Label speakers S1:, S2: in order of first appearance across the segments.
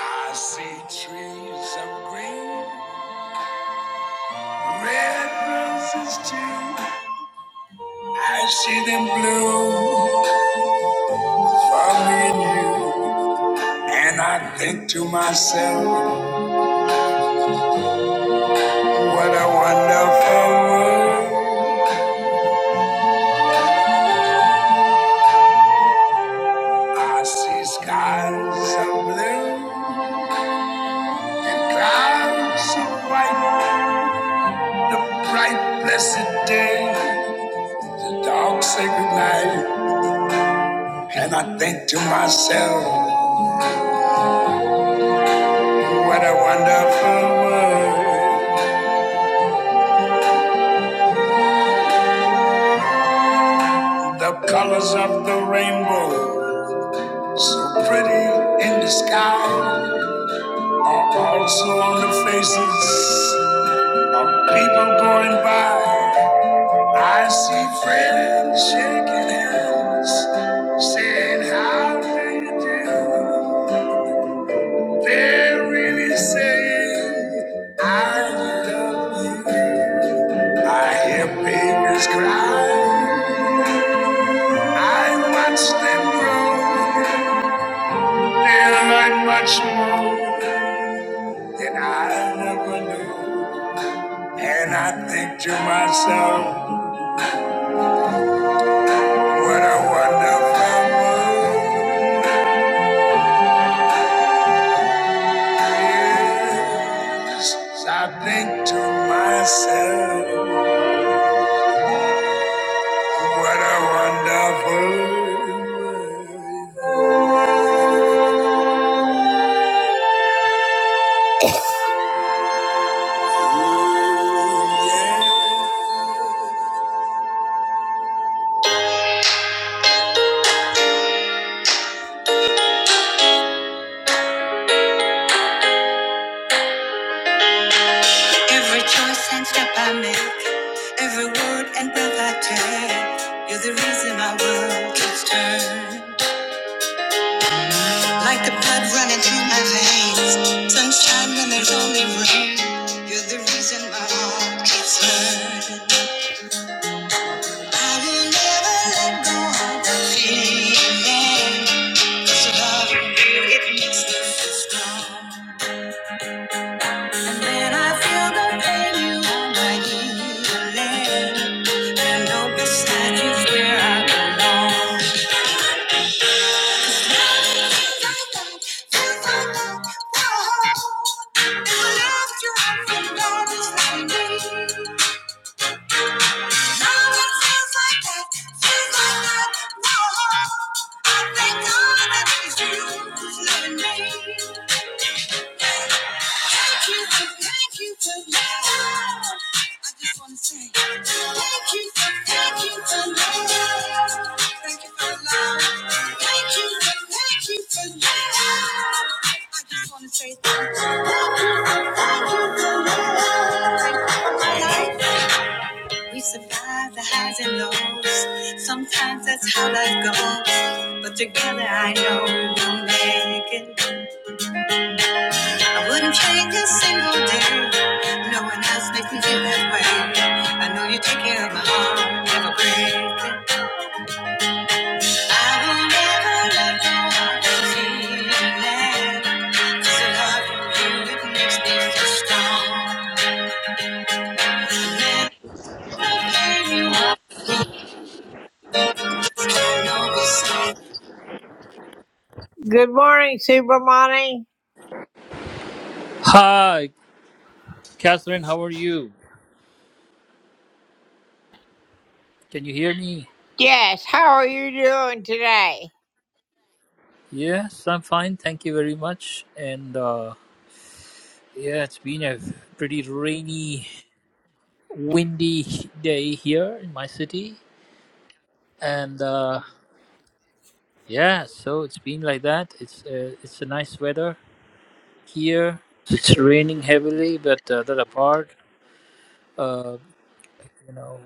S1: I see trees of green, red roses too. I see them blue for me and you. And I think to myself, what a wonderful world. I see skies of blue and clouds of white. The bright blessed day, the dark sacred night. And I think to myself, what a wonderful world. The colors of the rainbow, so pretty in the sky, are also on the faces of people going by. I see friends shaking hands, saying, How do you do? They're really saying, I love you. I hear babies cry, I watch them grow. There ain't much more that I never knew. And I think to myself, what a wonderful world it is. I think to myself, what a wonderful world. yeah. Every choice and step I make, every word and breath I take, you're the reason my world keeps turned Like the blood running through my veins, sunshine when there's only rain, you're the reason my heart keeps hurting. I will never let go of the feeling, 'cause loving you, it makes me so strong. When I feel the pain, you are my healing. And though beside you where I belong. I think all that is you is loving me. Thank you for, thank you for love. I just want to say thank you for, thank you for love. Thank you for love. Thank you for, thank you for love. I just want to say thank you. Thank you for, thank you for love. life. We survive the highs and lows. Sometimes that's how life goes. But together I know we'll make it. I wouldn't change a single day. No one else makes me feel that way. I know you take care of my heart, never break it. I will never let go of this feeling. 'Cause the love you do, it makes me feel strong. Good morning, Super Supermani.
S2: Hi, Catherine. How are you? Can you hear me?
S1: Yes, how are you doing today?
S2: Yes, I'm fine. Thank you very much. And uh, yeah, it's been a pretty rainy, windy day here in my city. And uh, yeah, so it's been like that. It's uh, it's a nice weather here. It's raining heavily, but uh, that apart, uh, you know,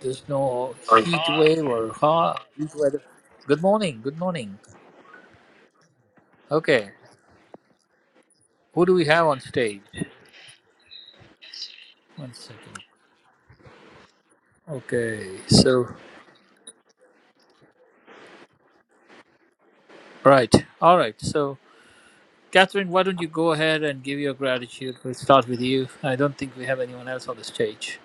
S2: there's no
S1: I'm
S2: heat
S1: fine.
S2: wave or hot heat weather. Good morning. Good morning. Okay, who do we have on stage? One second. Okay, so, right. All right. So, Catherine, why don't you go ahead and give your gratitude? We'll start with you. I don't think we have anyone else on the stage.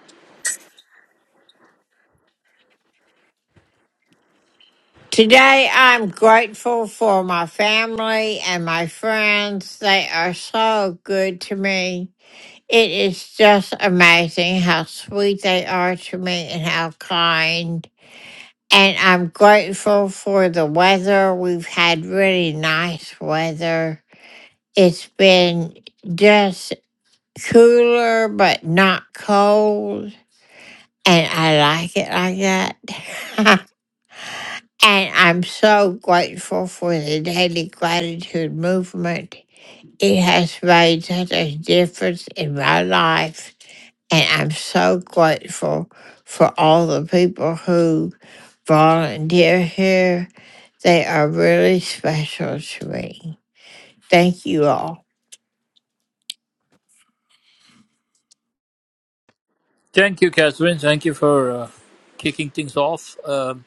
S1: Today, I'm grateful for my family and my friends. They are so good to me. It is just amazing how sweet they are to me and how kind. And I'm grateful for the weather. We've had really nice weather. It's been just cooler, but not cold. And I like it like that. and I'm so grateful for the daily gratitude movement. It has made such a difference in my life. And I'm so grateful for all the people who volunteer here. They are really special to me. Thank you all.
S2: Thank you, Catherine. Thank you for uh, kicking things off um,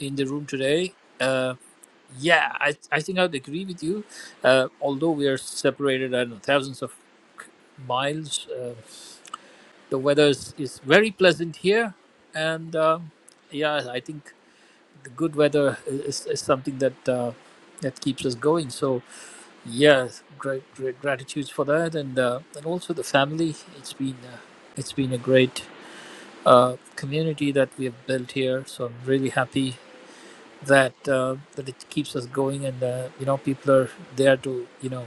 S2: in the room today. Uh, yeah, I, I think I'd agree with you. Uh, although we are separated, I don't know, thousands of miles, uh, the weather is, is very pleasant here. And um yeah, I think the good weather is, is something that uh, that keeps us going. So yes, great, great gratitude for that, and uh, and also the family. It's been uh, it's been a great uh, community that we have built here. So I'm really happy that uh, that it keeps us going, and uh, you know people are there to you know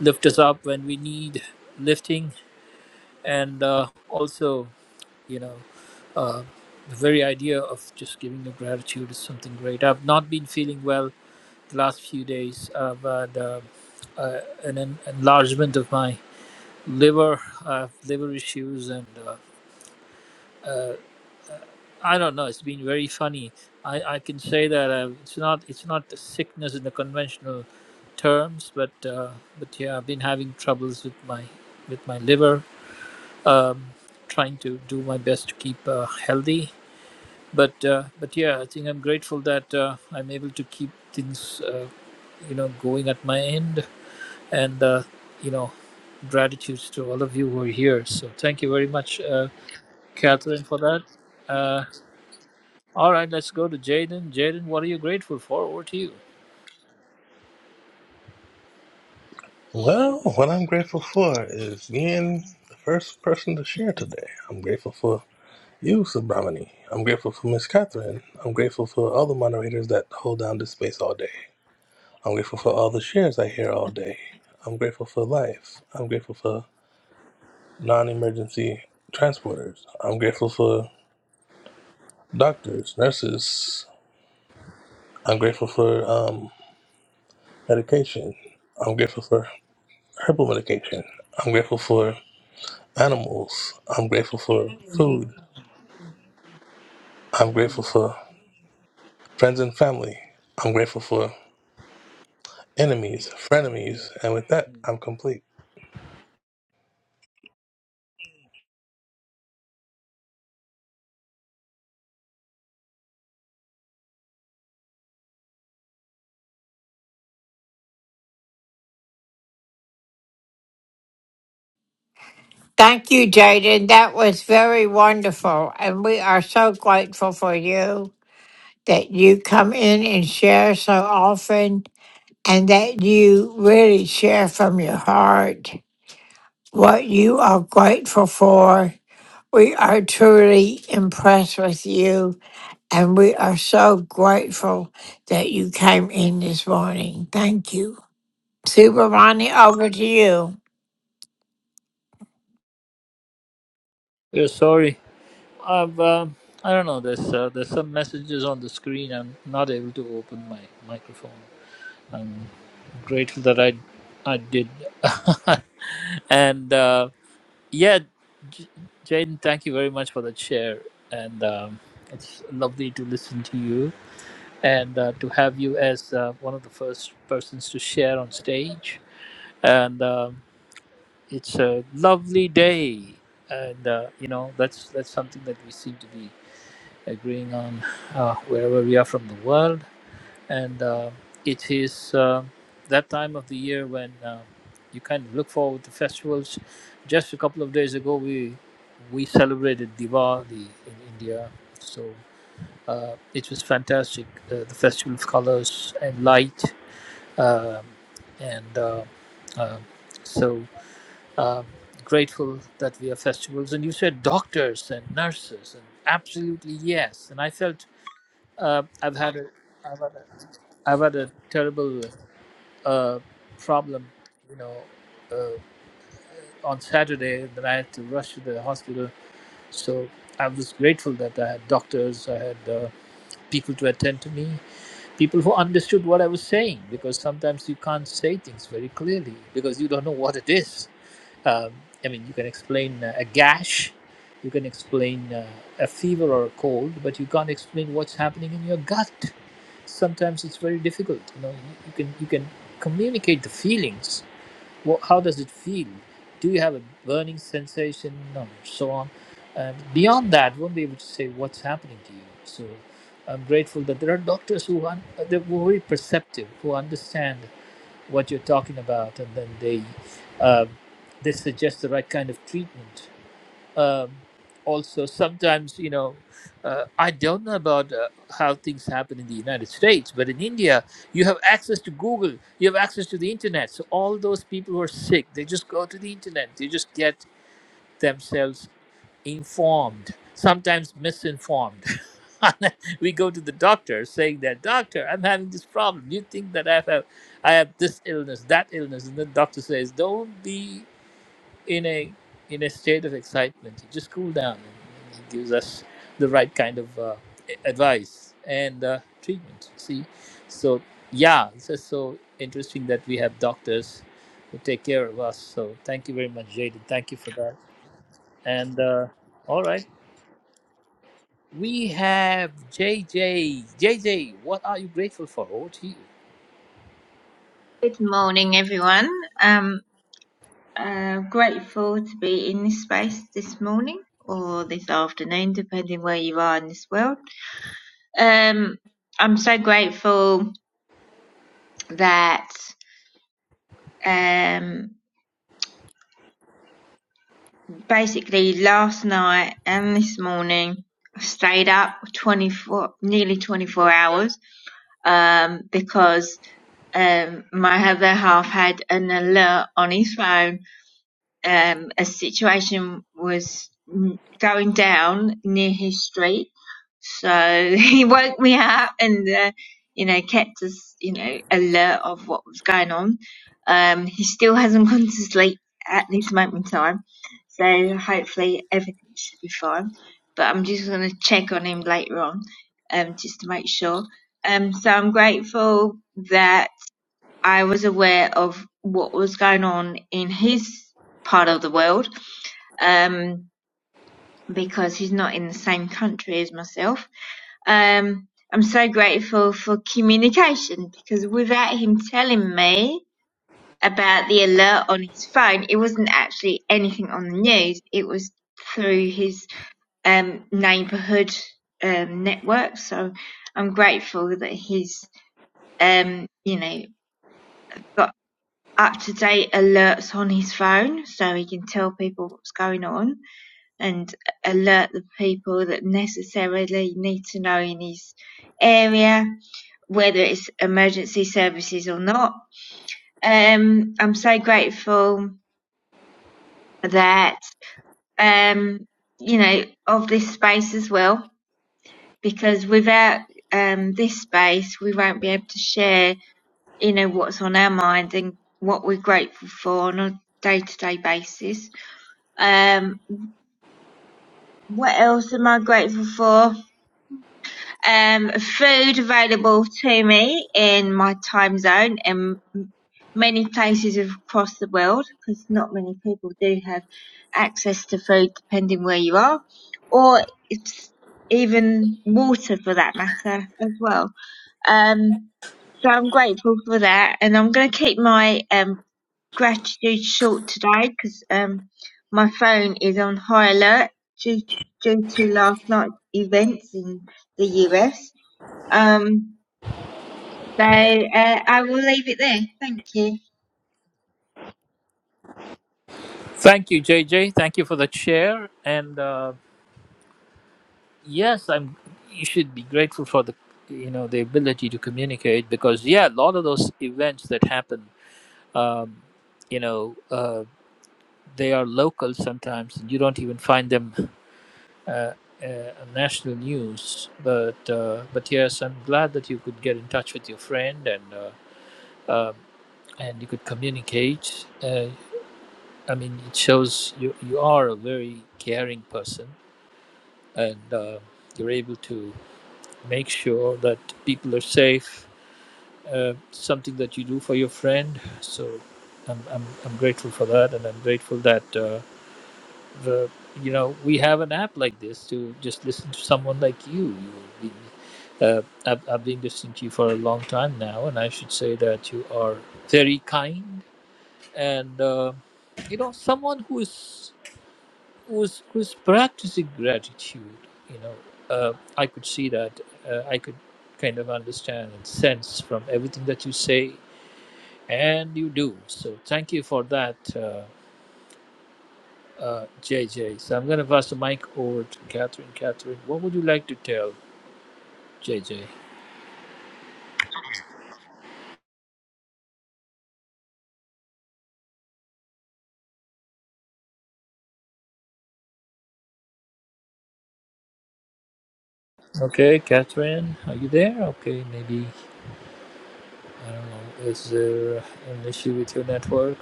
S2: lift us up when we need lifting, and uh, also you know. Uh, the very idea of just giving the gratitude is something great. I've not been feeling well last few days. I've had uh, uh, an en- enlargement of my liver, uh, liver issues, and uh, I don't know. It's been very funny. I, I can say that uh, it's not it's not a sickness in the conventional terms, but uh, but yeah, I've been having troubles with my with my liver. Um, trying to do my best to keep uh, healthy, but uh, but yeah, I think I'm grateful that uh, I'm able to keep things. Uh, you know going at my end and uh, you know gratitude to all of you who are here so thank you very much uh, catherine for that uh, all right let's go to jaden jaden what are you grateful for over to you
S3: Well, what I'm grateful for is being the first person to share today. I'm grateful for you, Subramani. I'm grateful for Miss Catherine. I'm grateful for all the moderators that hold down this space all day. I'm grateful for all the shares I hear all day. I'm grateful for life. I'm grateful for non emergency transporters. I'm grateful for doctors, nurses. I'm grateful for um, medication. I'm grateful for herbal medication. I'm grateful for animals. I'm grateful for food. I'm grateful for friends and family. I'm grateful for enemies, frenemies, and with that, I'm complete.
S1: Thank you, Jaden. That was very wonderful. And we are so grateful for you that you come in and share so often and that you really share from your heart what you are grateful for. We are truly impressed with you. And we are so grateful that you came in this morning. Thank you. Super Ronnie, over to you.
S2: yeah sorry i've um, i don't know there's uh, there's some messages on the screen i'm not able to open my microphone i'm grateful that i i did and uh, yeah J- jaden thank you very much for that share and um, it's lovely to listen to you and uh, to have you as uh, one of the first persons to share on stage. And um, it's a lovely day, and uh, you know that's that's something that we seem to be agreeing on uh, wherever we are from the world. And uh, it is uh, that time of the year when uh, you kind of look forward to festivals. Just a couple of days ago, we we celebrated Diwali in India, so. Uh, it was fantastic. Uh, the festival of colors and light, um, and uh, uh, so um, grateful that we have festivals. And you said doctors and nurses, and absolutely yes. And I felt uh, I've had a, I've had a, I've had a terrible uh, problem, you know, uh, on Saturday that I had to rush to the hospital. So I was grateful that I had doctors, I had uh, people to attend to me, people who understood what I was saying because sometimes you can't say things very clearly because you don't know what it is. Um, I mean, you can explain uh, a gash, you can explain uh, a fever or a cold, but you can't explain what's happening in your gut. Sometimes it's very difficult. You know, you, you can you can communicate the feelings, what, how does it feel? Do you have a burning sensation and so on? And beyond that, won't be able to say what's happening to you. So I'm grateful that there are doctors who un- they're very perceptive, who understand what you're talking about, and then they uh, they suggest the right kind of treatment um, also sometimes you know uh, i don't know about uh, how things happen in the united states but in india you have access to google you have access to the internet so all those people who are sick they just go to the internet they just get themselves informed sometimes misinformed we go to the doctor saying that doctor i'm having this problem you think that i have i have this illness that illness and the doctor says don't be in a in a state of excitement. He just cool down and he gives us the right kind of uh, a- advice and uh, treatment. See, so yeah, it's just so interesting that we have doctors who take care of us. So thank you very much, Jaden. Thank you for that. And uh, all right, we have JJ. JJ, what are you grateful for? Over to you.
S4: Good morning, everyone. Um, uh, grateful to be in this space this morning or this afternoon, depending where you are in this world. Um, I'm so grateful that um, basically last night and this morning I stayed up 24, nearly 24 hours um, because um, my other half had an alert on his phone um, a situation was mm, going down near his street. So he woke me up and, uh, you know, kept us, you know, alert of what was going on. Um, he still hasn't gone to sleep at this moment in time. So hopefully everything should be fine. But I'm just going to check on him later on, um, just to make sure. Um, so I'm grateful that I was aware of what was going on in his part of the world um, because he's not in the same country as myself. Um, I'm so grateful for communication because without him telling me about the alert on his phone, it wasn't actually anything on the news. It was through his um, neighbourhood um, network. So I'm grateful that he's, um, you know, got. up-to-date alerts on his phone so he can tell people what's going on and alert the people that necessarily need to know in his area, whether it's emergency services or not. Um, I'm so grateful that, um, you know, of this space as well, because without um, this space, we won't be able to share, you know, what's on our mind and what we're grateful for on a day to day basis Um, what else am I grateful for? Um, food available to me in my time zone and many places across the world because not many people do have access to food depending where you are or it's even water for that matter as well. Um, so I'm grateful for that and I'm going to keep my um, gratitude short today because um, my phone is on high alert due, due to last night's events in the US. Um, so uh, I will leave it there. Thank you.
S2: Thank you, JJ. Thank you for the share and. Uh, yes i'm you should be grateful for the you know the ability to communicate because yeah a lot of those events that happen um, you know uh, they are local sometimes you don't even find them uh, uh, on national news but uh, but yes i'm glad that you could get in touch with your friend and uh, um and you could communicate uh, i mean it shows you you are a very caring person and uh, you're able to make sure that people are safe uh, something that you do for your friend. So I'm, I'm, I'm grateful for that, and I'm grateful that uh, the you know we have an app like this to just listen to someone like you. you uh, I've, I've been listening to you for a long time now, and I should say that you are very kind and uh, you know someone who is who is who is practicing gratitude. You know, uh, I could see that. Uh, I could kind of understand and sense from everything that you say and you do. So thank you for that, uh, uh, JJ. So I'm going to pass the mic over to Catherine. Catherine, what would you like to tell JJ? Okay, Catherine, are you there? Okay, maybe, I don't know, is there an issue with your network?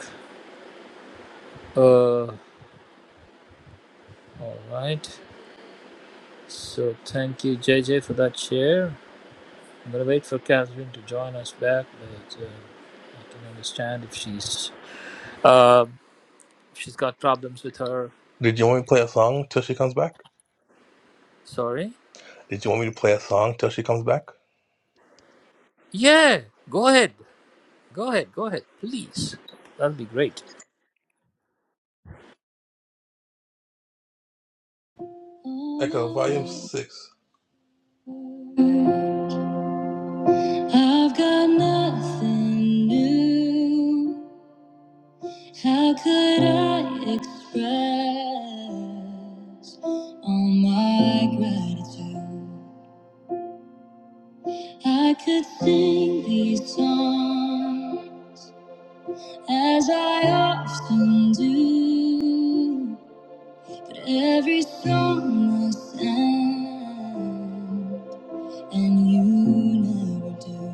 S2: Uh, all right. So thank you, JJ, for that share. I'm going to wait for Catherine to join us back, but uh, I can understand if she's, uh, if she's got problems with her.
S3: Did you want me to play a song till she comes back?
S2: Sorry.
S3: Did you want me to play a song till she comes back?
S2: Yeah, go ahead. Go ahead, go ahead, please. That'll be great.
S3: Echo, volume six. I've got nothing new. How could I express all my gratitude? I could sing these songs as I often do. But every song must end, and you never do.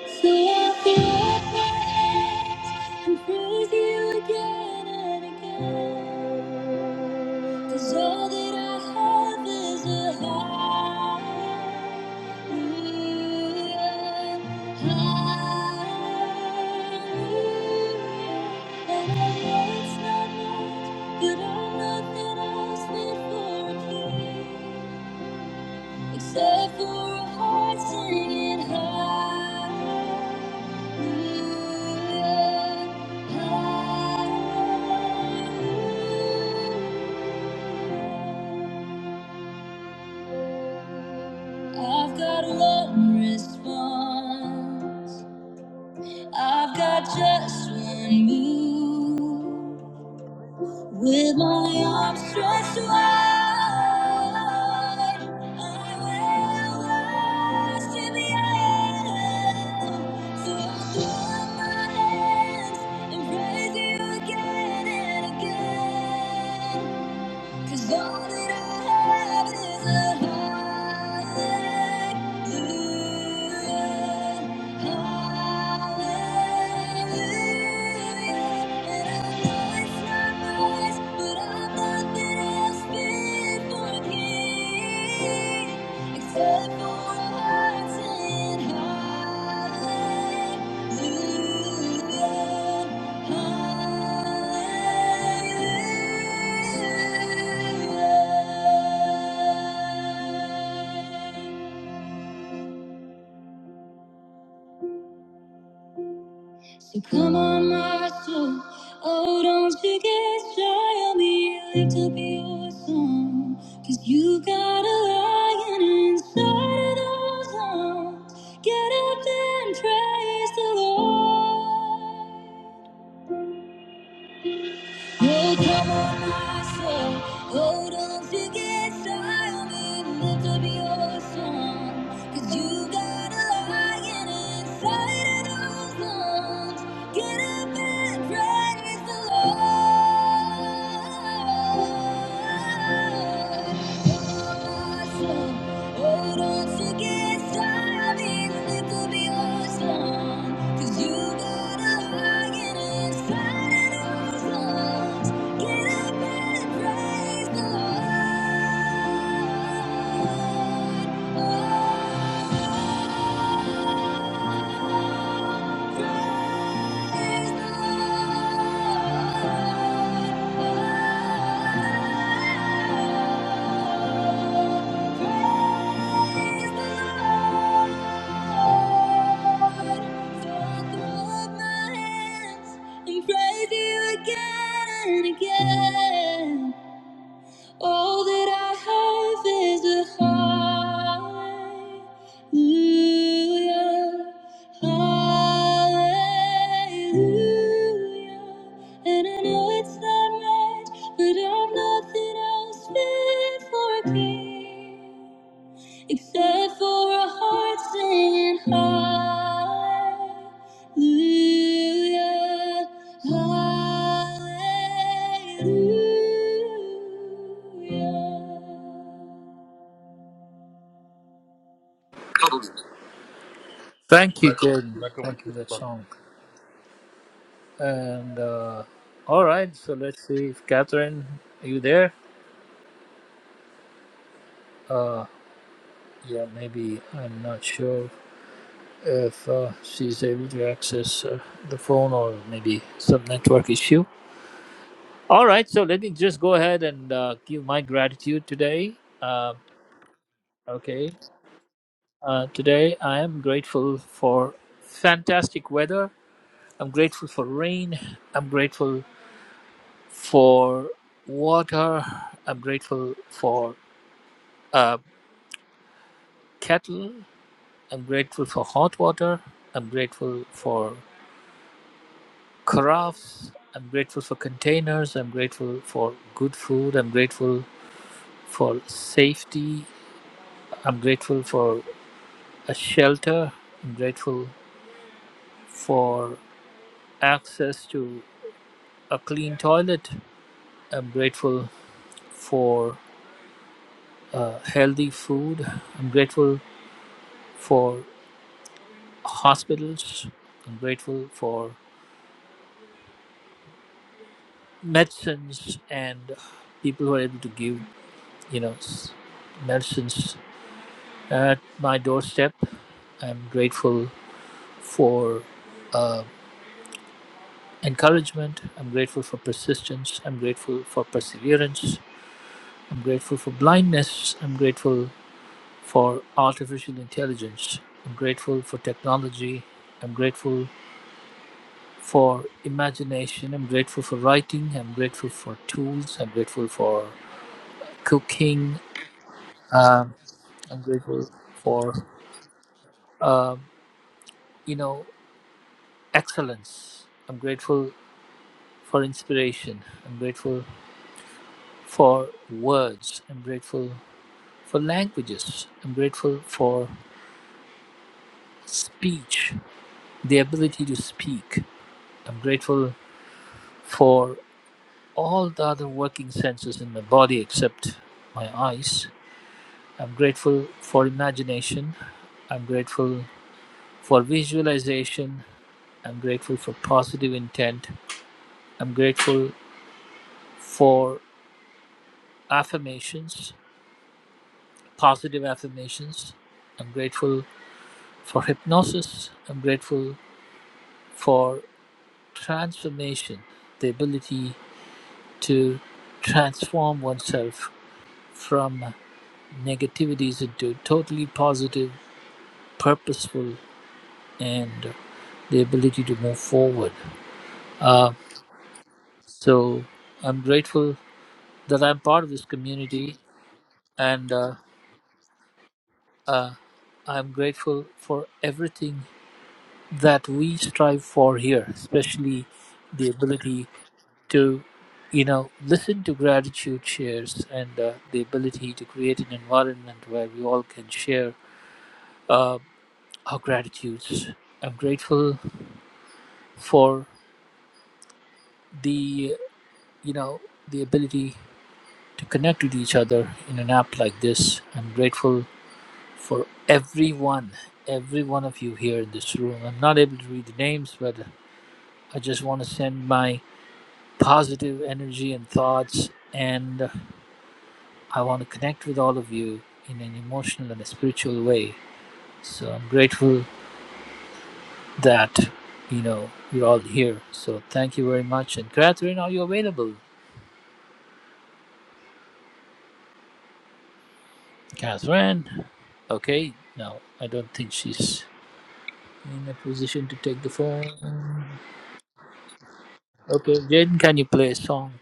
S3: So I feel up my hands and praise you again and again. 'Cause all that I have is a hallelujah, hallelujah. And I know it's not much, but I'm nothing else fit for a king, except for a heart singing hallelujah, hallelujah. I've got one response. I've got just one move. With my arms stretched wide, I will rise to the you. So I'll throw up my hands and praise you again and again. 'Cause all that I have is a hallelujah. Hallelujah. So come on, my soul. Oh, don't you get shy on me. Lift up your song. Cause you got a lion inside of those arms. Get up and praise the Lord. Yeah, come on, I say, hold on to get silent, lift up your song, 'cause you got a lion inside of those lungs. Get up and praise the Lord. Hold on to get started. It could be awesome. 'Cause you got a lion inside and out. Get up and praise the Lord. Praise You Again and again. All that I have is a hallelujah, hallelujah. And I know it's not much, but I've nothing else fit for a king except for a heart singing hallelujah, hallelujah.
S2: Thank you, Jordan.
S3: Rebecca, what do
S2: Thank you
S3: you-
S2: for
S3: think
S2: that
S3: about it?
S2: song. And uh, all right, so let's see if Catherine, are you there? Yeah, maybe I'm not sure if uh, she's able to access uh, the phone or maybe some network issue. All right, so let me just go ahead and uh, give my gratitude today. Uh, okay, uh, today I am grateful for fantastic weather. I'm grateful for rain. I'm grateful for water. I'm grateful for a kettle. I'm grateful for hot water. I'm grateful for crafts. I'm grateful for containers. I'm grateful for good food. I'm grateful for safety. I'm grateful for a shelter. I'm grateful for access to a clean toilet. I'm grateful for uh, healthy food. I'm grateful for hospitals. I'm grateful for medicines and people who are able to give, you know, s- medicines at my doorstep. I'm grateful for uh, encouragement. I'm grateful for persistence. I'm grateful for perseverance. I'm grateful for blindness. I'm grateful for artificial intelligence. I'm grateful for technology. I'm grateful for imagination. I'm grateful for writing. I'm grateful for tools. I'm grateful for cooking. Um, I'm grateful for um, you know excellence. I'm grateful for inspiration. I'm grateful for words. I'm grateful for languages. I'm grateful for speech, the ability to speak. I'm grateful for all the other working senses in my body except my eyes. I'm grateful for imagination. I'm grateful for visualization. I'm grateful for positive intent. I'm grateful for affirmations, positive affirmations. I'm grateful for hypnosis. I'm grateful for transformation, the ability to transform oneself from negativities into totally positive, purposeful, and the ability to move forward. Uh, So I'm grateful that I'm part of this community, and uh, I'm grateful for everything that we strive for here, especially the ability to, you know, listen to gratitude shares and uh, the ability to create an environment where we all can share uh, our gratitudes. I'm grateful for the, you know, the ability to connect with each other in an app like this. I'm grateful for everyone, every one of you here in this room. I'm not able to read the names, but I just want to send my positive energy and thoughts, and I want to connect with all of you in an emotional and a spiritual way. So I'm grateful that you know you're all here. So thank you very much. And Catherine, are you available? Catherine, okay. No, I don't think she's in a position to take the phone. Okay, Jaden, can you play a song?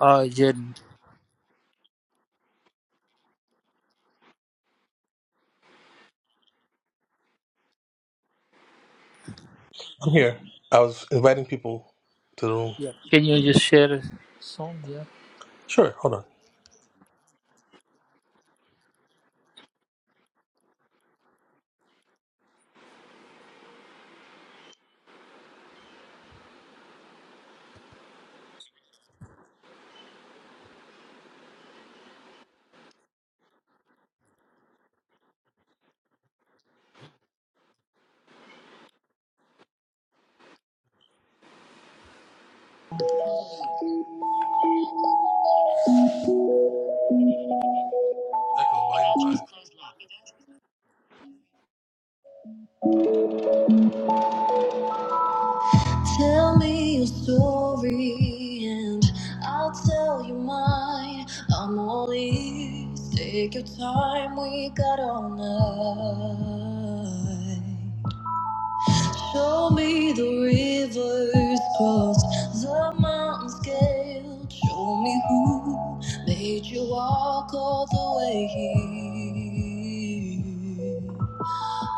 S2: Uh, Jaden.
S3: I'm here. I was inviting people to the room.
S2: Yeah. Can you just share a song? Yeah.
S3: Sure, hold on. Echo, volume five. Tell me your story and I'll tell you mine. I'm all ears. Take your time, we got all night. Show me the rivers crossed, the mountains scaled. Show me who made you walk all the way here.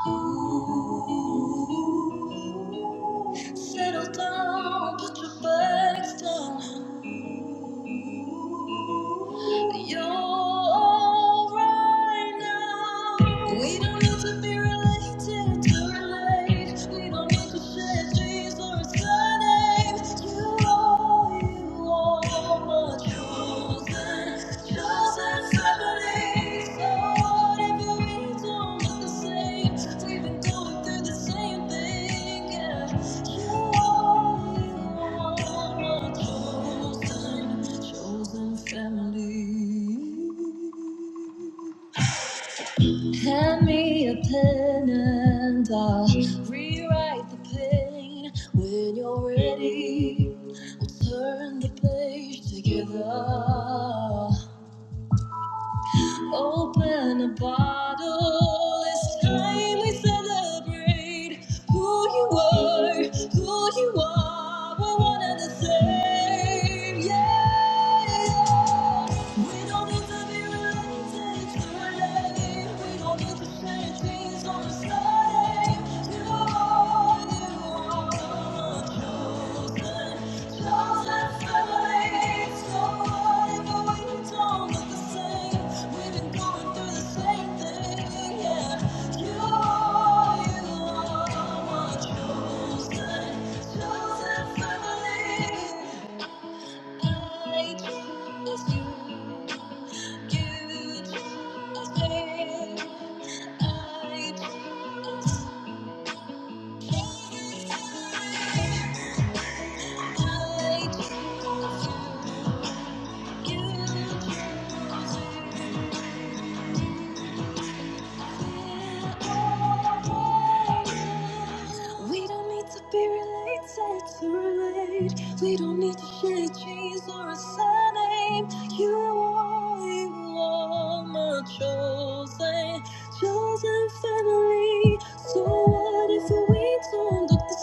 S3: Ooh. Settle down, put your bags down. You're alright now. We don't need to be related to relate. We don't need to share dreams or surnames. You are, you are my chosen. Hand me a pen and I'll rewrite the pain when you're ready. We'll turn the page together. Open a bottle. It's time we celebrate who you are, who you are. We're one and the same. Yeah. yeah. We don't need to be related. to are related. We don't need to share dreams or a sky. Thank you. I choose you. You will We don't need to be related to relate. We don't need to share genes or a surname. You are, you are my chosen, chosen family. So what if we don't look the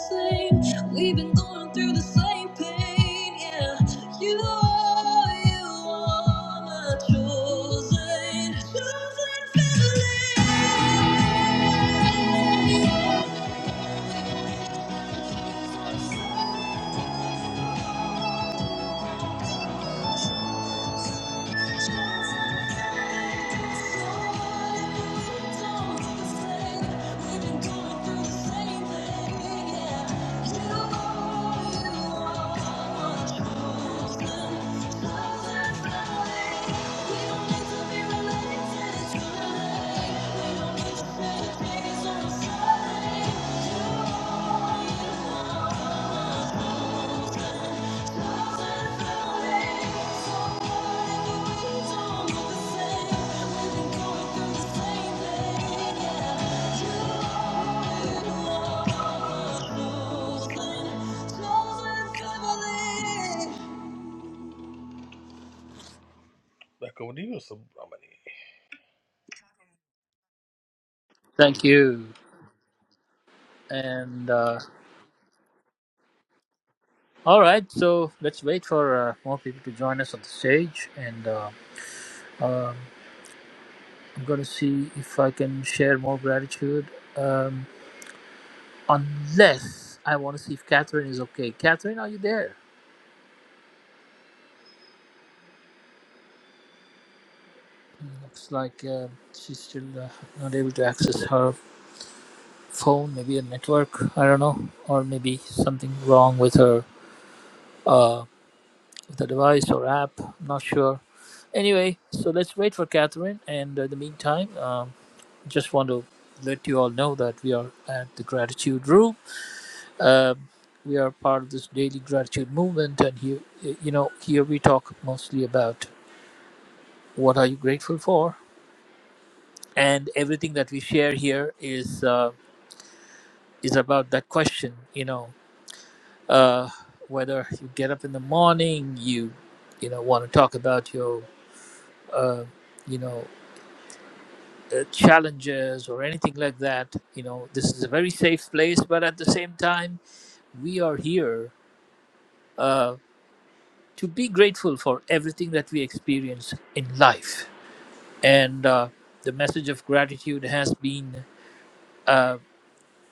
S3: same? We've been going through the same pain, yeah. You are, you are my chosen, chosen family. Thank you like, what do you somebody?
S2: Thank you. And uh, all right, so let's wait for uh, more people to join us on the stage. And uh, um I'm going to see if I can share more gratitude. Um, unless I want to see if Catherine is okay. Catherine, are you there? Looks like uh, she's still uh, not able to access her phone, maybe a network, I don't know, or maybe something wrong with her uh, with the device or app. I'm not sure Anyway, so let's wait for Catherine. And in the meantime, um, just want to let you all know that we are at the Gratitude Room. Um, we are part of this daily gratitude movement, and here, you know, here we talk mostly about what are you grateful for, and everything that we share here is uh, is about that question. You know, uh, whether you get up in the morning, you, you know, want to talk about your, uh, you know. uh, challenges or anything like that. You know, this is a very safe place, but at the same time, we are here uh, to be grateful for everything that we experience in life. And uh, the message of gratitude has been, uh,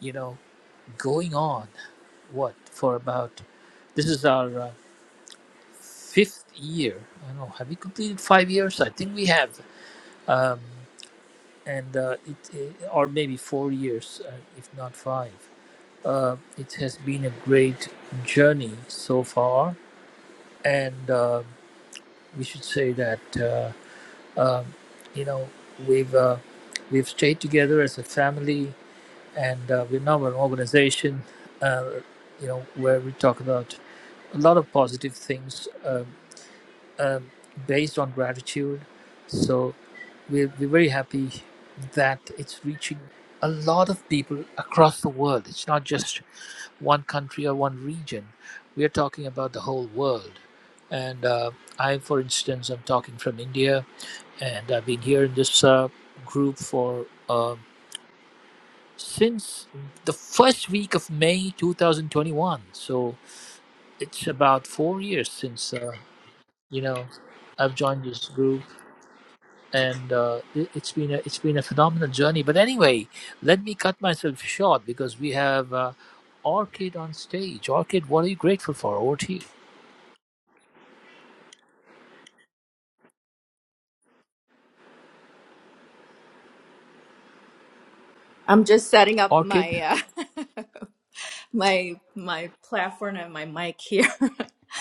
S2: you know, going on what for about this is our uh, fifth year. I don't know, have we completed five years? I think we have. Um, and uh, it, it, or maybe four years, uh, if not five Uh, it has been a great journey so far, and uh, we should say that uh, um you know we've uh, we've stayed together as a family, and uh, we're now an organization. Uh, you know where we talk about a lot of positive things um, um, based on gratitude. So we're, we're very happy that it's reaching a lot of people across the world. It's not just one country or one region. We are talking about the whole world. And uh, I, for instance, I'm talking from India, and I've been here in this uh, group for uh, since the first week of May 2021. So it's about four years since uh, you know I've joined this group, and uh, it, it's been a, it's been a phenomenal journey. But anyway, let me cut myself short because we have uh, Orchid on stage. Orchid, what are you grateful for? Over to you.
S5: I'm just setting up
S2: Orchid.
S5: my uh, my my platform and my mic here.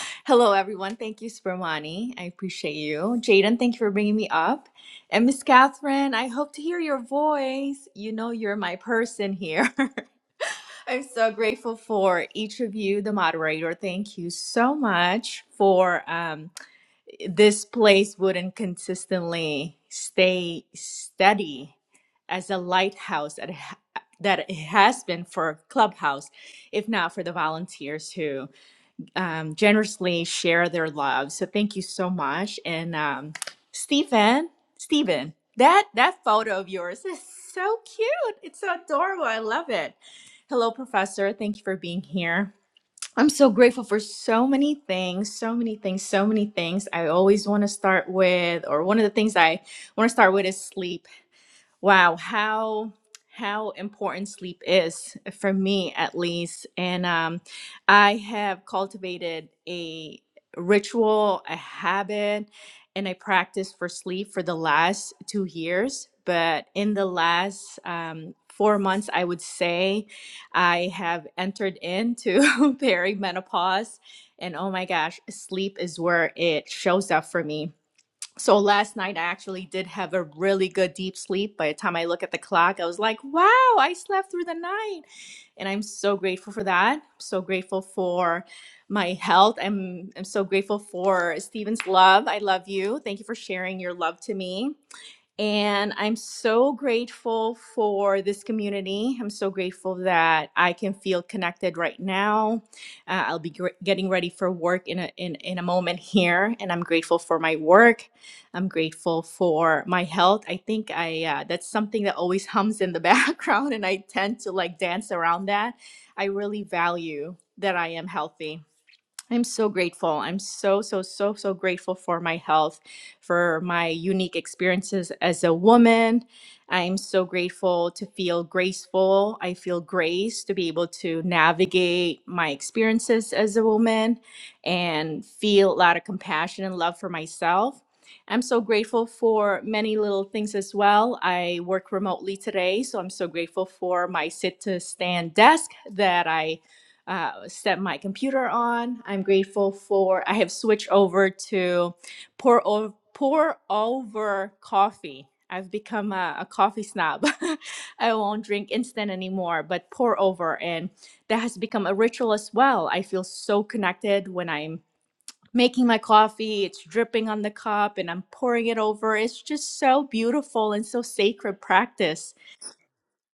S5: Hello, everyone. Thank you, Spermani. I appreciate you, Jaden. Thank you for bringing me up, and Miss Catherine. I hope to hear your voice. You know, you're my person here. I'm so grateful for each of you, the moderator. Thank you so much for. Um, this place wouldn't consistently stay steady as a lighthouse that it, ha- that it has been for Clubhouse, if not for the volunteers who um, generously share their love. So thank you so much, and um, Stephen, Stephen, that that photo of yours is so cute. It's so adorable. I love it. Hello, Professor. Thank you for being here. I'm so grateful for so many things, so many things, so many things. I always want to start with, or one of the things I want to start with is sleep. Wow, how how important sleep is for me at least. And um, I have cultivated a ritual, a habit, and a practice for sleep for the last two years. But in the last um, four months, I would say I have entered into perimenopause. And oh my gosh, sleep is where it shows up for me so last night I actually did have a really good deep sleep. By the time I look at the clock, I was like, wow, I slept through the night. And I'm so grateful for that. I'm so grateful for my health. I'm I'm so grateful for Stephen's love. I love you. Thank you for sharing your love to me. And I'm so grateful for this community. I'm so grateful that I can feel connected right now. Uh, I'll be gr- getting ready for work in a, in, in a moment here. And I'm grateful for my work. I'm grateful for my health. I think I uh, that's something that always hums in the background. And I tend to like dance around that. I really value that I am healthy I'm so grateful. I'm so, so, so, so grateful for my health, for my unique experiences as a woman. I'm so grateful to feel graceful. I feel grace to be able to navigate my experiences as a woman and feel a lot of compassion and love for myself. I'm so grateful for many little things as well. I work remotely today, so I'm so grateful for my sit to stand desk that I uh, set my computer on. I'm grateful for I have switched over to pour over pour over coffee. I've become a, a coffee snob. I won't drink instant anymore, but pour over, and that has become a ritual as well. I feel so connected when I'm making my coffee. It's dripping on the cup, and I'm pouring it over. It's just so beautiful and so sacred practice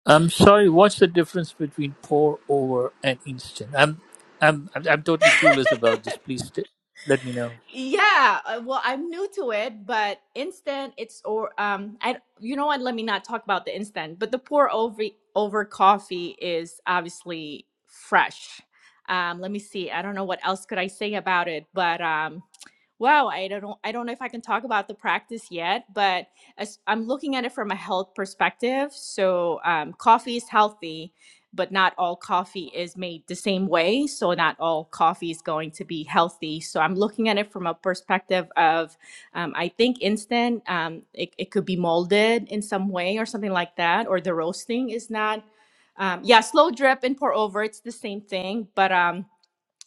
S2: I'm sorry. What's the difference between pour over and instant? I'm, I'm, I'm, I'm totally clueless about this. Please t- let me know.
S5: Yeah, uh, well, I'm new to it, but instant it's or um I you know what, let me not talk about the instant, but the pour over over coffee is obviously fresh. Um let me see. I don't know what else could I say about it, but um Wow, I don't know, I don't know if I can talk about the practice yet, but as I'm looking at it from a health perspective, so um, coffee is healthy, but not all coffee is made the same way, so not all coffee is going to be healthy. So I'm looking at it from a perspective of, um, I think instant, um, it, it could be molded in some way or something like that, or the roasting is not. Um, yeah, slow drip and pour over, it's the same thing, but um,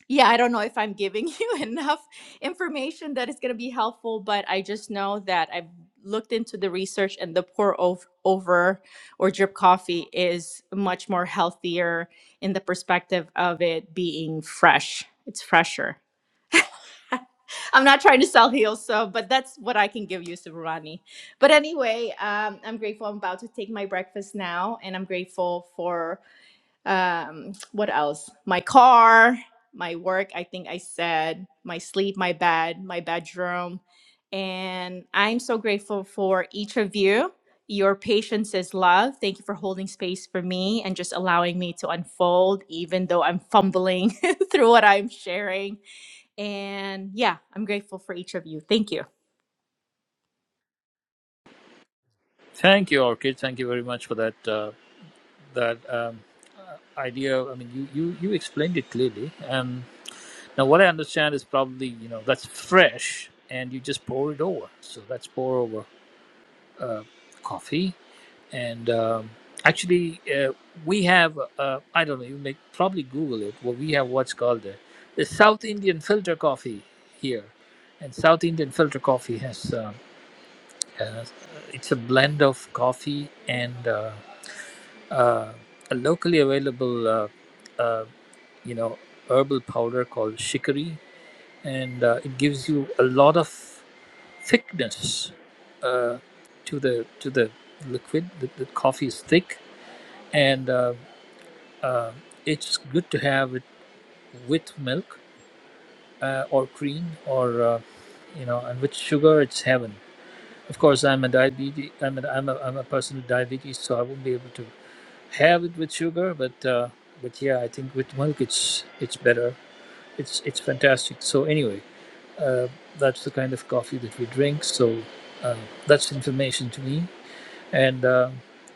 S5: yeah, I don't know if I'm giving you enough information that is going to be helpful, but I just know that I've looked into the research and the pour over, over or drip coffee is much more healthier in the perspective of it being fresh. It's fresher. I'm not trying to sell heels, so but that's what I can give you, Subrani. But anyway, um, I'm grateful. I'm about to take my breakfast now, and I'm grateful for um what else my car my work i think i said my sleep my bed my bedroom and i'm so grateful for each of you your patience is love thank you for holding space for me and just allowing me to unfold even though i'm fumbling through what i'm sharing and yeah i'm grateful for each of you thank you
S2: Thank you, Orchid. Thank you very much for that. Uh, that um, idea. I mean, you, you, you explained it clearly. Um, now, what I understand is probably you know that's fresh, and you just pour it over. So that's pour over coffee. and um, actually uh, we have uh, i don't know you may probably google it well, we have what's called the, the south indian filter coffee here and south indian filter coffee has, um, has uh, it's a blend of coffee and uh, uh, a locally available uh, uh, you know herbal powder called shikari and uh, it gives you a lot of thickness uh, to the to the liquid the, the coffee is thick and uh, Uh, it's good to have it with milk uh, or cream or uh, you know, and with sugar, it's heaven. Of course, I'm a diabetes. I'm a, I'm a, I'm a person with diabetes, so I won't be able to have it with sugar. But uh, but yeah, I think with milk, it's it's better. It's it's fantastic. So anyway, uh, that's the kind of coffee that we drink. So uh, that's information to me. And uh,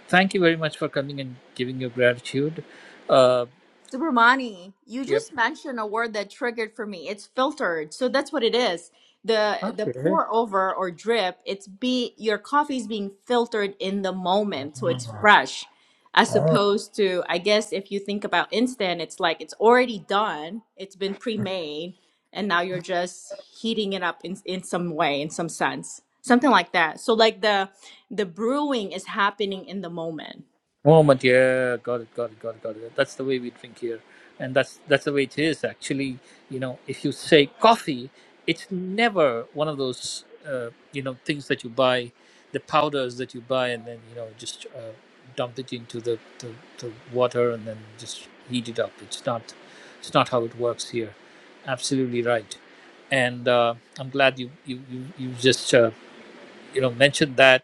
S2: thank you very much for coming and giving your gratitude. Uh,
S5: Subramani, you
S2: yep.
S5: just mentioned a word that triggered for me. It's filtered. So that's what it is. The the
S2: Okay.
S5: pour over or drip, it's be your coffee is being filtered in the moment, so it's fresh. As opposed to, I guess if you think about instant, it's like it's already done, it's been pre-made, and now you're just heating it up in in some way, in some sense. Something like that. So like the the brewing is happening in the moment.
S2: Moment, yeah, got it, got it, got it, got it. That's the way we drink here, and that's that's the way it is actually. You know, if you say coffee, it's never one of those uh, you know things that you buy, the powders that you buy, and then you know just uh, dump it into the, the the water and then just heat it up. It's not it's not how it works here. Absolutely right, and uh, I'm glad you you you, you just uh, you know mentioned that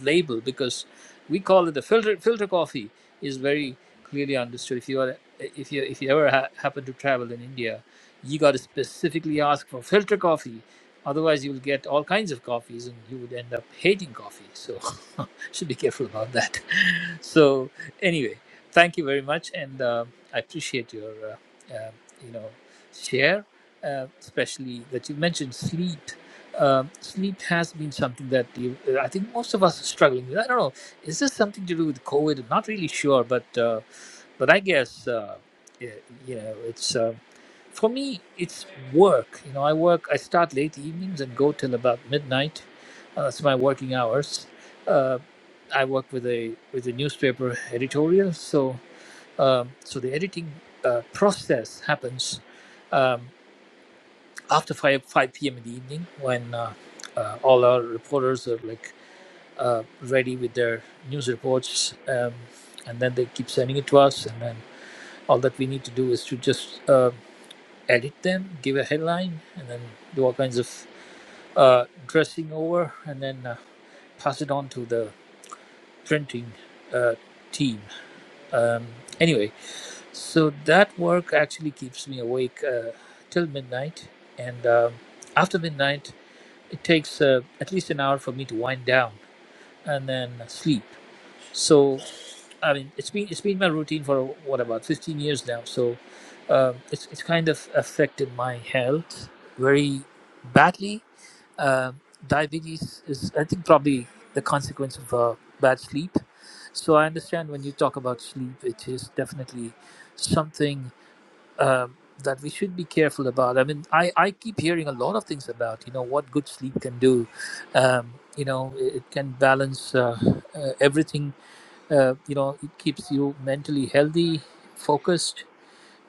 S2: label because we call it the filter filter coffee is very clearly understood if you are if you if you ever ha- happen to travel in india you got to specifically ask for filter coffee otherwise you will get all kinds of coffees and you would end up hating coffee so should be careful about that so anyway thank you very much and uh, i appreciate your uh, uh, you know share uh, especially that you mentioned sleep um, sleep has been something that you, I think most of us are struggling with. I don't know. Is this something to do with COVID? I'm not really sure, but uh, but I guess uh, y- you know it's uh, for me. It's work. You know, I work. I start late evenings and go till about midnight. Uh, that's my working hours. Uh, I work with a with a newspaper editorial, so um, so the editing uh, process happens. Um, after 5, 5 p.m. in the evening when uh, uh, all our reporters are like uh, ready with their news reports um, and then they keep sending it to us and then all that we need to do is to just uh, edit them give a headline and then do all kinds of uh, dressing over and then uh, pass it on to the printing uh, team um, anyway so that work actually keeps me awake uh, till midnight and um, after midnight it takes uh, at least an hour for me to wind down and then sleep. So I mean, it's been it's been my routine for what about 15 years now. So um it's it's kind of affected my health very badly. Um diabetes is I think probably the consequence of uh, bad sleep. So I understand when you talk about sleep, it is definitely something um, that we should be careful about. I mean, I, I keep hearing a lot of things about, you know, what good sleep can do. Um, you know, it, it can balance uh, uh, everything. Uh, you know, it keeps you mentally healthy, focused,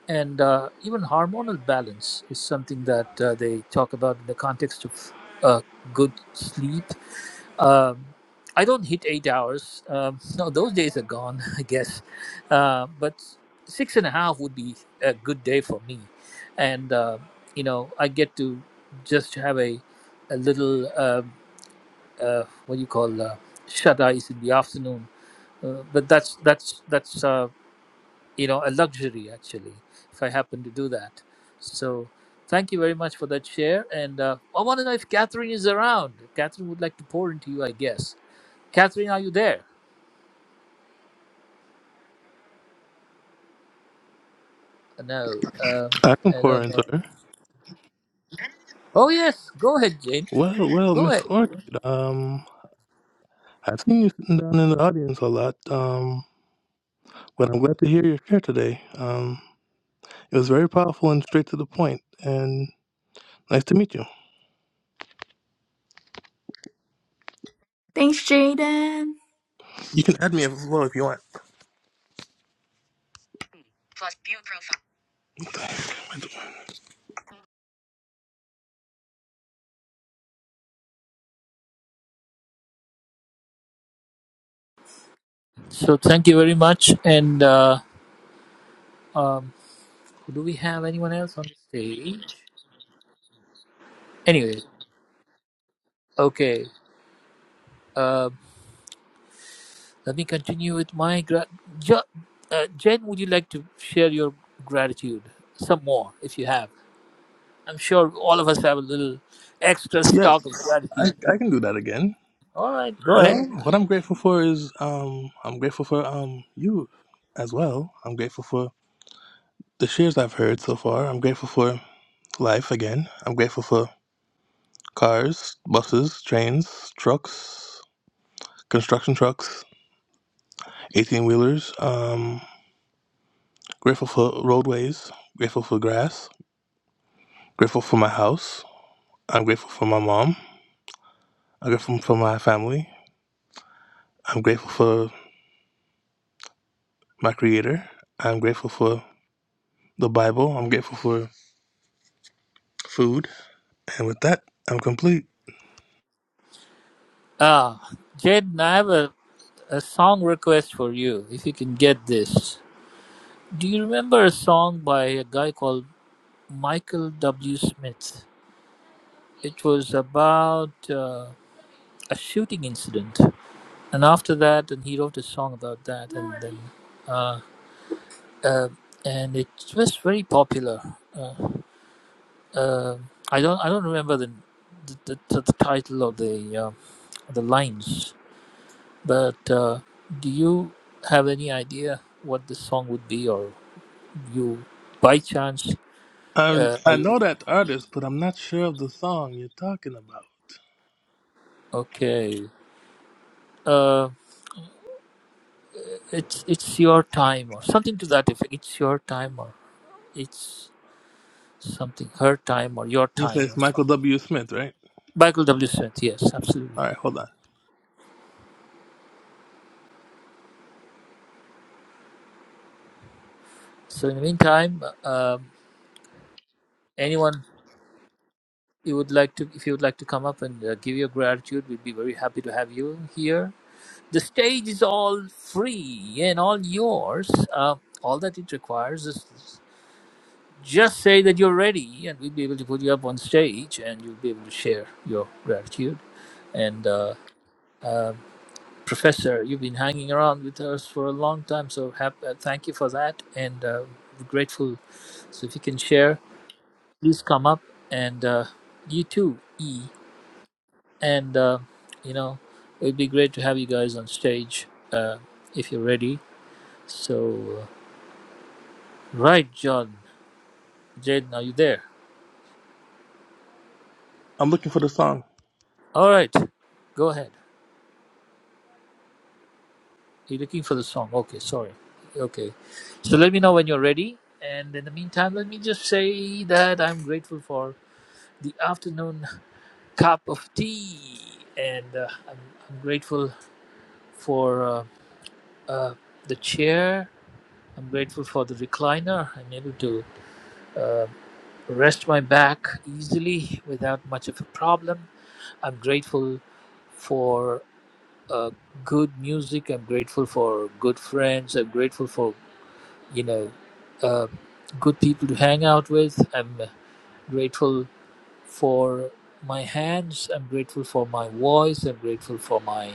S2: and uh, even hormonal balance is something that uh, they talk about in the context of uh, good sleep um, I don't hit eight hours. Um, no, those days are gone, I guess. Uh, but six and a half would be a good day for me, and uh, you know I get to just have a a little uh, uh, what do you call uh, shut eyes in the afternoon. Uh, but that's that's that's uh, you know a luxury actually if I happen to do that. So thank you very much for that share, and uh, I want to know if Catherine is around. Catherine would like to pour into you, I guess. Catherine, are you there? No, um,
S3: I can
S2: I
S3: pour
S2: don't
S3: into
S2: know.
S3: her.
S2: Oh yes, go ahead, Jane.
S3: Well, well,
S2: Go
S3: Miss
S2: ahead.
S3: Orchid, um, I've seen you sitting down in the audience a lot, um, but I'm glad to hear your share today. Um, it was very powerful and straight to the point, and nice to meet you.
S5: Thanks, Jaden.
S3: You can add me as well if you want.
S2: So thank you very much. And uh, um, do we have anyone else on the stage? Anyway, okay. Um, let me continue with my grat. Jo- uh, Jane, would you like to share your gratitude some more, if you have? I'm sure all of us have a little extra
S3: Yes,
S2: stock of
S3: I,
S2: gratitude.
S3: I can do that again.
S2: All right, go ahead.
S3: Well, what I'm grateful for is um I'm grateful for um you as well. I'm grateful for the shares I've heard so far. I'm grateful for life again. I'm grateful for cars, buses, trains, trucks, construction trucks, eighteen wheelers. Um, grateful for roadways. Grateful for grass. Grateful for my house. I'm grateful for my mom. I'm grateful for my family. I'm grateful for my creator. I'm grateful for the Bible. I'm grateful for food. And with that, I'm complete.
S2: Ah, Jane, I have a a song request for you if you can get this. Do you remember a song by a guy called Michael W. Smith? It was about uh, a shooting incident, and after that, and he wrote a song about that, and then, uh, uh, and it was very popular. Uh, uh, I don't, I don't remember the the, the, the title or the uh, the lines, but uh, do you have any idea what the song would be or? you by chance
S3: I,
S2: uh, are
S3: I
S2: you,
S3: know that artist, but I'm not sure of the song you're talking about.
S2: okay uh, it's it's your time or something to that effect it's your time or it's something her time or your
S3: He
S2: time
S3: says
S2: or
S3: Michael
S2: something
S3: W. Smith, right?
S2: michael w smith yes absolutely
S3: All right, hold on.
S2: so in the meantime um, anyone you would like to if you would like to come up and uh, give your gratitude we'd be very happy to have you here the stage is all free and all yours uh, all that it requires is Just say that you're ready, and we'll be able to put you up on stage, and you'll be able to share your gratitude. And uh, uh, Professor, you've been hanging around with us for a long time, so hap- uh, thank you for that, and uh, we're grateful. So if you can share, please come up, and uh, you too, E, and uh, you know it'd be great to have you guys on stage uh, if you're ready. So, uh, right, John, Jaden, are you there?
S3: I'm looking for the song.
S2: All right, go ahead. You're looking for the song. Okay, sorry. Okay. So let me know when you're ready. And in the meantime, let me just say that I'm grateful for the afternoon cup of tea. And uh, I'm, I'm grateful for uh, uh, the chair. I'm grateful for the recliner. I'm able to uh, rest my back easily without much of a problem. I'm grateful for uh, good music. I'm grateful for good friends. I'm grateful for you know, uh, good people to hang out with. I'm grateful for my hands. I'm grateful for my voice. I'm grateful for my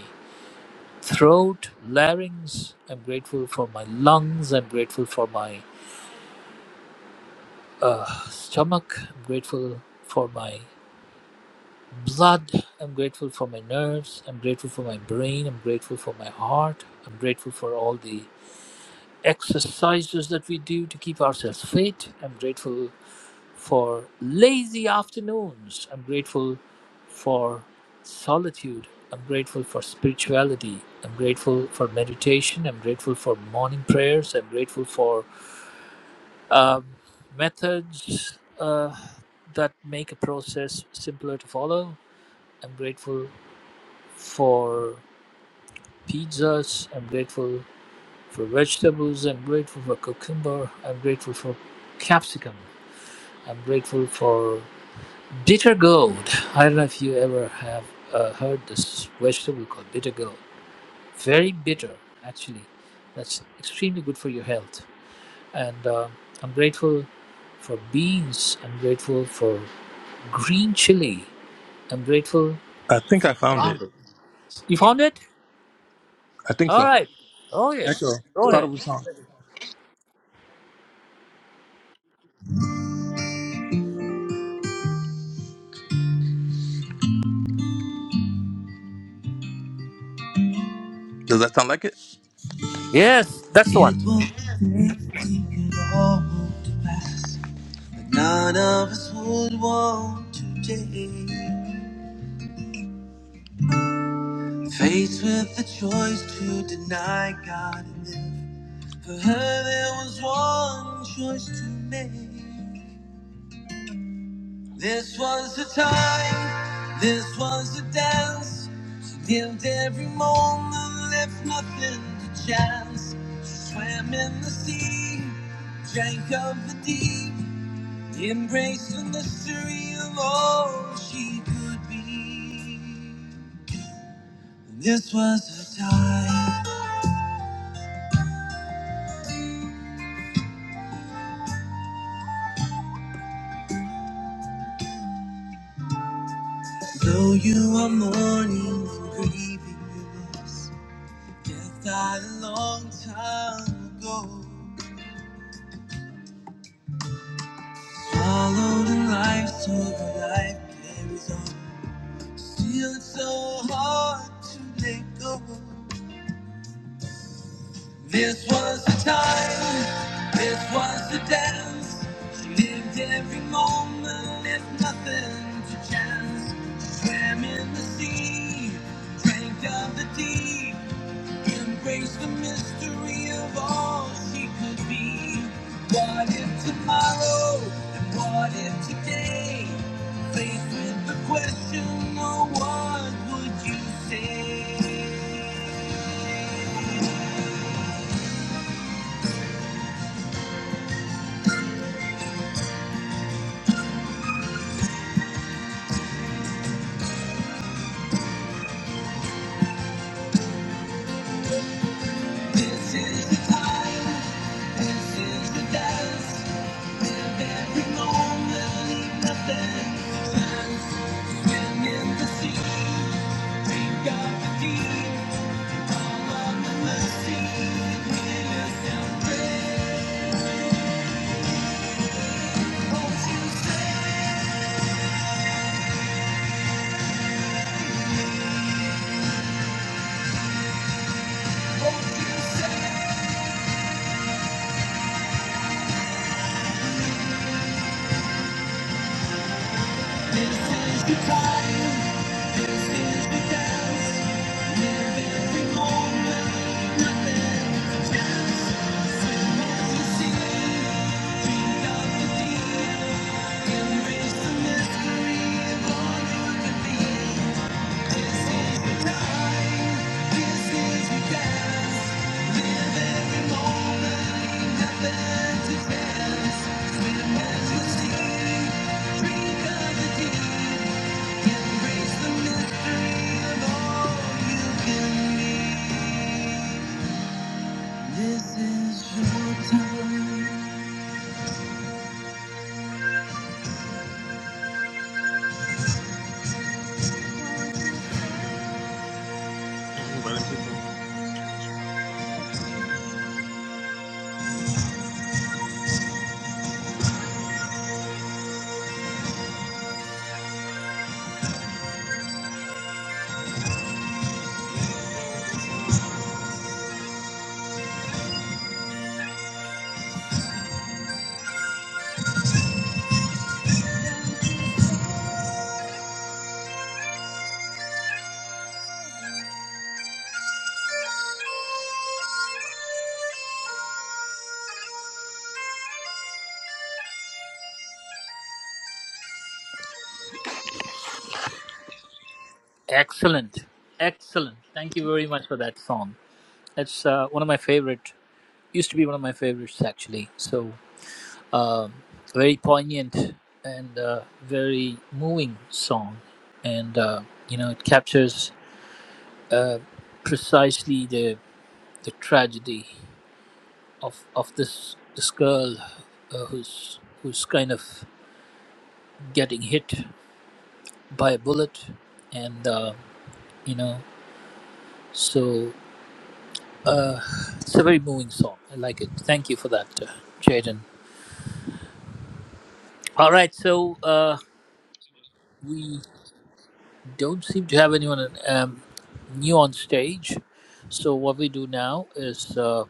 S2: throat, larynx. I'm grateful for my lungs. I'm grateful for my uh, stomach. I'm grateful for my blood. I'm grateful for my nerves. I'm grateful for my brain. I'm grateful for my heart. I'm grateful for all the exercises that we do to keep ourselves fit. I'm grateful for lazy afternoons. I'm grateful for solitude. I'm grateful for spirituality. I'm grateful for meditation. I'm grateful for morning prayers. I'm grateful for um, methods uh, that make a process simpler to follow. I'm grateful for pizzas. I'm grateful for vegetables. I'm grateful for cucumber. I'm grateful for capsicum. I'm grateful for Bitter gourd. I don't know if you ever have uh, heard this vegetable called bitter gourd. Very bitter, actually. That's extremely good for your health. And uh, I'm grateful for beans. I'm grateful for green chili. I'm grateful.
S3: I think I found it.
S2: You found it?
S3: I think
S2: All
S3: so.
S2: right. Oh,
S3: Echo,
S2: yes. Go
S3: start
S2: ahead.
S3: over song. Does that sound like it?
S2: Yes, that's the
S3: It
S2: one.
S3: won't take it all to pass. But none of us would want to change. Faced with the choice to deny God and live, for her there was one choice to make. This was the time, this was the dance. She lived every moment, left nothing to chance. She swam in the sea, drank of the deep, embraced the mystery of all she could be. This was the time. Though you are mourning and grieving your loss, death died a long time ago. Swallowed in life, so the life carries on. Still, it's so hard to let go. This was the time, this was the dance. She lived every moment, left nothing to chance. She swam in the sea, drank of the deep. Embrace the mystery of all she could be. What if tomorrow? And what if today? Faced with the question, oh, what would you say? This is the time, this is the dance. Live every moment, leave nothing. And in the sea, drink of the deep. All of the mercy, witness and pray. This is your dance.
S2: Excellent. Excellent. Thank you very much for that song. It's uh, one of my favorite, used to be one of my favorites, actually. So. Um very poignant and uh, very moving song, and uh, you know it captures uh, precisely the the tragedy of of this this girl uh, who's who's kind of getting hit by a bullet, and uh, you know so uh, it's a very moving song. I like it. Thank you for that, uh, Jaden. All right, so uh, we. don't seem to have anyone um, new on stage. So what we do now is uh,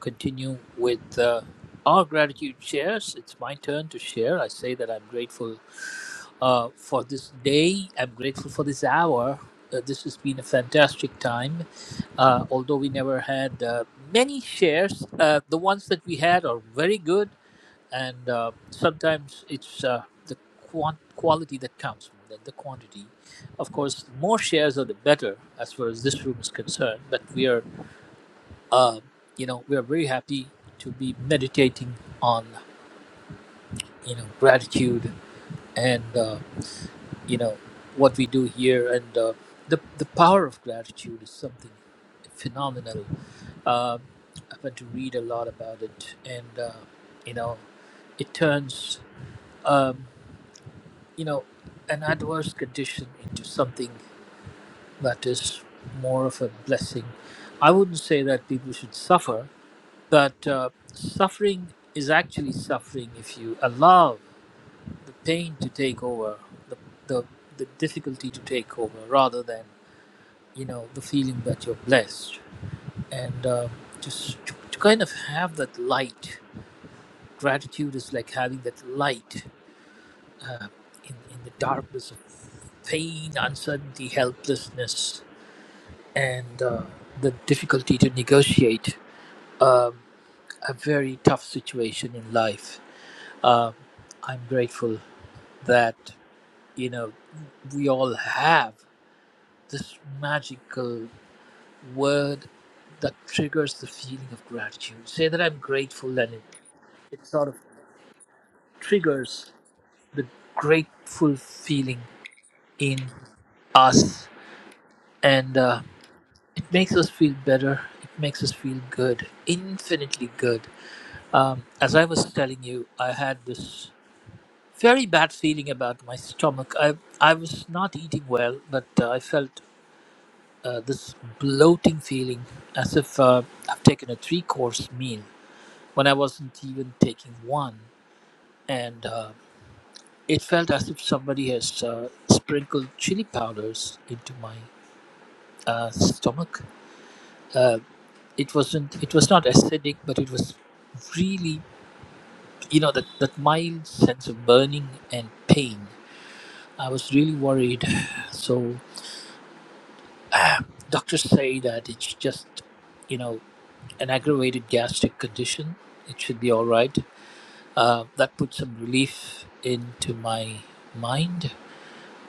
S2: continue with uh, our gratitude shares. It's my turn to share. I say that I'm grateful uh, for this day. I'm grateful for this hour. Uh, this has been a fantastic time. Uh, although we never had uh, many shares, uh, the ones that we had are very good and uh, sometimes it's uh, the quant- quality that counts more than the quantity. Of course, more shares are the better as far as this room is concerned. But we are, uh, you know, we are very happy to be meditating on, you know, gratitude and uh, you know what we do here and uh, the the power of gratitude is something phenomenal. Uh, I've had to read a lot about it, and uh, you know, it turns. Um, you know, an adverse condition into something that is more of a blessing. I wouldn't say that people should suffer, but uh, suffering is actually suffering if you allow the pain to take over, the, the, the difficulty to take over, rather than, you know, the feeling that you're blessed. And uh, just to, to kind of have that light. Gratitude is like having that light uh, in, in the darkness of pain, uncertainty, helplessness and uh, the difficulty to negotiate um, a very tough situation in life. Um I'm grateful that you know we all have this magical word that triggers the feeling of gratitude. Say that I'm grateful, and it, it sort of triggers the grateful feeling in us, and uh, it makes us feel better. It makes us feel good, infinitely good Um, as I was telling you, I had this very bad feeling about my stomach. I I was not eating well, but uh, I felt uh, this bloating feeling as if uh, I've taken a three course meal when I wasn't even taking one, and uh, it felt as if somebody has uh, sprinkled chili powders into my uh, stomach. Uh, it wasn't. It was not acidic, but it was really you know that that mild sense of burning and pain I was really worried. So doctors say that it's just, you know, an aggravated gastric condition. It should be all right. Uh, that put some relief into my mind,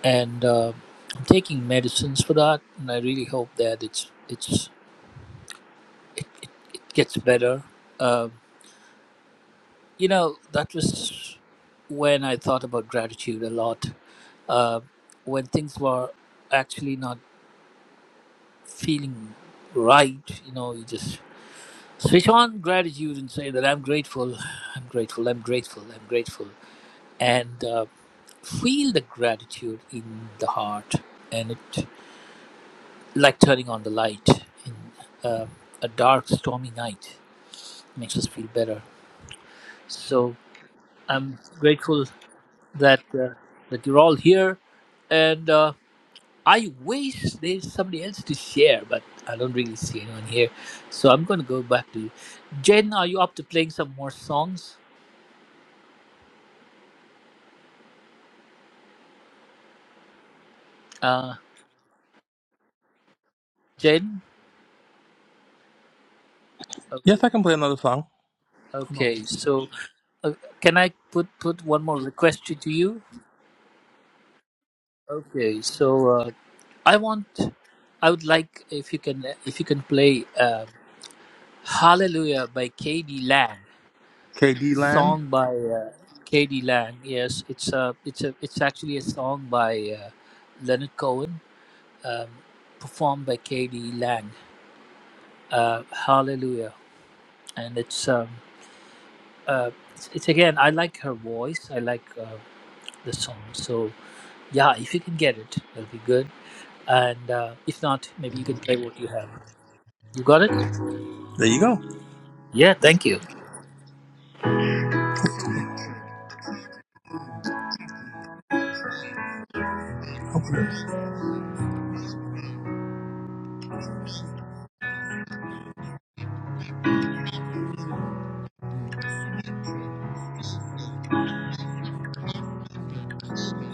S2: and uh, I'm taking medicines for that. And I really hope that it's it's it gets better. Um you know, that was when I thought about gratitude a lot. Uh, when things were actually not feeling right, you know, you just switch on gratitude and say that I'm grateful, I'm grateful, I'm grateful, I'm grateful, and uh, feel the gratitude in the heart, and it like turning on the light in uh, a dark, stormy night makes us feel better. So I'm grateful that uh, that you're all here, and uh, I wish there's somebody else to share, but I don't really see anyone here, so I'm going to go back to you. Jen, are you up to playing some more songs? Uh, Jane? Okay.
S3: Yes, I can play another song. Hold on.
S2: Okay. So, uh, can I put put one more request to, to you? Okay. So, uh, I want, I would like if you can if you can play uh, "Hallelujah" by K.D. Lang,
S3: KD Land.
S2: song by uh, K.D. Lang. Yes, it's a it's a it's actually a song by uh, Leonard Cohen, um, performed by K.D. Lang. Uh, "Hallelujah," and it's um, uh, it's, it's again. I like her voice. I like. uh, the song. So yeah, if you can get it, that'll be good. And uh, if not, maybe you can play what you have. You got it?
S3: There you go.
S2: Yeah, thank you.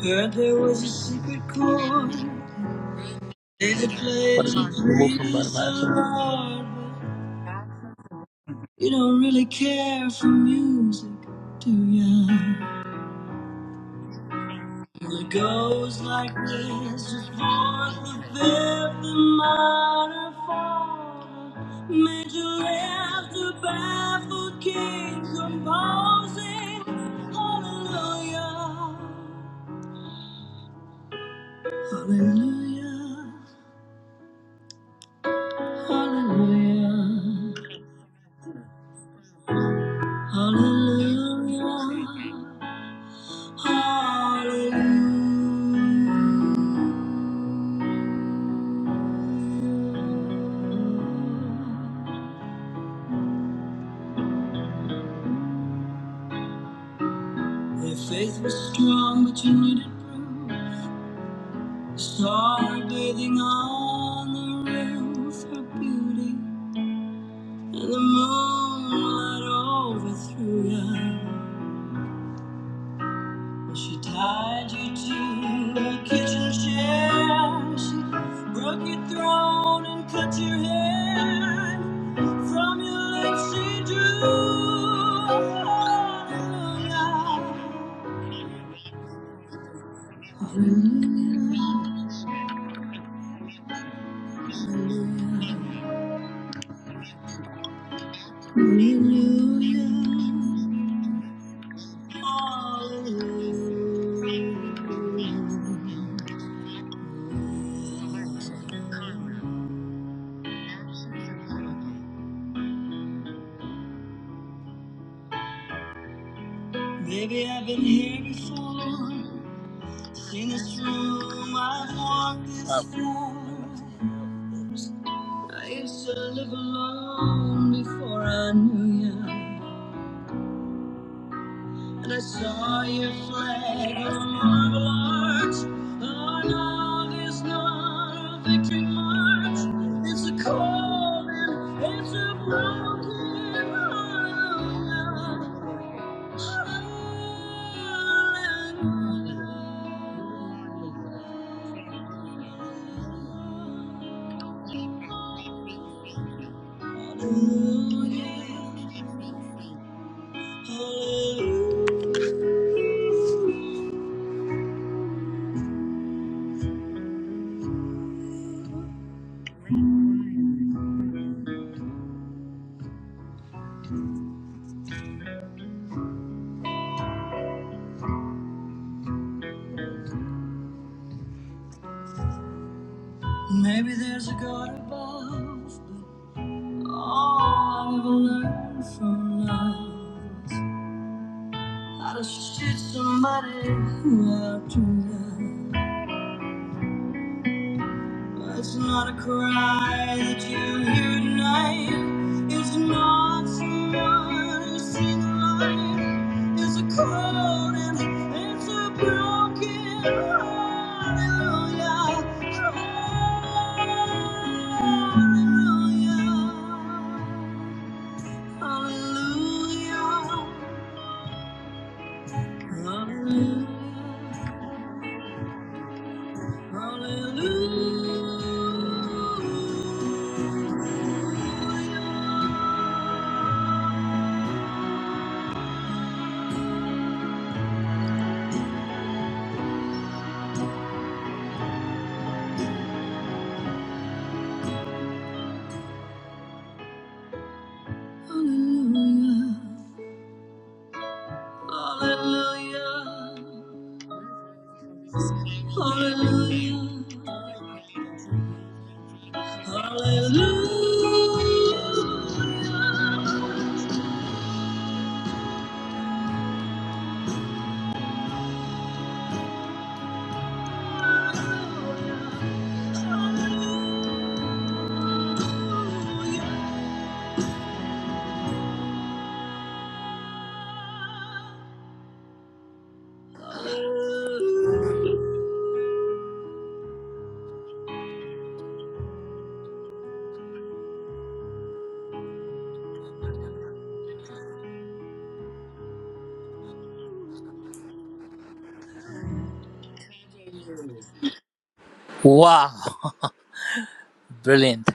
S3: Heard there was a secret chord. They could play What is it? Remove from my mind. You don't really care for music, do ya? Well, it goes like this, just fourth, the fifth, the minor fall. Major left, the baffled king composing. Hallelujah, hallelujah, hallelujah, hallelujah, hallelujah. Her faith was strong, but you needed room. Saw her bathing on the rim for beauty, and the moonlight overthrew you. She tied you to a kitchen chair. She broke your throat and cut your hair. From your lips she drew a hallelujah. Hallelujah. hallelujah. Hallelujah, hallelujah. Baby, I've been here before. Seen this room, I've walked this floor. I used to live alone before I knew you. And I saw your flag on marble arch. Oh, On August not a victory march. It's a cold and it's a broken heart. Hallelujah. Maybe there's a God above, but all I've learned from love. Hush, did somebody out tonight? It's not a cry that you hear at night. It's not someone who's seen the light. It's a cold and it's a broken hallelujah. Hallelujah. Hallelujah. Hallelujah. Hallelujah. Hallelujah. Hallelujah. Hallelujah. Hallelujah. Hallelujah.
S2: Wow, brilliant.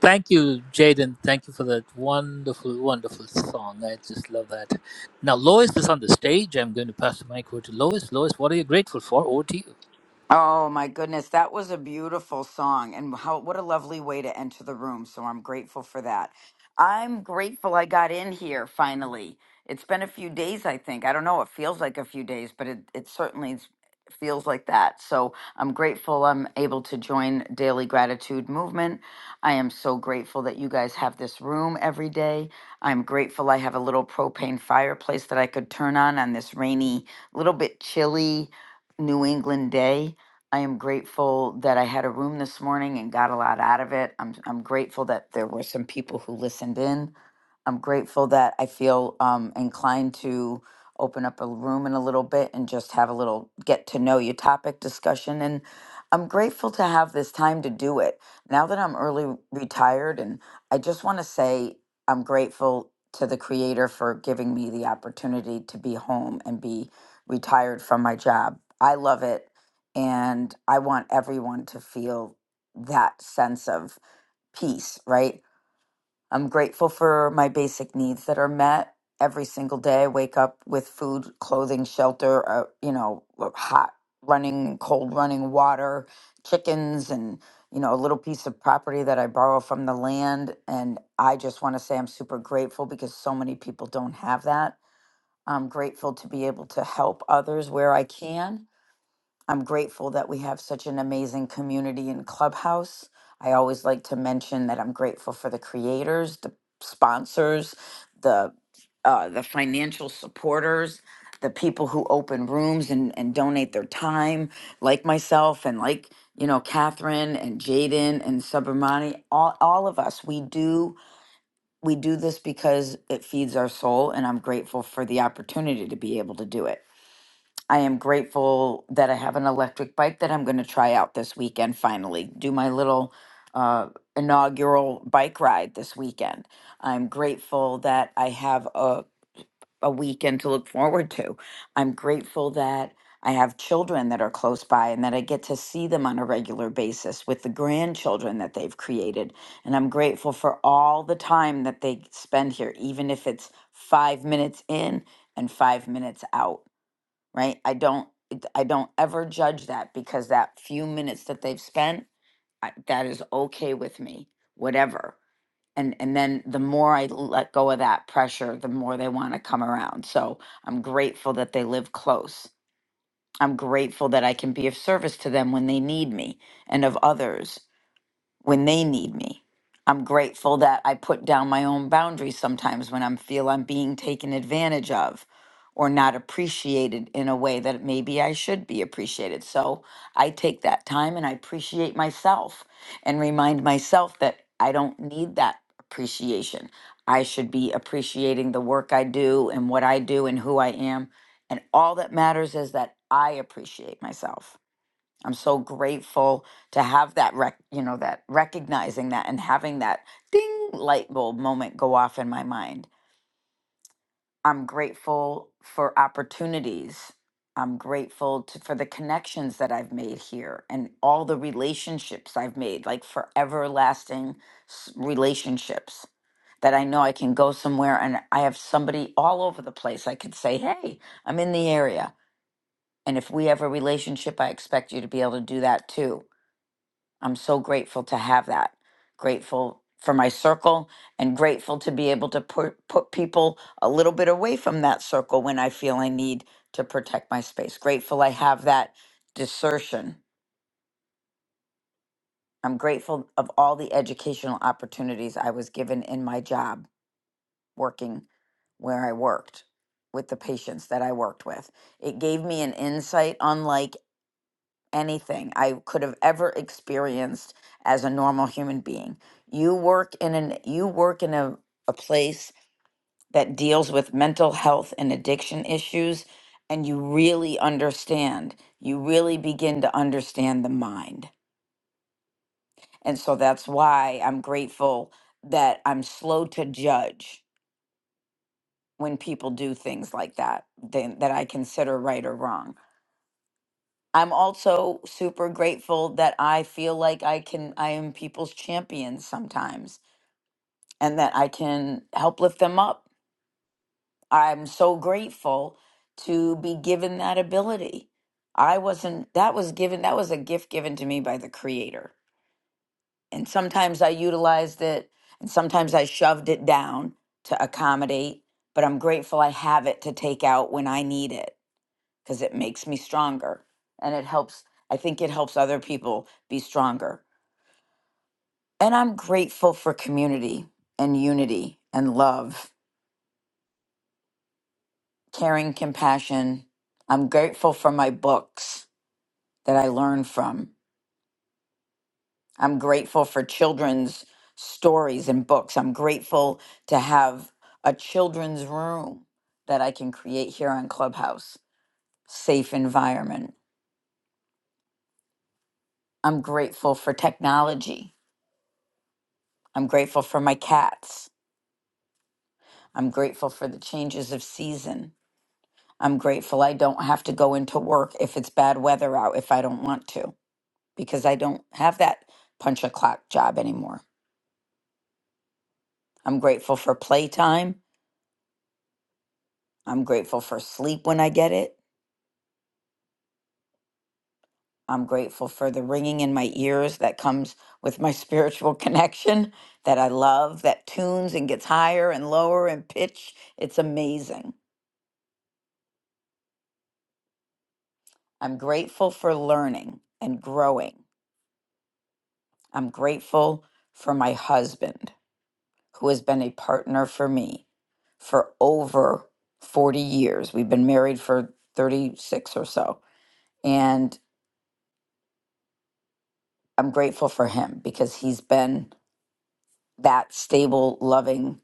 S2: Thank you, Jaden. Thank you for that wonderful, wonderful song. I just love that. Now, Lois is on the stage. I'm going to pass the mic over to Lois. Lois, what are you grateful for? Over to you.
S6: Oh my goodness, that was a beautiful song and how what a lovely way to enter the room. So I'm grateful for that. I'm grateful I got in here finally. It's been a few days, I think. I don't know, it feels like a few days, but it, it certainly is- feels like that. So I'm grateful I'm able to join Daily Gratitude Movement. I am so grateful that you guys have this room every day. I'm grateful I have a little propane fireplace that I could turn on on this rainy, little bit chilly New England day I am grateful that I had a room this morning and got a lot out of it. I'm I'm grateful that there were some people who listened in. I'm grateful that I feel um, inclined to open up a room in a little bit and just have a little get to know you topic discussion. And I'm grateful to have this time to do it. Now that I'm early retired, and I just want to say I'm grateful to the creator for giving me the opportunity to be home and be retired from my job. I love it and I want everyone to feel that sense of peace, right? I'm grateful for my basic needs that are met every single day. I wake up with food, clothing, shelter, uh, you know, uh, hot running, cold running water, chickens, and, you know, a little piece of property that I borrow from the land. And I just want to say I'm super grateful because so many people don't have that. I'm grateful to be able to help others where I can I'm grateful that we have such an amazing community in Clubhouse. I always like to mention that I'm grateful for the creators, the sponsors, the uh, the financial supporters, the people who open rooms and, and donate their time, like myself and like you know Catherine and Jaden and Subramani. All all of us, we do we do this because it feeds our soul, and I'm grateful for the opportunity to be able to do it. I am grateful that I have an electric bike that I'm going to try out this weekend finally. Do my little uh, inaugural bike ride this weekend. I'm grateful that I have a, a weekend to look forward to. I'm grateful that I have children that are close by and that I get to see them on a regular basis with the grandchildren that they've created. And I'm grateful for all the time that they spend here, even if it's five minutes in and five minutes out right? I don't it- I don't ever judge that because that few minutes that they've spent I, that is okay with me, whatever. And and then the more I let go of that pressure, the more they want to come around. So I'm grateful that they live close. I'm grateful that I can be of service to them when they need me and of others when they need me. I'm grateful that I put down my own boundaries sometimes when I feel I'm being taken advantage of or not appreciated in a way that maybe I should be appreciated. So I take that time and I appreciate myself and remind myself that I don't need that appreciation. I should be appreciating the work I do and what I do and who I am. And all that matters is that I appreciate myself. I'm so grateful to have that rec- you know that recognizing that and having that ding light bulb moment go off in my mind. I'm grateful for opportunities. I'm grateful to, for the connections that I've made here and all the relationships I've made, like for everlasting s- relationships that I know I can go somewhere and I have somebody all over the place. I could say, hey, I'm in the area. And if we have a relationship, I expect you to be able to do that too I'm so grateful to have that. Grateful for my circle and grateful to be able to put, put people a little bit away from that circle when I feel I need to protect my space. Grateful I have that desertion. I'm grateful of all the educational opportunities I was given in my job working where I worked with the patients that I worked with. It gave me an insight unlike anything I could have ever experienced as a normal human being. You work in an you work in a, a place that deals with mental health and addiction issues and you really understand. You really begin to understand the mind. And so that's why I'm grateful that I'm slow to judge when people do things like that than that I consider right or wrong I'm also super grateful that I feel like I can, I am people's champion sometimes and that I can help lift them up. I'm so grateful to be given that ability. I wasn't, that was given, that was a gift given to me by the Creator. And sometimes I utilized it and sometimes I shoved it down to accommodate, but I'm grateful I have it to take out when I need it because it makes me stronger and it helps i think it helps other people be stronger and i'm grateful for community and unity and love caring compassion i'm grateful for my books that i learn from i'm grateful for children's stories and books i'm grateful to have a children's room that i can create here on clubhouse safe environment i'm grateful for technology i'm grateful for my cats I'm grateful for the changes of season. I'm grateful I don't have to go into work if it's bad weather out if I don't want to, because I don't have that punch a clock job anymore. I'm grateful for playtime. I'm grateful for sleep when I get it. I'm grateful for the ringing in my ears that comes with my spiritual connection that I love, that tunes and gets higher and lower in pitch. It's amazing. I'm grateful for learning and growing. I'm grateful for my husband. who has been a partner for me for over 40 years. We've been married for 36 or so. And I'm grateful for him because he's been that stable, loving,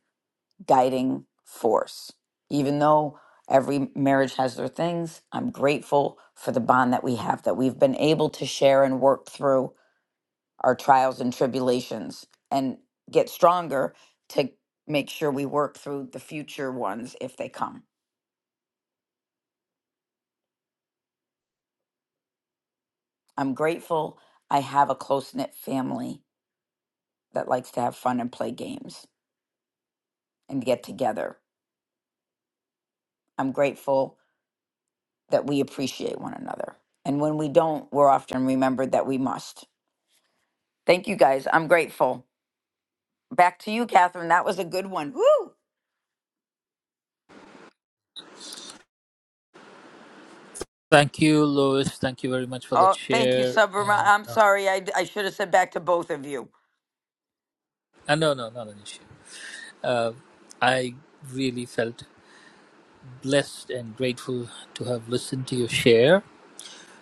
S6: guiding force. Even though every marriage has their things, I'm grateful for the bond that we have, that we've been able to share and work through our trials and tribulations and get stronger to make sure we work through the future ones if they come. I'm grateful I have a close knit family that likes to have fun and play games and get together. I'm grateful that we appreciate one another. And when we don't, we're often remembered that we must. Thank you guys. I'm grateful. Back to you, Catherine. That was a good one. Woo!
S2: Thank you, Lois. Thank you very much for that
S6: Oh, thank you,
S2: share.
S6: Subrama.
S2: And
S6: I'm
S2: uh,
S6: sorry. I, I should have said back to both of you.
S2: uh, no, no, not an issue. Uh, I really felt blessed and grateful to have listened to your share.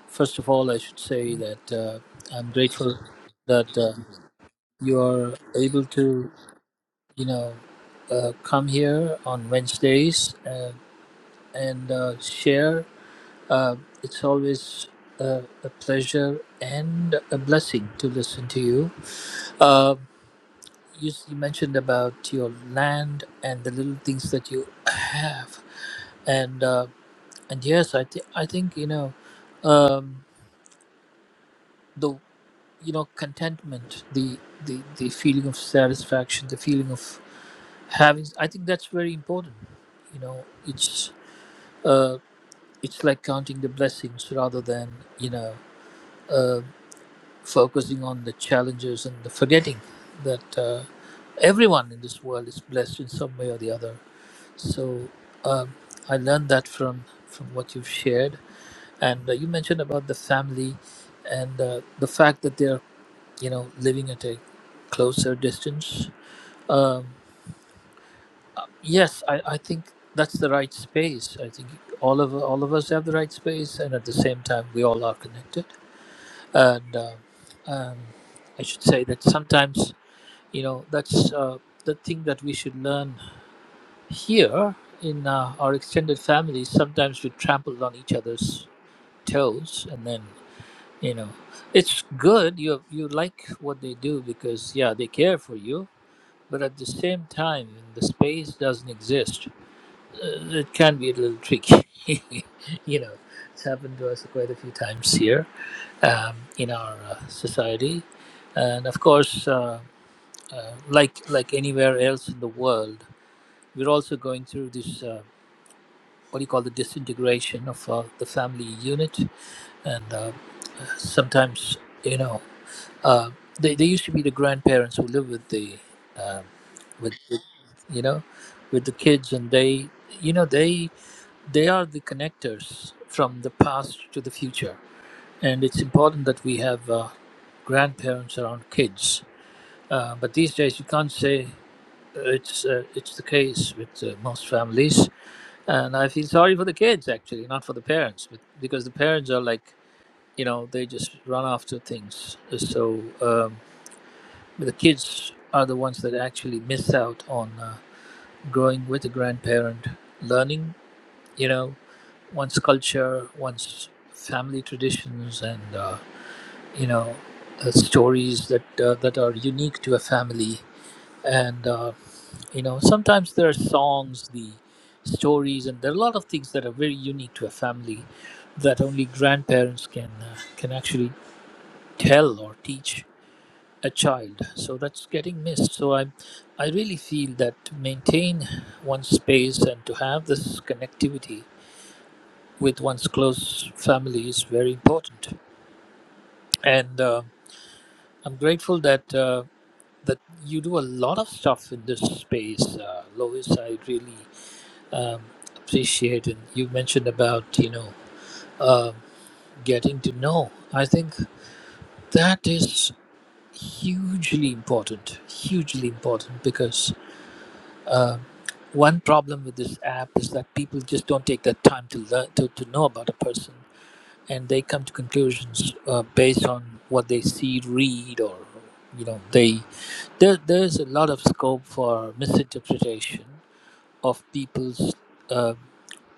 S2: First of all, I should say that uh, I'm grateful that uh, you are able to, you know, uh, come here on Wednesdays uh, and uh, share. Uh, it's always uh, a pleasure and a blessing to listen to you. Uh, you s- you mentioned about your land and the little things that you have, and uh, and yes, I think I think you know. Um, the you know contentment the the the feeling of satisfaction the feeling of having i think that's very important you know it's uh it's like counting the blessings rather than you know uh focusing on the challenges and the forgetting that uh, everyone in this world is blessed in some way or the other so um, i learned that from from what you've shared and uh, you mentioned about the family and uh, the fact that they are you know, living at a closer distance. Um, yes, I, I think that's the right space. I think all of all of us have the right space, and at the same time, we all are connected. And uh, um, I should say that sometimes, you know, that's uh, the thing that we should learn here in uh, our extended families. Sometimes we trample on each other's toes, and then you know, it's good. You you like what they do because yeah, they care for you but at the same time when the space doesn't exist uh, it can be a little tricky you know it's happened to us quite a few times here um, in our uh, society and of course uh, uh, like like anywhere else in the world we're also going through this uh, what do you call the disintegration of uh, the family unit and uh, sometimes you know Uh, they, they used to be the grandparents who live with the, um, with, with you know, with the kids, and they, you know, they they are the connectors from the past to the future, and it's important that we have uh, grandparents around kids. Uh, but these days, you can't say it's uh, it's the case with uh, most families, and I feel sorry for the kids actually, not for the parents, but because the parents are like you know they just run after things. So. Um, but the kids are the ones that actually miss out on uh, growing with a grandparent, learning, you know, one's culture, one's family traditions, and uh, you know, uh, stories that uh, that are unique to a family. And uh, you know, sometimes there are songs, the stories, and there are a lot of things that are very unique to a family that only grandparents can uh, can actually tell or teach a child so that's getting missed so i i really feel that to maintain one's space and to have this connectivity with one's close family is very important and uh, i'm grateful that uh, that you do a lot of stuff in this space uh, lois i really um, appreciate and you mentioned about you know uh, getting to know i think that is hugely important hugely important because uh, One problem with this app is that people just don't take the time to learn to, to know about a person, and they come to conclusions uh, based on what they see, read, or you know, they there there's a lot of scope for misinterpretation of people's uh,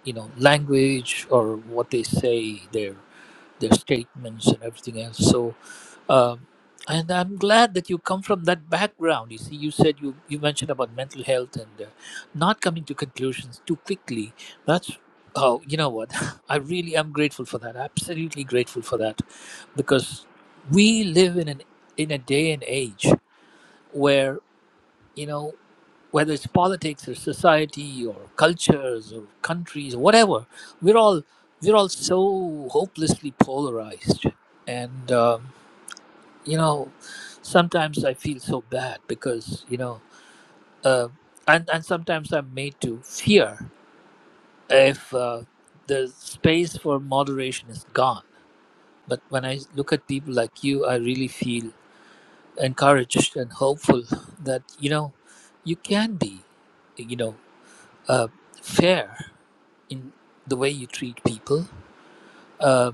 S2: you know language or what they say, their their statements and everything else. So um, and I'm glad that you come from that background. You see, you said you, you mentioned about mental health and uh, not coming to conclusions too quickly. That's, oh, you know what? I really am grateful for that. Absolutely grateful for that. Because we live in, an, in a day and age where, you know, whether it's politics or society or cultures or countries or whatever, we're all, we're all so hopelessly polarized. And, Um, you know sometimes i feel so bad because you know uh, and and sometimes i'm made to fear if uh, the space for moderation is gone but when i look at people like you i really feel encouraged and hopeful that you know you can be you know uh, fair in the way you treat people uh,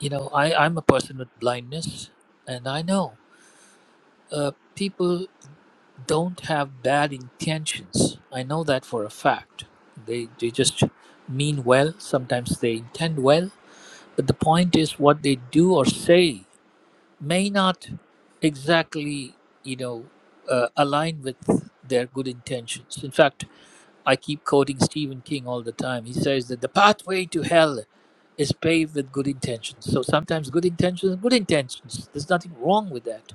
S2: you know I, i'm a person with blindness and i know uh, people don't have bad intentions. I know that for a fact. They they just mean well. Sometimes they intend well, but the point is what they do or say may not exactly you know uh, align with their good intentions. In fact, I keep quoting Stephen King all the time. He says that the pathway to hell is paved with good intentions. So sometimes good intentions, are good intentions. There's nothing wrong with that.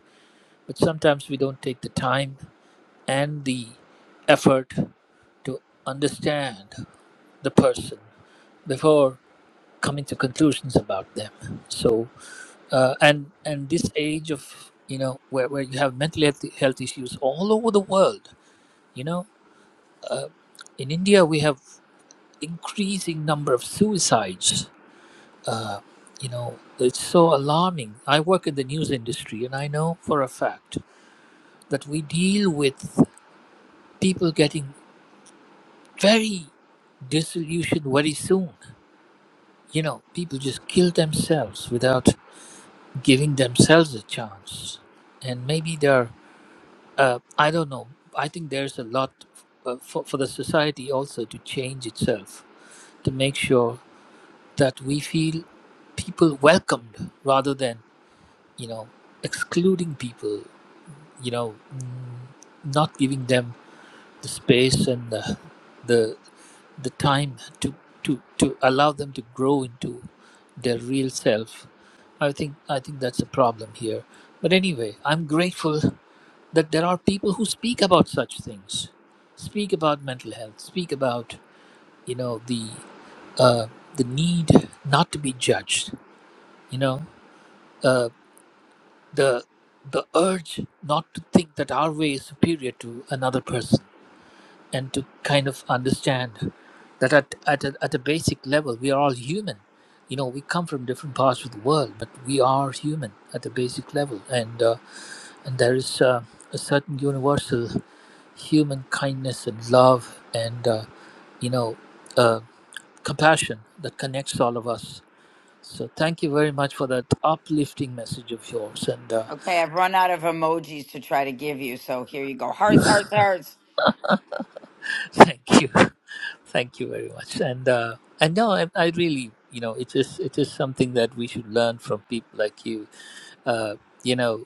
S2: But sometimes we don't take the time and the effort to understand the person before coming to conclusions about them so uh, and and this age of you know where, where you have mental health, health issues all over the world you know in india we have increasing number of suicides uh, you know it's so alarming i work in the news industry and i know for a fact that we deal with people getting very disillusioned very soon you know, people just kill themselves without giving themselves a chance. And maybe there, uh, I don't know, I think there's a lot uh, for, for the society also to change itself to make sure that we feel people welcomed rather than, you know, excluding people, you know, mm, not giving them the space and the, the the time to to to allow them to grow into their real self i think i think that's a problem here but anyway i'm grateful that there are people who speak about such things speak about mental health speak about you know the uh, the need not to be judged you know uh, the the urge not to think that our way is superior to another person and to kind of understand that at, at, a, at a basic level we are all human you know we come from different parts of the world but we are human at a basic level and uh, and there is uh, a certain universal human kindness and love and uh, you know uh, compassion that connects all of us so thank you very much for that uplifting message of yours and uh,
S6: Okay, I've run out of emojis to try to give you. So here you go. Hearts, hearts, hearts.
S2: thank you Thank you very much. And uh, and no, I, I really, you know, it is it is something that we should learn from people like you. Uh, you know,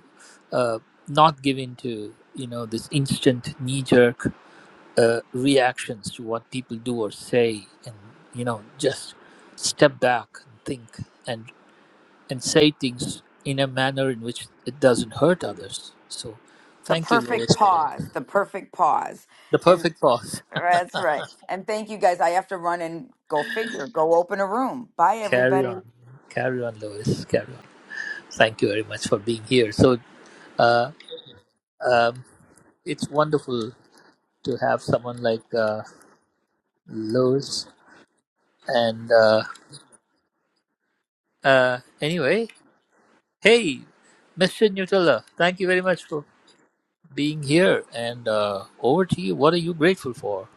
S2: uh, not given to you know this instant knee jerk uh, reactions to what people do or say, and you know, just step back and think and and say things in a manner in which it doesn't hurt others. So,
S6: The
S2: thank you,
S6: perfect
S2: Lois, for that.
S6: pause. The perfect pause.
S2: The
S6: And
S2: perfect pause.
S6: That's right. And thank you guys. I have to run and go figure, go open a room. Bye,
S2: Carry
S6: everybody.
S2: on, carry on, Lois. Carry on. Thank you very much for being here. So uh, um, it's wonderful to have someone like uh, Lois. And uh, uh, anyway, hey, Mr. Nutella, thank you very much for being here. And uh, over to you. What are you grateful for?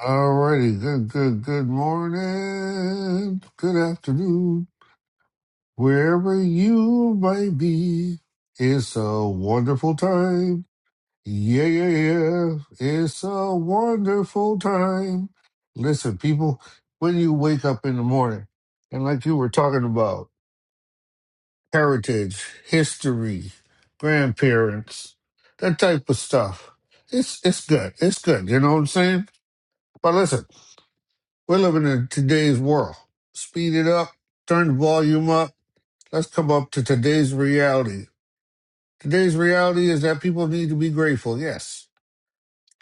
S7: Alrighty, good, good, good morning, good afternoon, wherever you might be. It's a wonderful time. Yeah, yeah, yeah. It's a wonderful time. Listen, people, when you wake up in the morning, and like you were talking about heritage, history, grandparents, that type of stuff, it's it's good. It's good. You know what I'm saying? But listen. We're living in today's world. Speed it up, turn the volume up. Let's come up to today's reality. Today's reality is that people need to be grateful. Yes.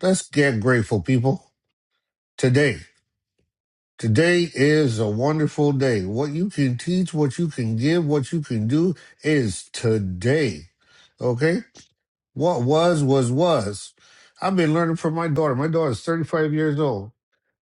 S7: Let's get grateful, people. Today. Today is a wonderful day. What you can teach, what you can give, what you can do is today. Okay? What was, was, was. I've been learning from my daughter. My daughter's 35 years old.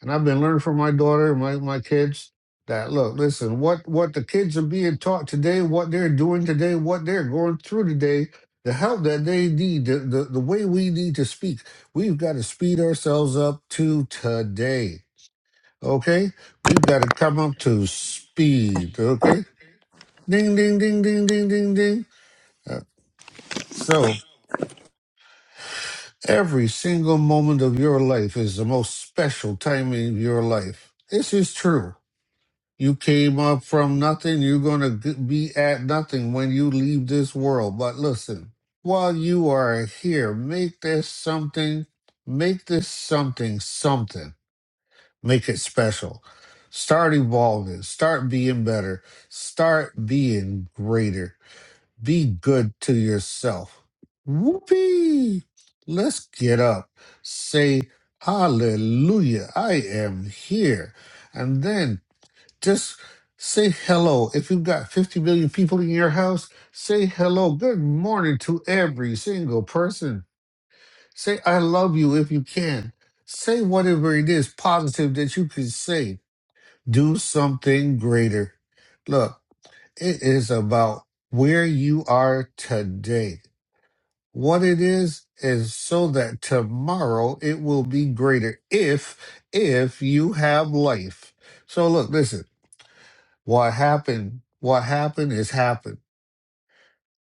S7: And I've been learning from my daughter and my, my kids that look, listen, what, what the kids are being taught today, what they're doing today, what they're going through today, the help that they need, the, the, the way we need to speak, we've got to speed ourselves up to today. Okay? We've got to come up to speed. Okay? Ding, ding, ding, ding, ding, ding, ding. Uh, so, Every single moment of your life is the most special time in your life. This is true. You came up from nothing. You're going to be at nothing when you leave this world. But listen, while you are here, make this something, make this something, something. Make it special. Start evolving. Start being better. Start being greater be good to yourself. Whoopee! Let's get up. Say, Hallelujah, I am here. And then just say hello. If you've got 50 million people in your house, say hello. Good morning to every single person. Say, I love you if you can. Say whatever it is positive that you can say. Do something greater. Look, it is about where you are today. What it is is so that tomorrow it will be greater if if you have life. So look, listen. What happened? What happened is happened.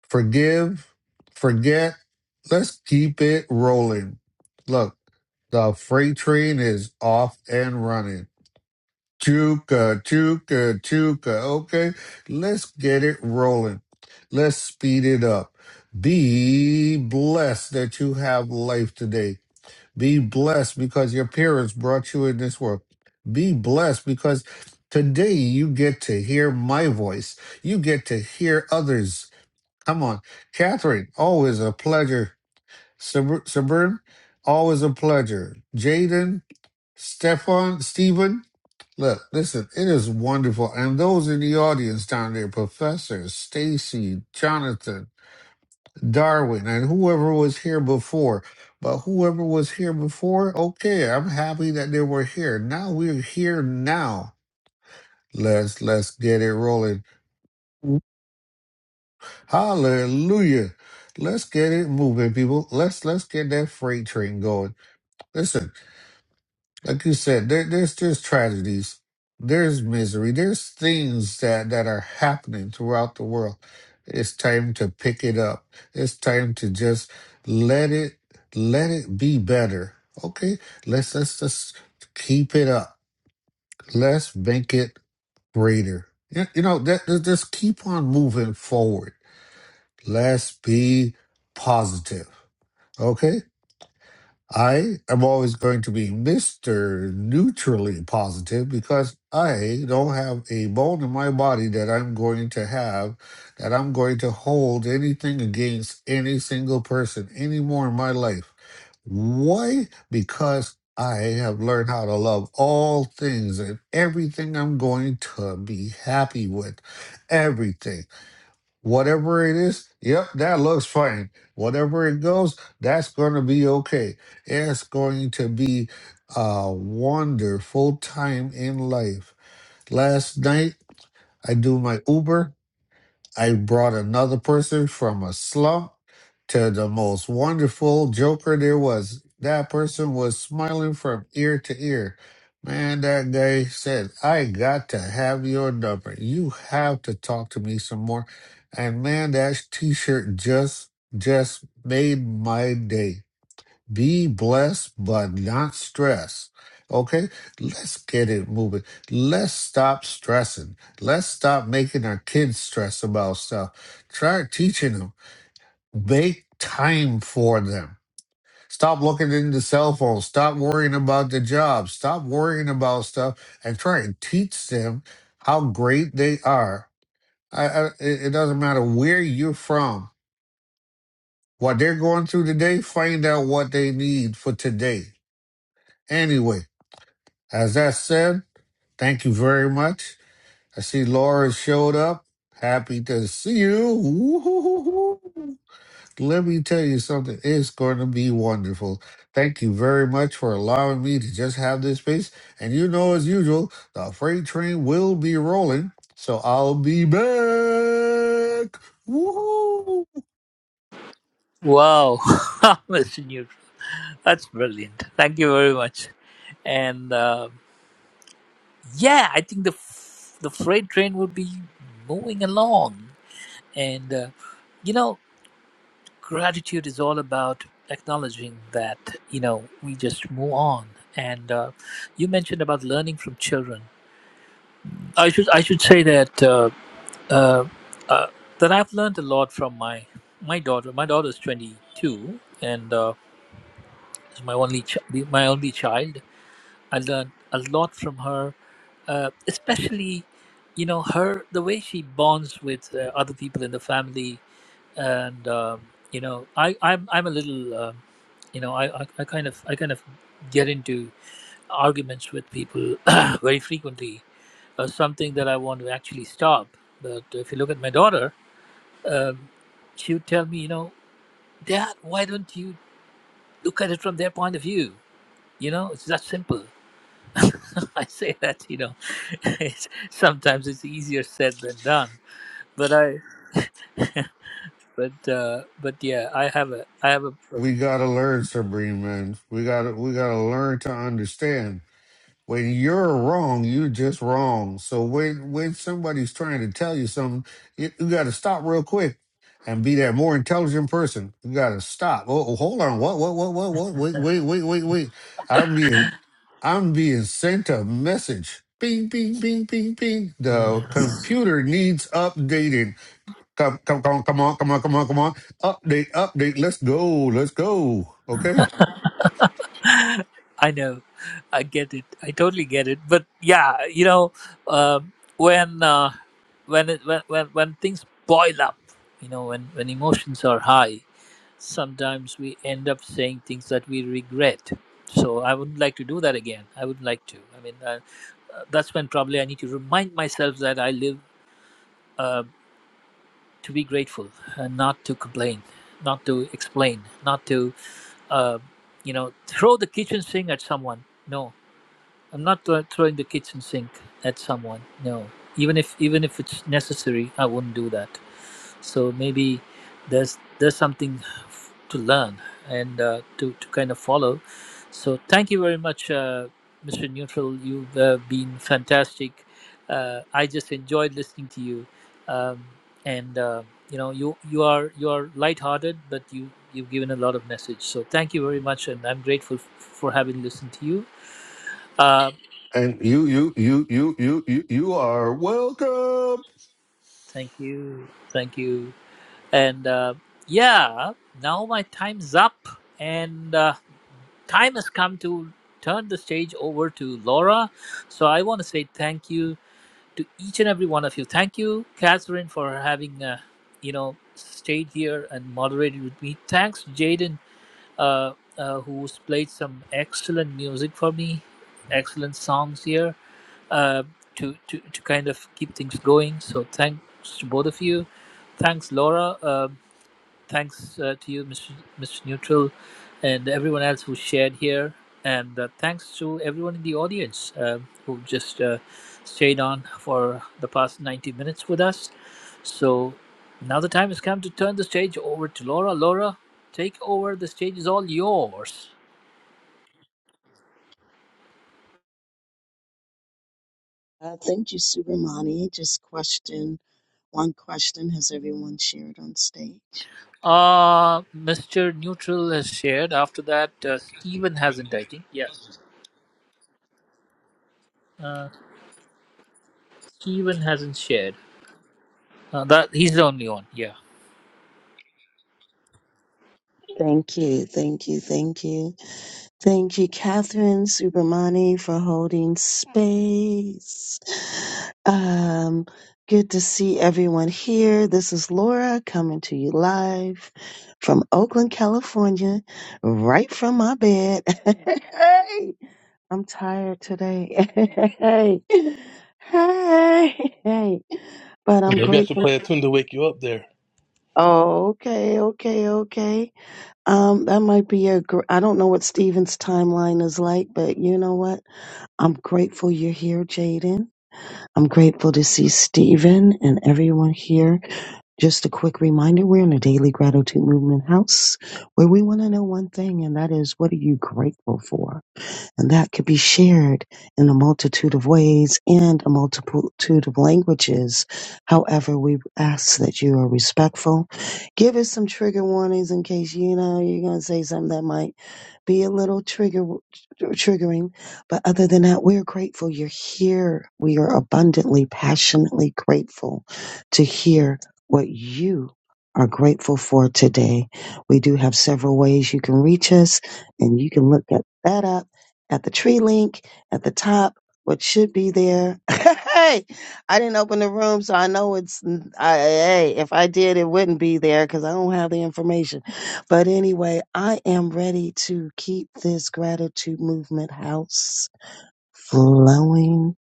S7: Forgive, forget. Let's keep it rolling. Look, the freight train is off and running. Chuka, chuka, chuka. Okay, let's get it rolling. Let's speed it up. Be blessed that you have life today. Be blessed because your parents brought you in this world. Be blessed because today you get to hear my voice. You get to hear others. Come on. Catherine, always a pleasure. Sabr- Sabrin, always a pleasure. Jaden, Stefan, Stephen, Look, listen, it is wonderful. And those in the audience down there, Professor, Stacy, Jonathan, Darwin, and whoever was here before. But whoever was here before, okay, I'm happy that they were here. Now we're here now. Let's let's get it rolling. Hallelujah. Let's get it moving, people. Let's let's get that freight train going. Listen. like you said, there, there's there's tragedies, there's misery, there's things that that are happening throughout the world. It's time to pick it up. It's time to just let it let it be better. Okay, let's let's just keep it up. Let's make it greater. You, you know that that- just keep on moving forward. Let's be positive. Okay, I am always going to be Mr. Neutrally Positive because I don't have a bone in my body that I'm going to have, that I'm going to hold anything against any single person anymore in my life. Why? Because I have learned how to love all things and everything I'm going to be happy with. Everything. Whatever it is, yep, that looks fine. Whatever it goes, that's going to be okay. It's going to be a wonderful time in life. Last night, I do my Uber. I brought another person from a slump to the most wonderful joker there was. That person was smiling from ear to ear. Man, that guy said, I got to have your number. You have to talk to me some more. And man, that t shirt just just made my day. Be blessed, but not stressed. Okay, let's get it moving. Let's stop stressing. Let's stop making our kids stress about stuff. Try teaching them. Make time for them. Stop looking into cell phones. Stop worrying about the job. Stop worrying about stuff and try and teach them how great they are. I, I, it it doesn't matter where you're from. What they're going through today, find out what they need for today anyway. As that said, thank you very much. I see Laura showed up. Happy to see you. Woo-hoo-hoo-hoo. Let me tell you something. It's going to be wonderful. Thank you very much for allowing me to just have this space. And you know, as usual, the freight train will be rolling. So I'll be back. Woo-hoo.
S2: Wow, Mr. Newt, that's brilliant. Thank you very much. And uh, yeah, I think the f- the freight train would be moving along, and uh, you know. gratitude is all about acknowledging that you know we just move on and uh, you mentioned about learning from children i should i should say that uh, uh, uh, that i've learned a lot from my my daughter my daughter's 22 and uh, is my only ch- my only child i learned a lot from her uh, especially you know her the way she bonds with uh, other people in the family and um, you know I I'm I'm a little um, you know I, I I kind of I kind of get into arguments with people very frequently uh, something that I want to actually stop but if you look at my daughter um, she would tell me you know dad why don't you look at it from their point of view you know it's that simple I say that you know it's, sometimes it's easier said than done but I but uh, but yeah I have a I have
S7: We
S2: a
S7: gotta learn, Sabrina, man. We gotta we gotta learn to understand When you're wrong, you're just wrong. So when when somebody's trying to tell you something, you, you got to stop real quick and be that more intelligent person. You got to stop. Oh, oh, hold on. What? What? What? What? What? Wait! Wait! Wait! Wait! Wait! I'm being I'm being sent a message. Bing! Bing! Bing! Bing! Bing! The computer needs updating. Come! Come! Come! Come on! Come on! Come on! Come on! Update! Update! Let's go! Let's go! Okay.
S2: I know. I get it. I totally get it. But yeah, you know, um when uh, when it, when when when things boil up, you know, when when emotions are high, sometimes we end up saying things that we regret. So I wouldn't like to do that again. I wouldn't like to. I mean, uh, uh, that's when probably I need to remind myself that I live uh, to be grateful and not to complain, not to explain, not to uh, you know throw the kitchen sink at someone. No. I'm not throw- throwing the kitchen sink at someone. No, even if even if it's necessary, I wouldn't do that. So maybe there's there's something f- to learn and uh, to to kind of follow. So thank you very much, uh, Mr. Neutral. You've uh, been fantastic. Uh, I just enjoyed listening to you, um, and uh, you know you you are you are lighthearted, but you you've given a lot of message. So thank you very much, and I'm grateful f- for having listened to you. Uh,
S7: And you, you, you, you, you, you, you are welcome.
S2: Thank you. Thank you. And uh, yeah, now my time's up. And uh, time has come to turn the stage over to Laura. So I want to say thank you to each and every one of you. Thank you, Catherine, for having, uh, you know, stayed here and moderated with me. Thanks, Jaden, uh, uh, who's played some excellent music for me, excellent songs here uh, to, to to kind of keep things going. So thanks to both of you. Thanks, Laura. Uh, thanks uh, to you, Mr. Mr. Neutral, and everyone else who shared here. And uh, thanks to everyone in the audience uh, who just uh, stayed on for the past 90 minutes with us. So now the time has come to turn the stage over to Laura. Laura, take over. The stage is all yours.
S8: Uh, thank you, Subramani. Just question one question has everyone shared on stage?
S2: Uh, Mr. Neutral has shared. After that, uh, Steven hasn't, I think. Yes. Uh, Steven hasn't shared. Uh, that He's the only one. Yeah.
S8: Thank you, thank you, thank you. Thank you, Catherine Subramani, for holding space. Um, good to see everyone here. This is Laura coming to you live from Oakland, California, right from my bed. I'm tired today. hey, hey, hey. But I'm
S3: Maybe I should
S8: grateful.
S3: play a tune to wake you up there.
S8: Oh, okay, okay, okay. Um, that might be a. Gr- I don't know what Steven's timeline is like, but you know what? I'm grateful you're here, Jaden. I'm grateful to see Steven and everyone here. Just a quick reminder: we're in a daily gratitude movement house where we want to know one thing, and that is, what are you grateful for? And that could be shared in a multitude of ways and a multitude of languages. However, we ask that you are respectful. Give us some trigger warnings in case you know you're going to say something that might be a little trigger triggering. But other than that, we're grateful you're here. We are abundantly, passionately grateful to hear what you are grateful for today. We do have several ways you can reach us, and you can look at that up at the tree link at the top what should be there hey i didn't open the room so i know it's I, hey if i did it wouldn't be there because i don't have the information but anyway i am ready to keep this gratitude movement house flowing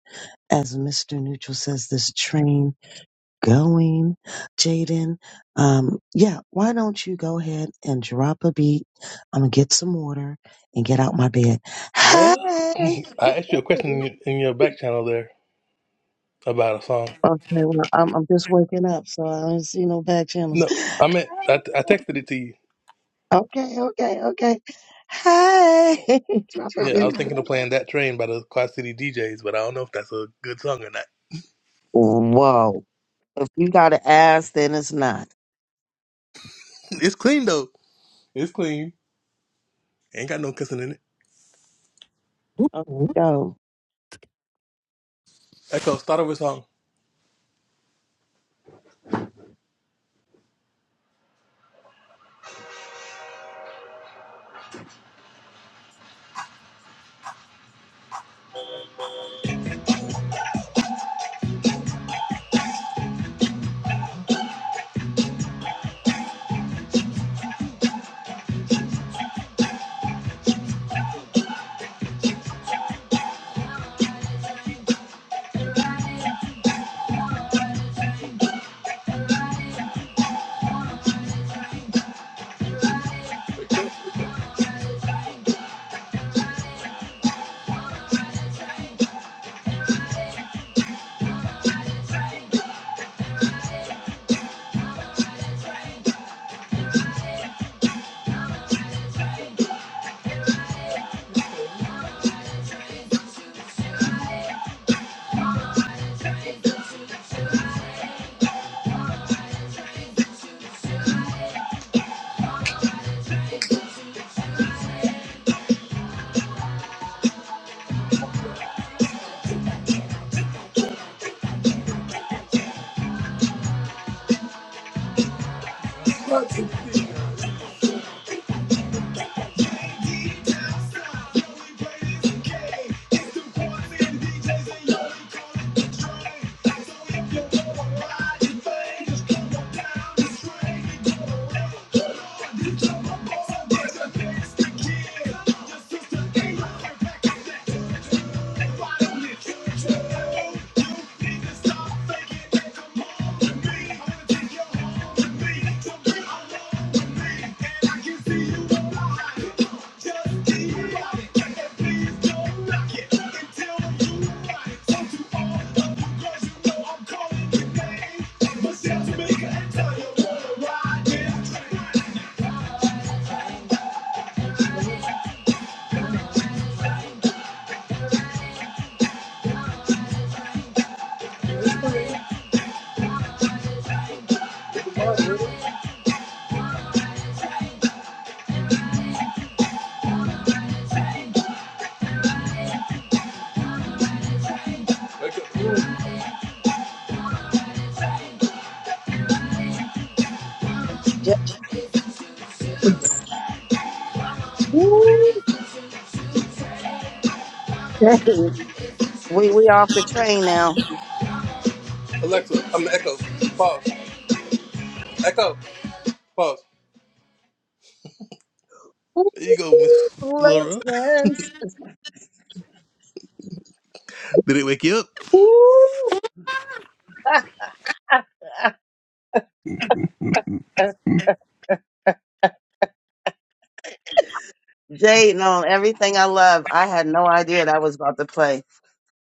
S8: as mr neutral says this train going, Jaden. Um, yeah, why don't you go ahead and drop a beat? I'm gonna get some water and get out my bed.
S3: Well,
S8: Hey.
S3: I asked you a question in your, in your back channel there about a song.
S8: Okay, well, I'm, I'm just waking up, so I don't see no back channels.
S3: No, I meant I, I texted it to you.
S8: Okay, okay, okay. Hey, drop a
S3: Yeah, I was
S8: beat.
S3: thinking of playing that train by the Quad City DJs, but I don't know if that's a good song or not.
S8: Whoa. If you got an ass, then it's not.
S3: It's clean though. It's clean. Ain't got no kissing in it.
S8: Okay, go.
S3: Echo, start over song. Echo.
S8: Just- Woo, dang. We we off the train now.
S3: Alexa, I'm the Echo. Pause. Echo. Pause.
S8: Ooh,
S3: There you go, Miss Laura.
S8: blessings.
S3: Did it wake you up?
S8: Ooh. Jade on everything I love. I had no idea that was about to play,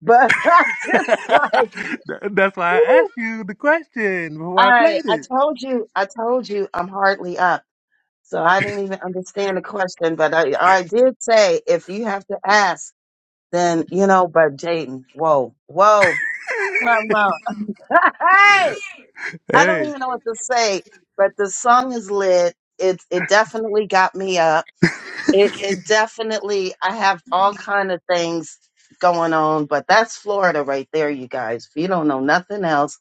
S8: but I'm just like,
S3: That's why I
S8: ooh,
S3: asked you the question before I
S8: I,
S3: played
S8: I
S3: it.
S8: told you, I told you I'm hardly up. So I didn't even understand the question, but I, I did say, if you have to ask, then, you know, but Jaden, whoa, whoa, come on. hey. I don't
S3: Hey,
S8: even know what to say, but the song is lit. It it definitely got me up. It it definitely I have all kind of things going on, but that's Florida right there, you guys. If you don't know nothing else,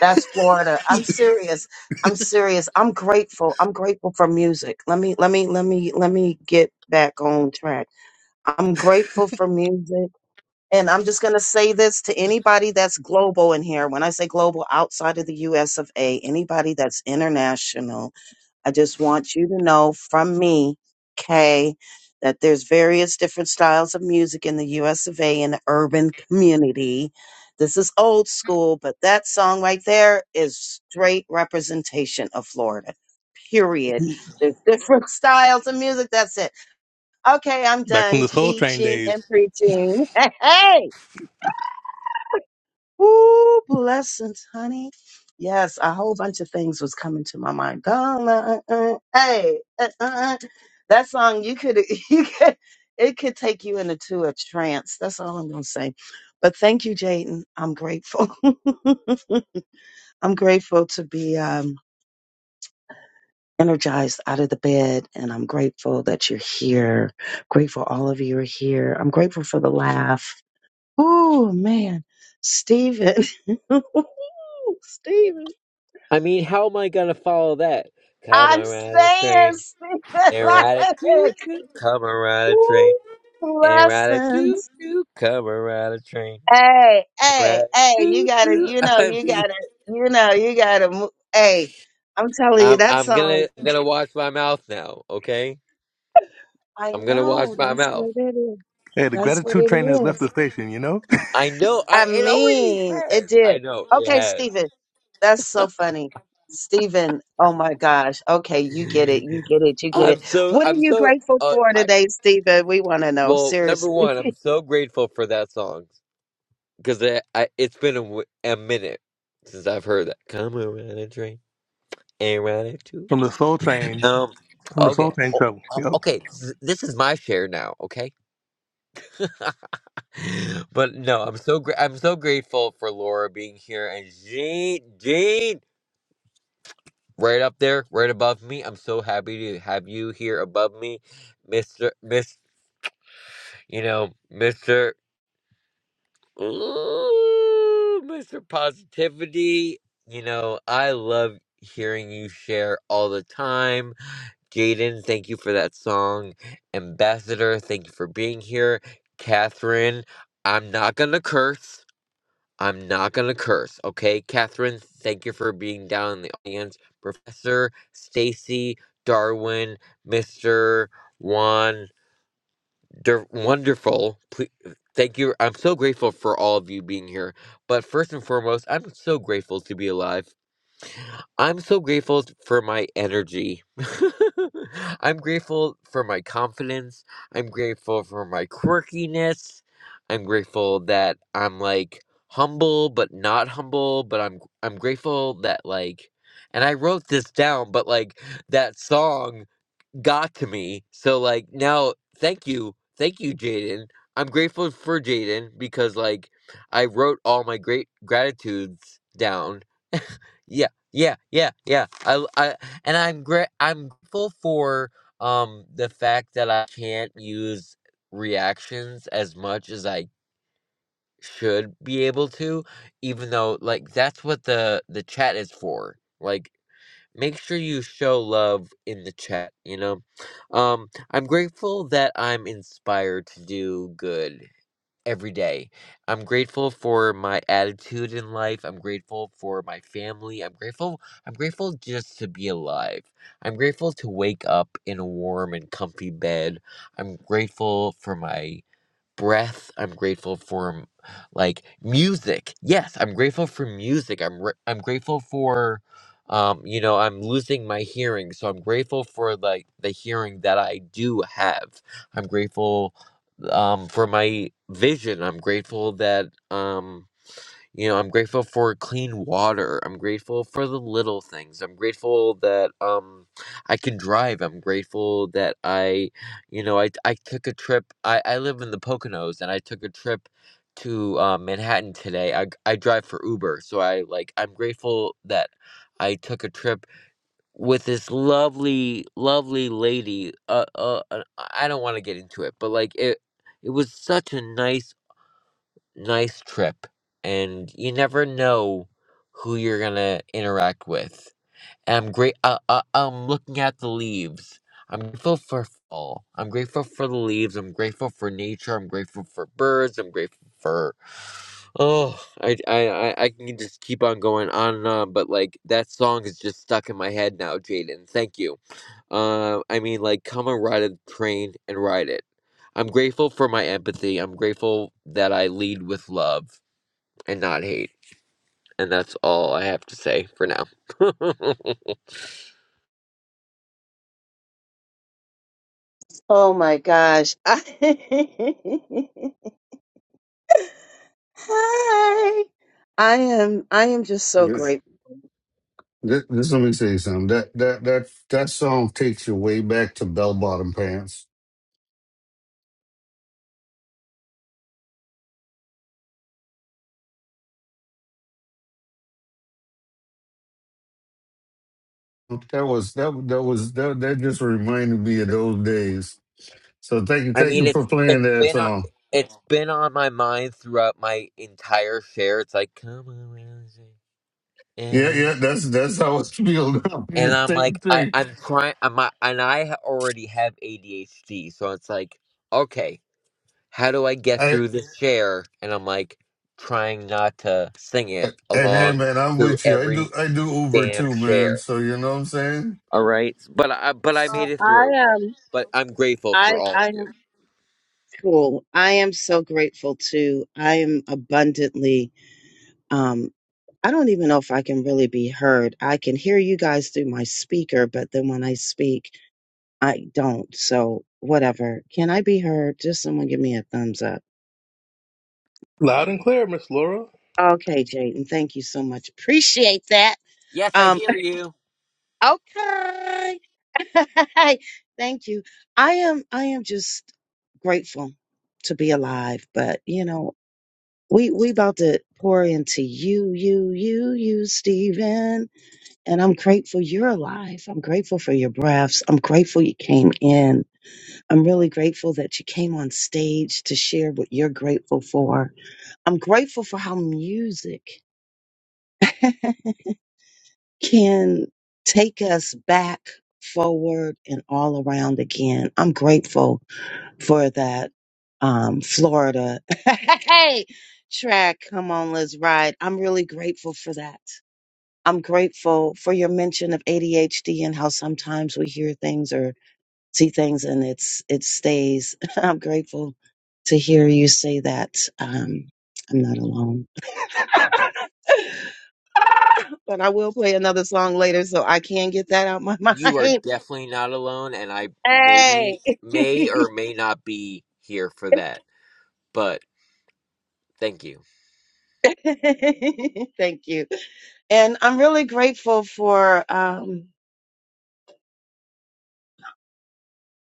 S8: that's Florida. I'm serious. I'm serious. I'm grateful. I'm grateful for music. Let me let me let me let me get back on track. I'm grateful for music. And I'm just going to say this to anybody that's global in here. When I say global, outside of the US of A, anybody that's international, I just want you to know from me, Kay, that there's various different styles of music in the US of A in the urban community. This is old school, but that song right there is straight representation of Florida. Period. There's different styles of music. That's it. Okay, I'm
S3: Back from
S8: done
S3: the Soul Train
S8: teaching and
S3: days.
S8: preaching. Hey! hey. Ooh, blessings, honey. Yes, a whole bunch of things was coming to my mind. Gonna, uh, uh, uh, hey, uh, uh, uh. that song you could you could it could take you into a trance. That's all I'm gonna say. But thank you, Jaden. I'm grateful. I'm grateful to be um, energized out of the bed, and I'm grateful that you're here. Grateful all of you are here. I'm grateful for the laugh. Oh man, Stephen, Stephen,
S9: I mean, how am I gonna follow that? Come
S8: I'm
S9: and ride a
S8: saying
S9: train
S8: Stephen,
S9: and
S8: like,
S9: ride a choo choo. Come and ride a train
S8: ooh,
S9: and ride a choo
S8: lessons.
S9: choo. Come and ride a train
S8: Hey,
S9: and
S8: hey,
S9: ride a
S8: hey, you
S9: choo
S8: gotta,
S9: choo.
S8: you know,
S9: I
S8: you
S9: mean,
S8: gotta, you know, you gotta. mo- Hey, I'm telling you,
S9: I'm
S8: that
S9: I'm gonna
S8: song.
S9: I'm gonna watch my mouth now. Okay,
S8: I
S9: I'm gonna watch
S8: know
S9: my
S8: that's
S9: mouth.
S8: what it is.
S3: hey, the
S8: That's what
S3: gratitude
S8: it
S3: train has left
S8: is.
S3: the station. You know,
S9: I know. I
S8: I
S9: it already
S8: mean, it
S9: has. I
S8: did.
S9: know it
S8: Okay,
S9: has.
S8: Stephen. That's so funny. Stephen. oh my gosh. Okay, you get it. You get it. You get
S9: I'm
S8: it.
S9: so
S8: What are
S9: I'm
S8: you
S9: so
S8: grateful
S9: uh
S8: for
S9: I
S8: today, Stephen? We want to know,
S9: well number
S8: seriously.
S9: one I'm so grateful for that song because I I, it's been a, w- a minute since I've heard that. Come around a drink and ride it too.
S3: from the soul train,
S9: Um.
S3: from the soul
S9: Okay.
S3: train
S9: o-
S3: trouble.
S9: o-
S3: Yep.
S9: Okay. th- This is my share now. Okay. but no, I'm so gra- I'm so grateful for Laura being here and Jean Jean right up there, right above me. I'm so happy to have you here above me, Mister Miss. You know, Mister. Ooh, Mr. Positivity. You know, I love hearing you share all the time. Jaden, thank you for that song. Ambassador, thank you for being here. Catherine, I'm not gonna curse. I'm not gonna curse, okay? Catherine, thank you for being down in the audience. Professor, Stacy, Darwin, Mr. Juan, they're wonderful. Please, thank you. I'm so grateful for all of you being here. But first and foremost, I'm so grateful to be alive. I'm so grateful for my energy. I'm grateful for my confidence. I'm grateful for my quirkiness. I'm grateful that I'm like humble but not humble, but I'm I'm grateful that like and I wrote this down, but like that song got to me. So like now, thank you, thank you, Jaden. I'm grateful for Jaden because like I wrote all my great gratitudes down. Yeah, yeah, yeah, yeah. I, I and I'm gra- I'm grateful for um the fact that I can't use reactions as much as I should be able to, even though like that's what the the chat is for. Like make sure you show love in the chat you know um i'm grateful that i'm inspired to do good every day i'm grateful for my attitude in life i'm grateful for my family i'm grateful i'm grateful just to be alive i'm grateful to wake up in a warm and comfy bed i'm grateful for my breath. I'm grateful for like music. Yes, I'm grateful for music. I'm re- I'm grateful for um you know, I'm losing my hearing, so I'm grateful for like the hearing that I do have. I'm grateful um for my vision. I'm grateful that um you know, I'm grateful for clean water. I'm grateful for the little things. I'm grateful that um I can drive. I'm grateful that I, you know, I I took a trip. I I live in the Poconos and I took a trip to uh, Manhattan today. I I drive for Uber, so I like I'm grateful that I took a trip with this lovely lovely lady. Uh uh, uh I don't want to get into it, but like it it was such a nice nice trip and you never know who you're going to interact with and I'm great. Uh, uh, I'm looking at the leaves. I'm grateful for fall. I'm grateful for the leaves. I'm grateful for nature. I'm grateful for birds. I'm grateful for. Oh, I, I, I I can just keep on going on and on, but like that song is just stuck in my head now, Jaden. Thank you. Uh, I mean, like, come and ride a train and ride it. I'm grateful for my empathy. I'm grateful that I lead with love and not hate. And that's all I have to say for now.
S8: Oh my gosh. Hi. I am I am just so
S7: This,
S8: grateful.
S7: this, this- let me tell you something. That that that that song takes you way back to bell bottom pants. That was that that was that that just reminded me of those days. So thank you,
S9: I
S7: thank
S9: mean,
S7: you for
S9: it's
S7: playing
S9: it's
S7: that
S9: been on
S7: song.
S9: it's been on my mind throughout my entire share. It's like, come on, Wednesday,
S7: Yeah, yeah,
S9: Aaron.
S7: that's that's how it's feel now.
S9: and
S7: The
S9: I'm
S7: Same
S9: like, I
S7: thing.
S9: I'm trying. I'm not- and I ha- already have ADHD, so it's like, okay, how do I get
S7: I
S9: through this share? And I'm like, trying not to sing it
S7: and hey
S9: along
S7: man, I'm
S9: through
S7: with you. I do
S9: every
S7: I do Uber
S9: damn
S7: too, man.
S9: share.
S7: So you know what I'm saying?
S9: All right, but I but I
S8: Uh,
S9: made it
S8: I
S9: through.
S8: am
S9: But I'm grateful for
S8: I
S9: all of
S8: I
S9: you.
S8: am cool. I am so grateful too. I am abundantly Um, I don't even know if I can really be heard. I can hear you guys through my speaker, but then when I speak, I don't. So, whatever. Can I be heard? Just someone give me a thumbs up.
S3: Loud and clear, Miss Laura.
S8: Okay, Jaden, thank you so much. Appreciate that.
S9: Yes, I
S8: Um,
S9: hear you.
S8: okay. thank you. I am I am just grateful to be alive, but you know, we we about to pour into you, you, you, you, Stephen. And I'm grateful you're alive. I'm grateful for your breaths. I'm grateful you came in. I'm really grateful that you came on stage to share what you're grateful for. I'm grateful for how music can take us back, forward, and all around again. I'm grateful for that um, Florida hey, track. Come on, let's ride. I'm really grateful for that. I'm grateful for your mention of ADHD and how sometimes we hear things or see things and it's it stays. I'm grateful to hear you say that. Um, I'm not alone. but I will play another song later so I can get that out my
S9: You are
S8: mind.
S9: definitely not alone, and I
S8: Hey.
S9: maybe may or may not be here for that. But thank you.
S8: Thank you. And I'm really grateful for um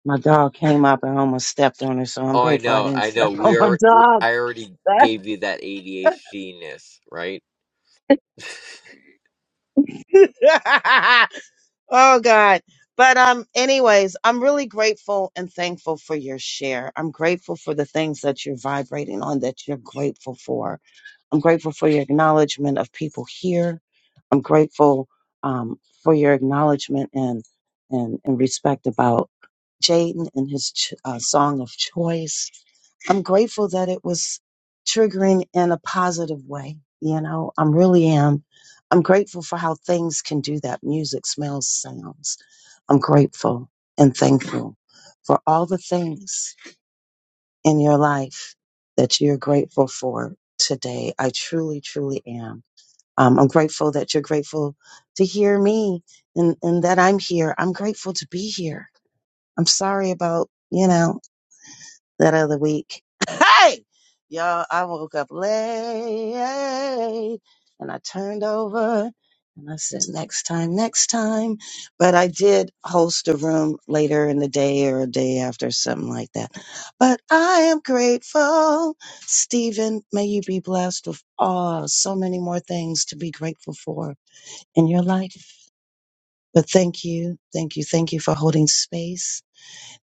S8: my dog came up. I almost stepped on her, so I'm
S9: Oh, I
S8: grateful I
S9: know,
S8: didn't
S9: I know.
S8: step on
S9: We
S8: my
S9: are.
S8: dog.
S9: I already gave you that ADHD ness, right?
S8: oh God. But um anyways, I'm really grateful and thankful for your share. I'm grateful for the things that you're vibrating on that you're grateful for. I'm grateful for your acknowledgement of people here. I'm grateful um for your acknowledgement and and and respect about Jaden and his ch- uh, song of choice. I'm grateful that it was triggering in a positive way. You know, I'm really am. I'm grateful for how things can do that. Music, smells, sounds. I'm grateful and thankful for all the things in your life that you're grateful for today. I truly, truly am. Um, I'm grateful that you're grateful to hear me and, and that I'm here. I'm grateful to be here. I'm sorry about, you know, that other week. Hey! Y'all, I woke up late and I turned over and I said, next time, next time. But I did host a room later in the day or a day after, something like that. But I am grateful. Stephen, may you be blessed with all, so many more things to be grateful for in your life. But thank you, thank you, thank you for holding space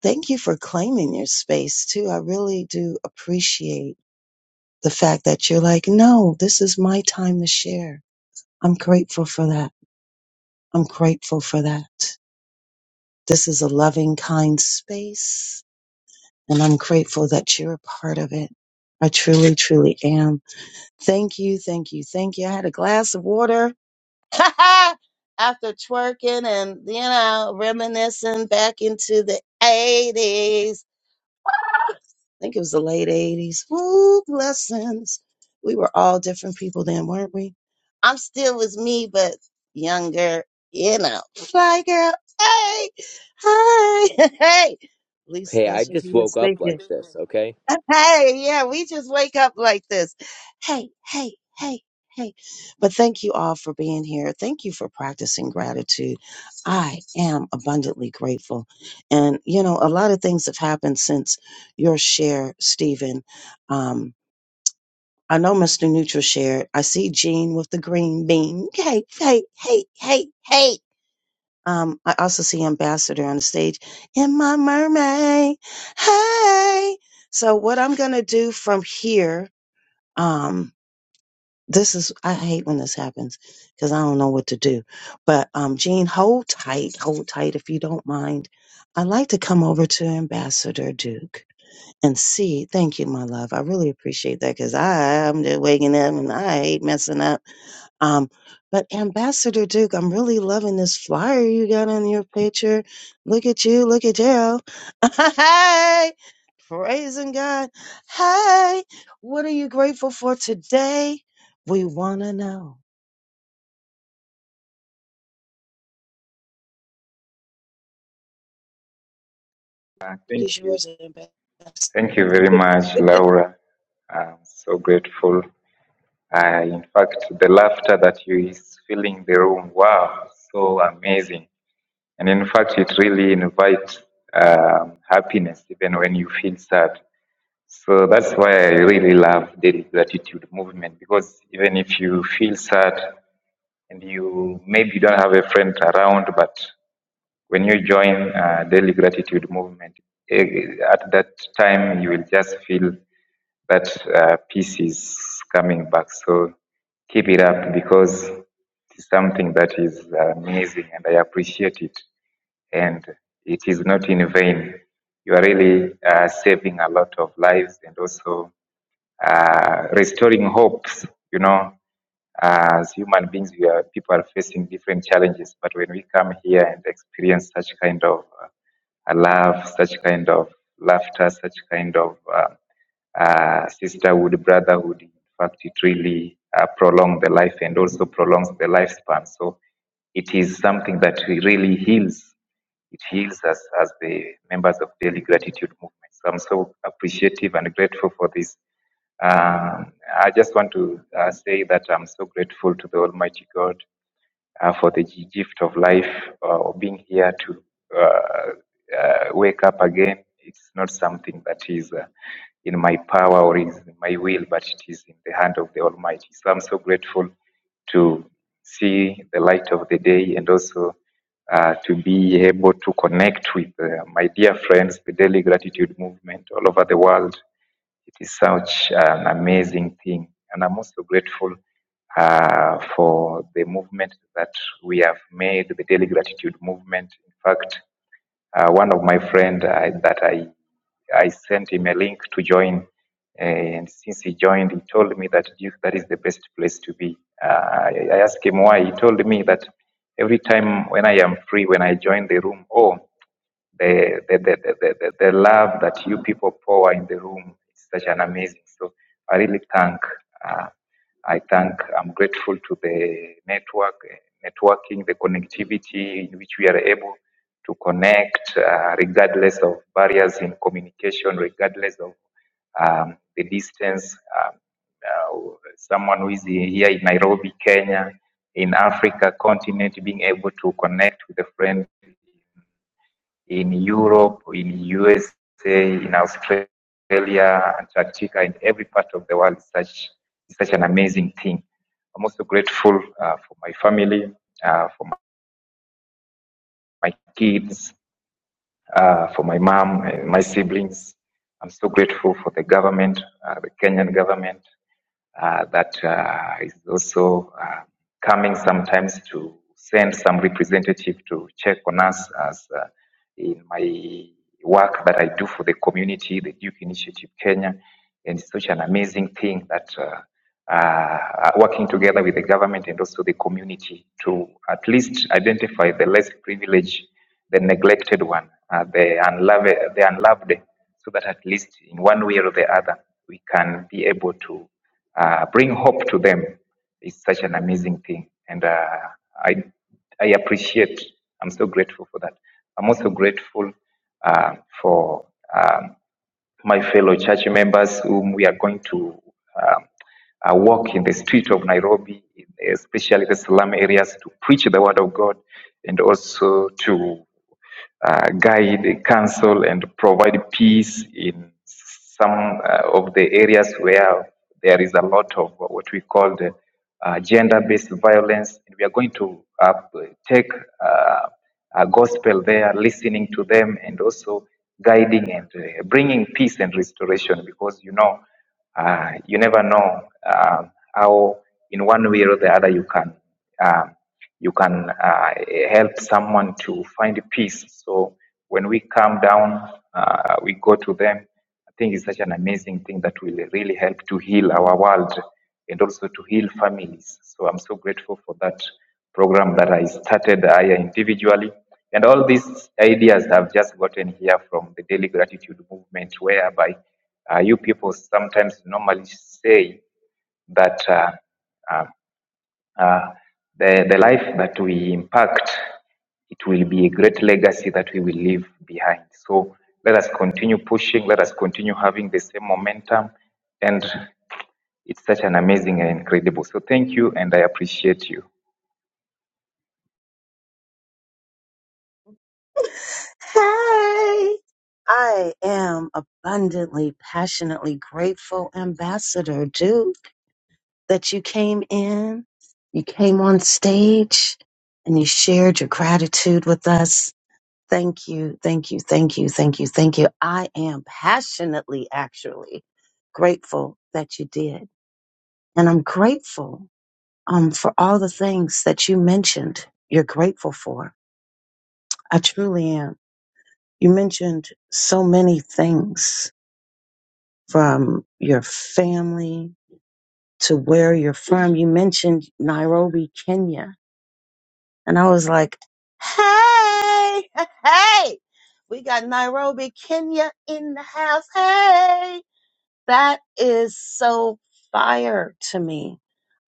S8: thank you for claiming your space too. I really do appreciate the fact that you're like, no, this is my time to share. I'm grateful for that. I'm grateful for that. This is a loving, kind space, and I'm grateful that you're a part of it. I truly, truly am. Thank you, thank you, thank you. I had a glass of water after twerking and, you know, reminiscing back into the 80s. think it was the late 80s. Ooh, blessings. We were all different people then, weren't we? I'm still with me, but younger, you know. Fly girl. Hey, hey, hey. At least
S9: Hey, I
S8: that's what
S9: just
S8: he
S9: woke
S8: was
S9: up
S8: thinking.
S9: like this. Okay.
S8: Hey, yeah, we just wake up like this. Hey, hey, hey, hey. But thank you all for being here. Thank you for practicing gratitude. I am abundantly grateful. And, you know, a lot of things have happened since your share, Stephen. Um, I know Mr. Neutral shared. I see Jean with the green bean. Hey, hey, hey, hey, hey. Um, I also see Ambassador on the stage in my mermaid. Hey. So what I'm going to do from here, um, this is, I hate when this happens because I don't know what to do. But, um, Jean, hold tight, hold tight if you don't mind. I'd like to come over to Ambassador Duke and see. Thank you, my love. I really appreciate that because I'm just waking up and I hate messing up. Um, but Ambassador Duke, I'm really loving this flyer you got on your picture. Look at you, look at you. hey, praising God. Hey, what are you grateful for today? We want to know.
S10: Uh, thank
S8: Is
S10: you.
S8: yours, Ambassador?
S10: Thank you very much, Laura. I'm so grateful. I, in fact, the laughter that you is filling the room, wow, so amazing. And in fact, it really invites um, happiness even when you feel sad. So that's why I really love daily gratitude movement because even if you feel sad and you maybe don't have a friend around, but When you join uh, daily gratitude movement, eh, at that time you will just feel that uh, peace is coming back. So keep it up because it's something that is amazing and I appreciate it. And it is not in vain. You are really uh, saving a lot of lives and also uh, restoring hopes. You know, uh, as human beings, we are, people are facing different challenges, but when we come here and experience such kind of uh, a love, such kind of laughter, such kind of uh, uh, sisterhood, brotherhood. In fact, it really uh, prolongs the life and also prolongs the lifespan. So it is something that really heals. It heals us as the members of Daily Gratitude Movement. So I'm so appreciative and grateful for this. Um, I just want to uh, say that I'm so grateful to the Almighty God uh, for the gi- gift of life uh, or being here to uh, uh, wake up again. It's not something that is uh, in my power or is in my will, but it is in the hand of the Almighty. So I'm so grateful to see the light of the day and also uh, to be able to connect with uh, my dear friends, the Daily Gratitude Movement all over the world it is such an amazing thing. And I'm also grateful uh, for the movement that we have made, the daily gratitude movement. In fact, uh, one of my friend I, that I I sent him a link to join, and since he joined, he told me that Duke that is the best place to be. Uh, I, I asked him why. He told me that every time when I am free, when I join the room, oh, the the, the, the, the, the the love that you people pour in the room is such an amazing. So I really thank. Uh, I thank, I'm grateful to the network, networking, the connectivity in which we are able to connect uh, regardless of barriers in communication, regardless of um, the distance. Um, uh, someone who is here in Nairobi, Kenya, in Africa continent, being able to connect with a friend in Europe, in USA, in Australia, Antarctica, in every part of the world. such such an amazing thing. I'm also grateful uh, for my family, uh, for my kids, uh, for my mom and my siblings. I'm so grateful for the government, uh, the Kenyan government uh, that uh, is also uh, coming sometimes to send some representative to check on us as uh, in my work that I do for the community, the Duke Initiative Kenya. And it's such an amazing thing that uh, uh, working together with the government and also the community to at least identify the less privileged, the neglected one, uh, the, unloved, the unloved so that at least in one way or the other, we can be able to uh, bring hope to them. It's such an amazing thing. And uh, I, I appreciate, I'm so grateful for that. I'm also grateful uh, for um, my fellow church members whom we are going to um, uh, walk in the street of Nairobi, especially the slum areas, to preach the word of God and also to uh, guide, counsel, and provide peace in some uh, of the areas where there is a lot of what we call the uh, gender-based violence. And We are going to uh, take uh, a gospel there, listening to them, and also guiding and uh, bringing peace and restoration. Because you know, uh, you never know uh, how in one way or the other you can. Um, you can uh, help someone to find peace. So when we calm down, uh, we go to them. I think it's such an amazing thing that will really help to heal our world and also to heal families. So I'm so grateful for that program that I started I individually. And all these ideas have just gotten here from the Daily Gratitude Movement, whereby uh, you people sometimes normally say that. Uh, uh, uh, the, the life that we impact, it will be a great legacy that we will leave behind. So let us continue pushing, let us continue having the same momentum. And it's such an amazing and incredible. So thank you, and I appreciate you.
S8: Hey, I am abundantly, passionately grateful, Ambassador Duke, that you came in, you came on stage, and you shared your gratitude with us. Thank you, thank you, thank you, thank you, thank you. I am passionately, actually, grateful that you did. And I'm grateful um, for all the things that you mentioned you're grateful for. I truly am. You mentioned so many things from your family to where you're from. You mentioned Nairobi, Kenya. And I was like, hey, hey, we got Nairobi, Kenya in the house. Hey, that is so fire to me.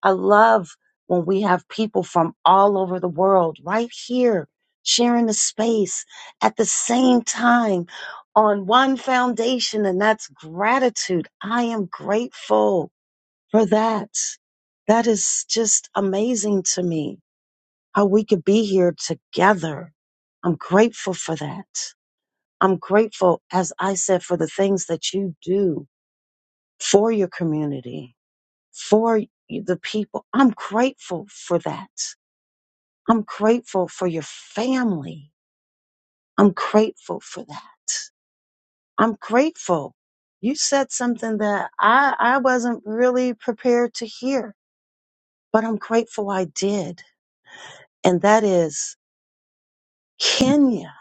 S8: I love when we have people from all over the world right here sharing the space at the same time on one foundation, and that's gratitude. I am grateful for that. That is just amazing to me how we could be here together. I'm grateful for that. I'm grateful, as I said, for the things that you do for your community, for y- the people. I'm grateful for that. I'm grateful for your family. I'm grateful for that. I'm grateful. You said something that I, I wasn't really prepared to hear, but I'm grateful I did. and that is Kenya,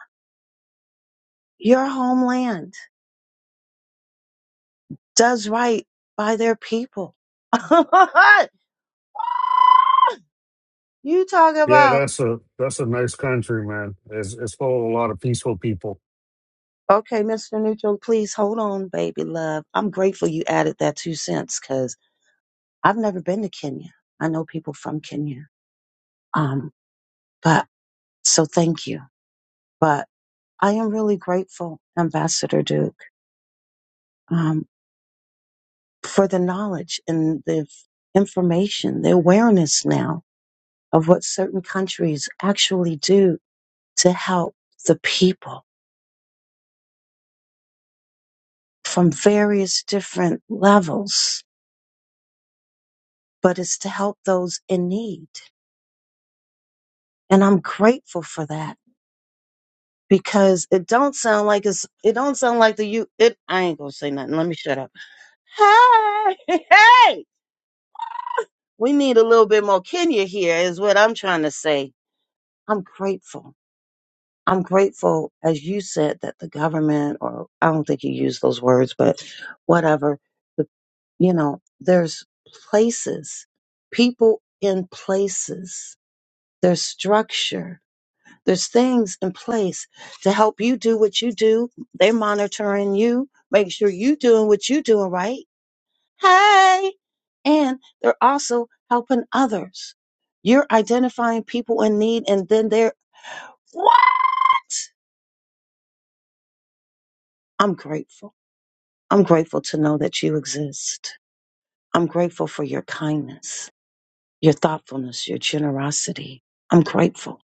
S8: your homeland, does right by their people. you talk
S7: Yeah,
S8: about
S7: that's a that's a nice country, man. It's it's full of a lot of peaceful people.
S8: okay, Mr. Neutral, please hold on, baby love. I'm grateful you added that two cents because I've never been to Kenya. I know people from Kenya. Um, but so thank you. But I am really grateful, Ambassador Duke, um, for the knowledge and the f- information, the awareness now of what certain countries actually do to help the people from various different levels, but it's to help those in need. And I'm grateful for that because it don't sound like it's, it don't sound like the you, it, I ain't gonna say nothing. Let me shut up. Hey, hey, we need a little bit more Kenya here is what I'm trying to say. I'm grateful. I'm grateful, as you said, that the government, or I don't think you used those words, but whatever, the, you know, there's places, people in places, there's structure, there's things in place to help you do what you do. They're monitoring you, make sure you doing what you doing right. Hey! And they're also helping others. You're identifying people in need and then they're, I'm grateful. I'm grateful to know that you exist. I'm grateful for your kindness, your thoughtfulness, your generosity. I'm grateful.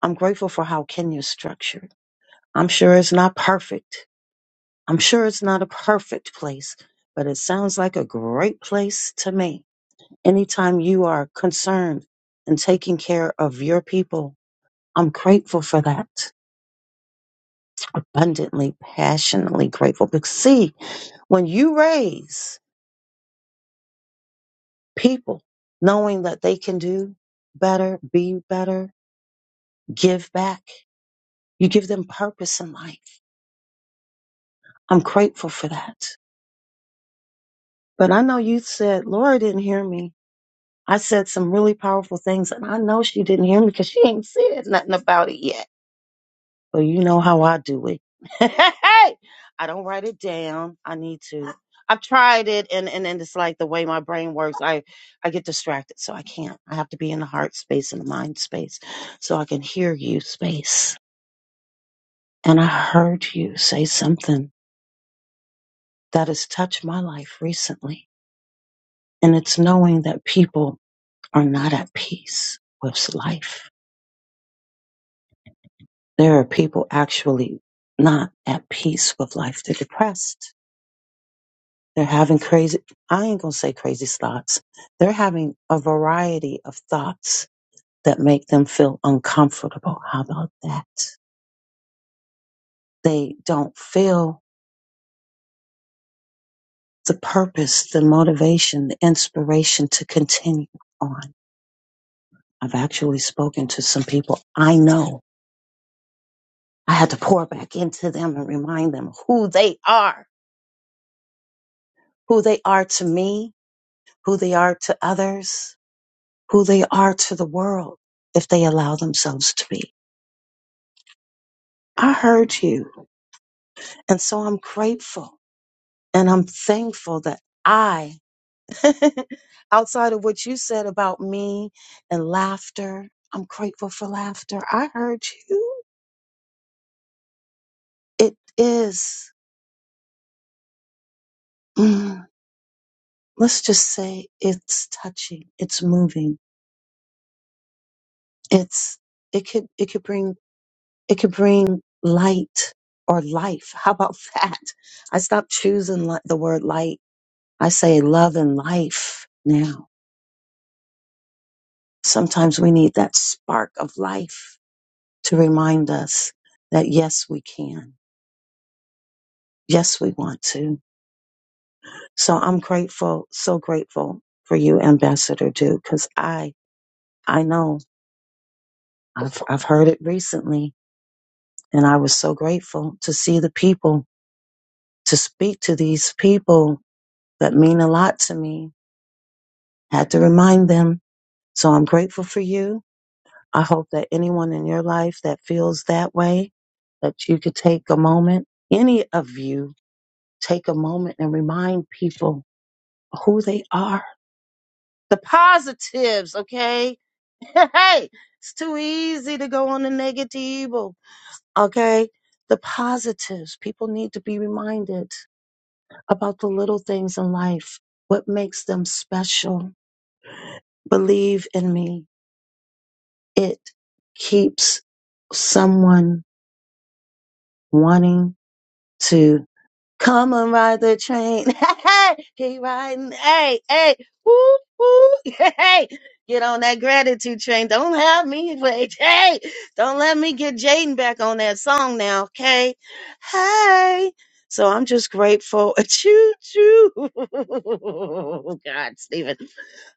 S8: I'm grateful for how Kenya's structured. I'm sure it's not perfect. I'm sure it's not a perfect place, but it sounds like a great place to me. Anytime you are concerned and taking care of your people, I'm grateful for that. Abundantly, passionately grateful. Because see, when you raise, people knowing that they can do better, be better, give back. You give them purpose in life. I'm grateful for that. But I know you said Laura didn't hear me. I said some really powerful things, and I know she didn't hear me because she ain't said nothing about it yet. Well, you know how I do it. Hey, I don't write it down. I need to. I've tried it, and and and it's like the way my brain works. I I get distracted, so I can't. I have to be in the heart space and the mind space, so I can hear you space. And I heard you say something that has touched my life recently, and it's knowing that people are not at peace with life. There are people actually not at peace with life. They're depressed They're having crazy, I ain't gonna say crazy thoughts. They're having a variety of thoughts that make them feel uncomfortable. How about that? They don't feel the purpose, the motivation, the inspiration to continue on. I've actually spoken to some people I know. I had to pour back into them and remind them who they are, who they are to me, who they are to others, who they are to the world if they allow themselves to be. I heard you. And so I'm grateful and I'm thankful that I, outside of what you said about me and laughter, I'm grateful for laughter. I heard you. It is, mm, let's just say it's touching. It's moving. It's, it could, it could bring, it could bring light or life. How about that? I stopped choosing li- the word light. I say love and life now. Sometimes we need that spark of life to remind us that yes, we can. Yes, we want to. So I'm grateful, so grateful for you, Ambassador Duke, because I, I know I've, I've heard it recently and I was so grateful to see the people, to speak to these people that mean a lot to me, had to remind them. So I'm grateful for you. I hope that anyone in your life that feels that way, that you could take a moment, any of you take a moment and remind people who they are. The positives, okay? Hey, it's too easy to go on the negative, okay? The positives. People need to be reminded about the little things in life. What makes them special? Believe in me. It keeps someone wanting to. Come and ride the train. Hey, he riding. Hey, hey, woo, woo. Hey, get on that gratitude train. Don't have me wait. Hey, don't let me get Jaden back on that song now. Okay. Hey. So I'm just grateful. Choo choo. God, Stephen.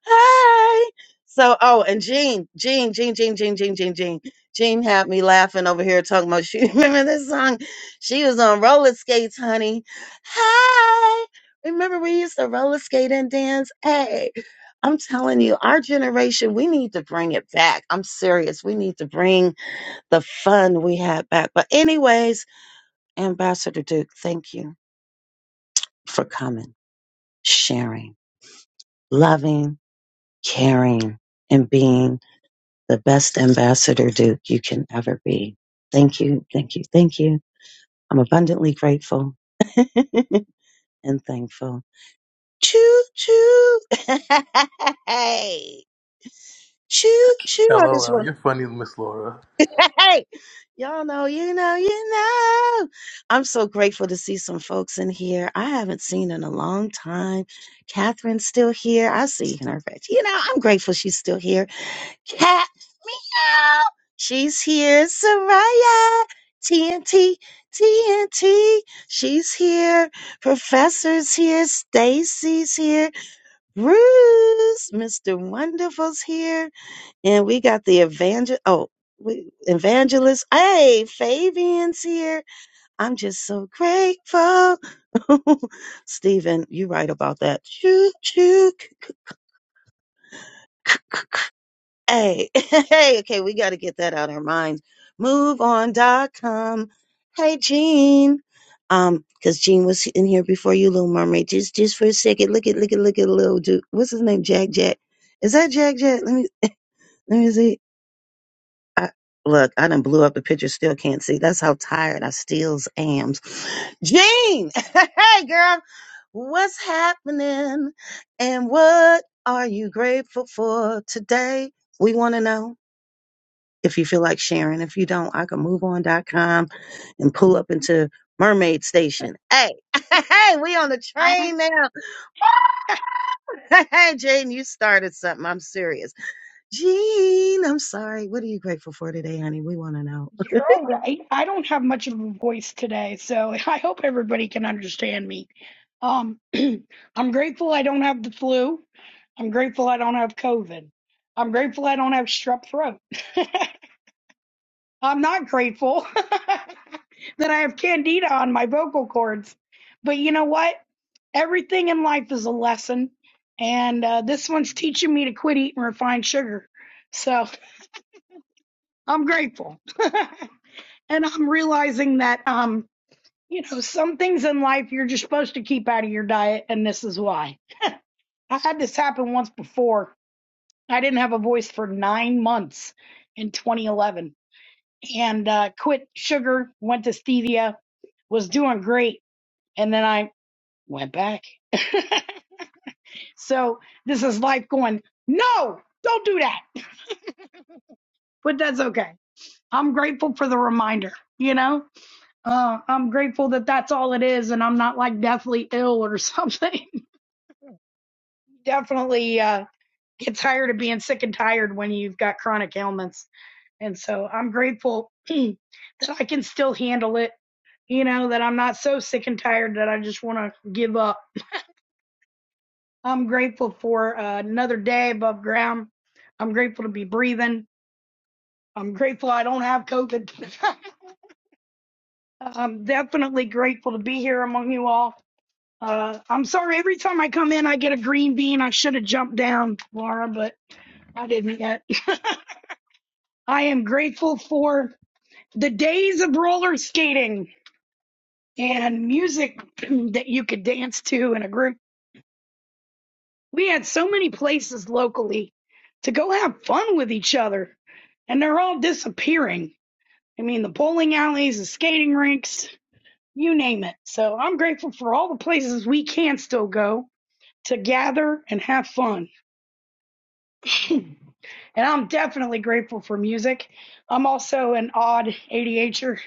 S8: Hi. So, oh, and Jean, Jean, Jean, Jean, Jean, Jean, Jean, Jean. Jean had me laughing over here talking about she remember this song? She was on roller skates, honey. Hi. Remember we used to roller skate and dance? Hey, I'm telling you, our generation, we need to bring it back. I'm serious. We need to bring the fun we had back. But anyways, Ambassador Duke, thank you for coming, sharing, loving, caring, and being the best ambassador Duke you can ever be. Thank you, thank you, thank you. I'm abundantly grateful and thankful. Choo choo. hey. Choo choo. I just
S3: LOL,
S8: want
S3: you're funny, Miss Laura.
S8: hey. Y'all know, you know, you know. I'm so grateful to see some folks in here. I haven't seen in a long time. Catherine's still here. I see her You know, I'm grateful she's still here. Cat meow. She's here, Soraya. T N T T N T. She's here. Professor's here. Stacy's here. Bruce, Mr. Wonderful's here. And we got the evangel. Oh. We, evangelist, hey, Fabian's here. I'm just so grateful. Stephen, you right about that. Choo, choo. Hey, hey, okay, we got to get that out of our minds. Move on, dot com. Hey, Jean. Um, because Jean was in here before you, Little Mermaid. Just, just for a second, look at, look at, look at little dude. What's his name? Jack Jack. Is that Jack Jack? Let me, let me see. I, look, I done blew up the picture. Still can't see. That's how tired I still am. Jean. Hey, girl. What's happening? And what are you grateful for today? We want to know if you feel like sharing. If you don't, I can move on.com and pull up into Mermaid Station. Hey, hey, we on the
S11: I,
S8: train now. Hey, Jaden, you started something. I'm serious. Jean, I'm sorry. What are you grateful for today, honey? We want to know.
S11: you're all right. I don't have much of a voice today, so I hope everybody can understand me. Um, I'm grateful I don't have the flu. I'm grateful I don't have COVID. I'm grateful I don't have strep throat. I'm not grateful that I have candida on my vocal cords. But you know what? Everything in life is a lesson. And uh, this one's teaching me to quit eating refined sugar. So I'm grateful. and I'm realizing that um, you know, some things in life you're just supposed to keep out of your diet, and this is why. I had this happen once before. I didn't have a voice for nine months in 2011, and uh, quit sugar, went to stevia, was doing great, and then I went back. so this is life going. No, don't do that, but that's okay. I'm grateful for the reminder. You know. Uh, I'm grateful that that's all it is, and I'm not like deathly ill or something. Definitely uh, get tired of being sick and tired when you've got chronic ailments. And so I'm grateful that I can still handle it, you know, that I'm not so sick and tired that I just want to give up. I'm grateful for uh, another day above ground. I'm grateful to be breathing. I'm grateful I don't have COVID. I'm definitely grateful to be here among you all. Uh, I'm sorry. Every time I come in, I get a green bean. I should have jumped down, Laura, but I didn't yet. I am grateful for the days of roller skating and music that you could dance to in a group. We had so many places locally to go have fun with each other, and they're all disappearing. I mean, the bowling alleys, the skating rinks, you name it. So I'm grateful for all the places we can still go to gather and have fun. And I'm definitely grateful for music. I'm also an odd ADHDer,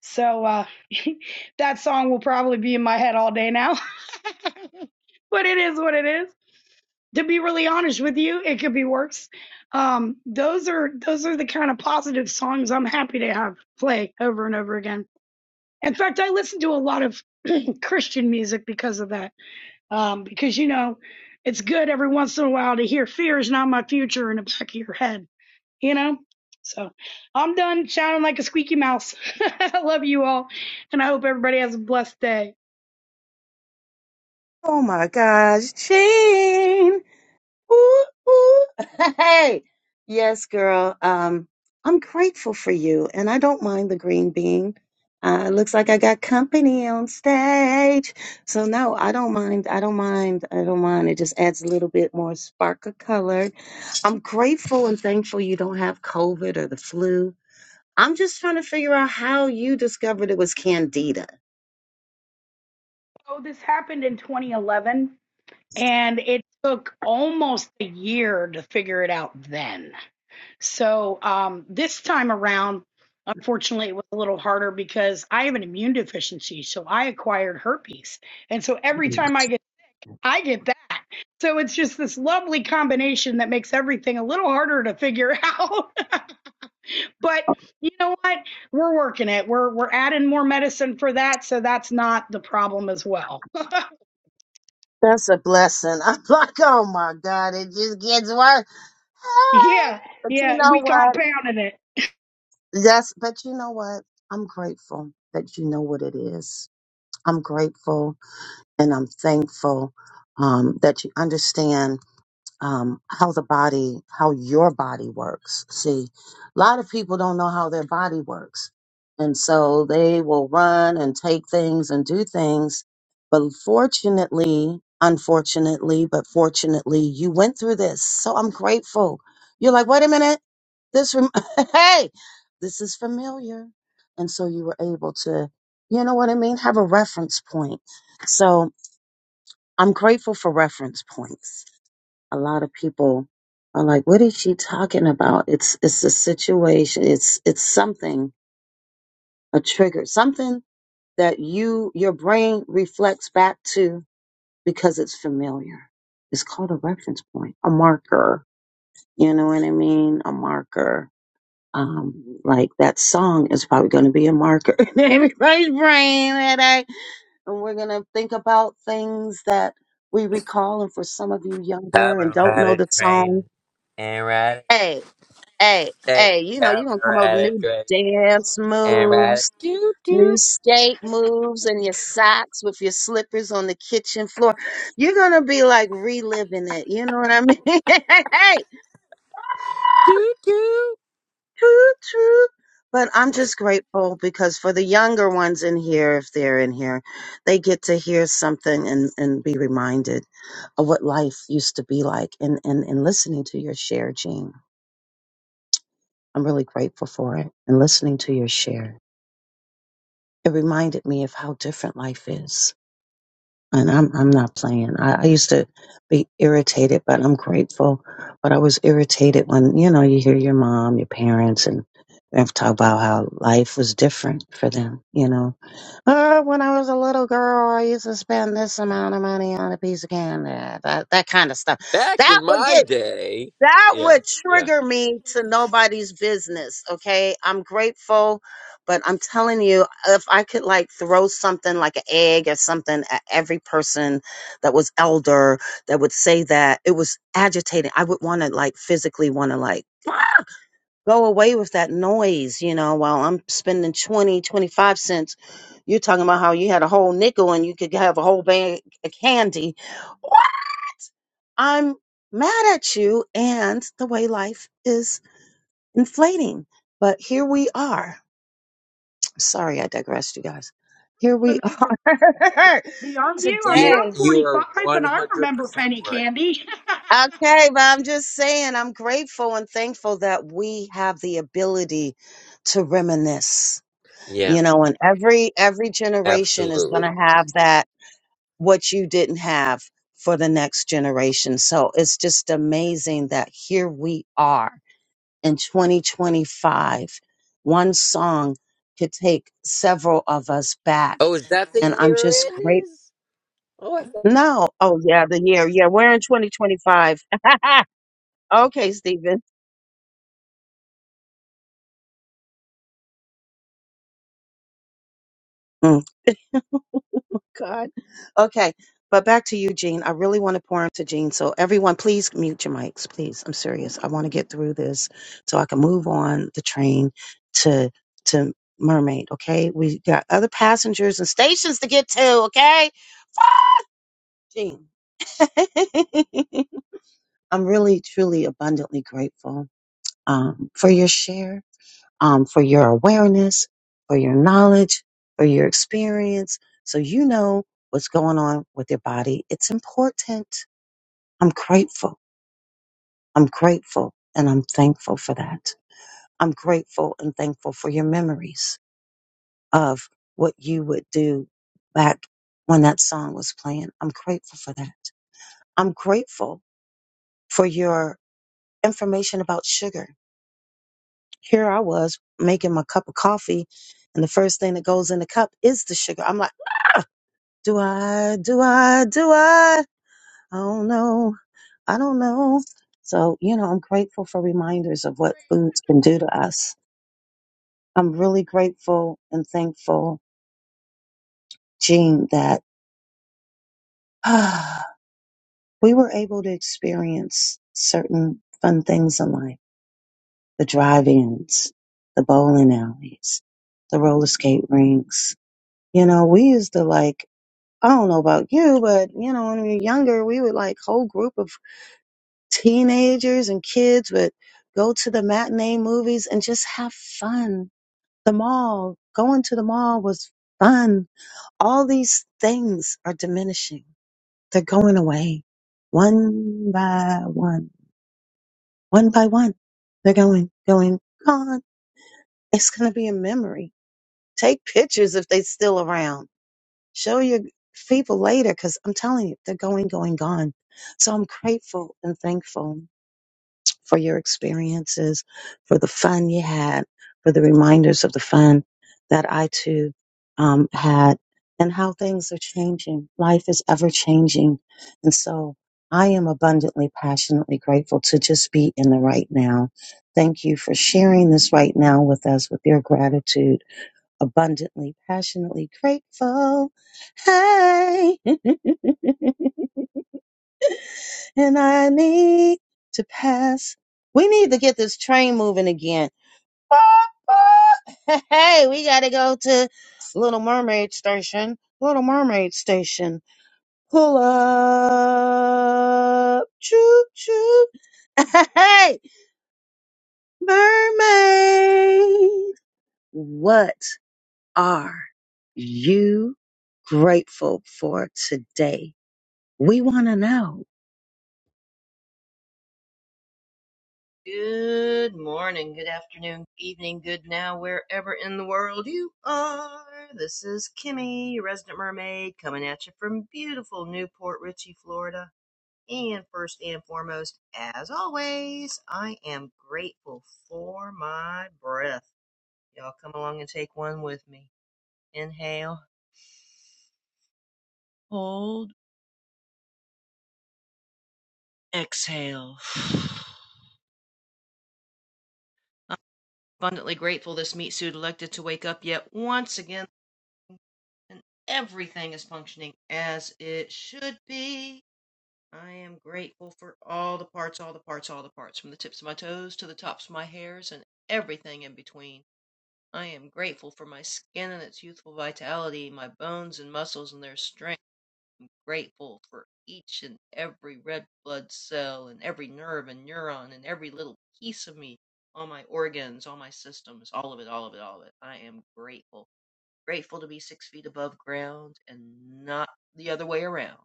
S11: so uh, that song will probably be in my head all day now. but it is what it is. To be really honest with you, it could be worse. Um, those are those are the kind of positive songs I'm happy to have play over and over again. In fact, I listen to a lot of Christian music because of that. Um, because you know, it's good every once in a while to hear "Fear is not my future" in the back of your head you know? So I'm done shouting like a squeaky mouse. I love you all, and I hope everybody has a blessed day.
S8: Oh my gosh, Jean. Ooh, ooh. Hey, yes, girl. Um, I'm grateful for you, and I don't mind the green bean. Uh, it looks like I got company on stage, so no, I don't mind. I don't mind. I don't mind. It just adds a little bit more spark of color. I'm grateful and thankful you don't have COVID or the flu. I'm just trying to figure out how you discovered it was candida.
S11: So this happened in 2011, and it took almost a year to figure it out then. So um, this time around, unfortunately, it was a little harder because I have an immune deficiency, so I acquired herpes, and so every time I get I get that. So it's just this lovely combination that makes everything a little harder to figure out. But you know what? We're working it. We're we're adding more medicine for that, so that's not the problem as well.
S8: That's a blessing. I'm like, oh my God, it just gets worse. Hey.
S11: Yeah,
S8: But you
S11: yeah,
S8: know
S11: we
S8: what?
S11: compounded it.
S8: That's but you know what? I'm grateful that you know what it is. I'm grateful and I'm thankful um, that you understand um, how the body, how your body works. See, a lot of people don't know how their body works. And so they will run and take things and do things. But fortunately, unfortunately, but fortunately, you went through this. So I'm grateful. You're like, wait a minute. This, rem- hey, this is familiar. And so you were able to, you know what I mean? Have a reference point. So I'm grateful for reference points a lot of people are like, "What is she talking about?" It's it's a situation. It's it's something a trigger, something that you your brain reflects back to because it's familiar. It's called a reference point, a marker. You know what I mean? A marker. Um, like that song is probably going to be a marker in everybody's brain, and and we're gonna think about things that we recall. And for some of you younger and don't know
S9: Camarada
S8: the song,
S9: train, and ride
S8: hey, hey,
S9: it,
S8: hey, you know, you're gonna come up with
S9: camarada
S8: new
S9: train,
S8: dance
S9: and ride it,
S8: moves,
S9: doo
S8: new
S9: doo
S8: skate moves, and your socks with your slippers on the kitchen floor. You're gonna be like reliving it. You know what I mean? hey,
S9: doo doo.
S8: true, true. But I'm just grateful because for the younger ones in here, if they're in here, they get to hear something and, and be reminded of what life used to be like and, and, and listening to your share, Gene. I'm really grateful for it and listening to your share. it reminded me of how different life is. And I'm I'm not playing. I, I used to be irritated, but I'm grateful. But I was irritated when you know you hear your mom, your parents, and they have to talk about how life was different for them. You know, oh, when I was a little girl, I used to spend this amount of money on a piece of candy. That that kind of stuff.
S9: Back
S8: That
S9: in
S8: would get
S9: my day,
S8: that
S9: yeah,
S8: would
S9: yeah.
S8: trigger me to nobody's business. Okay. I'm grateful, but I'm telling you, if I could like throw something like an egg or something at every person that was elder that would say that it was agitating, I would want to like physically want to like go away with that noise, you know, while I'm spending 20, 25 cents. You're talking about how you had a whole nickel and you could have a whole bag of candy. I'm mad at you and the way life is inflating. But here we are. Sorry, I digressed, you guys. Here
S11: Old
S8: we
S11: enough for
S8: are
S11: penny candy, aren't you? I mean,
S9: You're
S8: today.
S11: I'm
S9: you
S11: 45
S9: are one
S11: and I
S9: hundred
S11: remember
S9: percent
S11: penny
S9: right.
S11: candy.
S8: Okay, but I'm just saying, I'm grateful and thankful that we have the ability to reminisce,
S9: Yeah.
S8: you know, and every every generation is going
S9: Absolutely.
S8: to have that what you didn't have for the next generation. So it's just amazing that here we are in 2025. One song could take several of us back.
S9: Oh, is that
S8: And
S9: the
S8: I'm
S9: year
S8: just
S9: it
S8: great.
S9: is? Oh, I thought.
S8: No. Oh, yeah, the year. Yeah, we're in 2025. okay, Stephen. Mm, God. Okay. But back to you, Gene. I really want to pour into Gene. So, everyone, please mute your mics, please. I'm serious. I want to get through this so I can move on the train to to Mermaid. Okay. We got other passengers and stations to get to. Okay. Gene. I'm really, truly, abundantly grateful um, for your share, um, for your awareness, for your knowledge, for your experience. So you know what's going on with your body. It's important. I'm grateful. I'm grateful and I'm thankful for that. I'm grateful and thankful for your memories of what you would do back when that song was playing. I'm grateful for that. I'm grateful for your information about sugar. here I was making my cup of coffee, and the first thing that goes in the cup is the sugar. I'm like, "Ah, do I, do I, do I? I don't know. I don't know. So, you know, I'm grateful for reminders of what foods can do to us. I'm really grateful and thankful, Jean, that ah, we were able to experience certain fun things in life the drive ins, the bowling alleys, the roller skate rinks. You know, we used to like I don't know about you, but you know, when we were younger, we would like whole group of teenagers and kids would go to the matinee movies and just have fun. The mall, going to the mall was fun. All these things are diminishing. They're going away one by one, one by one. They're going, going, gone. It's going to be a memory. Take pictures if they're still around Show your people later because I'm telling you, they're going, going, gone. So I'm grateful and thankful for your experiences, for the fun you had, for the reminders of the fun that I too um, had, and how things are changing. Life is ever changing. And so I am abundantly, passionately grateful to just be in the right now. Thank you for sharing this right now with us with your gratitude abundantly, passionately grateful. Hey, and I need to pass. We need to get this train moving again. Hey, we gotta go to Little Mermaid Station. Little Mermaid Station. Pull up. Choo choo. Hey, mermaid. What? are you grateful for today? We want to know.
S12: Good morning, good afternoon, evening, good now, wherever in the world you are. This is Kimmy, your resident mermaid, coming at you from beautiful Newport Richey, Florida. And first and foremost, as always, I am grateful for my breath. Y'all come along and take one with me. Inhale, hold, exhale. abundantly grateful this meat suit elected to wake up yet once again and everything is functioning as it should be. I am grateful for all the parts, all the parts, all the parts, from the tips of my toes to the tops of my hairs and everything in between. I am grateful for my skin and its youthful vitality, my bones and muscles and their strength. Grateful for each and every red blood cell and every nerve and neuron and every little piece of me, all my organs, all my systems, all of it, all of it, all of it. I am grateful grateful to be six feet above ground and not the other way around.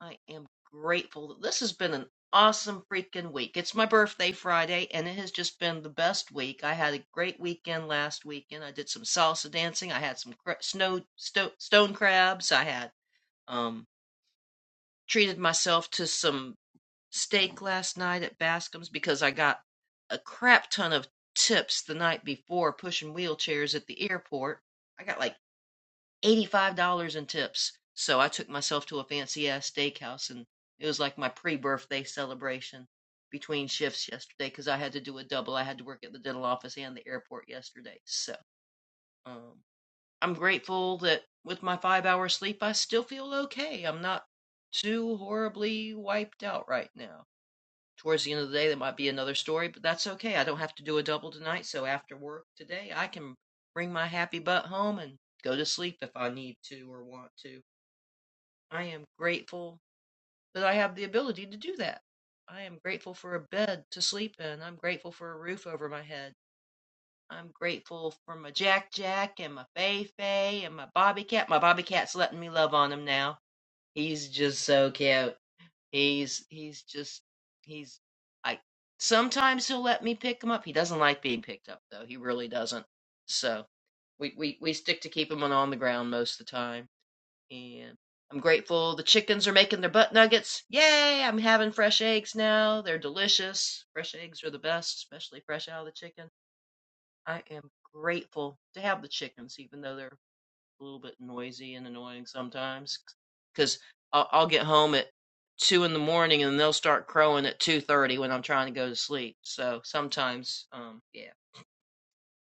S12: I am grateful that this has been an awesome freaking week. It's my birthday Friday, and it has just been the best week. I had a great weekend last weekend. I did some salsa dancing. I had some cra- snow sto- stone crabs. I had um treated myself to some steak last night at Bascom's because I got a crap ton of tips the night before pushing wheelchairs at the airport. I got like $85 in tips. So I took myself to a fancy ass steakhouse and it was like my pre birthday celebration between shifts yesterday because I had to do a double. I had to work at the dental office and the airport yesterday. So um, I'm grateful that with my five hour sleep, I still feel okay. I'm not too horribly wiped out right now towards the end of the day there might be another story but that's okay i don't have to do a double tonight so after work today i can bring my happy butt home and go to sleep if i need to or want to i am grateful that i have the ability to do that i am grateful for a bed to sleep in i'm grateful for a roof over my head i'm grateful for my jack jack and my fei fei and my bobby cat my bobby cat's letting me love on him now he's just so cute He's he's just he's I sometimes he'll let me pick him up. He doesn't like being picked up though. He really doesn't. So we we we stick to keep him on on the ground most of the time. And I'm grateful the chickens are making their butt nuggets. Yay! I'm having fresh eggs now. They're delicious. Fresh eggs are the best, especially fresh out of the chicken. I am grateful to have the chickens even though they're a little bit noisy and annoying sometimes because I'll, I'll get home at two in the morning and they'll start crowing at two thirty when I'm trying to go to sleep. So sometimes, um, yeah.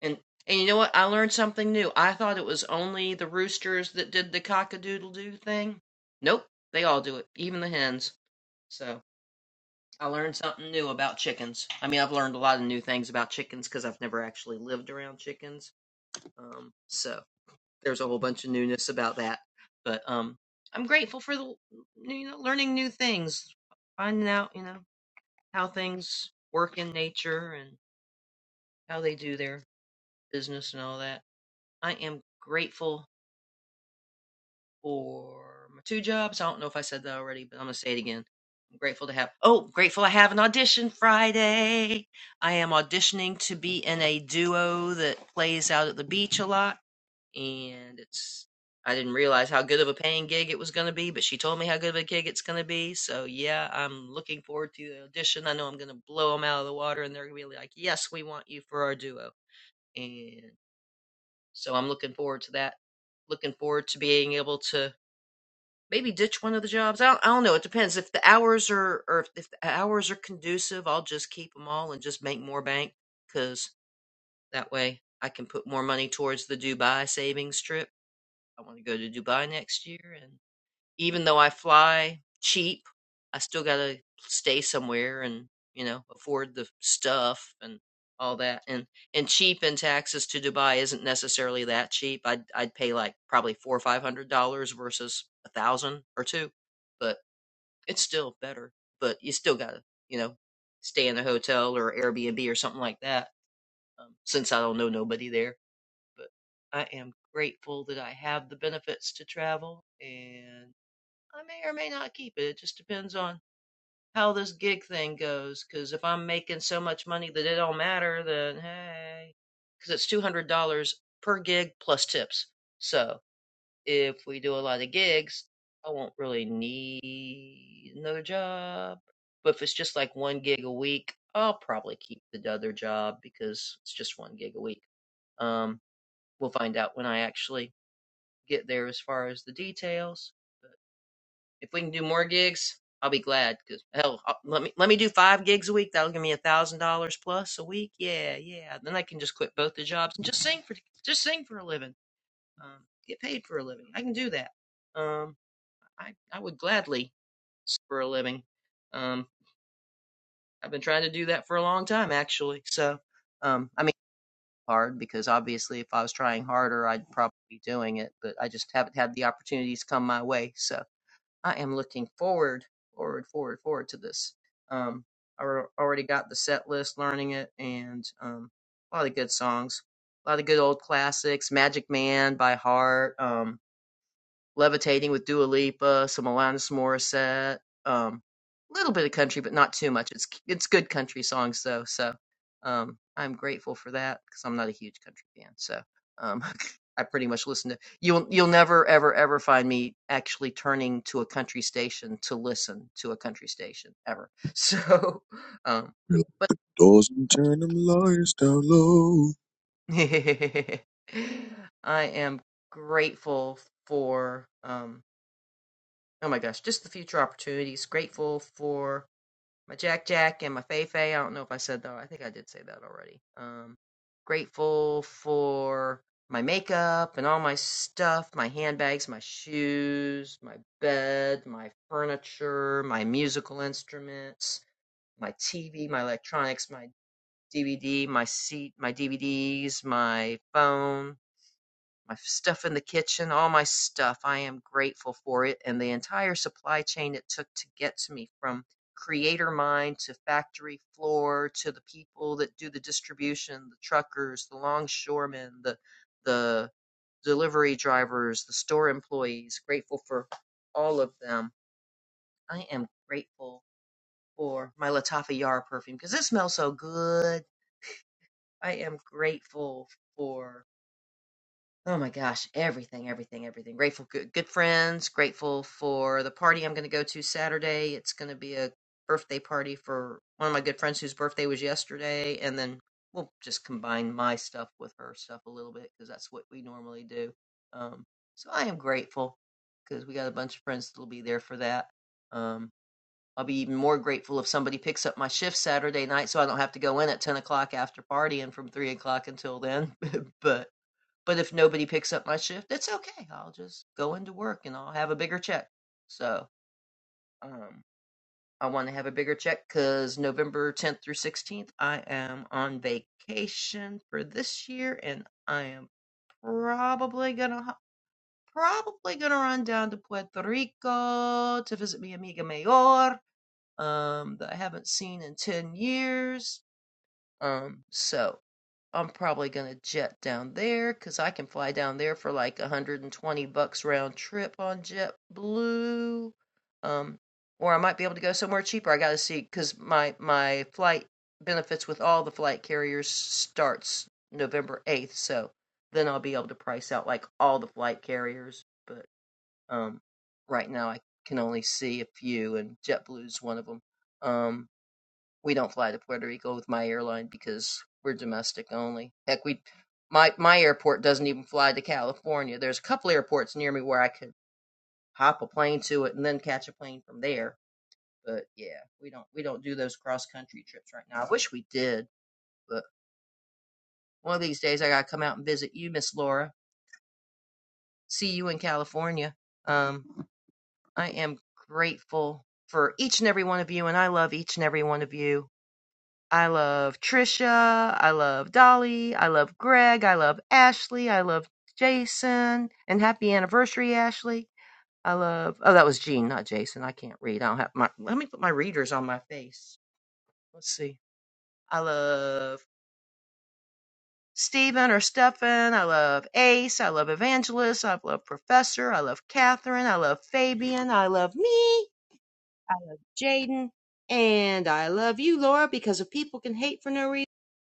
S12: And and you know what? I learned something new. I thought it was only the roosters that did the cock a doodle doo thing. Nope, they all do it, even the hens. So I learned something new about chickens. I mean, I've learned a lot of new things about chickens because I've never actually lived around chickens. Um, so there's a whole bunch of newness about that. But um, I'm grateful for the you know learning new things, finding out you know how things work in nature and how they do their business and all that. I am grateful for my two jobs. I don't know if I said that already, but I'm gonna say it again. I'm grateful to have. Oh, grateful I have an audition Friday. I am auditioning to be in a duo that plays out at the beach a lot and it's I didn't realize how good of a paying gig it was going to be, but she told me how good of a gig it's going to be. So yeah, I'm looking forward to the audition. I know I'm going to blow them out of the water, and they're going to be like, "Yes, we want you for our duo." And so I'm looking forward to that. Looking forward to being able to maybe ditch one of the jobs. I don't, I don't know. It depends if the hours are or if, if the hours are conducive. I'll just keep them all and just make more bank because that way I can put more money towards the Dubai savings trip I want to go to Dubai next year, and even though I fly cheap, I still gotta stay somewhere and you know afford the stuff and all that. And and cheap in taxes to Dubai isn't necessarily that cheap. I'd I'd pay like probably four or five hundred dollars versus a thousand or two, but it's still better. But you still gotta you know stay in a hotel or Airbnb or something like that. Um, since I don't know nobody there but I am grateful that I have the benefits to travel and I may or may not keep it. It just depends on how this gig thing goes. Cause if I'm making so much money that it don't matter, then hey, cause it's $200 per gig plus tips. So if we do a lot of gigs, I won't really need another job. But if it's just like one gig a week, I'll probably keep the other job because it's just one gig a week. Um, We'll find out when I actually get there as far as the details. If we can do more gigs, I'll be glad. Cause hell, i let me let me do five gigs a week. That'll give me a thousand dollars plus a week. Yeah, yeah. Then I can just quit both the jobs and just sing for just sing for a living. Um, get paid for a living. I can do that. Um, I I would gladly s- for a living. Um, I've been trying to do that for a long time, actually. So, um, I mean. hard because obviously if I was trying harder, I'd probably be doing it, but I just haven't had the opportunities come my way. So I am looking forward, forward, forward, forward to this. Um, I al- already got the set list, learning it, and um, a lot of good songs, a lot of good old classics, Magic Man by heart. um, Levitating with Dua Lipa, some Alanis Morissette, um, a little bit of country, but not too much. It's it's good country songs though, so um, I'm grateful for that because I'm not a huge country fan. So um, I pretty much listen to you'll you'll never ever ever find me actually turning to a country station to listen to a country station ever. So, um,
S13: Lock
S12: but
S13: doors and turn them lights down low.
S12: I am grateful for. Um, Oh my gosh, just the future opportunities. Grateful for my Jack Jack and my Fei Fei. I don't know if I said that. I think I did say that already. Um, grateful for my makeup and all my stuff, my handbags, my shoes, my bed, my furniture, my musical instruments, my TV, my electronics, my DVD, my seat, my DVDs, my phone, my stuff in the kitchen, all my stuff. I am grateful for it and the entire supply chain it took to get to me from creator mind to factory floor to the people that do the distribution, the truckers, the longshoremen, the the delivery drivers, the store employees. Grateful for all of them. I am grateful for my Latafa Yara perfume because it smells so good. I am grateful for Oh my gosh, everything, everything, everything. Grateful good good friends, grateful for the party I'm going to go to Saturday. It's going to be a birthday party for one of my good friends whose birthday was yesterday and then we'll just combine my stuff with her stuff a little bit because that's what we normally do. Um so I am grateful because we got a bunch of friends that'll be there for that. Um I'll be even more grateful if somebody picks up my shift Saturday night so I don't have to go in at 10 o'clock after partying from 3 o'clock until then. but but if nobody picks up my shift, it's okay. I'll just go into work and I'll have a bigger check. So, um, I want to have a bigger check because November 10th through 16th, I am on vacation for this year and I am probably gonna, probably gonna run down to Puerto Rico to visit mi amiga mayor, um, that I haven't seen in 10 years. Um, so I'm probably gonna jet down there, cause I can fly down there for like 120 bucks round trip on JetBlue. Um, or I might be able to go somewhere cheaper. I gotta see see, cause my my flight benefits with all the flight carriers starts November 8th, so then I'll be able to price out like all the flight carriers. But um, right now I can only see a few, and JetBlue is one of them. Um, we don't fly to Puerto Rico with my airline because we're domestic only. Heck, we my my airport doesn't even fly to California. There's a couple airports near me where I could hop a plane to it and then catch a plane from there. But yeah, we don't we don't do those cross country trips right now. I wish we did, but one of these days I gotta come out and visit you, Miss Laura. See you in California. Um, I am grateful for each and every one of you, and I love each and every one of you I love Trisha. I love Dolly. I love Greg. I love Ashley. I love Jason. And happy anniversary, Ashley. I love. Oh, that was Gene, not Jason. I can't read. I don't have my. Let me put my readers on my face. Let's see. I love Stephen or Stefan. I love Ace. I love Evangelist. I love Professor. I love Catherine. I love Fabian. I love me. I love Jaden. And I love you, Laura, because if people can hate for no reason.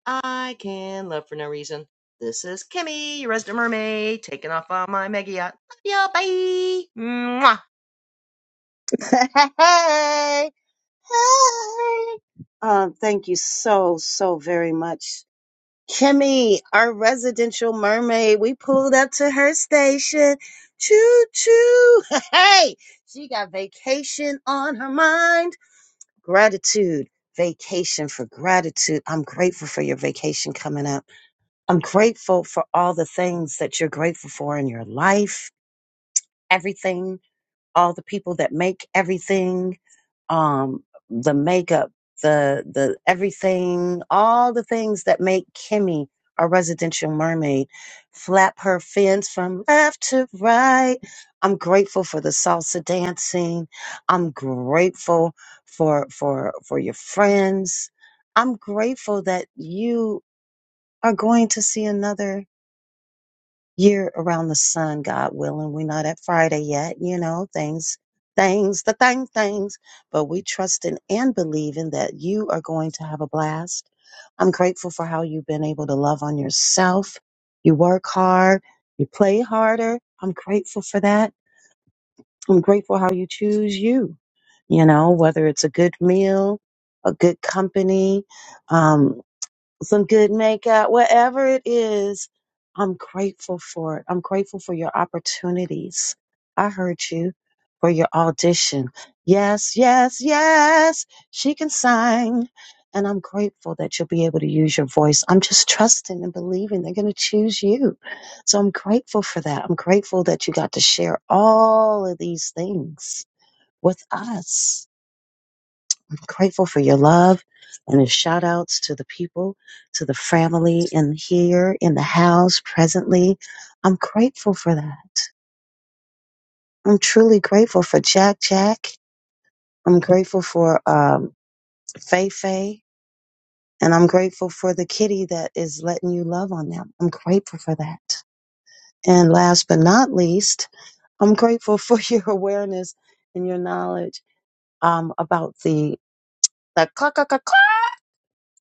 S12: I can love for no reason. This is Kimmy, your resident mermaid, taking off on my mega yacht. Love ya, bye. Mwah.
S8: hey, hey. Um, thank you so, so very much. Kimmy, our residential mermaid, we pulled up to her station. Choo choo. Hey, she got vacation on her mind. Gratitude, vacation for gratitude. I'm grateful for your vacation coming up. I'm grateful for all the things that you're grateful for in your life, everything, all the people that make everything, um, the makeup, the the everything, all the things that make Kimmy a residential mermaid flap her fins from left to right. I'm grateful for the salsa dancing. I'm grateful for for for your friends. I'm grateful that you are going to see another year around the sun, God willing. We're not at Friday yet, you know, things, things, the thing, things, but we trusting and believing that you are going to have a blast. I'm grateful for how you've been able to love on yourself. You work hard, you play harder. I'm grateful for that. I'm grateful how you choose you, you know, whether it's a good meal, a good company, um, some good makeup, whatever it is, I'm grateful for it. I'm grateful for your opportunities. I heard you for your audition. Yes, yes, yes, she can sing. And I'm grateful that you'll be able to use your voice. I'm just trusting and believing they're going to choose you. So I'm grateful for that. I'm grateful that you got to share all of these things with us grateful for your love and the shout outs to the people, to the family in here, in the house, presently. I'm grateful for that. I'm truly grateful for Jack Jack. I'm grateful for um, Fei Fei. And I'm grateful for the kitty that is letting you love on them. I'm grateful for that. And last but not least, I'm grateful for your awareness and your knowledge um, about the, the clock, clock, clock,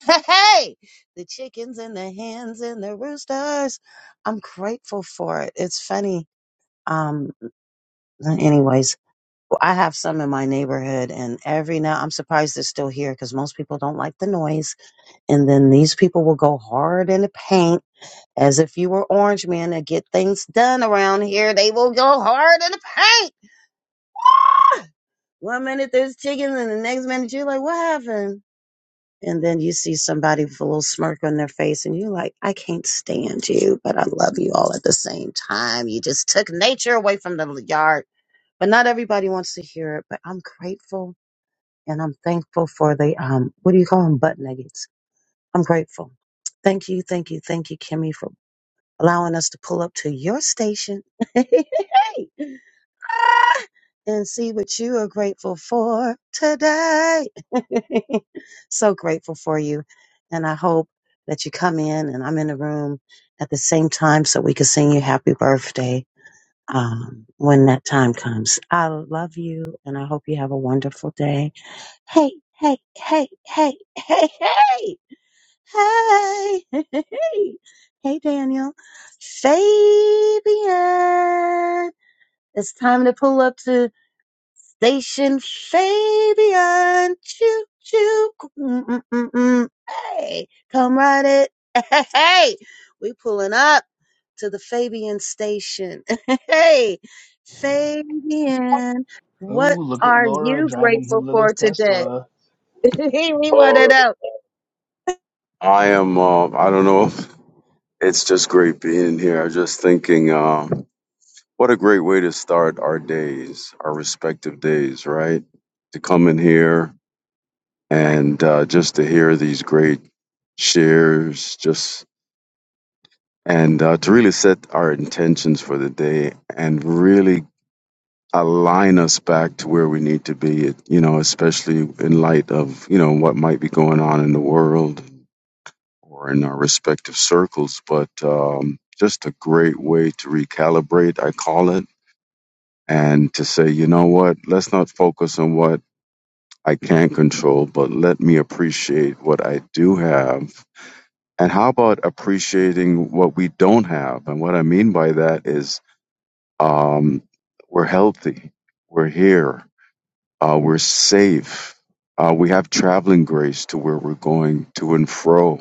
S8: Hey, the chickens and the hens and the roosters. I'm grateful for it. It's funny. Um, anyways, well, I have some in my neighborhood, and every now I'm surprised they're still here because most people don't like the noise. And then these people will go hard in the paint as if you were Orange Man to get things done around here. They will go hard in the paint. One minute there's chickens, and the next minute you're like, "What happened?" And then you see somebody with a little smirk on their face, and you're like, I can't stand you, but I love you all at the same time. You just took nature away from the yard. But not everybody wants to hear it. But I'm grateful and I'm thankful for the, um, what do you call them? Butt nuggets. I'm grateful. Thank you, thank you, thank you, Kimmy, for allowing us to pull up to your station. and see what you are grateful for today. so grateful for you. And I hope that you come in and I'm in the room at the same time so we can sing you happy birthday um, when that time comes. I love you and I hope you have a wonderful day. Hey, hey, hey, hey, hey, hey, hey, hey, hey, Daniel, Fabian. It's time to pull up to Station Fabian, choo choo, mm, mm, mm, mm. hey, come ride it, hey, we pulling up to the Fabian station, hey, Fabian,
S14: Oh,
S8: what
S14: look at
S8: are
S14: Laura
S8: you
S14: driving her
S8: grateful for
S14: little
S8: today?
S14: Tesla.
S8: we want
S15: All
S8: to
S15: right.
S8: know.
S15: I am. Uh, I don't know. It's just great being here. I'm just thinking, uh, what a great way to start our days, our respective days, right? To come in here and uh, just to hear these great shares, just and uh, to really set our intentions for the day and really align us back to where we need to be. You know, especially in light of you know what might be going on in the world or in our respective circles, but um, just a great way to recalibrate, I call it, and to say, you know what, let's not focus on what I can't control, but let me appreciate what I do have. And how about appreciating what we don't have? And what I mean by that is um, we're healthy, we're here, uh, we're safe. Uh, we have traveling grace to where we're going to and fro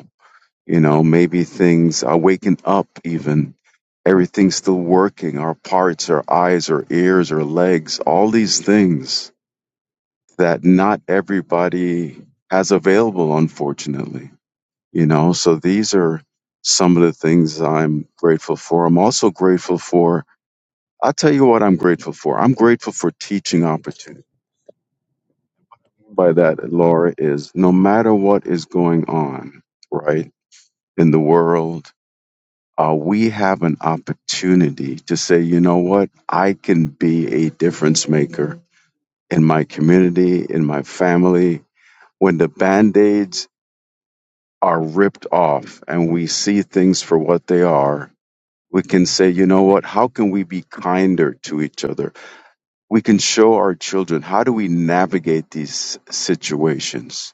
S15: You know, maybe things are waking up even. Everything's still working. Our parts, our eyes, our ears, our legs, all these things that not everybody has available, unfortunately. You know, so these are some of the things I'm grateful for. I'm also grateful for, I'll tell you what I'm grateful for. I'm grateful for teaching opportunity. By that, Laura, is no matter what is going on, right, in the world, uh, we have an opportunity to say, you know what, I can be a difference maker in my community, in my family. When the band aids are ripped off and we see things for what they are, we can say, you know what, how can we be kinder to each other? We can show our children how do we navigate these situations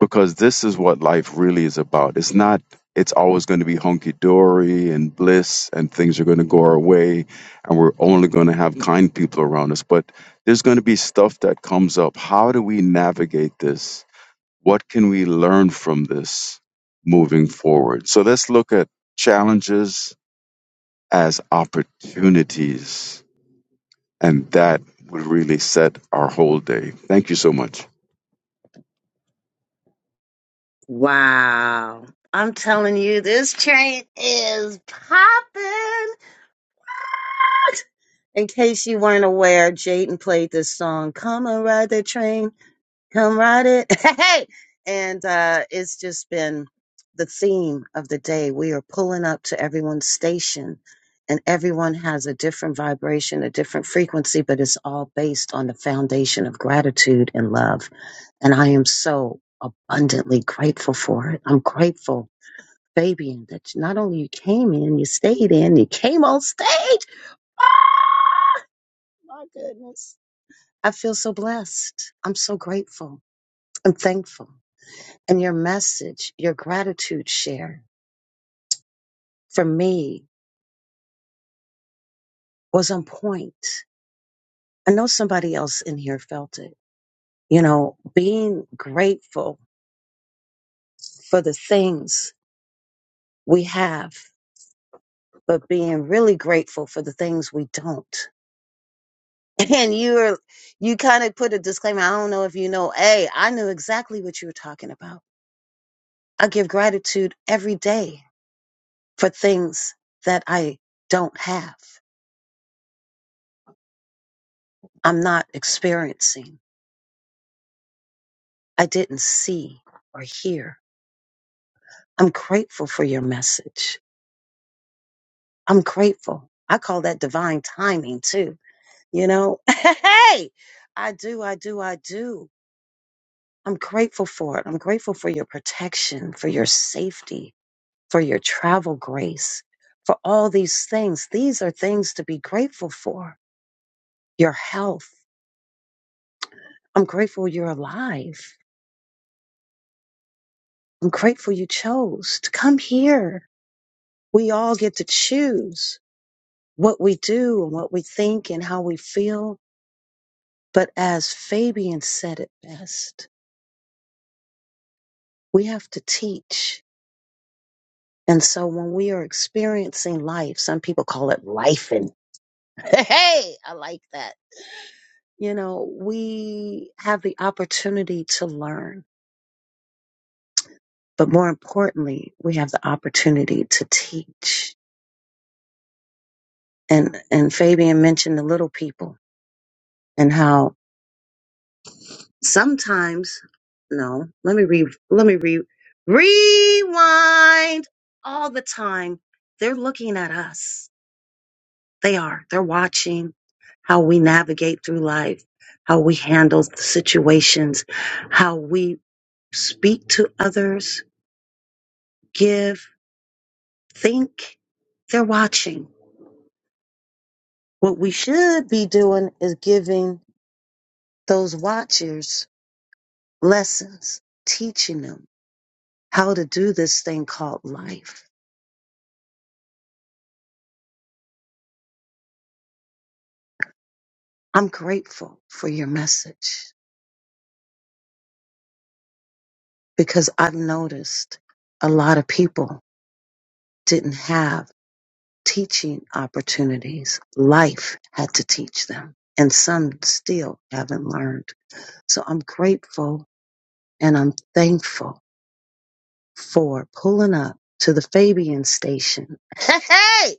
S15: because this is what life really is about. It's not, it's always going to be hunky dory and bliss and things are going to go our way and we're only going to have kind people around us. But there's going to be stuff that comes up. How do we navigate this? What can we learn from this moving forward? So let's look at challenges as opportunities. And that would really set our whole day. Thank you so much.
S8: Wow. I'm telling you, this train is popping. In case you weren't aware, Jaden played this song, Come and Ride the Train, Come Ride It. Hey! And uh, it's just been the theme of the day. We are pulling up to everyone's station, and everyone has a different vibration, a different frequency, but it's all based on the foundation of gratitude and love. And I am so abundantly grateful for it. I'm grateful Fabian, that not only you came in, you stayed in, you came on stage. Ah, my goodness. I feel so blessed. I'm so grateful. I'm thankful. And your message, your gratitude share for me was on point. I know somebody else in here felt it. You know, being grateful for the things we have, but being really grateful for the things we don't. and you are you kind of put a disclaimer i don't know if you know hey i knew exactly what you were talking about i give gratitude every day for things that i don't have i'm not experiencing i didn't see or hear i'm grateful for your message i'm grateful i call that divine timing too you know hey i do i do i do i'm grateful for it i'm grateful for your protection for your safety for your travel grace, for all these things. These are things to be grateful for. Your health. I'm grateful you're alive. I'm grateful you chose to come here. We all get to choose what we do and what we think and how we feel. But as Fabian said it best, we have to teach. And so when we are experiencing life, some people call it life and hey, I like that You know, we have the opportunity to learn, but more importantly, we have the opportunity to teach. And and Fabian mentioned the little people and how sometimes no, let me re let me re rewind all the time. They're looking at us. They are. They're watching how we navigate through life, how we handle situations, how we speak to others, give think they're watching. What we should be doing is giving those watchers lessons, teaching them how to do this thing called life. I'm grateful for your message because I've noticed a lot of people didn't have teaching opportunities. Life had to teach them and some still haven't learned. So I'm grateful and I'm thankful for pulling up to the Fabian station. Hey! hey!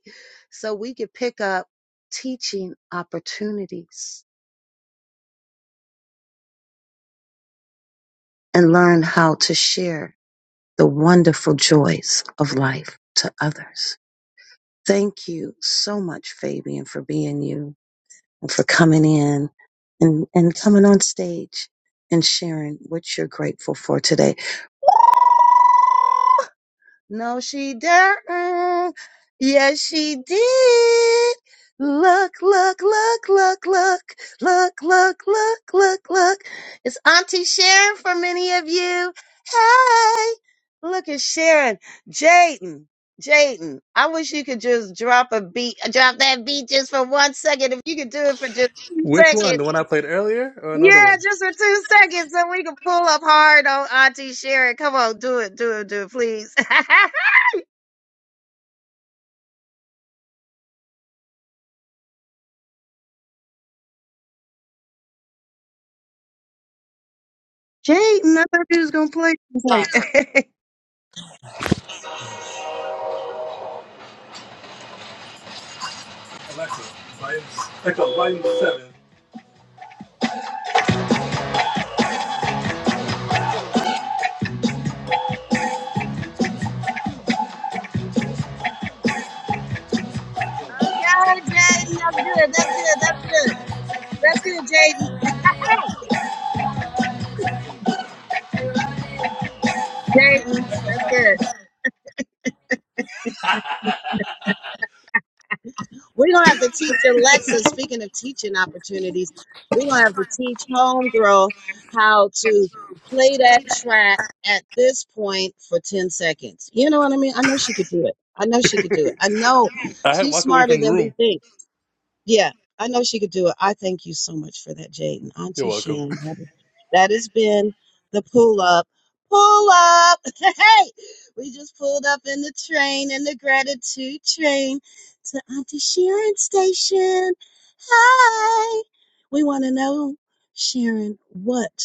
S8: So we could pick up teaching opportunities and learn how to share the wonderful joys of life to others. Thank you so much, Fabian, for being you and for coming in and, and coming on stage and sharing what you're grateful for today. No, she didn't. Yes, she did. Look, look, look, look, look, look, look, look, look, look. It's Auntie Sharon for many of you. Hey, look at Sharon. Jaden, Jaden, I wish you could just drop a beat, drop that beat just for one second. If you could do it for just two
S3: Which one? The
S8: seconds.
S3: one I played earlier, or another
S8: Yeah,
S3: one?
S8: just for two seconds, so we can pull up hard on Auntie Sharon. Come on, do it, do it, do it, please. Jaden, I thought you was gonna play. He's like, Okay,
S3: Alexa, volume, echo, volume seven.
S8: Jaden, that's good. That's good. That's good. That's good, Jaden. Jaden, that's good. We're gonna have to teach Alexa. Speaking of teaching opportunities, we're gonna have to teach homegirl how to play that track at this point for ten seconds. You know what I mean? I know she could do it. I know she could do it. I know
S3: I had
S8: she's
S3: walked away
S8: smarter
S3: from the
S8: than we
S3: room.
S8: think. Yeah, I know she could do it. I thank you so much for that, Jaden.
S3: You're
S8: Auntie
S3: welcome.
S8: Sharon, that, is, that has been the pull up. Pull up! Hey! We just pulled up in the train, in the gratitude train to Auntie Sharon Station. Hi! We want to know, Sharon, what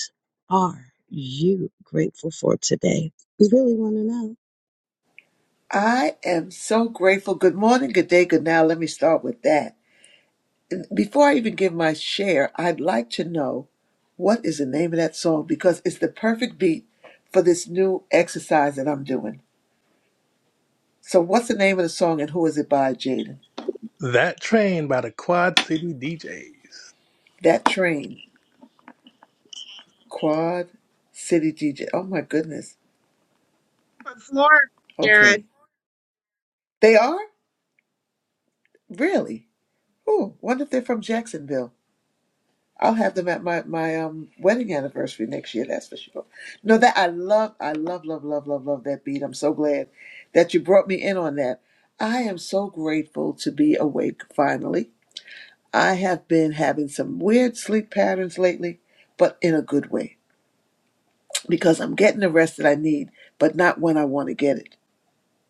S8: are you grateful for today? We really want to know.
S16: I am so grateful. Good morning, good day, good now. Let me start with that. And before I even give my share, I'd like to know what is the name of that song because it's the perfect beat for this new exercise that I'm doing. So, what's the name of the song and who is it by, Jaden?
S3: That train by the Quad City DJs.
S16: That Train, Quad City DJ. Oh my goodness.
S8: For Florida,
S16: Okay.
S8: Sharon.
S16: They are? Really? Oh, wonder if they're from Jacksonville. I'll have them at my my um wedding anniversary next year. That's for sure. No, that I love, I love, love, love, love, love that beat. I'm so glad that you brought me in on that. I am so grateful to be awake finally. I have been having some weird sleep patterns lately, but in a good way because I'm getting the rest that I need, but not when I want to get it.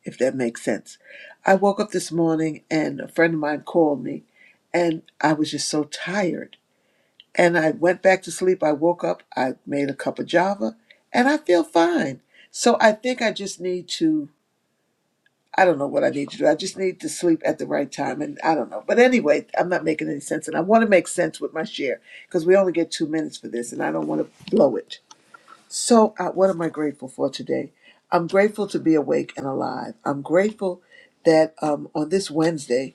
S16: If that makes sense. I woke up this morning and a friend of mine called me, and I was just so tired and I went back to sleep. I woke up, I made a cup of java, and I feel fine. So I think I just need to, I don't know what I need to do. I just need to sleep at the right time. And I don't know. But anyway, I'm not making any sense. And I want to make sense with my share because we only get two minutes for this and I don't want to blow it. So, uh, what am I grateful for today? I'm grateful to be awake and alive. I'm grateful that um, on this Wednesday,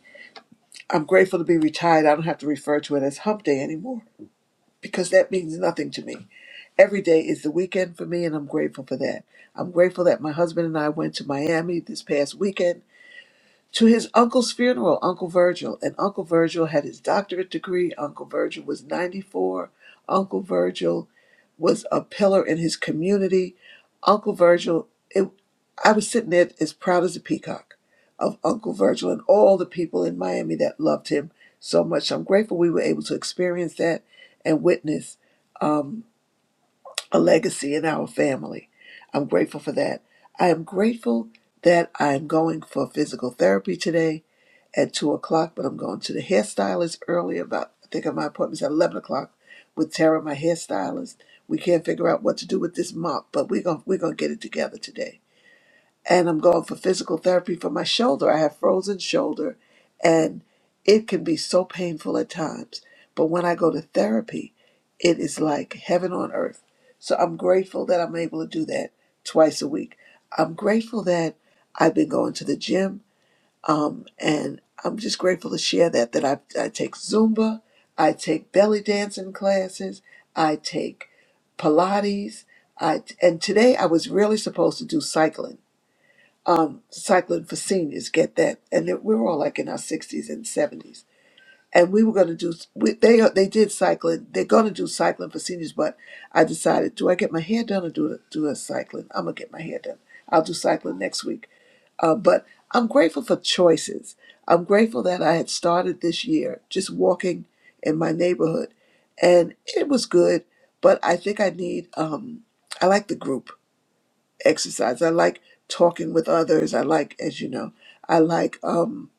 S16: I'm grateful to be retired. I don't have to refer to it as hump day anymore because that means nothing to me. every day is the weekend for me, and I'm grateful for that. I'm grateful that my husband and I went to Miami this past weekend to his uncle's funeral, Uncle Virgil. And Uncle Virgil had his doctorate degree. Uncle Virgil was 94. Uncle Virgil was a pillar in his community. Uncle Virgil, it, I was sitting there as proud as a peacock of Uncle Virgil and all the people in Miami that loved him so much. I'm grateful we were able to experience that and witness. Um, a legacy in our family. I'm grateful for that. I am grateful that I'm going for physical therapy today at two o'clock, but I'm going to the hairstylist early about I think my appointment's at eleven o'clock with Tara, my hairstylist. We can't figure out what to do with this mop, but we're gonna we're gonna get it together today and I'm going for physical therapy for my shoulder. I have frozen shoulder and it can be so painful at times. But when I go to therapy, it is like heaven on earth. So I'm grateful that I'm able to do that twice a week. I'm grateful that I've been going to the gym um, and I'm just grateful to share that that I, I take Zumba, I take belly dancing classes, I take Pilates, I and today I was really supposed to do cycling um, cycling for seniors. Get that? And then we were all like in our sixties and seventies, and we were going to do. We, they they did cycling. They're going to do cycling for seniors, but I decided, do I get my hair done or do do a cycling? I'm gonna get my hair done. I'll do cycling next week. Uh, but I'm grateful for choices. I'm grateful that I had started this year just walking in my neighborhood, and it was good. But I think I need. Um, I like the group exercise. I like talking with others. I like, as you know, I like um,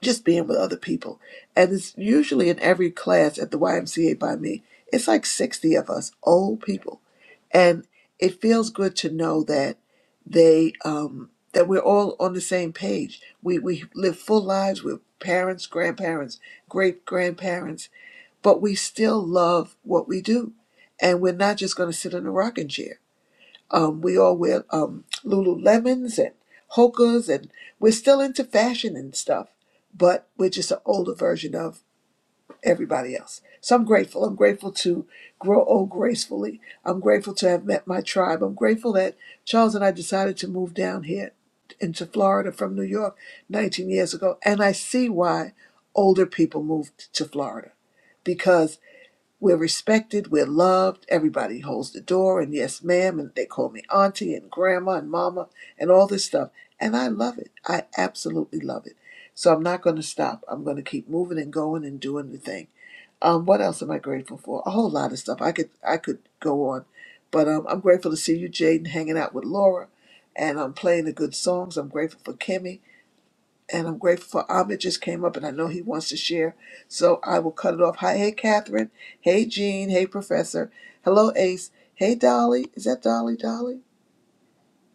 S16: just being with other people. And it's usually in every class at the YMCA by me, it's like 60 of us, old people. And it feels good to know that they, um, that we're all on the same page. We, we live full lives with parents, grandparents, great grandparents, but we still love what we do. And we're not just going to sit in a rocking chair. Um, we all wear um, Lululemons and Hokas, and we're still into fashion and stuff, but we're just an older version of everybody else. So I'm grateful. I'm grateful to grow old gracefully. I'm grateful to have met my tribe. I'm grateful that Charles and I decided to move down here into Florida from New York 19 years ago, and I see why older people moved to Florida because we're respected, we're loved, everybody holds the door, and yes, ma'am, and they call me auntie and grandma and mama and all this stuff. And I love it. I absolutely love it. So I'm not going to stop. I'm going to keep moving and going and doing the thing. Um, what else am I grateful for? A whole lot of stuff. I could I could go on, but um, I'm grateful to see you, Jaden, hanging out with Laura, and I'm um, playing the good songs. I'm grateful for Kimmy and I'm grateful for Ahmed just came up and I know he wants to share. So I will cut it off. Hi, hey Catherine. Hey Jean. Hey Professor. Hello Ace. Hey Dolly. Is that Dolly? Dolly?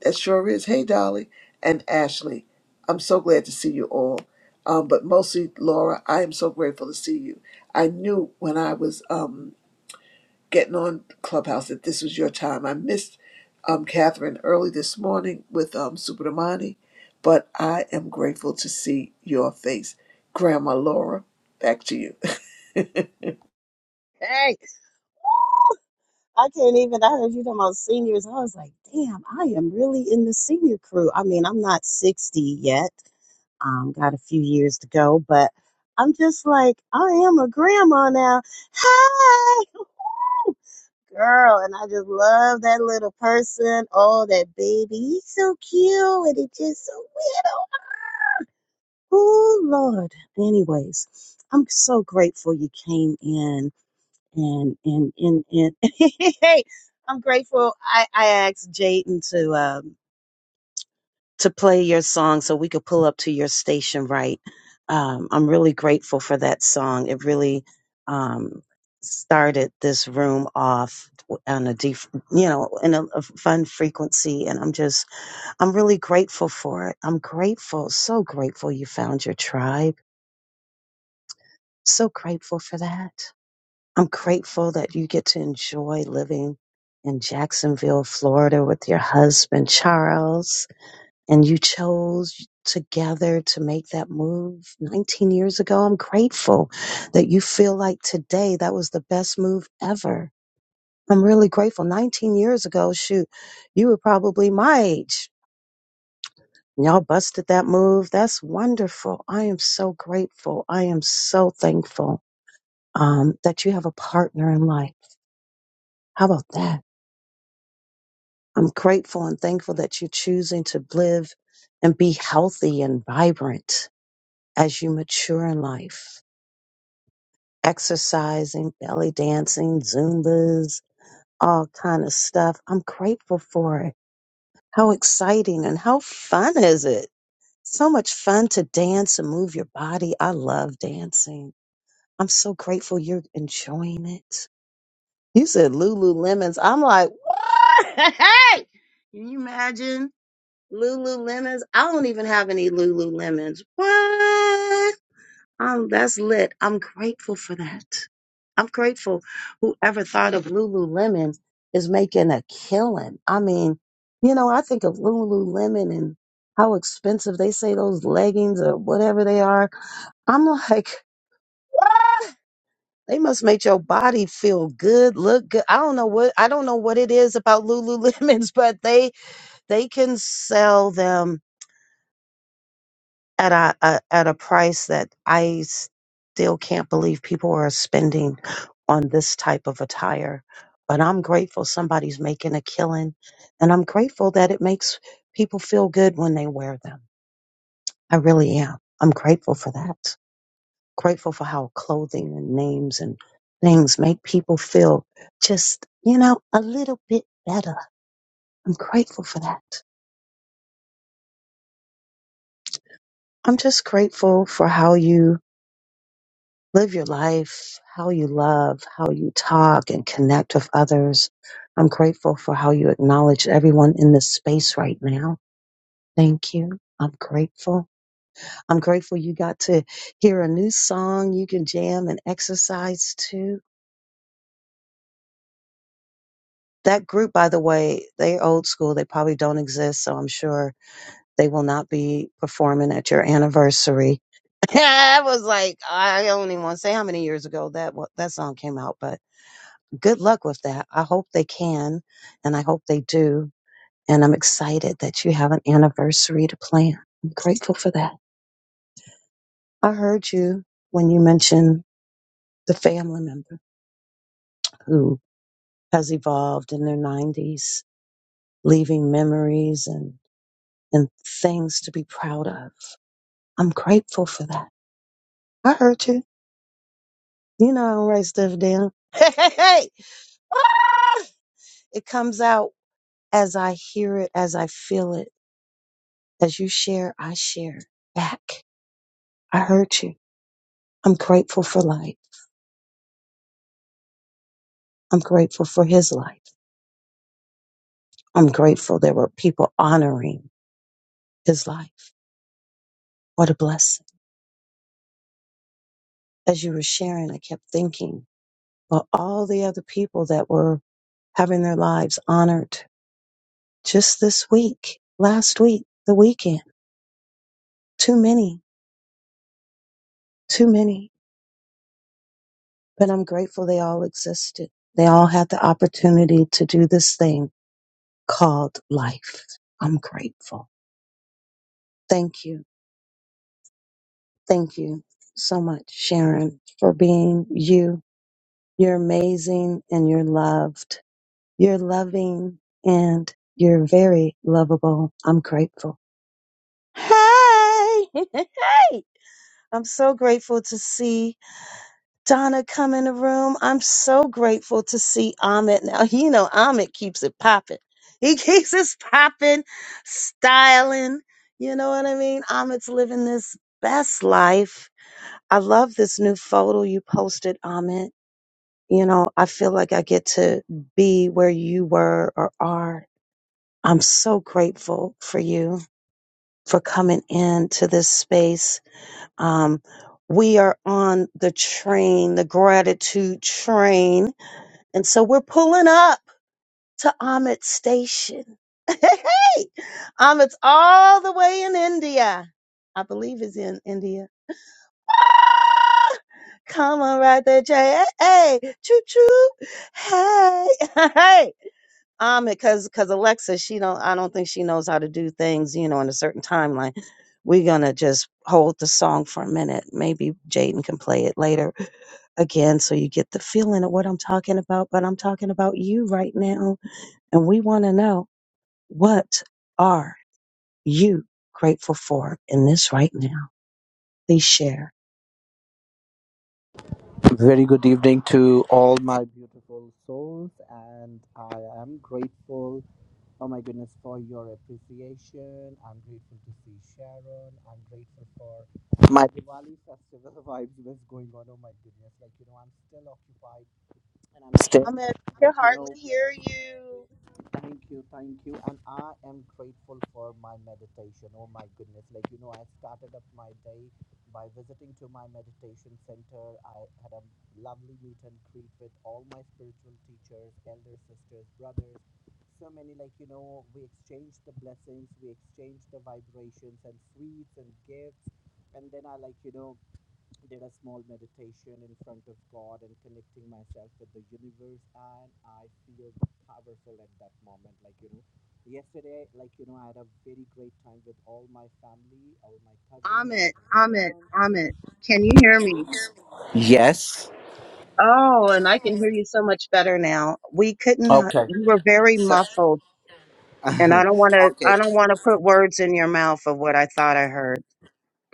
S16: That sure is. Hey Dolly and Ashley. I'm so glad to see you all. Um, but mostly Laura, I am so grateful to see you. I knew when I was um getting on Clubhouse that this was your time. I missed um, Catherine early this morning with um, Subramani, but I am grateful to see your face. Grandma Laura, back to you.
S8: Hey! I can't even. I heard you talking about seniors. I was like, damn, I am really in the senior crew. I mean, I'm not 60 yet. Um, got a few years to go, but I'm just like, I am a grandma now. Hi, girl. And I just love that little person. Oh, that baby. He's so cute. And it's just so weird. Oh, Lord. Anyways, I'm so grateful you came in and and and, and hey, I'm grateful. I I asked Jaden to um to play your song so we could pull up to your station right. Um, I'm really grateful for that song. It really um started this room off on a deep, you know, in a, a fun frequency, and I'm just I'm really grateful for it. I'm grateful, so grateful you found your tribe. So grateful for that. I'm grateful that you get to enjoy living in Jacksonville, Florida with your husband, Charles, and you chose together to make that move 19 years ago. I'm grateful that you feel like today that was the best move ever. I'm really grateful. 19 years ago, shoot, you were probably my age. and Y'all busted that move. That's wonderful. I am so grateful. I am so thankful um, that you have a partner in life. How about that? I'm grateful and thankful that you're choosing to live and be healthy and vibrant as you mature in life. Exercising, belly dancing, Zumbas, all kind of stuff. I'm grateful for it. How exciting and how fun is it? So much fun to dance and move your body. I love dancing. I'm so grateful you're enjoying it. You said Lululemons. I'm like, what? Can you imagine? Lululemons. I don't even have any Lululemons. What? Um, that's lit. I'm grateful for that. I'm grateful. Whoever thought of Lululemon is making a killing. I mean, you know, I think of Lululemon and how expensive they say those leggings or whatever they are. I'm like, what? They must make your body feel good, look good. I don't know what I don't know what it is about Lululemons, but they they can sell them at a, a at a price that I still can't believe people are spending on this type of attire. But I'm grateful somebody's making a killing, and I'm grateful that it makes people feel good when they wear them. I really am. I'm grateful for that. Grateful for how clothing and names and things make people feel just, you know, a little bit better. I'm grateful for that. I'm just grateful for how you live your life, how you love, how you talk and connect with others. I'm grateful for how you acknowledge everyone in this space right now. Thank you. I'm grateful. I'm grateful you got to hear a new song you can jam and exercise to. That group, by the way, they old school. They probably don't exist, so I'm sure they will not be performing at your anniversary. I was like, I don't even want to say how many years ago that wa- that song came out, but good luck with that. I hope they can, and I hope they do. And I'm excited that you have an anniversary to plan. I'm grateful for that. I heard you when you mentioned the family member who has evolved in their 90s, leaving memories and, and things to be proud of. I'm grateful for that. I heard you. You know I don't write stuff down. Hey, hey, hey! Ah! It comes out as I hear it, as I feel it As you share, I share back. I heard you. I'm grateful for life. I'm grateful for his life. I'm grateful there were people honoring his life. What a blessing. As you were sharing, I kept thinking about all the other people that were having their lives honored just this week, last week, the weekend. Too many, too many. But I'm grateful they all existed. They all had the opportunity to do this thing called life. I'm grateful. Thank you Thank you so much, Sharon, for being you. You're amazing and you're loved. You're loving and you're very lovable. I'm grateful. Hey! hey! I'm so grateful to see Donna come in the room. I'm so grateful to see Amit now. You know, Amit keeps it popping. He keeps us popping, styling. You know what I mean? Amit's living this best life I love this new photo you posted, Amit. You know, I feel like I get to be where you were or are. I'm so grateful for you for coming into this space. Um, we are on the train, the gratitude train. And so we're pulling up to Amit's station. hey, Amit's all the way in India. I believe is in India Come on, right there, Jay. Hey, hey, choo choo. Hey, hey. Um, because because Alexa, she don't. I don't think she knows how to do things. You know, in a certain timeline. We're gonna just hold the song for a minute. Maybe Jaden can play it later again, so you get the feeling of what I'm talking about. But I'm talking about you right now, and we want to know what are you grateful for in this right now. Please share.
S17: Very good evening to all my beautiful souls, and I am grateful. Oh my goodness, for your appreciation. I'm grateful to see Sharon. I'm grateful for my Diwali festival vibes that's going on. Oh my goodness, like you know, I'm still occupied and I'm still
S8: Amit, we
S17: like
S8: can
S17: you know.
S8: hardly hear you.
S17: Thank you, thank you. And I am grateful for my meditation. Oh my goodness. Like, you know, I started up my day by visiting to my meditation center. I had a lovely meet and greet with all my spiritual teachers, elder sisters, brothers. So many, like, you know, we exchanged the blessings, we exchanged the vibrations and sweets and gifts. And then I, like, you know, did a small meditation in front of God and connecting myself with the universe and I feel powerful at that moment like you know yesterday like you know I had a very great time with all my family all my cousins all
S8: Amit,
S17: my
S8: Amit,
S17: friends
S8: Amit, can you hear me? Oh, and I can hear you so much better now. We couldn't, h-
S17: Okay.
S8: you were very
S17: So,
S8: muffled, and I don't want to,
S17: okay.
S8: I don't want to put words in your mouth of what I thought I heard.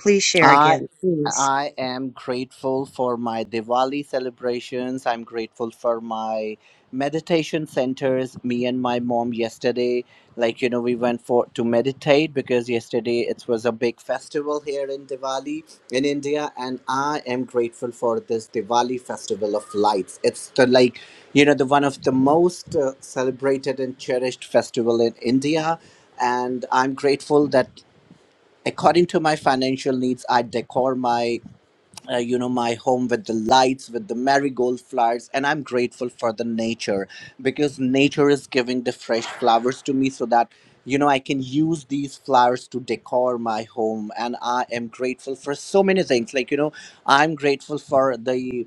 S8: Please share
S17: I
S8: again, please.
S17: I am grateful for my Diwali celebrations. I'm grateful for my meditation centers. Me and my mom yesterday, like you know, we went for to meditate because yesterday it was a big festival here in Diwali in India, and I am grateful for this Diwali festival of lights. It's the like you know the one of the most uh, celebrated and cherished festival in India and I'm grateful that according to my financial needs i decor my uh, you know my home with the lights with the marigold flowers and i'm grateful for the nature because nature is giving the fresh flowers to me so that you know i can use these flowers to decor my home and i am grateful for so many things like you know i'm grateful for the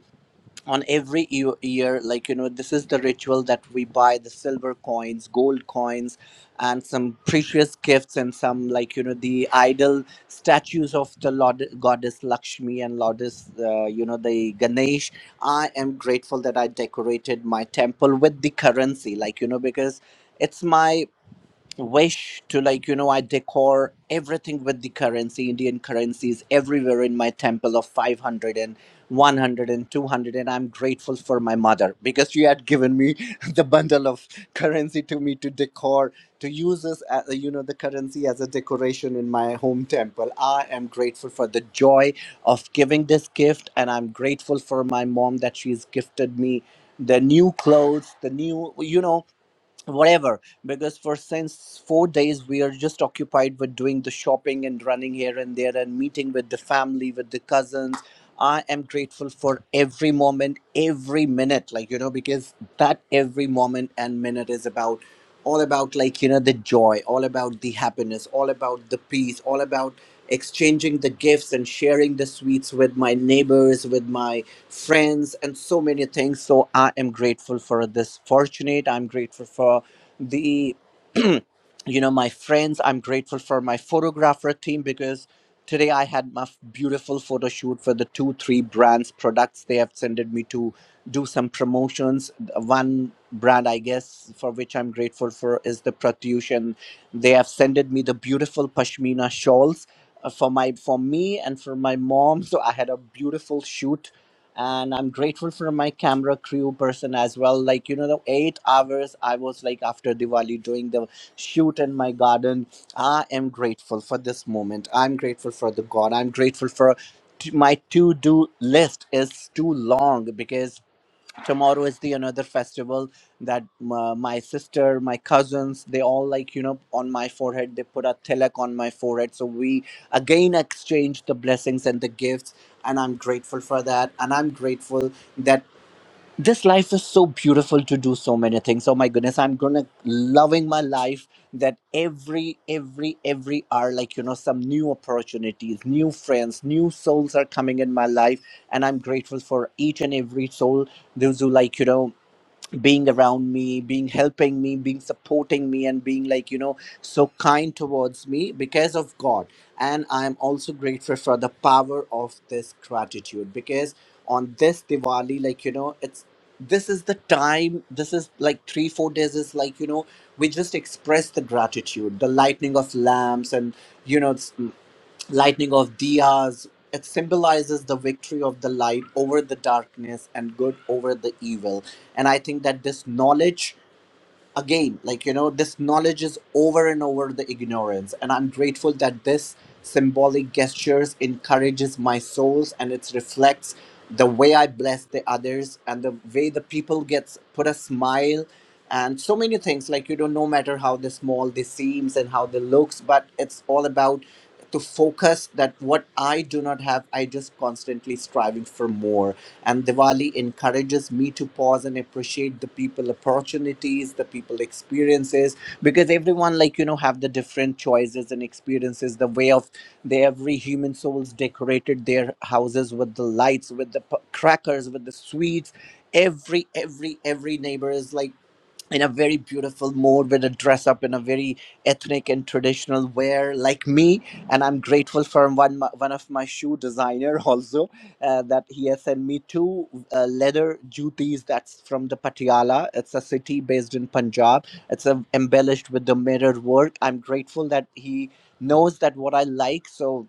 S17: on every e- year like you know this is the ritual that we buy the silver coins gold coins and some precious gifts and some like you know the idol statues of the Lord, goddess lakshmi and goddess uh, you know the ganesh i am grateful that i decorated my temple with the currency like you know because it's my wish to like you know i decor everything with the currency indian currencies everywhere in my temple of 500 and one hundred and two hundred. And i'm grateful for my mother because she had given me the bundle of currency to me to decor to use this as uh, you know the currency as a decoration in my home temple i am grateful for the joy of giving this gift and i'm grateful for my mom that she's gifted me the new clothes the new you know whatever because for since four days we are just occupied with doing the shopping and running here and there and meeting with the family with the cousins i am grateful for every moment every minute like you know because that every moment and minute is about all about like you know the joy all about the happiness all about the peace all about exchanging the gifts and sharing the sweets with my neighbors with my friends, and so many things. So I am grateful for this fortunate. I'm grateful for the, you know, my friends. I'm grateful for my photographer team because today I had my f- beautiful photo shoot for the two, three brands products they have sended me to do some promotions. One brand, I guess, for which I'm grateful for is the Pratyush, and they have sended me the beautiful pashmina shawls uh, for my for me and for my mom so i had a beautiful shoot and i'm grateful for my camera crew person as well like you know the eight hours i was like after diwali doing the shoot in my garden i am grateful for this moment i'm grateful for the god i'm grateful for t- my to do list is too long because tomorrow is the another festival that uh, my sister my cousins they all like you know on my forehead they put a tilak on my forehead so we again exchange the blessings and the gifts and i'm grateful for that and i'm grateful that this life is so beautiful to do so many things oh my goodness i'm gonna loving my life that every every every hour like you know some new opportunities new friends new souls are coming in my life and i'm grateful for each and every soul those who like you know being around me being helping me being supporting me and being like you know so kind towards me because of god and i'm also grateful for the power of this gratitude because on this diwali like you know it's this is the time this is like 3 4 days is like you know we just express the gratitude the lightning of lamps and you know lightning of diyas it symbolizes the victory of the light over the darkness and good over the evil and i think that this knowledge again like you know this knowledge is over and over the ignorance and i'm grateful that this symbolic gestures encourages my souls and it reflects the way i bless the others and the way the people gets put a smile and so many things like you don't know matter how the small they seems and how they looks but it's all about to focus that what i do not have i just constantly striving for more and Diwali encourages me to pause and appreciate the people opportunities, the people experiences, because everyone, like, you know, have the different choices and experiences, the way of the every human souls decorated their houses with the lights with the p- crackers with the sweets every every every neighbor is like in a very beautiful mode with a dress up in a very ethnic and traditional wear like me and i'm grateful for one one of my shoe designer also uh, that he has sent me two uh, leather jutis that's from the patiala it's a city based in punjab it's uh, embellished with the mirror work i'm grateful that he knows that what i like so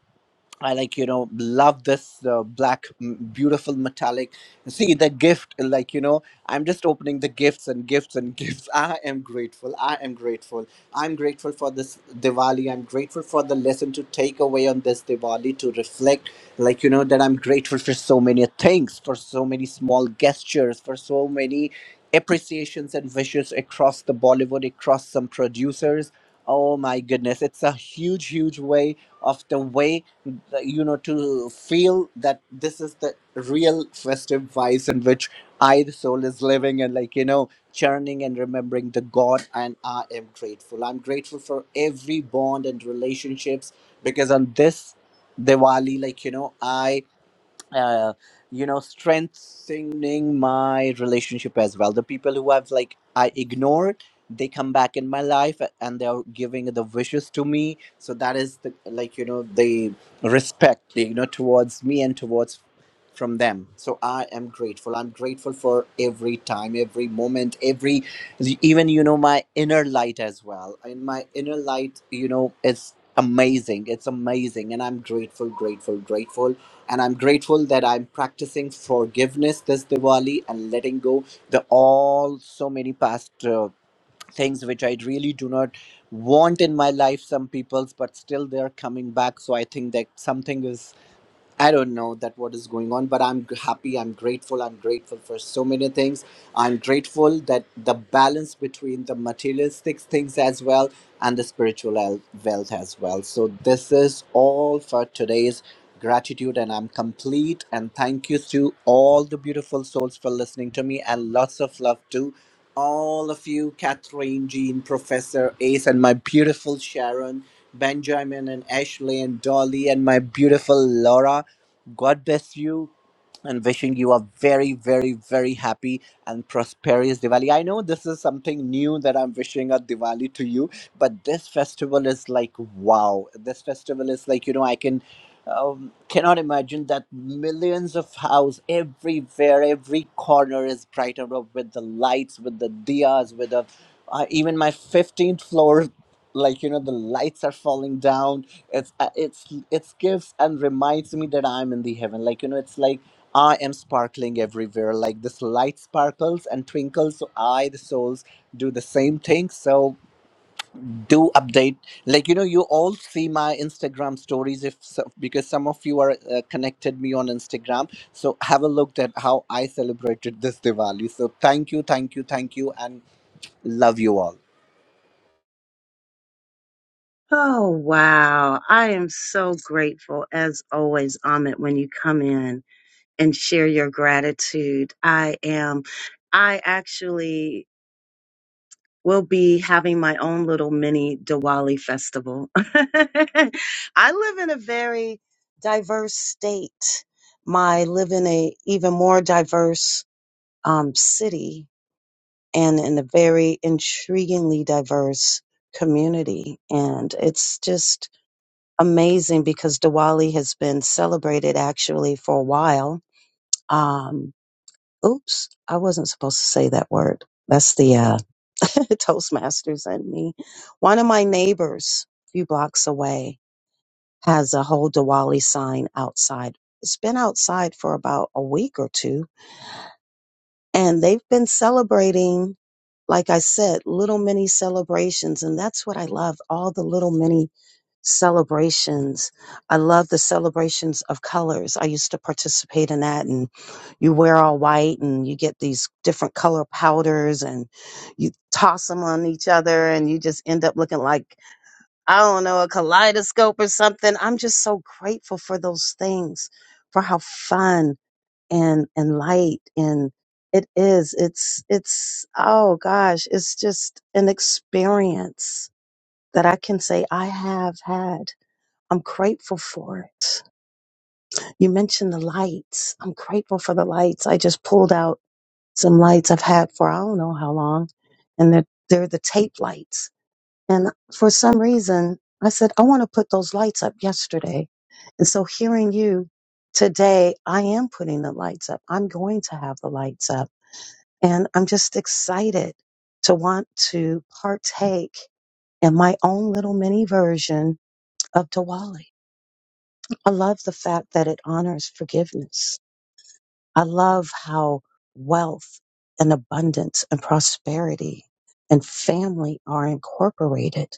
S17: I like you know love this uh, black m- beautiful metallic see the gift like you know I'm just opening the gifts and gifts and gifts I am grateful I am grateful I'm grateful for this Diwali I'm grateful for the lesson to take away on this Diwali to reflect like you know that I'm grateful for so many things for so many small gestures for so many appreciations and wishes across the Bollywood across some producers oh my goodness it's a huge huge way of the way you know to feel that this is the real festive vice in which i the soul is living and like you know churning and remembering the god and i am grateful i'm grateful for every bond and relationships because on this diwali like you know i uh, you know strengthening my relationship as well the people who i've like i ignored they come back in my life and they're giving the wishes to me so that is the like you know the respect you know towards me and towards from them so i am grateful i'm grateful for every time every moment every even you know my inner light as well and my inner light you know is amazing it's amazing and i'm grateful grateful grateful and I'm grateful that I'm practicing forgiveness this Diwali and letting go the all so many past uh, things which I really do not want in my life. Some people's, but still they're coming back. So I think that something is I don't know that what is going on, but I'm g- happy. I'm grateful. I'm grateful for so many things. I'm grateful that the balance between the materialistic things as well and the spiritual el- wealth as well. So this is all for today's gratitude, and I'm complete. And thank you to all the beautiful souls for listening to me, and lots of love to all of you, Catherine, Jean, Professor Ace, and my beautiful Sharon. Benjamin and Ashley and Dolly and my beautiful Laura God bless you and wishing you a very, very, very happy and prosperous Diwali. I know this is something new that I'm wishing a Diwali to you, but this festival is like wow. This festival is like, you know, I can. Um, cannot imagine that millions of house everywhere, every corner is brighter up with the lights, with the diyas, with the uh, even my 15th floor, like you know, the lights are falling down it's uh, it's it's gives and reminds me that i'm in the heaven like you know it's like i am sparkling everywhere like this light sparkles and twinkles so i the souls do the same thing so do update like you know you all see my instagram stories if so, because some of you are uh, connected me on instagram so have a look at how i celebrated this diwali so thank you thank you thank you and love you all
S8: Oh, wow. I am so grateful, as always, Amit, when you come in and share your gratitude. I am. I actually will be having my own little mini Diwali festival. I live in a very diverse state. My I live in a even more diverse um, city and in a very intriguingly diverse community, and it's just amazing because Diwali has been celebrated actually for a while. Um, oops, I wasn't supposed to say that word. That's the uh, Toastmasters and me. One of my neighbors, a few blocks away, has a whole Diwali sign outside. It's been outside for about a week or two, and they've been celebrating like I said, little mini celebrations. And that's what I love all the little mini celebrations. I love the celebrations of colors. I used to participate in that. And you wear all white and you get these different color powders and you toss them on each other and you just end up looking like, I don't know, a kaleidoscope or something. I'm just so grateful for those things, for how fun and and light and it is it's it's oh gosh it's just an experience that i can say i have had i'm grateful for it you mentioned the lights i'm grateful for the lights i just pulled out some lights i've had for i don't know how long and they're they're the tape lights and for some reason i said i want to put those lights up yesterday and so hearing you today i am putting the lights up i'm going to have the lights up and I'm just excited to want to partake in my own little mini version of Diwali. I love the fact that it honors forgiveness. I love how wealth and abundance and prosperity and family are incorporated.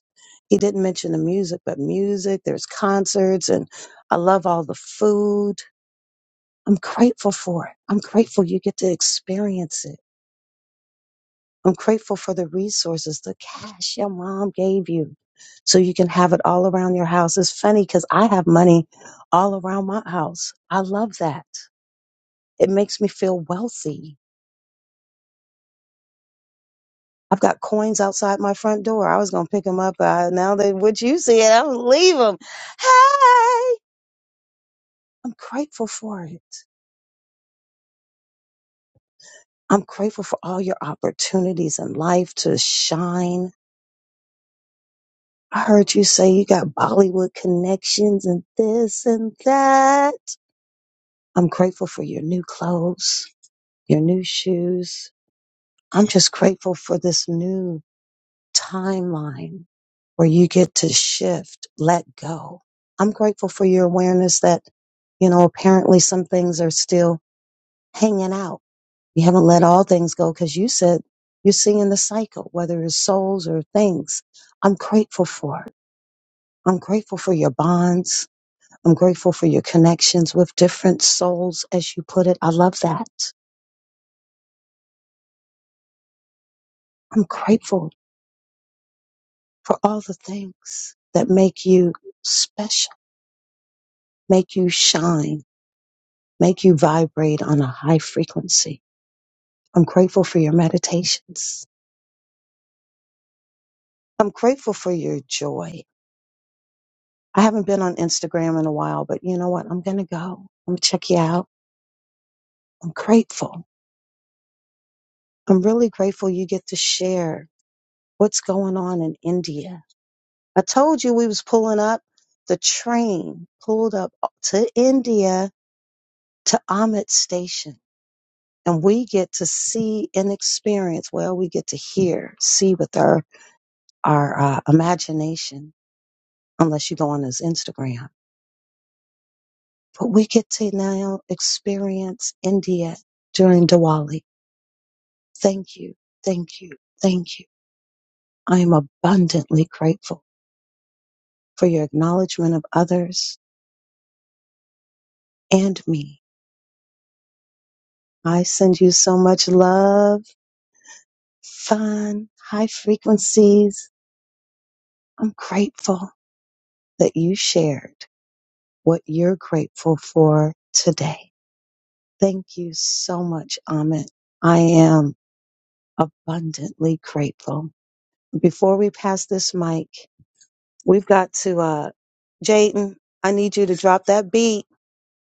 S8: He didn't mention the music, but music, there's concerts, and I love all the food. I'm grateful for it. I'm grateful you get to experience it. I'm grateful for the resources, the cash your mom gave you so you can have it all around your house. It's funny because I have money all around my house. I love that. It makes me feel wealthy. I've got coins outside my front door. I was going to pick them up. Uh, now that what you see it, I'm going to leave them. Hey, I'm grateful for it. I'm grateful for all your opportunities in life to shine. I heard you say you got Bollywood connections and this and that. I'm grateful for your new clothes, your new shoes. I'm just grateful for this new timeline where you get to shift, let go. I'm grateful for your awareness that, you know, apparently some things are still hanging out. You haven't let all things go because you said you're seeing the cycle, whether it's souls or things. I'm grateful for it. I'm grateful for your bonds. I'm grateful for your connections with different souls, as you put it. I love that. I'm grateful for all the things that make you special, make you shine, make you vibrate on a high frequency. I'm grateful for your meditations. I'm grateful for your joy. I haven't been on Instagram in a while, but you know what? I'm going to go. I'm going to check you out. I'm grateful. I'm really grateful you get to share what's going on in India. I told you we was pulling up. The train pulled up to India to Ahmed Station and we get to see and experience. Well, we get to hear, see with our our uh, imagination, unless you go on his Instagram. But we get to now experience India during Diwali. Thank you, thank you, thank you. I am abundantly grateful for your acknowledgement of others and me. I send you so much love, fun, high frequencies. I'm grateful that you shared what you're grateful for today. Thank you so much, Amit. I am abundantly grateful. Before we pass this mic, we've got to, uh, Jaden, I need you to drop that beat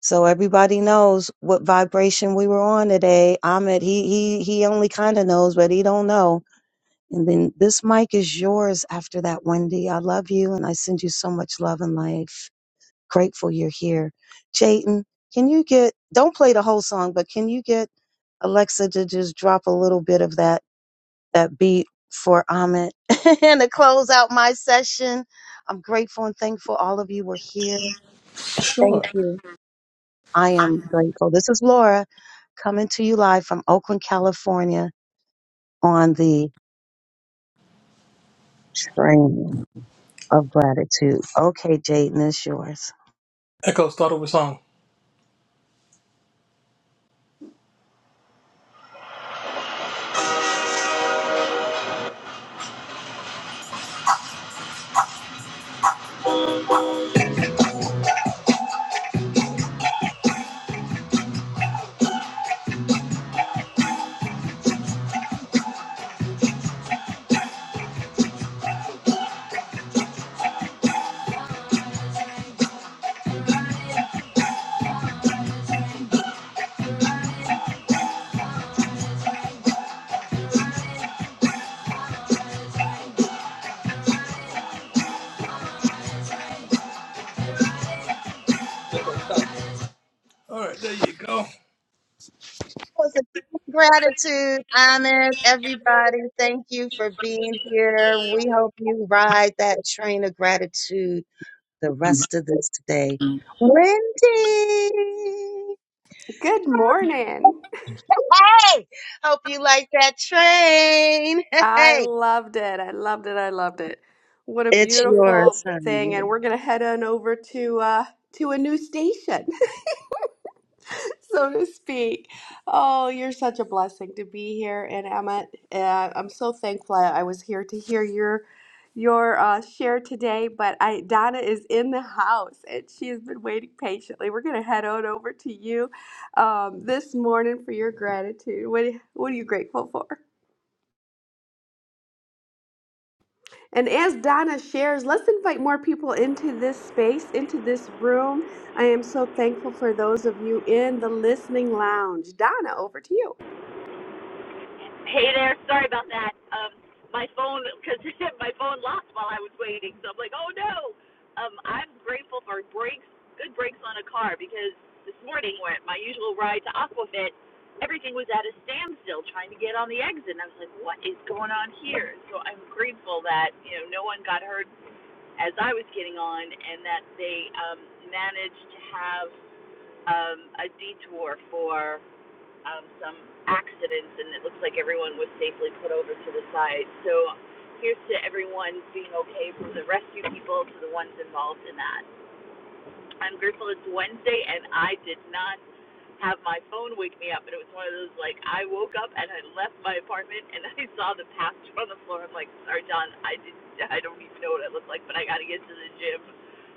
S8: so everybody knows what vibration we were on today. Amit, he, he, he only kind of knows, but he don't know. And then this mic is yours after that, Wendy. I love you and I send you so much love and life. Grateful you're here. Jayden, can you get, don't play the whole song, but can you get Alexa to just drop a little bit of that, that beat for Amit and to close out my session? I'm grateful and thankful all of you were here.
S3: Sure.
S8: Thank you. I am grateful. This is Laura coming to you live from Oakland, California on the train of gratitude. Okay, Jayden, it's yours.
S3: Echo, start over song. All right, there you go.
S8: was a gratitude, Ahmed. Everybody, thank you for being here. We hope you ride that train of gratitude the rest of this day. Wendy,
S18: Good
S8: hey,
S18: morning.
S8: hope you like that train.
S18: I
S8: Hey,
S18: loved it. I loved it. I loved it. What a
S8: it's
S18: beautiful
S8: yours,
S18: thing.
S8: honey.
S18: And we're gonna head on over to uh to a new station, so to speak. Oh, you're such a blessing to be here. And Emma, uh, I'm so thankful I I was here to hear your your uh, share today. But I Donna is in the house and she has been waiting patiently. We're gonna head on over to you um, this morning for your gratitude. What what are you grateful for? And as Donna shares, let's invite more people into this space, into this room. I am so thankful for those of you in the listening lounge. Donna, over to you.
S19: Hey there, sorry about that. Um, my phone, because my phone locked while I was waiting, so I'm like, oh no. Um, I'm grateful for brakes, good brakes on a car, because this morning when my usual ride to Aquafit, everything was at a standstill trying to get on the exit, and I was like, what is going on here? So I'm grateful that you know no one got hurt as I was getting on, and that they um, managed to have um, a detour for um, some accidents, and it looks like everyone was safely put over to the side. So here's to everyone being okay, from the rescue people to the ones involved in that. I'm grateful it's Wednesday and I did not have my phone wake me up. And it was one of those like I woke up and I left my apartment and I saw the pastor on the floor. I'm like, sorry, John, I did not I don't even know what I look like, but I got to get to the gym.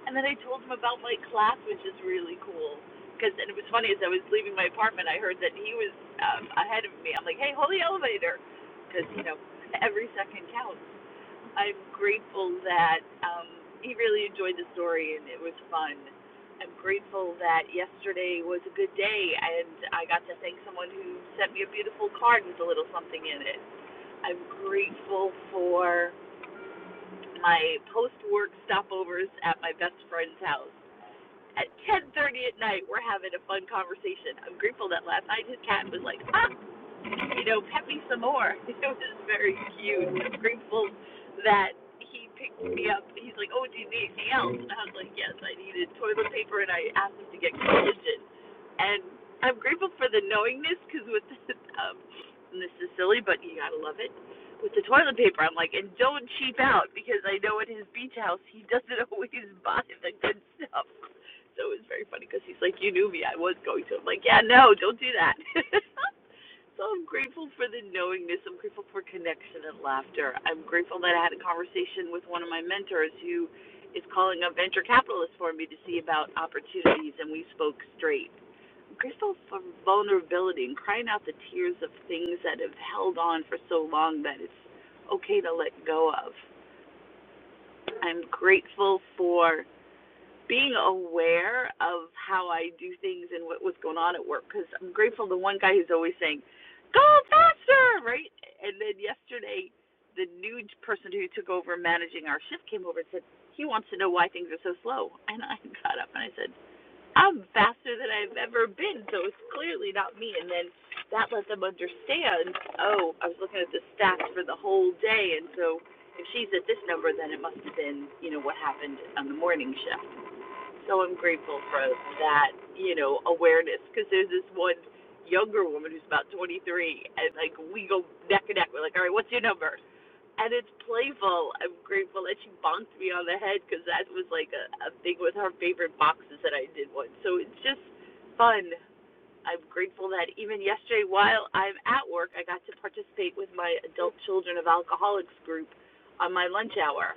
S19: And then I told him about my class, which is really cool. Cause and it was funny as I was leaving my apartment, I heard that he was um, ahead of me. I'm like, hey, hold the elevator, because you know every second counts. I'm grateful that um, he really enjoyed the story and it was fun. I'm grateful that yesterday was a good day and I got to thank someone who sent me a beautiful card with a little something in it. I'm grateful for my post work stopovers at my best friend's house. At 10:30 at night, we're having a fun conversation. I'm grateful that last night his cat was like, ah, you know, pet me some more. It was very cute. I'm grateful that he picked me up. He's like, oh, do you need anything else? And I was like, yes, I needed toilet paper, and I asked him to get collagen. And I'm grateful for the knowingness because with the, um, and this is silly, but you gotta love it. With the toilet paper, I'm like, and don't cheap out because I know at his beach house he doesn't always buy the good stuff. So it was very funny because he's like, you knew me, I was going to. I'm like, yeah, no, don't do that. So I'm grateful for the knowingness. I'm grateful for connection and laughter. I'm grateful that I had a conversation with one of my mentors who is calling a venture capitalist for me to see about opportunities, and we spoke straight. I'm grateful for vulnerability and crying out the tears of things that have held on for so long that it's okay to let go of. I'm grateful for being aware of how I do things and what was going on at work because I'm grateful to one guy who's always saying, "Go faster!" Right? And then yesterday, the new person who took over managing our shift came over and said he wants to know why things are so slow. And I got up and I said, "I'm faster than I've ever been, so it's clearly not me." And then that let them understand, "Oh, I was looking at the stats for the whole day, and so." If she's at this number, then it must have been, you know, what happened on the morning shift so I'm grateful for that, you know, awareness because there's this one younger woman who's about 23, and like we go neck and neck. We're like, all right, what's your number? And it's playful. I'm grateful that she bonked me on the head because that was like a, a thing with her favorite boxes that I did once. So it's just fun. I'm grateful that even yesterday, while I'm at work, I got to participate with my adult children of alcoholics group on my lunch hour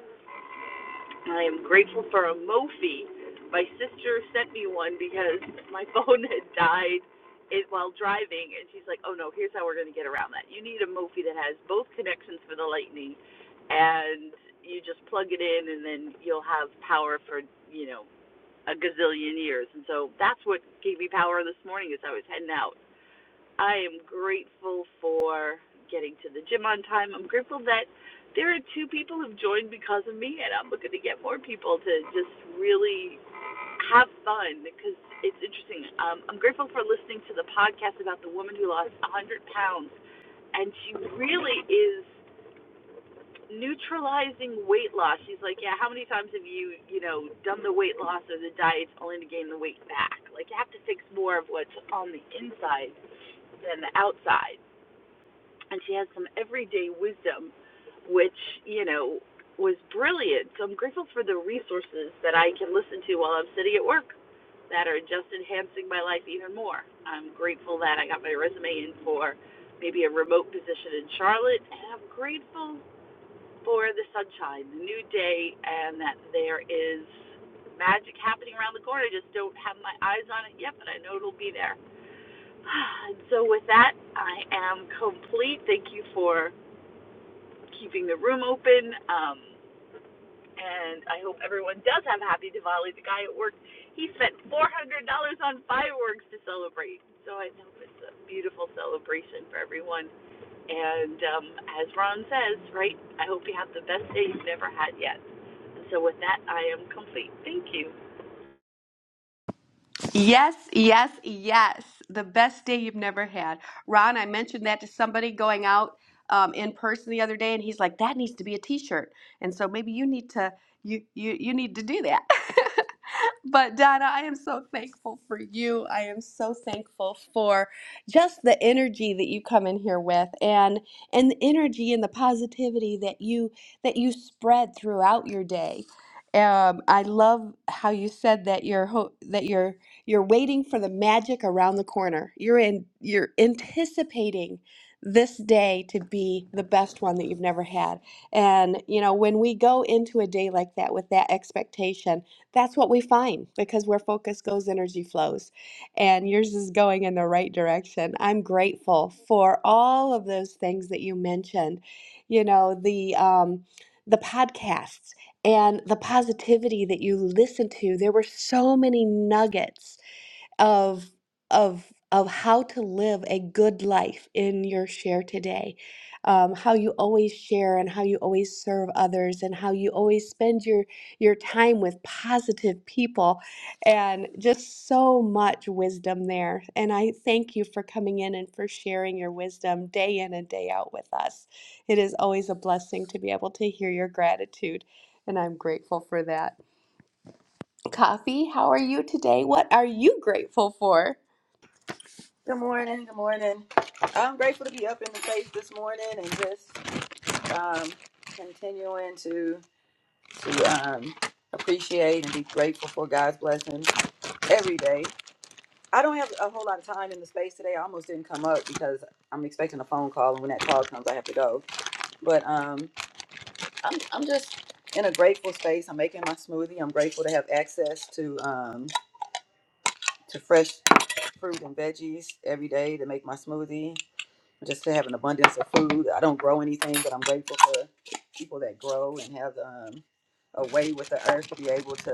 S19: I am grateful for a Mophie. My sister sent me one because my phone had died it, while driving, and she's like, "Oh no, here's how we're going to get around that. You need a Mophie that has both connections for the lightning, and you just plug it in, and then you'll have power for you know a gazillion years." And so that's what gave me power this morning as I was heading out. I am grateful for getting to the gym on time. I'm grateful that there are two people who've joined because of me, and I'm looking to get more people to just really have fun because it's interesting. Um, I'm grateful for listening to the podcast about the woman who lost 100 pounds, and she really is neutralizing weight loss. She's like, yeah, how many times have you, you know, done the weight loss or the diets only to gain the weight back? Like, you have to fix more of what's on the inside than the outside and she had some everyday wisdom, which you know was brilliant. So I'm grateful for the resources that I can listen to while I'm sitting at work that are just enhancing my life even more. I'm grateful that I got my resume in for maybe a remote position in Charlotte, and I'm grateful for the sunshine, the new day, and that there is magic happening around the corner. I just don't have my eyes on it yet, but I know it'll be there. And so with that, I am complete. Thank you for keeping the room open. Um, and I hope everyone does have Happy Diwali. The guy at work, he spent $400 on fireworks to celebrate. So I know it's a beautiful celebration for everyone. And um, as Ron says, right, I hope you have the best day you've never had yet. And so with that, I am complete. Thank you.
S18: Yes, yes, yes. The best day you've never had. Ron, I mentioned that to somebody going out um, in person the other day, and he's like, that needs to be a t-shirt. And so maybe you need to you you you need to do that. But Donna, I am so thankful for you. I am so thankful for just the energy that you come in here with and and the energy and the positivity that you that you spread throughout your day. Um, I love how you said that your ho- that your you're waiting for the magic around the corner. You're in you're anticipating this day to be the best one that you've never had. And you know, when we go into a day like that with that expectation, that's what we find because where focus goes, energy flows. And yours is going in the right direction. I'm grateful for all of those things that you mentioned. You know, the um the podcasts and the positivity that you listen to. There were so many nuggets of of of how to live a good life in your share today um, how you always share and how you always serve others and how you always spend your your time with positive people and just so much wisdom there and i thank you for coming in and for sharing your wisdom day in and day out with us it is always a blessing to be able to hear your gratitude and i'm grateful for that coffee how are you today what are you grateful for
S20: Good morning. Good morning. I'm grateful to be up in the face this morning and just um, continuing to to um, appreciate and be grateful for God's blessings every day. I don't have a whole lot of time in the space today. I almost didn't come up because I'm expecting a phone call, and when that call comes, I have to go. But um, I'm I'm just in a grateful space. I'm making my smoothie. I'm grateful to have access to um, to fresh fruit and veggies every day to make my smoothie. just to have an abundance of food. I don't grow anything, but I'm grateful for people that grow and have um, a way with the earth to be able to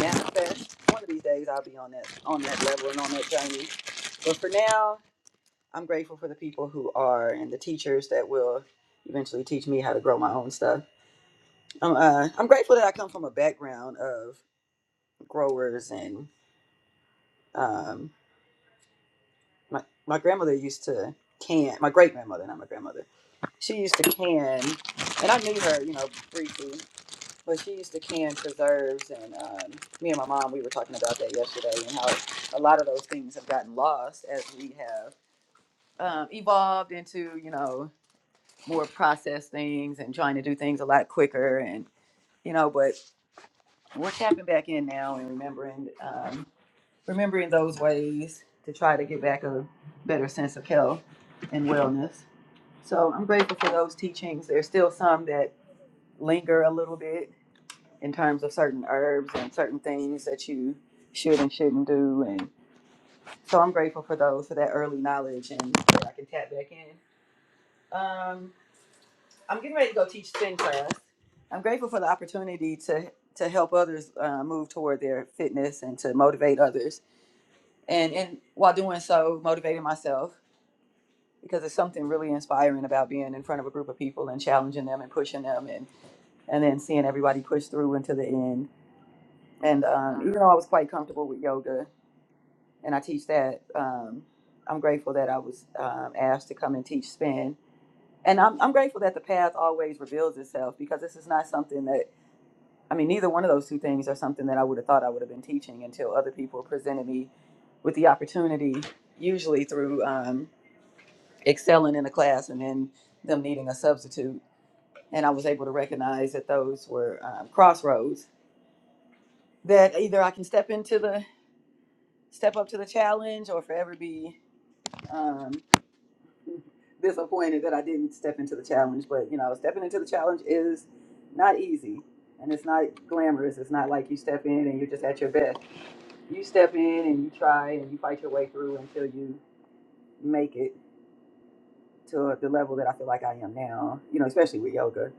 S20: manifest. One of these days, I'll be on that on that level and on that journey. But for now, I'm grateful for the people who are and the teachers that will eventually teach me how to grow my own stuff. I'm uh, I'm grateful that I come from a background of growers and um, my my grandmother used to can my great grandmother, not my grandmother she used to can, and I knew her, you know, briefly, but she used to can preserves. And um, me and my mom, we were talking about that yesterday and how a lot of those things have gotten lost as we have um, evolved into, you know, more processed things and trying to do things a lot quicker. And, you know, but we're tapping back in now and remembering, um, remembering those ways to try to get back a better sense of health and wellness. So I'm grateful for those teachings. There's still some that linger a little bit in terms of certain herbs and certain things that you should and shouldn't do. And so I'm grateful for those for that early knowledge and that I can tap back in. Um, I'm getting ready to go teach spin class. I'm grateful for the opportunity to to help others uh, move toward their fitness and to motivate others. And and while doing so, motivating myself because there's something really inspiring about being in front of a group of people and challenging them and pushing them and and then seeing everybody push through until the end And um, even though I was quite comfortable with yoga and I teach that, um, I'm grateful that I was um, asked to come and teach spin. And I'm, I'm grateful that the path always reveals itself because this is not something that, I mean, neither one of those two things are something that I would have thought I would have been teaching until other people presented me with the opportunity, usually through um, excelling in a class and then them needing a substitute. And I was able to recognize that those were um, crossroads that either I can step into the step up to the challenge or forever be um, disappointed that I didn't step into the challenge. But you know, stepping into the challenge is not easy and it's not glamorous. It's not like you step in and you're just at your best. You step in and you try and you fight your way through until you make it to the level that I feel like I am now, you know, especially with yoga.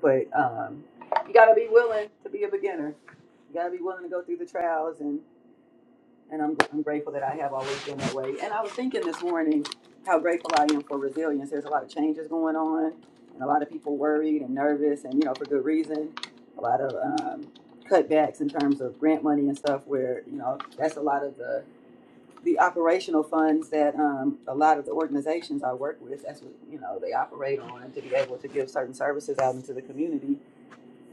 S20: But um, you gotta be willing to be a beginner. You gotta be willing to go through the trials and. And I'm, I'm grateful that I have always been that way. And I was thinking this morning how grateful I am for resilience. There's a lot of changes going on, and a lot of people worried and nervous, and you know, for good reason. A lot of um, cutbacks in terms of grant money and stuff, where you know, that's a lot of the the operational funds that um, a lot of the organizations I work with. That's what you know they operate on to be able to give certain services out into the community.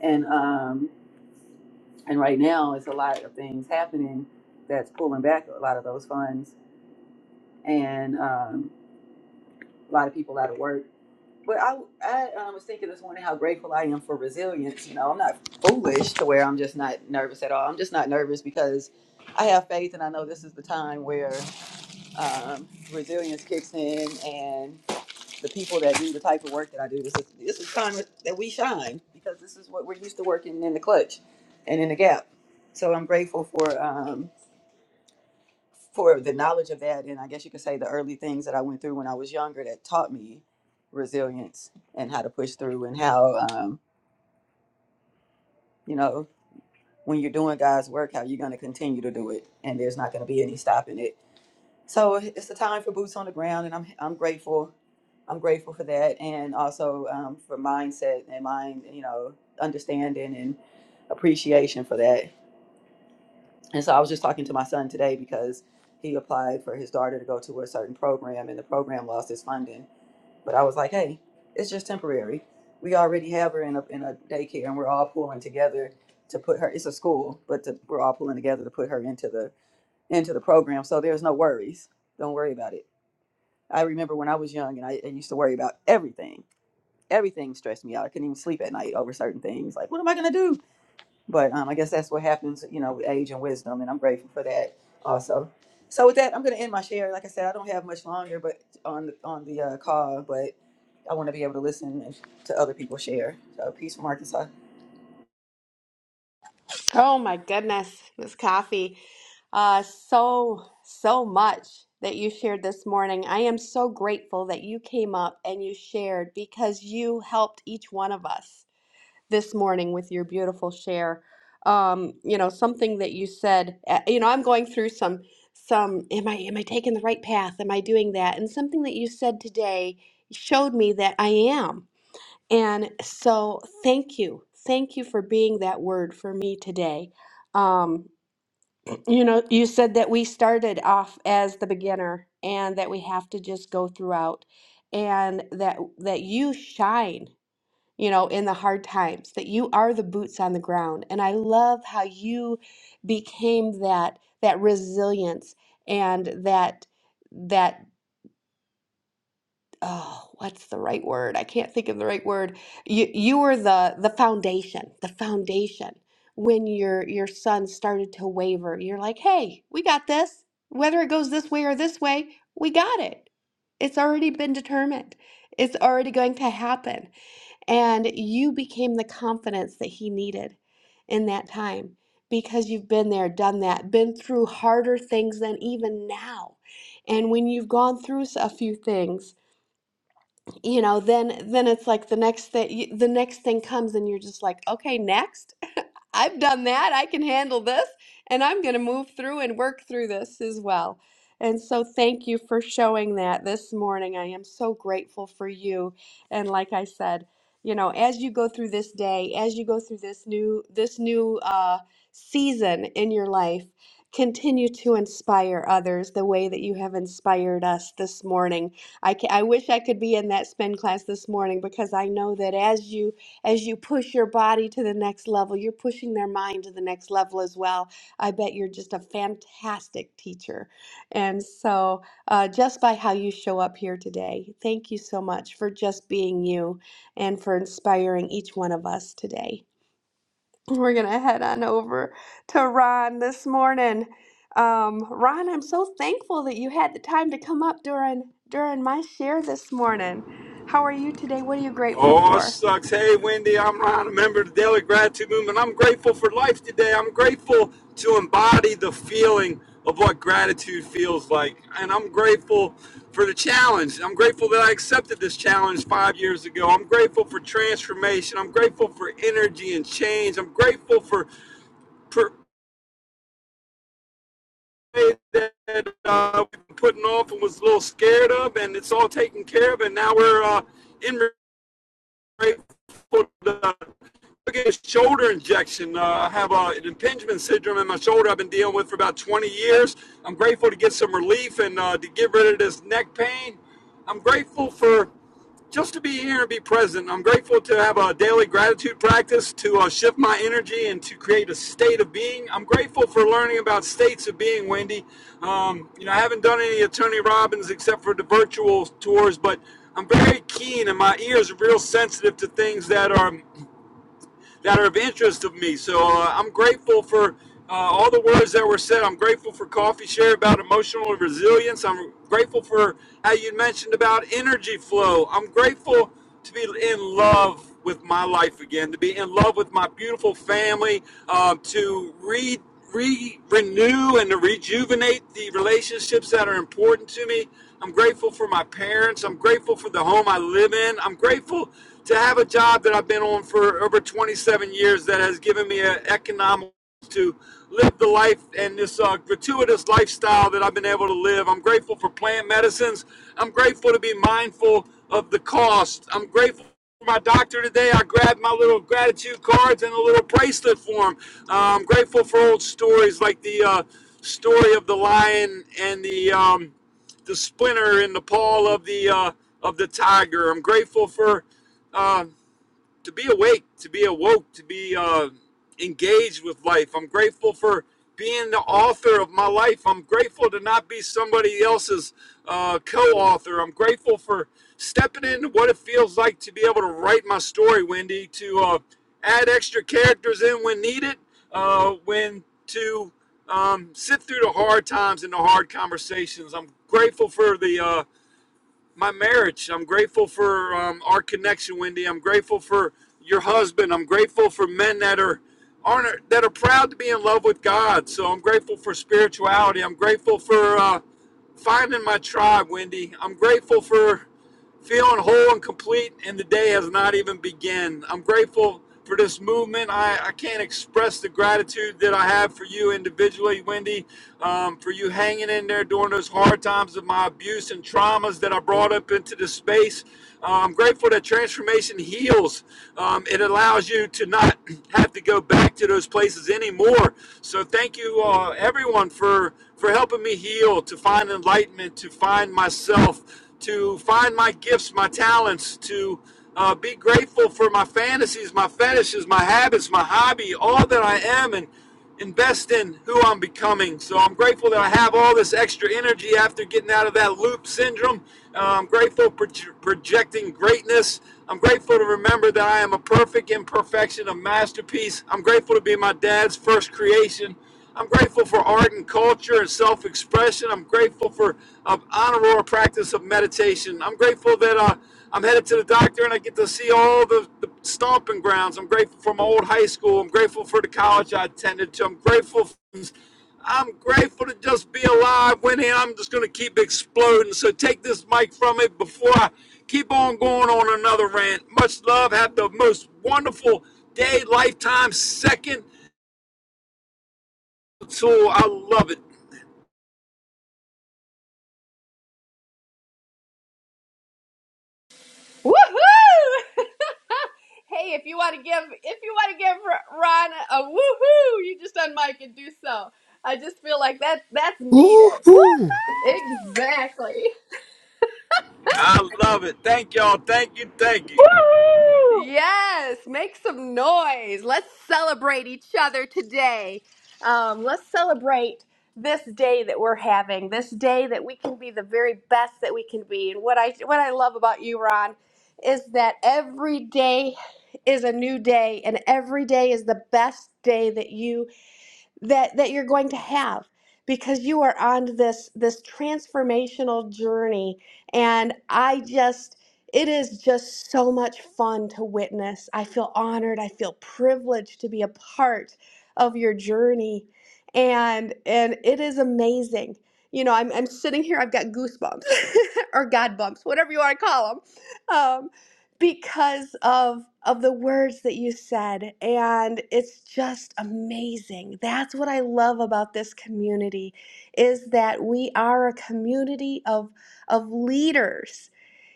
S20: And um, and right now, it's a lot of things happening that's pulling back a lot of those funds and um, a lot of people out of work. But I, I um, was thinking this morning how grateful I am for resilience. You know, I'm not foolish to where I'm just not nervous at all. I'm just not nervous because I have faith and I know this is the time where um, resilience kicks in and the people that do the type of work that I do, this is, this is time that we shine because this is what we're used to working in the clutch and in the gap. So I'm grateful for um, for the knowledge of that and i guess you could say the early things that i went through when i was younger that taught me resilience and how to push through and how um, you know when you're doing god's work how you're going to continue to do it and there's not going to be any stopping it so it's a time for boots on the ground and i'm, I'm grateful i'm grateful for that and also um, for mindset and mind you know understanding and appreciation for that And so I was just talking to my son today because he applied for his daughter to go to a certain program and the program lost its funding. But I was like, hey, it's just temporary. We already have her in a, in a daycare and we're all pulling together to put her, it's a school, but to, we're all pulling together to put her into the, into the program. So there's no worries. Don't worry about it. I remember when I was young and I, I used to worry about everything. Everything stressed me out. I couldn't even sleep at night over certain things. Like, what am I going to do? But um, I guess that's what happens, you know, with age and wisdom, and I'm grateful for that also. So with that, I'm going to end my share. Like I said, I don't have much longer, but on the, on the uh, call, but I want to be able to listen to other people share. So peace from Arkansas.
S18: Oh my goodness, Miss Coffee. Uh, so, so much that you shared this morning. I am so grateful that you came up and you shared because you helped each one of us this morning with your beautiful share. Um, you know, something that you said, uh, you know, I'm going through some some am I am I taking the right path? Am I doing that? And something that you said today showed me that I am. And so, thank you. Thank you for being that word for me today. Um, you know, you said that we started off as the beginner and that we have to just go throughout and that that you shine, you know, in the hard times, that you are the boots on the ground. And I love how you became that that resilience and that that oh, what's the right word? I can't think of the right word. You you were the the foundation, the foundation. When your your son started to waver, you're like, "Hey, we got this. Whether it goes this way or this way, we got it. It's already been determined. It's already going to happen." And you became the confidence that he needed in that time because you've been there, done that, been through harder things than even now. And when you've gone through a few things, you know then then it's like the next thing the next thing comes and you're just like okay next i've done that i can handle this and i'm going to move through and work through this as well and so thank you for showing that this morning i am so grateful for you and like i said you know as you go through this day as you go through this new this new uh, season in your life continue to inspire others the way that you have inspired us this morning I ca I wish I could be in that spin class this morning because I know that as you as you push your body to the next level, you're pushing their mind to the next level as well. I bet you're just a fantastic teacher. And so, uh, just by how you show up here today, thank you so much for just being you and for inspiring each one of us today. We're going to head on over to Ron this morning. Um, Ron, I'm so thankful that you had the time to come up during during my share this morning. How are you today? What are you grateful
S21: Oh,
S18: for?
S21: sucks. Hey, Wendy, I'm Ron, a member of the Daily Gratitude Movement. I'm grateful for life today. I'm grateful to embody the feeling of what gratitude feels like. And I'm grateful for the challenge. I'm grateful that I accepted this challenge five years ago. I'm grateful for transformation. I'm grateful for energy and change. I'm grateful for. for that uh, we've been putting off and was a little scared of, and it's all taken care of, and now we're uh, in. right foot down. Took a shoulder injection. Uh, I have uh, an impingement syndrome in my shoulder I've been dealing with for about 20 years. I'm grateful to get some relief and uh, to get rid of this neck pain. I'm grateful for just to be here and be present. I'm grateful to have a daily gratitude practice to uh, shift my energy and to create a state of being. I'm grateful for learning about states of being, Wendy. Um, you know, I haven't done any of Tony Robbins except for the virtual tours, but I'm very keen and my ears are real sensitive to things that are that are of interest to me. So uh, I'm grateful for uh, all the words that were said. I'm grateful for Coffee Share about emotional resilience. I'm grateful for how you mentioned about energy flow. I'm grateful to be in love with my life again, to be in love with my beautiful family, um, to read re- renew and to rejuvenate the relationships that are important to me. I'm grateful for my parents. I'm grateful for the home I live in. I'm grateful to have a job that I've been on for over 27 years that has given me an economic to live the life and this uh, gratuitous lifestyle that I've been able to live. I'm grateful for plant medicines. I'm grateful to be mindful of the cost. I'm grateful my doctor today. I grabbed my little gratitude cards and a little bracelet for him. Uh, I'm grateful for old stories like the uh, story of the lion and the um, the splinter in the paw of the uh, of the tiger. I'm grateful for. uh, to be awake, to be awoke, to be uh, engaged with life. I'm grateful for being the author of my life. I'm grateful to not be somebody else's uh, co-author. I'm grateful for stepping into what it feels like to be able to write my story, Wendy. To uh, add extra characters in when needed, uh, when to um, sit through the hard times and the hard conversations. I'm grateful for the uh, my marriage. I'm grateful for um, our connection, Wendy. I'm grateful for your husband. I'm grateful for men that are aren't that are proud to be in love with God. So I'm grateful for spirituality. I'm grateful for uh, finding my tribe, Wendy. I'm grateful for feeling whole and complete, and the day has not even begun. I'm grateful for this movement. I, I can't express the gratitude that I have for you individually, Wendy, um, for you hanging in there during those hard times of my abuse and traumas that I brought up into this space. Uh, I'm grateful that transformation heals. Um, it allows you to not have to go back to those places anymore. So thank you, uh, everyone, for for helping me heal, to find enlightenment, to find myself to find my gifts, my talents, to uh, be grateful for my fantasies, my fetishes, my habits, my hobby, all that I am, and invest in who I'm becoming. So I'm grateful that I have all this extra energy after getting out of that loop syndrome. Uh, I'm grateful for projecting greatness. I'm grateful to remember that I am a perfect imperfection, a masterpiece. I'm grateful to be my dad's first creation. I'm grateful for art and culture and self expression. I'm grateful for um, honorary practice of meditation. I'm grateful that uh, I'm headed to the doctor and I get to see all the, the stomping grounds. I'm grateful for my old high school. I'm grateful for the college I attended to. I'm grateful. for, I'm grateful to just be alive, Winnie. I'm just going to keep exploding. So take this mic from me before I keep on going on another rant. Much love. Have the most wonderful day, lifetime, second. So I love it.
S18: Woohoo! hey, if you want to give if you want to give R- Ron a woohoo, you just unmic and do so. I just feel like that that's needed.
S22: Woohoo!
S18: Exactly.
S21: I love it. Thank y'all. Thank you. Thank you.
S23: Woo!
S18: Yes, make some noise. Let's celebrate each other today. Um, let's celebrate this day that we're having, this day that we can be the very best that we can be. And what I what I love about you, Ron, is that every day is a new day, and every day is the best day that you that that you're going to have because you are on this this transformational journey and I just it is just so much fun to witness. I feel honored, I feel privileged to be a part of your journey and and it is amazing. You know, I'm I'm sitting here I've got goosebumps or god bumps, whatever you want to call them because of of the words that you said and it's just amazing that's what i love about this community is that we are a community of of leaders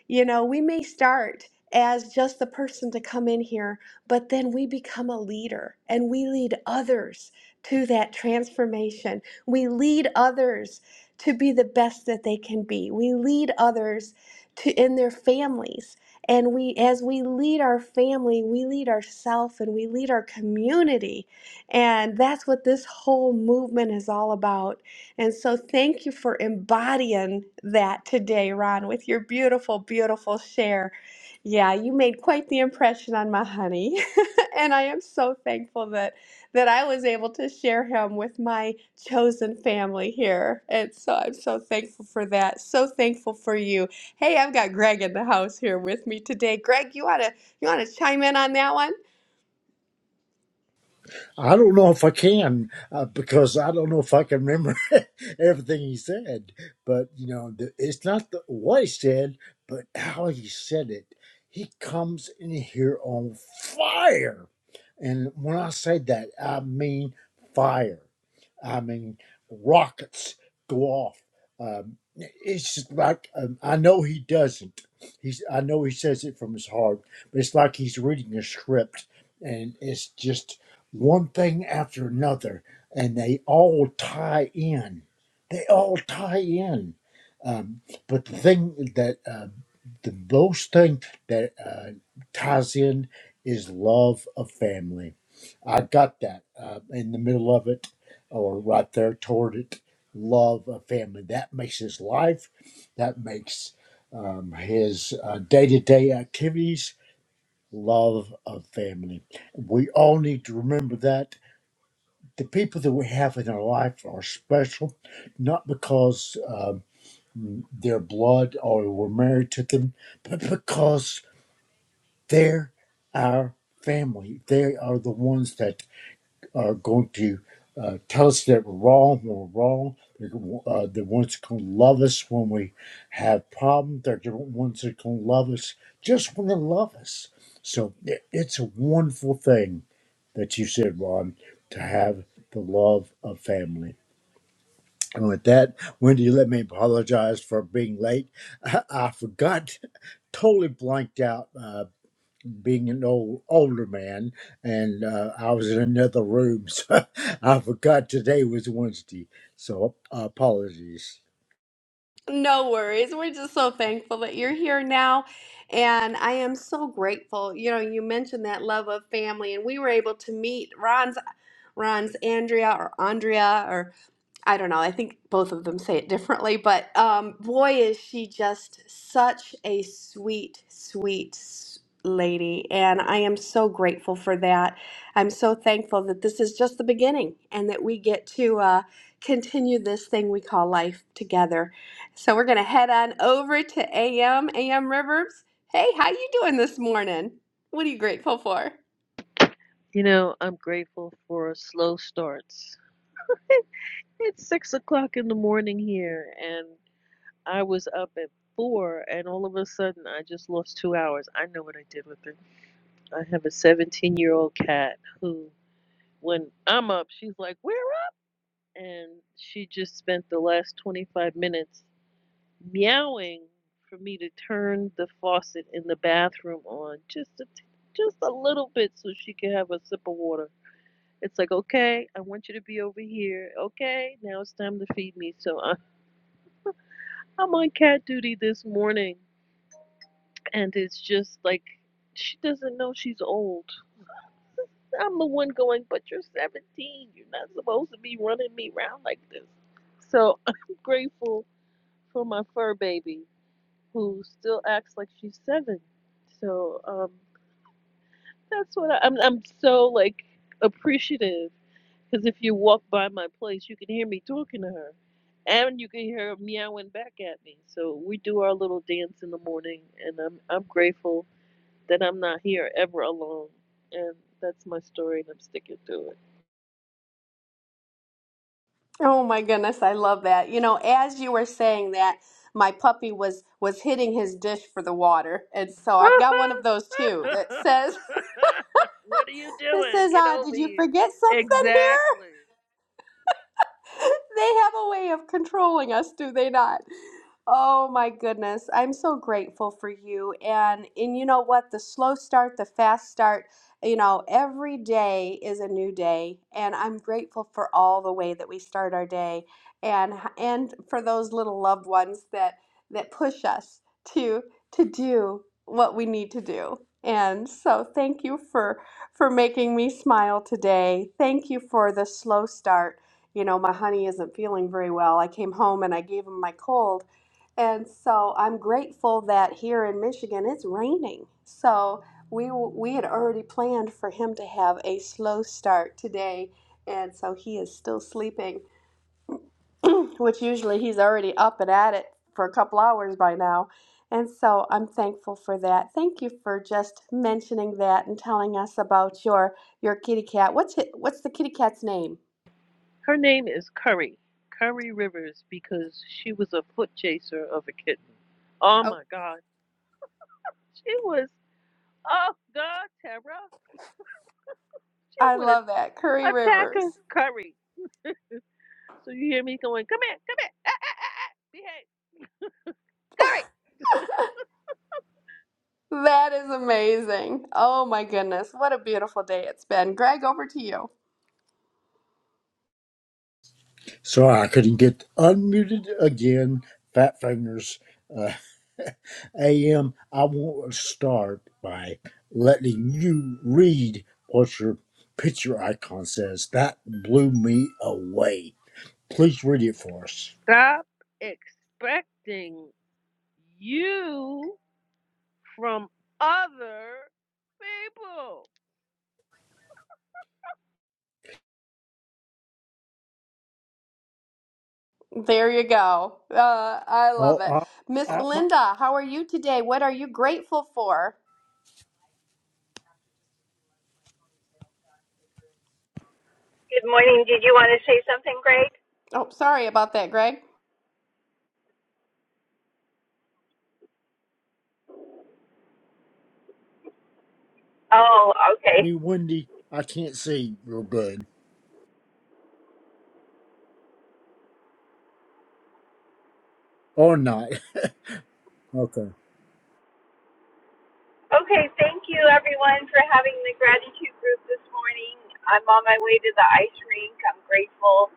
S18: you know, we may start as just the person to come in here, but then we become a leader and we lead others to that transformation. We lead others to be the best that they can be. We lead others to in their families. And we as we lead our family, we lead ourselves and we lead our community. And that's what this whole movement is all about. And so, thank you for embodying that today, Ron, with your beautiful, beautiful share. Yeah, you made quite the impression on my honey, and I am so thankful that that I was able to share him with my chosen family here. And so, I'm so thankful for that. So thankful for you. Hey, I've got Greg in the house here with me today. Greg, you wanna you wanna chime in on that one?
S24: I don't know if I can uh, because I don't know if I can remember everything he said. But you know, the, it's not the, what he said, but how he said it. He comes in here on fire, and when I say that, I mean fire. I mean, rockets go off. Um, it's just like um, I know he doesn't. He's I know he says it from his heart, but it's like he's reading a script, and it's just one thing after another, and they all tie in. They all tie in. Um, but the thing that uh, the, most thing that uh, ties in is love of family. I got that uh, in the middle of it, or right there toward it. Love of family. That makes his life. That makes um, his day to day activities. Love of family. We all need to remember that the people that we have in our life are special, not because um, their blood or we're married to them, but because they're our family. They are the ones that are going to uh, tell us that we're wrong when we're wrong. They're the uh, the ones that can love us when we have problems. They're the ones that can love us just when they love us. So it- it's a wonderful thing that you said, Ron, to have the love of family. And with that, Wendy, let me apologize for being late. I, I forgot, totally blanked out. uh, being an old older man, and uh, I was in another room, so I forgot today was Wednesday. So uh, apologies.
S18: No worries. We're just so thankful that you're here now. And I am so grateful. You know, you mentioned that love of family, and we were able to meet Ron's Ron's Andrea or Andrea or I don't know. I think both of them say it differently, but um, boy, is she just such a sweet, sweet s- lady. And I am so grateful for that. I'm so thankful that this is just the beginning and that we get to uh, continue this thing we call life together. So we're going to head on over to AM, AM Rivers. Hey, how you doing this morning? What are you grateful for?
S25: You know, I'm grateful for slow starts. It, It's six o'clock in the morning here, and I was up at four, and all of a sudden, I just lost two hours. I know what I did with it. I have a 17 year old cat who, when I'm up, she's like, We're up! And she just spent the last 25 minutes meowing for me to turn the faucet in the bathroom on just a, t- just a little bit so she could have a sip of water It's like, okay, I want you to be over here. Okay, now it's time to feed me. So I, I'm on cat duty this morning, and it's just like she doesn't know she's old. I'm the one going, but you're 17. You're not supposed to be running me around like this. So I'm grateful for my fur baby, who still acts like she's seven. So um, that's what I, I'm. I'm so like appreciative Because if you walk by my place, you can hear me talking to her. And you can hear her meowing back at me. So we do our little dance in the morning, and I'm I'm grateful that I'm not here ever alone. And that's my story, and I'm sticking to
S18: Oh my goodness, I love that. You know, as you were saying that, my puppy was was hitting his dish for the water. And so
S25: it.
S18: I've got one of those too that says
S25: what are you
S18: that
S25: doing?
S18: says,
S25: Get
S18: "Ah,
S25: over
S18: did you
S25: here.
S18: forget something
S25: Exactly.
S18: they have a way of controlling us, do they not? Oh my goodness. I'm so grateful for you. And and you know what? The slow start, the fast start, you know, every day is a new day. And I'm grateful for all the way that we start our day and and for those little loved ones that that push us to to do what we need to do. And so thank you for for making me smile today. Thank you for the slow start you know, my honey isn't feeling very well. I came home and I gave him my cold. And so I'm grateful that here in Michigan it's raining. So we w- we had already planned for him to have a slow start today, and so he is still sleeping, which usually he's already up and at it for a couple hours by now. And so I'm thankful for that. Thank you for just mentioning that and telling us about your your kitty cat. What's it, what's the kitty cat's name?
S25: Her name is Curry. Curry Rivers because she was a foot chaser of a kitten. Oh my God. She was, oh God, Tara. She
S18: I
S25: would
S18: love that. Curry
S25: attack
S18: Rivers.
S25: us, Curry. So you hear me going, come here, come here, ah, ah, ah, ah, behave, Curry.
S18: That is amazing. Oh my goodness. What a beautiful day it's been. Greg, over to you.
S24: So I couldn't get unmuted again. Fat fingers. Uh, Am I want to start by letting you read what your picture icon says. That blew me away. Please read it for us.
S25: Stop expecting you from other people.
S18: There you go. Uh, I
S24: Oh,
S18: love it.
S24: uh,
S18: Miss
S24: uh, my-
S18: Belinda, how are you today? What are you grateful for?
S23: Good morning. Did you want to say something, Greg?
S18: Oh, sorry about that, Greg.
S23: Oh, okay.
S24: me Wendy, I can't see real good or not. Okay.
S23: Okay, thank you everyone for having the gratitude group this morning. I'm on my way to the ice rink. I'm grateful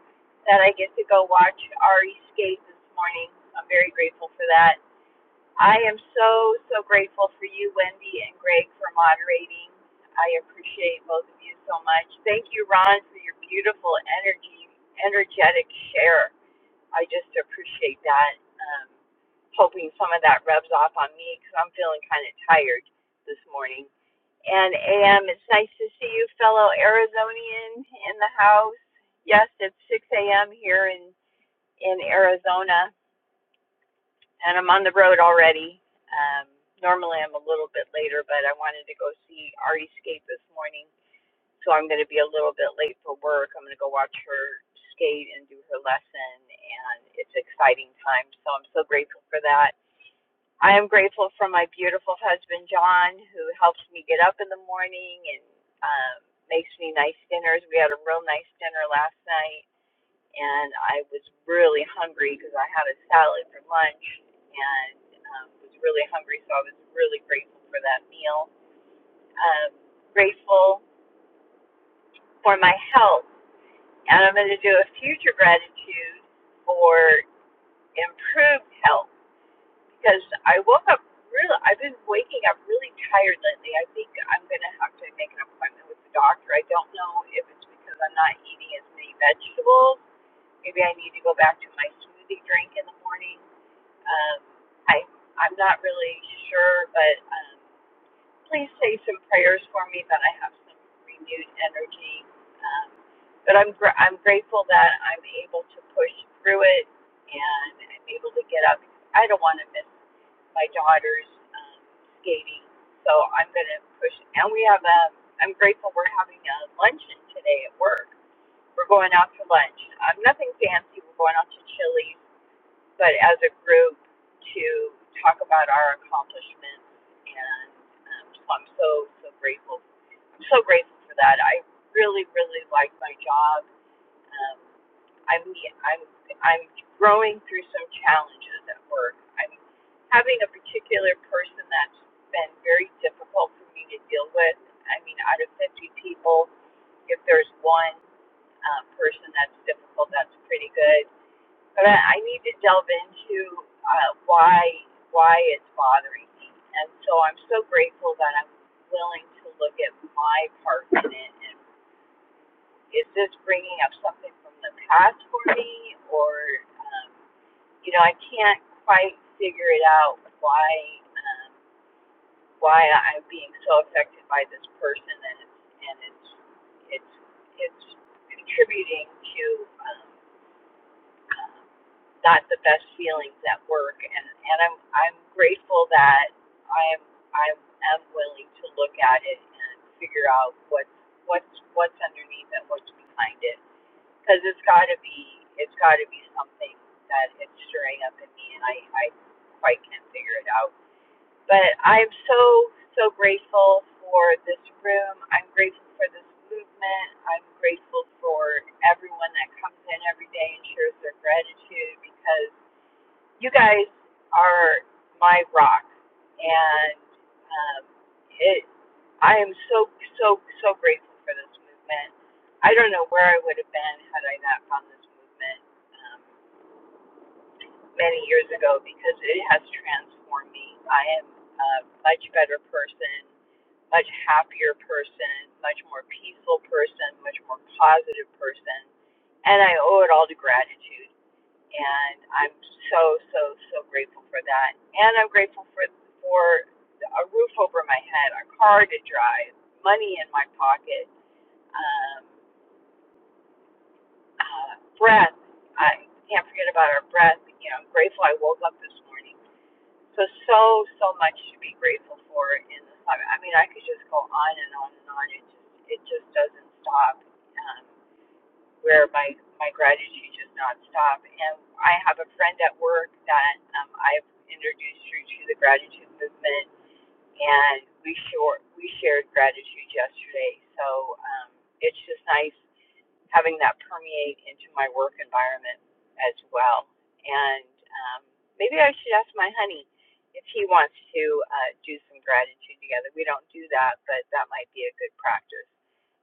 S23: that I get to go watch Ari skate this morning. I'm very grateful for that. I am so, so grateful for you, Wendy and Greg, for moderating. I appreciate both of you so much. Thank you, Ron, for your beautiful energy, energetic share. I just appreciate that. Um, hoping some of that rubs off on me because I'm feeling kind of tired this morning. And AM, it's nice to see you, fellow Arizonian, in the house. Yes, it's 6 a.m. here in in Arizona, and I'm on the road already. Um, normally, I'm a little bit later, but I wanted to go see Ari Skate this morning so I'm going to be a little bit late for work. I'm going to go watch her skate and do her lesson, and it's exciting time. So I'm so grateful for that. I am grateful for my beautiful husband John, who helps me get up in the morning and um, makes me nice dinners. We had a real nice dinner last night, and I was really hungry because I had a salad for lunch and um, was really hungry. So I was really grateful for that meal. Um, grateful for my health and I'm going to do a future gratitude for improved health because I woke up really. I've been waking up really tired lately. I think I'm going to have to make an appointment with the doctor. I don't know if it's because I'm not eating as many vegetables. Maybe I need to go back to my smoothie drink in the morning. Um, I I'm not really sure, but. Um, please say some prayers for me that I have some renewed energy. Um, but I'm gr- I'm grateful that I'm able to push through it and I'm able to get up. I don't want to miss my daughter's um, skating, so I'm going to push. And we have a. I'm grateful we're having a luncheon today at work. We're going out to lunch. Um, nothing fancy. We're going out to Chili's but as a group to talk about our accomplishments and um, so I'm so so grateful. I'm so grateful for that. I really really like my job. Um, I'm I'm I'm growing through some challenges at work. I'm having a particular person that's been very difficult for me to deal with. I mean, out of 50 people, if there's one uh, person that's difficult, that's pretty good but I, I need to delve into uh, why why it's bothering me, and so I'm so grateful that I'm willing to look at my part in it. And is this bringing up something from the past for me, or um, you know, I can't quite figure it out why um, why I'm being so affected by this person, and it's and it's it's it's contributing to. Um, not the best feelings at work and and I'm I'm grateful that I'm I'm willing to look at it and figure out what's what's what's underneath and what's behind it because it's got to be it's got to be something that it's stirring up in me and I I quite can't figure it out but I'm so, so grateful for this room. I'm grateful for this movement. I'm grateful for everyone that comes in every day and shares their gratitude because you guys are my rock. And um, it, I am so, so, so grateful for this movement. I don't know where I would have been had I not found this movement. Um, many years ago because it has transformed me. I am a much better person, much happier person, much more peaceful person, much more positive person. And I owe it all to gratitude. And I'm so, so, so grateful for that. And I'm grateful for, for a roof over my head, a car to drive, money in my pocket, um, uh, breath. I can't forget about our breath. You know, I'm grateful I woke up this morning So, so, so much to be grateful for in this time. I mean, I could just go on and on and on. It just, it just doesn't stop. Um, where my my gratitude does not stop. And I have a friend at work that um, I've introduced her to the gratitude movement, and we short we shared gratitude yesterday. So um, it's just nice having that permeate into my work environment as well. And um, maybe I should ask my honey if he wants to uh, do some gratitude together. We don't do that, but that might be a good practice.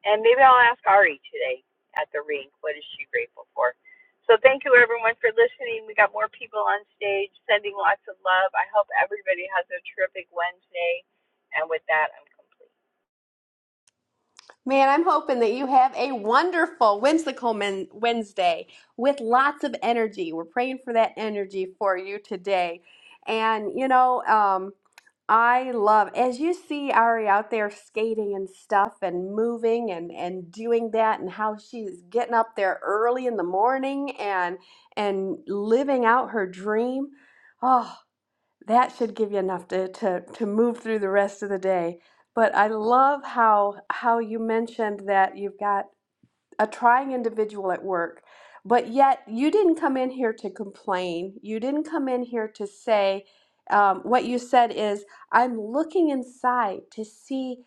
S23: And maybe I'll ask Ari today at the rink what is she grateful for. So thank you everyone for listening. We got more people on stage sending lots of love. I hope everybody has a terrific Wednesday. And with that, I'm complete.
S18: Man, I'm hoping that you have a wonderful whimsical men- Wednesday with lots of energy. We're praying for that energy for you today. And, you know, um, I love, as you see Ari out there skating and stuff and moving and, and doing that and how she's getting up there early in the morning and, and living out her dream. Oh that should give you enough to, to, to move through the rest of the day. But I love how how you mentioned that you've got a trying individual at work, but yet you didn't come in here to complain. You didn't come in here to say, um, what you said is, I'm looking inside to see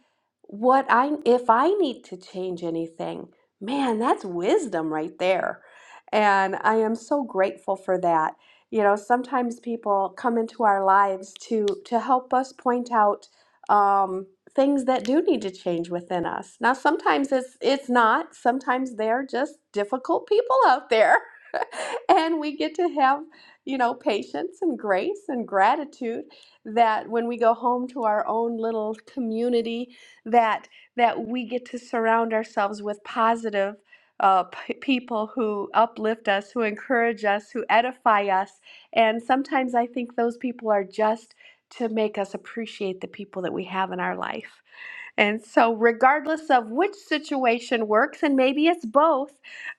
S18: what I, if I need to change anything. Man, that's wisdom right there. And I am so grateful for that. You know, sometimes people come into our lives to to help us point out. Um, things that do need to change within us. Now sometimes it's it's not. Sometimes they're just difficult people out there. and we get to have, you know, patience and grace and gratitude that when we go home to our own little community that that we get to surround ourselves with positive uh, p- people who uplift us, who encourage us, who edify us. And sometimes I think those people are just to make us appreciate the people that we have in our life. And so, regardless of which situation works, and maybe it's both,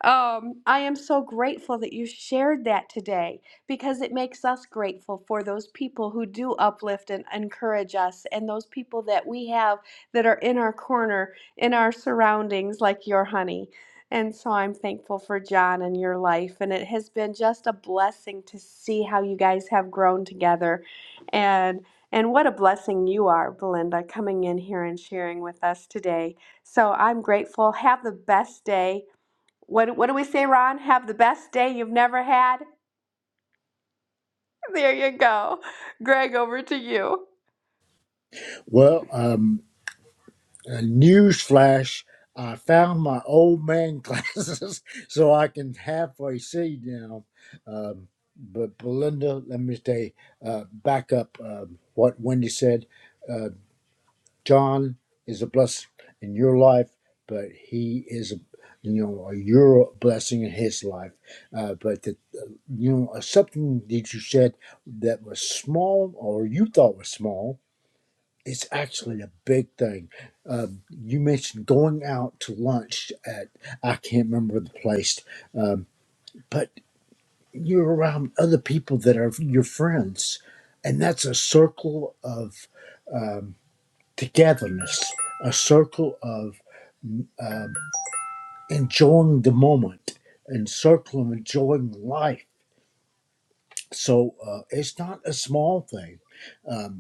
S18: um, I am so grateful that you shared that today because it makes us grateful for those people who do uplift and encourage us, and those people that we have that are in our corner, in our surroundings, like your honey. And so I'm thankful for John and your life. And it has been just a blessing to see how you guys have grown together. And and what a blessing you are, Belinda, coming in here and sharing with us today. So I'm grateful. Have the best day. What, what do we say, Ron? Have the best day you've never had? There you go. Greg, over to you.
S24: Well, um, a newsflash, I found my old man glasses, so I can halfway see now. Um, but Belinda, let me say, uh, back up um what Wendy said. Uh, John is a blessing in your life, but he is a you know, a you're a blessing in his life. Uh, but the, uh, you know, something that you said that was small or you thought was small It's actually a big thing. Uh, you mentioned going out to lunch at, I can't remember the place, um, but you're around other people that are your friends. And that's a circle of um, togetherness, a circle of enjoying the moment, and circle of enjoying life. So uh, it's not a small thing. Um,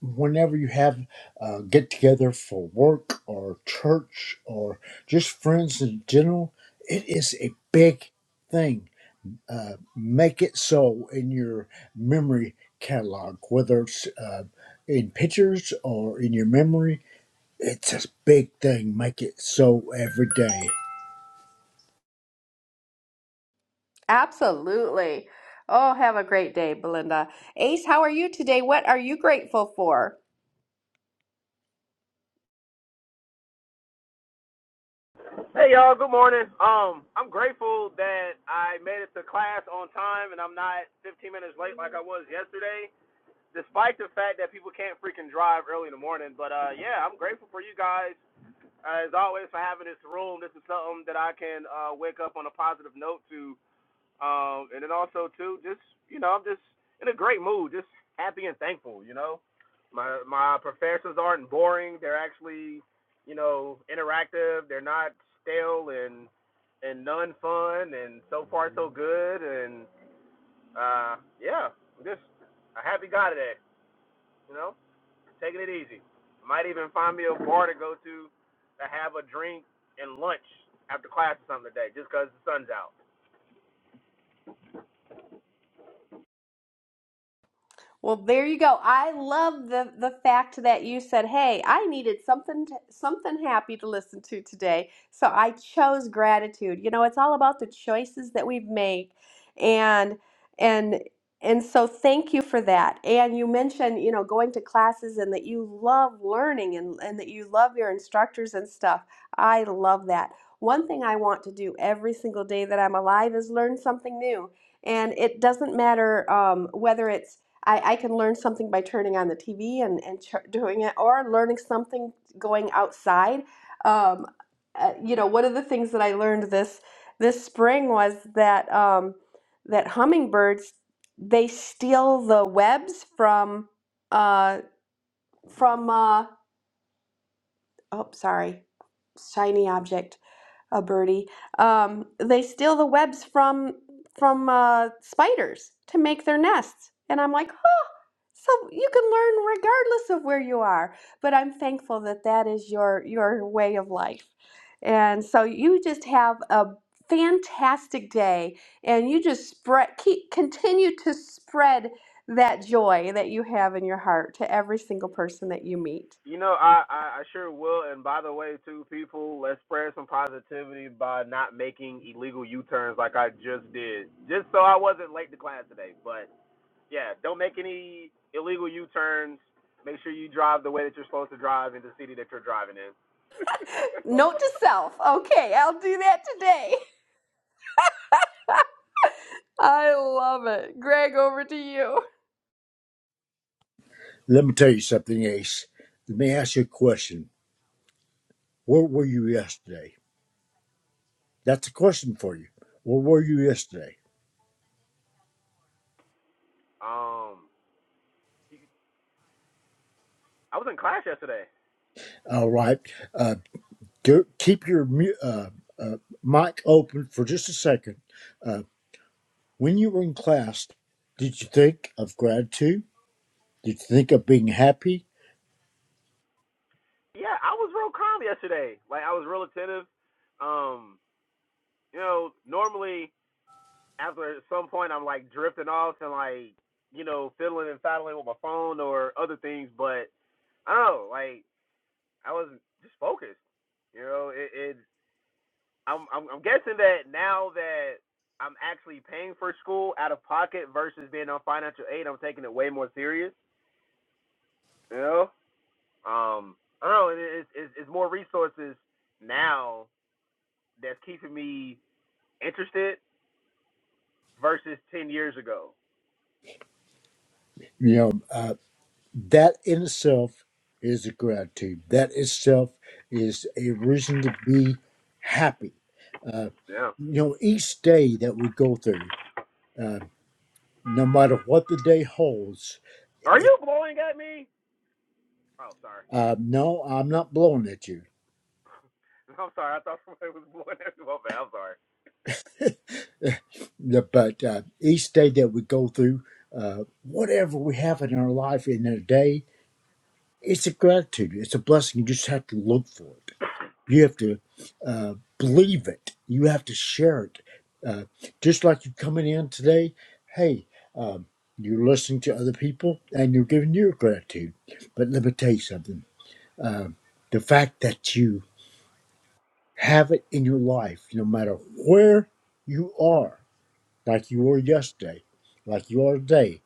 S24: whenever you have uh, get together for work or church or just friends in general, it is a big thing. Uh, make it so in your memory catalog, whether it's uh, in pictures or in your memory, it's a big thing. Make it so every day.
S18: Absolutely. Oh, have a great day, Belinda. Ace, how are you today? What are you grateful for?
S26: Hey y'all, good morning. Um, I'm grateful that I made it to class on time and I'm not 15 minutes late like I was yesterday, despite the fact that people can't freaking drive early in the morning. But uh, yeah, I'm grateful for you guys uh, as always for having this room. This is something that I can uh, wake up on a positive note to um, and then also too, just you know, I'm just in a great mood, just happy and thankful. You know, my my professors aren't boring; they're actually, you know, interactive. They're not stale and and none fun. And so far, so good. And uh, yeah, just a happy guy today. You know, taking it easy. Might even find me a bar to go to to have a drink and lunch after class or something today, just because the sun's out.
S18: Well, there you go. I love the the fact that you said, "Hey, I needed something to, something happy to listen to today." So I chose gratitude. You know, it's all about the choices that we've made. And and and so thank you for that. And you mentioned, you know, going to classes and that you love learning and and that you love your instructors and stuff. I love that. One thing I want to do every single day that I'm alive is learn something new and it doesn't matter um, whether it's I, I can learn something by turning on the TV and, and doing it, or learning something going outside. Um, uh, you know, one of the things that I learned this this spring was that um, that hummingbirds they steal the webs from uh, from uh, oh sorry shiny object a birdie. Um, they steal the webs from from uh, spiders to make their nests, and I'm like, oh, so you can learn regardless of where you are. But I'm thankful that that is your your way of life, and so you just have a fantastic day, and you just spread keep continue to spread that joy that you have in your heart to every single person that you meet.
S26: You know, I, I, I sure will. And by the way, too, people, let's spread some positivity by not making illegal U turns like I just did, just so I wasn't late to class today. But yeah, don't make any illegal U turns. Make sure you drive the way that you're supposed to drive in the city that you're driving in.
S18: Note to self. Okay, I'll do that today. I love it. Greg, over to you.
S24: Let me tell you something, Ace. Let me ask you a question. Where were you yesterday? That's a question for you. Where were you yesterday?
S26: Um, I was in class yesterday.
S24: All right. Uh, Go, keep your uh, uh, mic open for just a second. Uh, when you were in class, did you think of gratitude? Did you think of being happy?
S26: Yeah, I was real calm yesterday. Like I was real attentive. Um, you know, normally after at some point I'm like drifting off and like you know fiddling and faddling with my phone or other things, but I don't know. Like I was just focused. You know, it. it I'm, I'm I'm guessing that now that I'm actually paying for school out of pocket versus being on financial aid, I'm taking it way more serious. You know, um, I don't know. It, it, it's it's more resources now that's keeping me interested versus ten years ago.
S24: You know, uh, that in itself is a gratitude. That itself is a reason to be happy. Uh,
S26: Yeah.
S24: you know, each day that we go through, uh, no matter what the day holds,
S26: Are
S24: it,
S26: you blowing at me? Oh, sorry.
S24: uh, no, I'm not blowing at you.
S26: I'm sorry. I thought somebody was blowing everyone. Okay, I'm sorry.
S24: Yeah, but uh, each day that we go through, uh, whatever we have in our life in a day, it's a gratitude. It's a blessing. You just have to look for it. You have to uh, believe it. You have to share it. Uh, just like you coming in today, hey, um, you're listening to other people and you're giving your gratitude. But let me tell you something. Um, the fact that you have it in your life, no matter where you are, like you were yesterday, like you are today,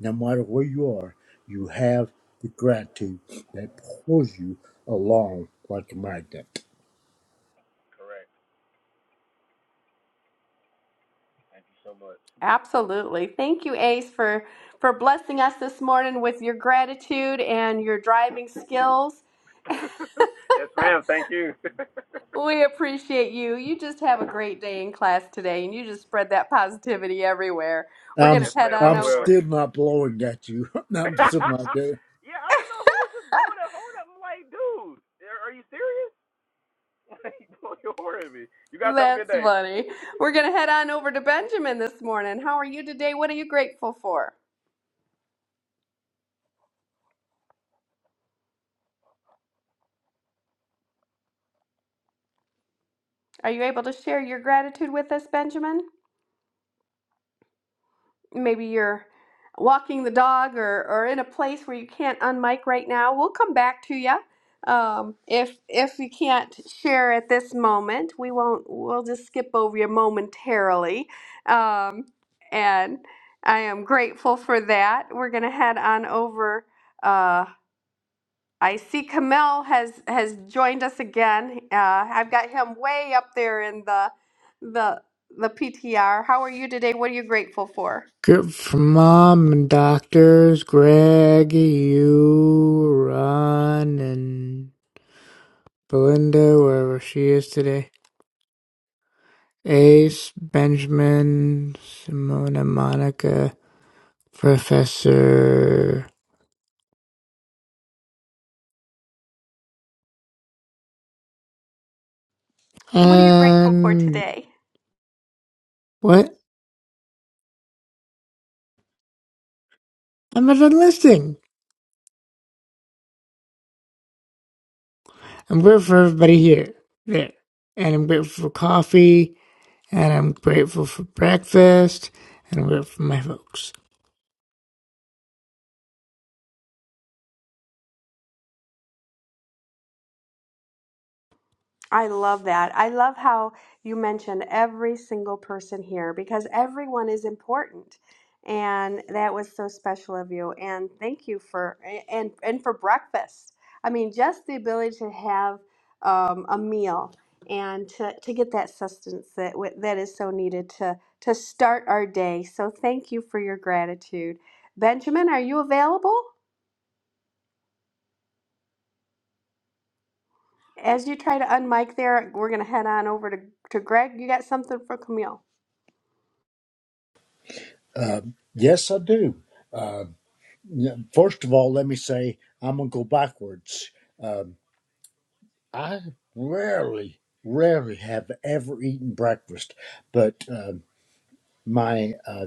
S24: no matter where you are, you have the gratitude that pulls you along like a magnet.
S18: Absolutely. Thank you, Ace, for for blessing us this morning with your gratitude and your driving skills.
S26: Yes, ma'am. Thank you.
S18: We appreciate you. You just have a great day in class today and you just spread that positivity everywhere. We're going
S24: I'm
S18: to
S26: yes,
S18: head
S26: ma'am. I
S18: on
S24: I'm
S18: over.
S26: will.
S24: still not blowing at you. I'm still not doing.
S26: yeah, I don't know who was just blowing that horn. up. I'm like, dude, are you serious? Like, blow your horn at me. You guys have a good
S18: That's
S26: day.
S18: funny. We're going to head on over to Benjamin this morning. How are you today? What are you grateful for? Are you able to share your gratitude with us, Benjamin? Maybe you're walking the dog or, or in a place where you can't unmic right now. We'll come back to you. Um, if if you can't share at this moment, we won't. We'll just skip over you momentarily. Um, and I am grateful for that. We're gonna head on over. Uh, I see Kamel has has joined us again. Uh, I've got him way up there in the the the PTR. How are you today? What are you grateful for?
S22: Good for mom and doctors, Greg, you, Ron, and Belinda, wherever she is today. Ace, Benjamin, Simona, Monica, Professor,
S18: What are you grateful for
S22: and
S18: today?
S22: what? I'm not done listing. I'm grateful for everybody here, there, and I'm grateful for coffee, and I'm grateful for breakfast, and I'm grateful for my folks.
S18: I love that. I love how you mentioned every single person here because everyone is important. And that was so special of you. And thank you for and and for breakfast. I mean, just the ability to have um, a meal and to, to get that sustenance that wi- that is so needed to to start our day. So thank you for your gratitude. Benjamin, are you available? As you try to unmic there, we're gonna head on over to, to Greg. You got something for Camille?
S24: Um, yes, I do. Um, n- first of all, let me say I'm gonna go backwards. Um, I rarely, rarely have ever eaten breakfast, but um, my uh,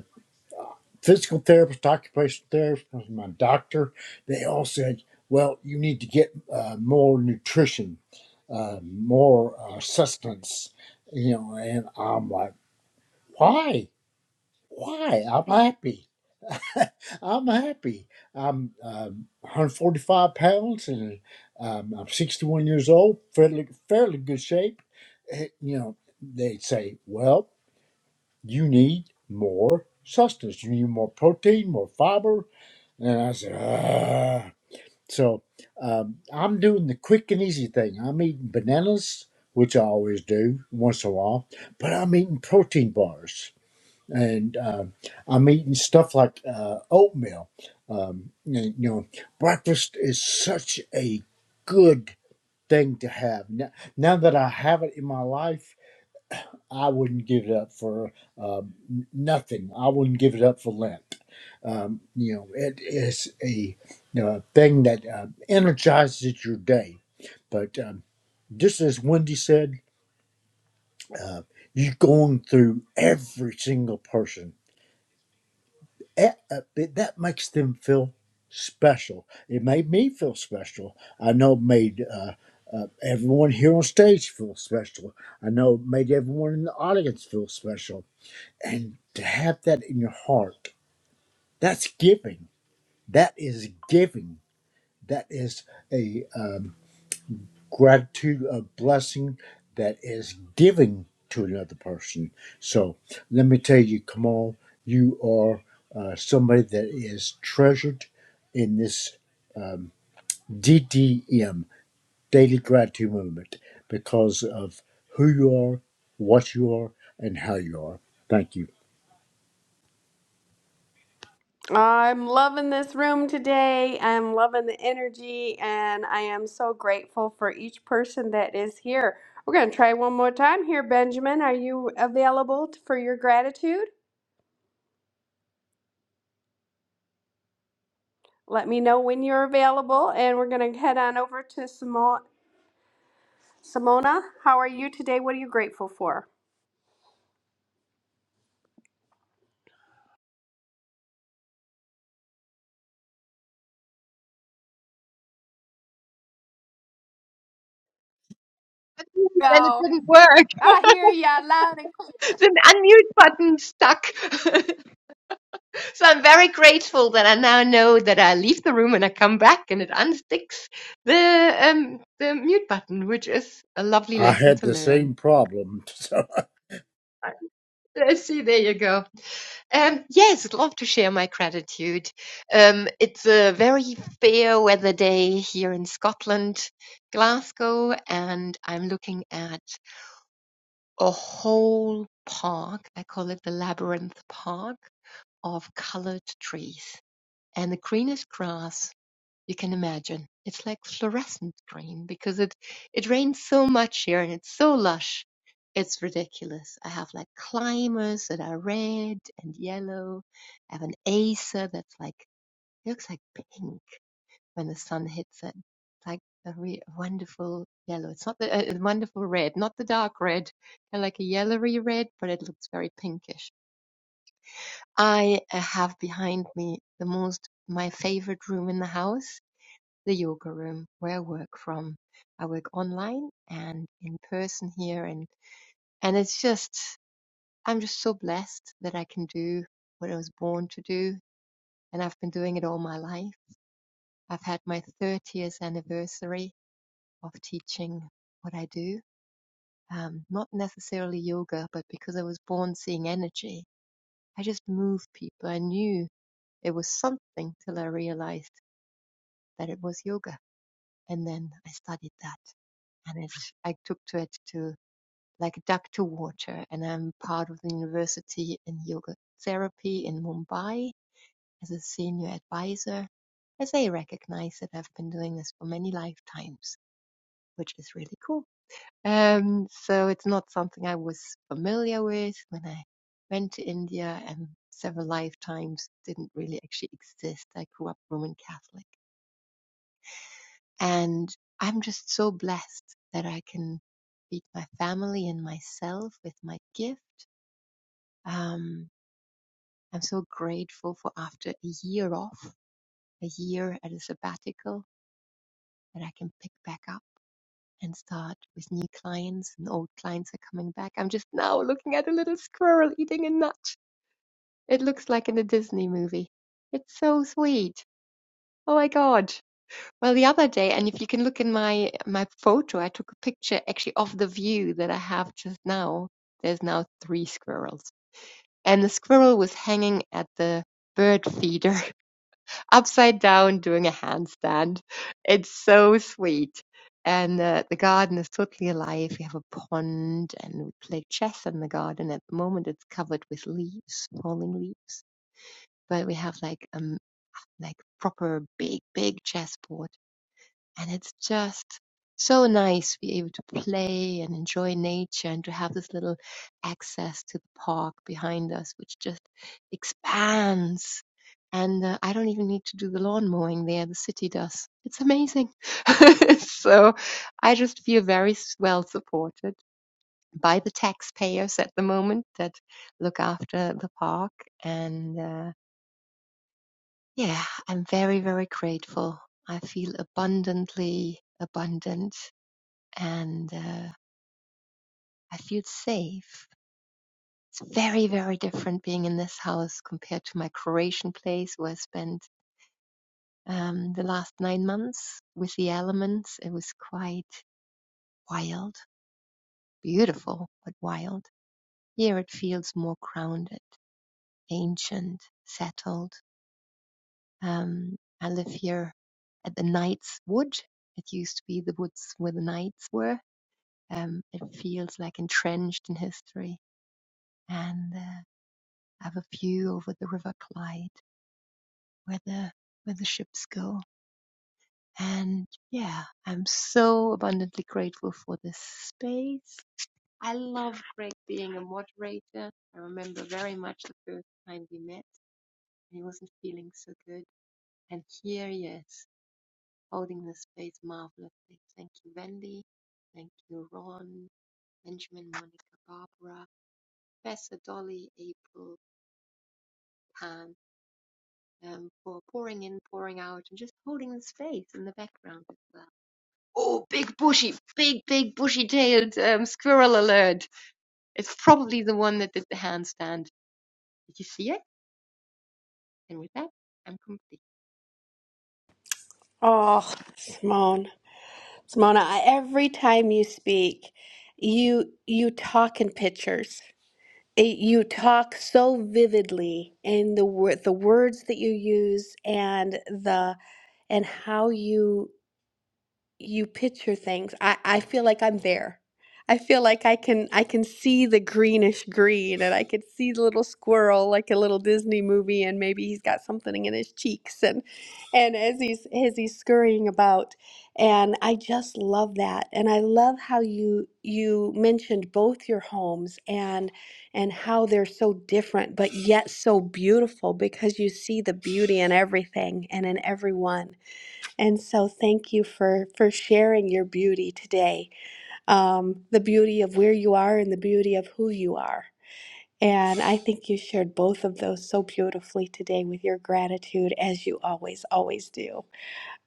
S24: physical therapist, occupational therapist, my doctor, they all said, well, you need to get uh, more nutrition, uh, more uh, sustenance, you know. And I'm like, why? Why? I'm happy. I'm happy. I'm um, 145 pounds and um, I'm 61 years old, fairly, fairly good shape. Eh, You know, they say, well, you need more sustenance. You need more protein, more fiber, and I said, ah. So um, I'm doing the quick and easy thing. I'm eating bananas, which I always do once in a while, but I'm eating protein bars. And uh, I'm eating stuff like uh, oatmeal. Um, and, you know, breakfast is such a good thing to have. Now, now that I have it in my life, I wouldn't give it up for um, nothing. I wouldn't give it up for Lent. Um, you know, it is a you know, a thing that uh, energizes your day. But um, just as Wendy said, uh, you're going through every single person. That, uh, it- that makes them feel special. It made me feel special. I know it made uh, uh, everyone here on stage feel special. I know it made everyone in the audience feel special and to have that in your heart that's giving that is giving that is a um, gratitude a blessing that is giving to another person so let me tell you kamal you are uh, somebody that is treasured in this um, ddm daily gratitude movement because of who you are what you are and how you are thank you
S18: I'm loving this room today. I'm loving the energy, and I am so grateful for each person that is here. We're going to try one more time here, Benjamin. Are you available t- for your gratitude? Let me know when you're available, and we're going to head on over to Simo- Simona. How are you today? What are you grateful for?
S27: then it
S18: Go.
S27: didn't work.
S18: I hear ya loud and clear.
S27: The unmute button stuck. so I'm very grateful that I now know that I leave the room and I come back and it unsticks the um the mute button, which is a lovely
S24: i
S27: lesson
S24: had
S27: to
S24: the
S27: learn.
S24: same problem so.
S27: Let's see, there you go. Um, yes, I'd love to share my gratitude. Um, it's a very fair weather day here in Scotland, Glasgow, and I'm looking at a whole park. I call it the Labyrinth Park of colored trees. And the greenest grass you can imagine. It's like fluorescent green because it, it rains so much here and it's so lush. It's ridiculous. I have like climbers that are red and yellow. I have an acer that's like, it looks like pink when the sun hits it. It's like a re- wonderful yellow. It's not the, a a wonderful red, not the dark red, kind of like a yellowy red, but it looks very pinkish I uh, have behind me the most my favorite room in the house, the yoga room where I work from. I work online and in person here and and it's just I'm just so blessed that I can do what I was born to do and I've been doing it all my life. I've had my 30th anniversary of teaching what I do. Um, not necessarily yoga, but because I was born seeing energy, I just move people. I knew it was something till I realized that it was yoga. And then I studied that and it, I took to it to like a duck to water. And I'm part of the university in yoga therapy in Mumbai as a senior advisor, as they recognize that I've been doing this for many lifetimes, which is really cool. Um, so it's not something I was familiar with when I went to India and several lifetimes didn't really actually exist. I grew up Roman Catholic. And I'm just so blessed that I can feed my family and myself with my gift. Um, I'm so grateful for after a year off, a year at a sabbatical, that I can pick back up and start with new clients and old clients are coming back. I'm just now looking at a little squirrel eating a nut. It looks like in a Disney movie. It's so sweet. Oh my God. Well, the other day, and if you can look in my my photo, I took a picture actually of the view that I have just now. There's now three squirrels, and the squirrel was hanging at the bird feeder upside down doing a handstand. It's so sweet. And uh, the garden is totally alive. We have a pond and we play chess in the garden. At the moment, it's covered with leaves, falling leaves. But we have like um like proper big big chessboard and it's just so nice to be able to play and enjoy nature and to have this little access to the park behind us, which just expands. And uh, I don't even need to do the lawn mowing there, the city does. It's amazing. so I just feel very s- well supported by the taxpayers at the moment that look after the park. And uh, yeah, I'm very, very grateful. I feel abundantly abundant and uh, I feel safe. It's very, very different being in this house compared to my Croatian place where I spent um, the last nine months with the elements. It was quite wild, beautiful, but wild. Here it feels more grounded, ancient, settled. Um, I live here at the Knight's Wood. It used to be the woods where the knights were. Um, it feels like entrenched in history and uh, have a view over the River Clyde, where the where the ships go. And yeah, I'm so abundantly grateful for this space. I love Greg being a moderator. I remember very much the first time we met, and he wasn't feeling so good. And here he is, holding the space marvelously. Thank you, Wendy. Thank you, Ron, Benjamin, Monica, Barbara, Professor Dolly, April, Pam, um, for pouring in, pouring out, and just holding the space in the background as well. Oh, big bushy, big, big bushy tailed um, squirrel alert. It's probably the one that did the handstand. Did you see it? And with that, I'm complete.
S18: Oh, Simone, Simona, I- every time you speak, you you talk in pictures. it, you talk so vividly in the word the words that you use and the and how you you picture things. I, I feel like I'm there. I feel like I can I can see the greenish green and I could see the little squirrel like a little Disney movie and maybe he's got something in his cheeks and and as he's as he's scurrying about and I just love that and I love how you you mentioned both your homes and and how they're so different but yet so beautiful because you see the beauty in everything and in everyone and so, thank you for for sharing your beauty today, um, the beauty of where you are and the beauty of who you are. And I think you shared both of those so beautifully today with your gratitude, as you always, always do.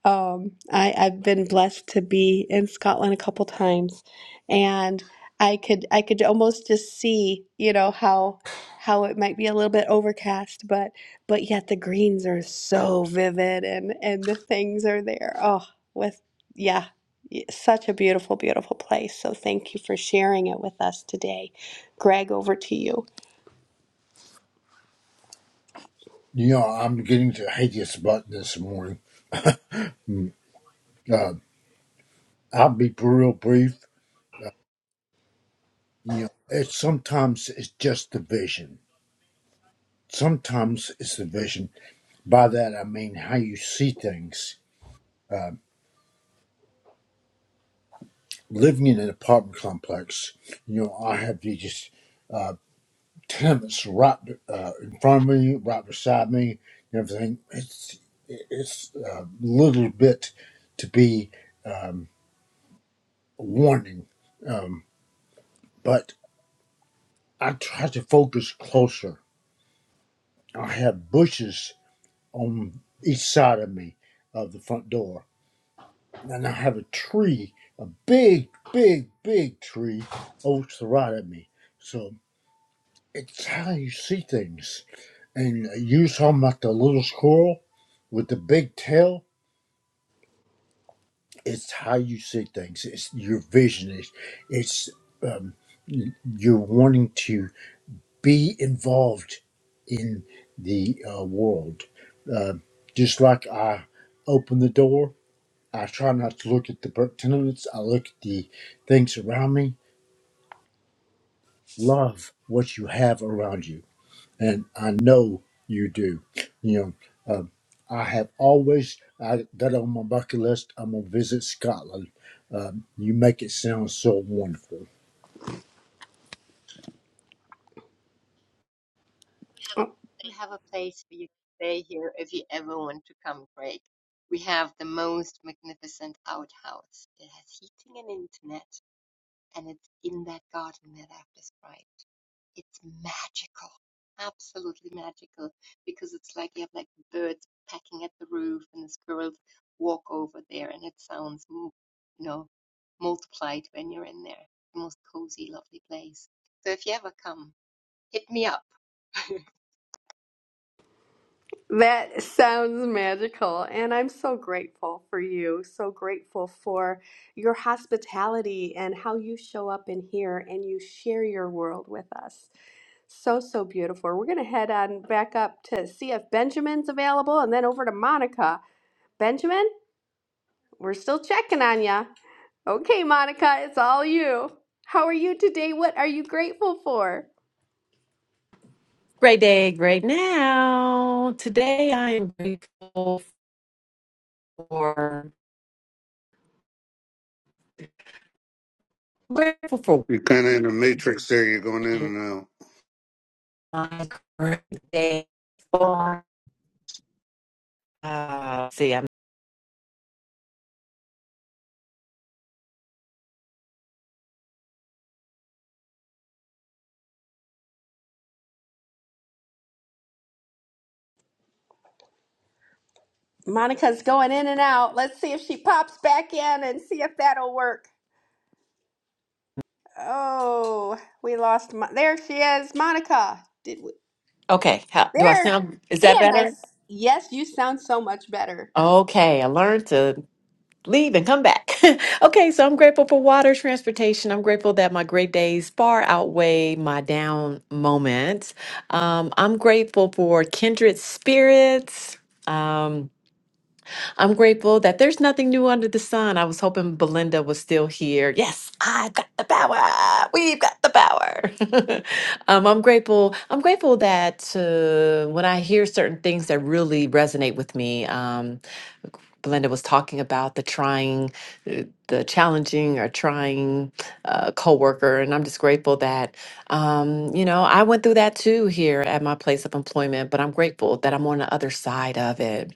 S18: Um, I, I've been blessed to be in Scotland a couple times, and I could I could almost just see, you know, how how it might be a little bit overcast, but but yet the greens are so vivid and and the things are there. Oh, with yeah, y- such a beautiful, beautiful place. So thank you for sharing it with us today. Greg, over to you.
S24: You know, I'm getting to hate this button this morning. Mm. Uh, I'll be real brief. You know, it's sometimes it's just the vision. Sometimes it's the vision. By that I mean how you see things. Uh, living in an apartment complex, you know, I have these uh, tenements right uh, in front of me, right beside me, and everything. It's it's a little bit to be um, warning, um, but I tried to focus closer. I have bushes on each side of me of the front door. And I have a tree, a big, big, big tree over to the right of me. So it's how you see things. And you were talking about the little squirrel with the big tail. It's how you see things. It's your vision. It's, it's um, you're wanting to be involved in the uh, world. Uh, just like I open the door, I try not to look at the per- tenements, I look at the things around me. Love what you have around you, and I know you do. You know, um, I have always I, that on my bucket list. I'm gonna visit Scotland. Um, you make it sound so wonderful.
S27: We have a place for you to stay here if you ever want to come, Craig. We have the most magnificent outhouse. It has heating and internet, and it's in that garden that I've described. It's magical, absolutely magical, because it's like you have like birds pecking at the roof and the squirrels walk over there, and it sounds, m- you know, multiplied when you're in there. The most cozy, lovely place. So if you ever come, hit me up.
S18: That sounds magical, and I'm so grateful for you. So grateful for your hospitality and how you show up in here and you share your world with us. So, so beautiful. We're going to head on back up to see if Benjamin's available and then over to Monica. Benjamin, we're still checking on ya. Okay, Monica, it's all you. How are you today? What are you grateful for?
S28: Great day, great now. Today I am grateful for grateful for
S7: You're kind of in the matrix there. You're going in and out.
S28: my great day. For uh, see, I'm
S18: Monica's going in and out. Let's see if she pops back in and see if that'll work. Oh, we lost. Mo- there she is, Monica. Did we?
S28: okay. How, do I
S18: There.
S28: sound? Is that
S18: And I.
S28: better?
S18: Yes, you sound so much better.
S28: Okay, I learned to leave and come back. okay, so I'm grateful for water transportation. I'm grateful that my great days far outweigh my down moments. Um, I'm grateful for kindred spirits. Um, I'm grateful that there's nothing new under the sun. I was hoping Belinda was still here. Yes, I've got the power. We've got the power. um, I'm grateful. I'm grateful that uh, when I hear certain things that really resonate with me, um, Belinda was talking about the trying, uh, the challenging or trying uh, coworker, and I'm just grateful that um, you know I went through that too here at my place of employment. But I'm grateful that I'm on the other side of it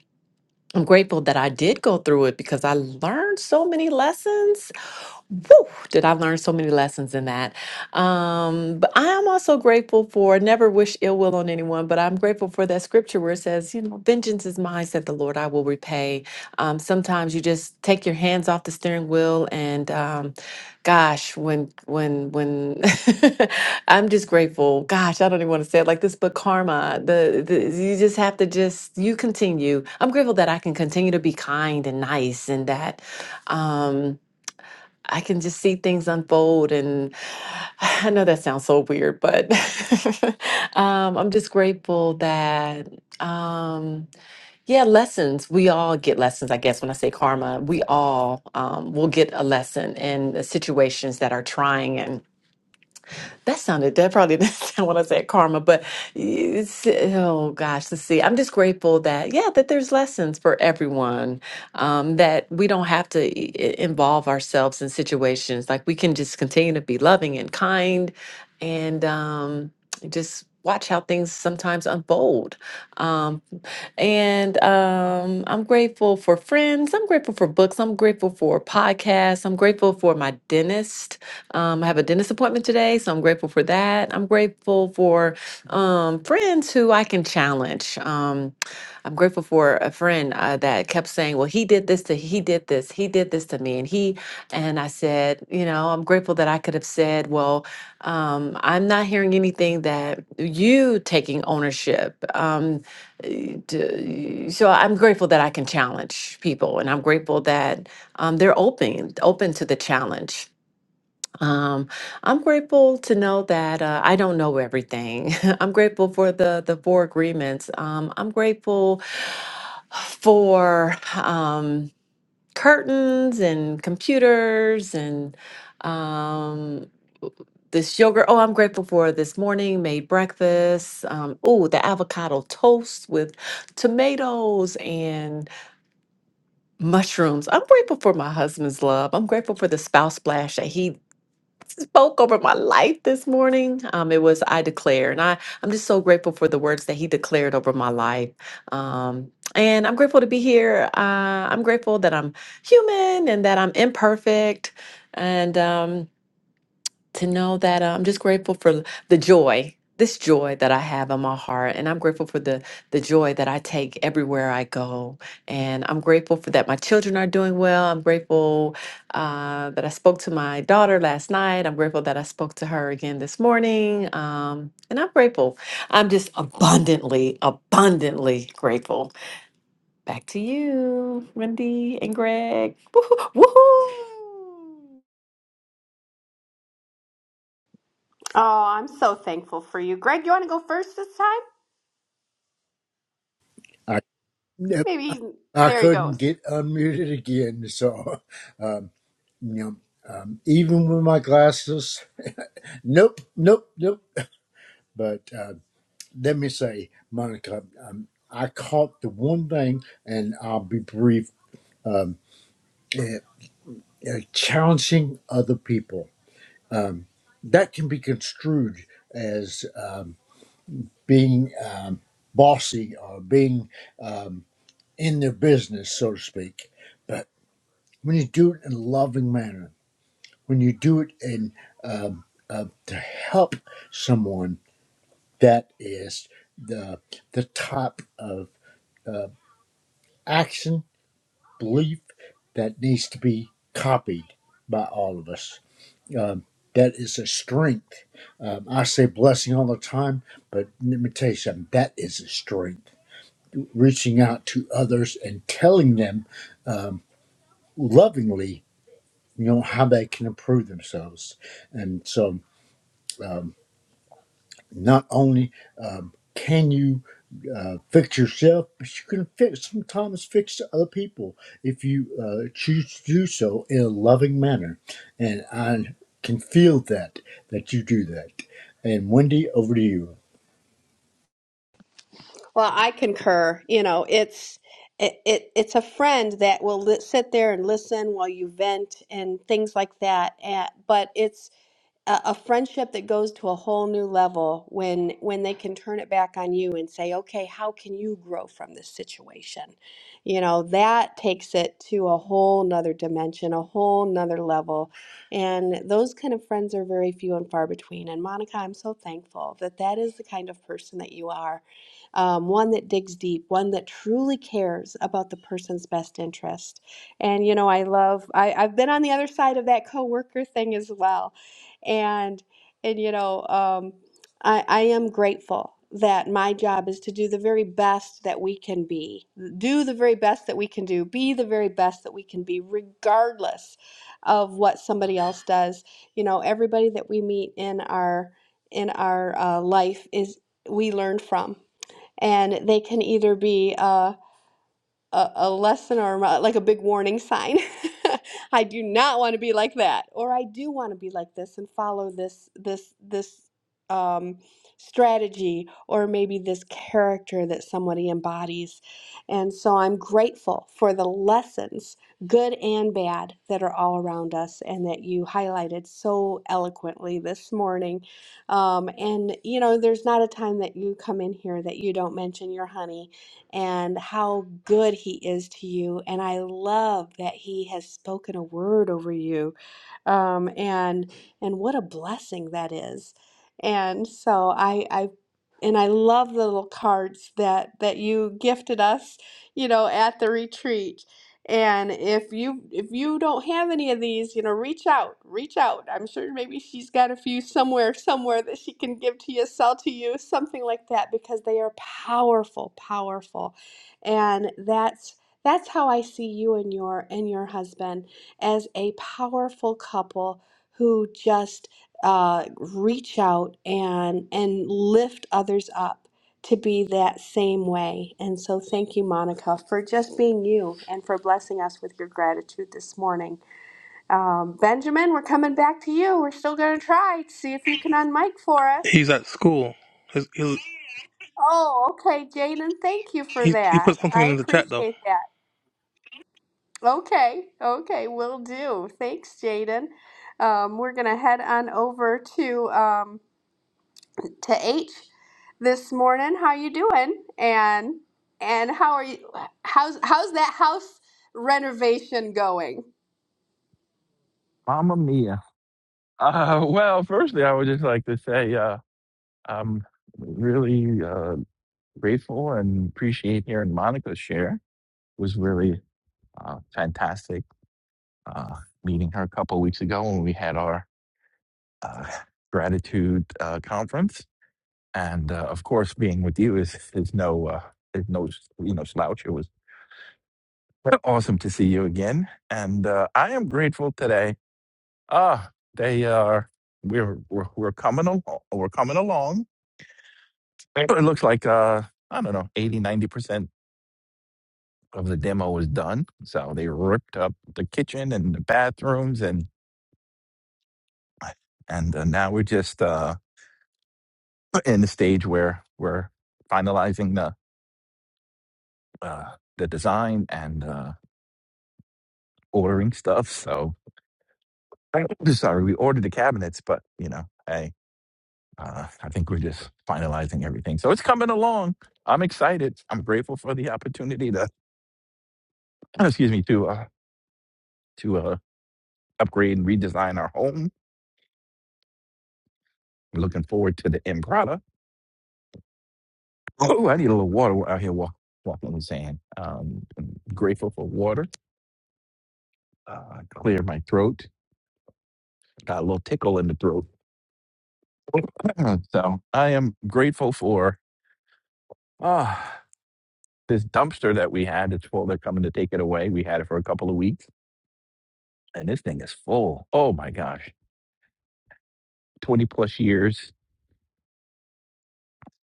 S28: I'm grateful that I did go through it because I learned so many lessons Woo, did I learn so many lessons in that? Um, but I am also grateful for never wish ill will on anyone, but I'm grateful for that scripture where it says, you know, vengeance is mine, said the Lord, I will repay. Um, sometimes you just take your hands off the steering wheel and um, gosh, when when when I'm just grateful. Gosh, I don't even want to say it like this, but karma, the, the you just have to just you continue. I'm grateful that I can continue to be kind and nice and that um I can just see things unfold. And I know that sounds so weird, but um, I'm just grateful that, um, yeah, lessons. We all get lessons, I guess, when I say karma, we all um, will get a lesson in the situations that are trying. That sounded, that probably didn't sound when I said karma, but it's, oh gosh, let's see. I'm just grateful that, yeah, that there's lessons for everyone, um, that we don't have to i- i- involve ourselves in situations. Like we can just continue to be loving and kind and um, just watch how things sometimes unfold. Um, and um, I'm grateful for friends. I'm grateful for books. I'm grateful for podcasts. I'm grateful for my dentist. Um, I have a dentist appointment today, so I'm grateful for that. I'm grateful for um, friends who I can challenge. Um, I'm grateful for a friend uh, that kept saying, "Well, he did this to he did this he did this to me," and he and I said, "You know, I'm grateful that I could have said, well, um, I'm not hearing anything that you taking ownership. Um, to- so I'm grateful that I can challenge people, and I'm grateful that um, they're open open to the challenge. Um, I'm grateful to know that uh, I don't know everything. I'm grateful for the the four agreements. Um, I'm grateful for. Um, curtains and computers and um, this yogurt. Oh, I'm grateful for this morning made breakfast. Um, oh, the avocado toast with tomatoes and mushrooms. I'm grateful for my husband's love. I'm grateful for the spouse splash that he spoke over my life this morning. Um, it was I declare, and I I'm just so grateful for the words that he declared over my life. Um, and I'm grateful to be here. Uh, I'm grateful that I'm human and that I'm imperfect, and um, to know that uh, I'm just grateful for the joy, this joy that I have in my heart, and I'm grateful for the the joy that I take everywhere I go, and I'm grateful for that my children are doing well. I'm grateful uh, that I spoke to my daughter last night. I'm grateful that I spoke to her again this morning, um, and I'm grateful. I'm just abundantly, abundantly grateful. Back to you, Wendy and Greg. Woohoo! woohoo.
S18: Oh, I'm so thankful for you, Greg. You want to go first this time? Maybe he's,
S24: I
S18: there he
S24: couldn't
S18: goes.
S24: get unmuted again. So, um, you know, um, even with my glasses, nope, nope, nope. But uh, let me say, Monica, um, I caught the one thing, and I'll be brief um, uh, uh, challenging other people. Um, that can be construed as um, being um, bossy or being um, in their business, so to speak. But when you do it in a loving manner, when you do it in um, uh, to help someone, that is the the type of uh, action belief that needs to be copied by all of us. Um, that is a strength. Um, I say blessing all the time, but let me tell you something. That is a strength. Reaching out to others and telling them um, lovingly, you know, how they can improve themselves, and so. Not only um, can you uh, fix yourself, but you can fix sometimes fix other people if you uh, choose to do so in a loving manner. And I can feel that that you do that. And Wendy, over to you.
S18: Well, I concur. You know, it's it, it it's a friend that will li- sit there and listen while you vent and things like that. And, but it's a, a friendship that goes to a whole new level when when they can turn it back on you and say okay how can you grow from this situation you know that takes it to a whole nother dimension a whole nother level and those kind of friends are very few and far between and monica i'm so thankful that that is the kind of person that you are um, one that digs deep one that truly cares about the person's best interest and you know i love I, i've been on the other side of that coworker thing as well and and you know um, I, I am grateful that my job is to do the very best that we can be do the very best that we can do be the very best that we can be regardless of what somebody else does you know everybody that we meet in our in our uh, life is we learn from and they can either be uh, a, a lesson or like a big warning sign. I do not want to be like that, or I do want to be like this and follow this this this um, strategy or maybe this character that somebody embodies. And so I'm grateful for the lessons, good and bad, that are all around us and that you highlighted so eloquently this morning. Um, and you know, there's not a time that you come in here that you don't mention your honey and how good he is to you. And I love that he has spoken a word over you. Um, and and what a blessing that is. And so I I and I love the little cards that that you gifted us, you know, at the retreat and if you if you don't have any of these, you know, reach out, reach out. I'm sure maybe she's got a few somewhere, somewhere that she can give to you, sell to you, something like that, because they are powerful, powerful. And that's that's how I see you and your and your husband as a powerful couple who just uh, reach out and and lift others up to be that same way. And so thank you, Monica, for just being you and for blessing us with your gratitude this morning. Um, Benjamin, we're coming back to you. We're still going to try to see if you can unmic for us.
S3: He's at school. He's, he's,
S18: Oh, okay, Jaden, thank you for
S3: he he
S18: that.
S3: put something
S18: I
S3: in the chat though.
S18: appreciate that. Okay, okay, will do. Thanks, Jaden. Um, we're going to head on over to. Um, to H this morning. How you doing? And and how are you? How's how's that house renovation going?
S29: Mamma mia. Uh, well, firstly, I would just like to say uh, I'm really uh, grateful and appreciate hearing Monica's share. It was really uh, fantastic uh, meeting her a couple of weeks ago when we had our uh, gratitude uh, conference, and uh, of course, being with you is is no uh, is no you know slouch. It was awesome to see you again, and uh, I am grateful today. Ah, they are we're, we're we're coming along. We're coming along It looks like uh, I don't know, 80 90 percent of the demo was done. So they ripped up the kitchen and the bathrooms and and uh, now we're just uh, in the stage where we're finalizing the uh, the design and uh, ordering stuff. So sorry, we ordered the cabinets, but you know, hey, uh, I think we're just finalizing everything. So it's coming along. I'm excited. I'm grateful for the opportunity to excuse me to uh, to uh, upgrade and redesign our home Looking forward to the end product. Oh, I need a little water out here walk, walking on the sand. Um, I'm grateful for water. Uh, cleared my throat. Got a little tickle in the throat. so I am grateful for ah this dumpster that we had. It's full. They're coming to take it away. We had it for a couple of weeks, and this thing is full. Oh my gosh, twenty plus years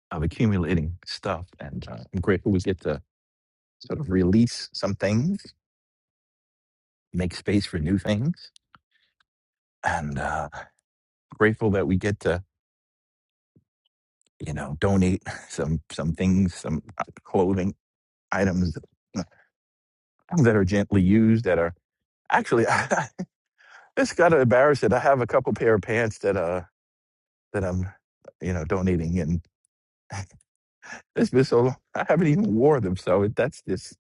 S29: of accumulating stuff, and uh, I'm grateful we get to sort of release some things, make space for new things, and. Uh, grateful that we get to you know donate some some things some uh, clothing items that are gently used that are actually this got to embarrass it i have a couple pair of pants that uh that i'm you know donating and it's been so i haven't even wore them so it, that's just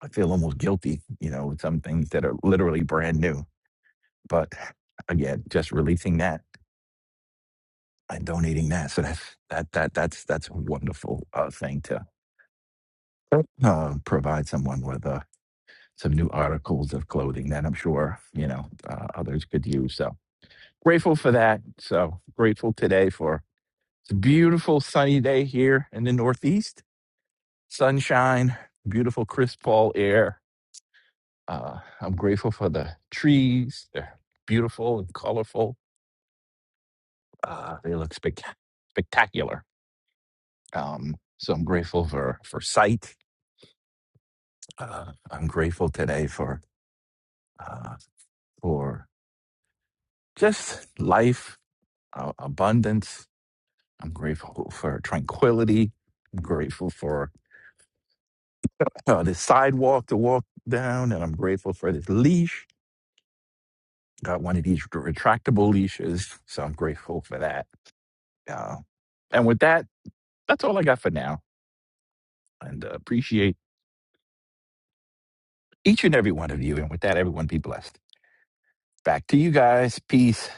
S29: i feel almost guilty you know with some things that are literally brand new but again just releasing that and donating that so that's that that that's that's a wonderful uh, thing to uh, provide someone with Uh, some new articles of clothing that I'm sure you know uh, others could use. So grateful for that. So grateful today for it's a beautiful sunny day here in the Northeast, sunshine, beautiful crisp fall air. Uh, I'm grateful for the trees. They're beautiful and colorful. Uh, they look spec- spectacular. Um, so I'm grateful for for sight. Uh, I'm grateful today for uh, for just life, uh, abundance, I'm grateful for tranquility. I'm grateful for uh, this sidewalk to walk down, and I'm grateful for this leash. Got one of these retractable leashes, so I'm grateful for that. Uh, and with that, that's all I got for now. And uh, appreciate each and every one of you. And with that, everyone be blessed. Back to you guys. Peace.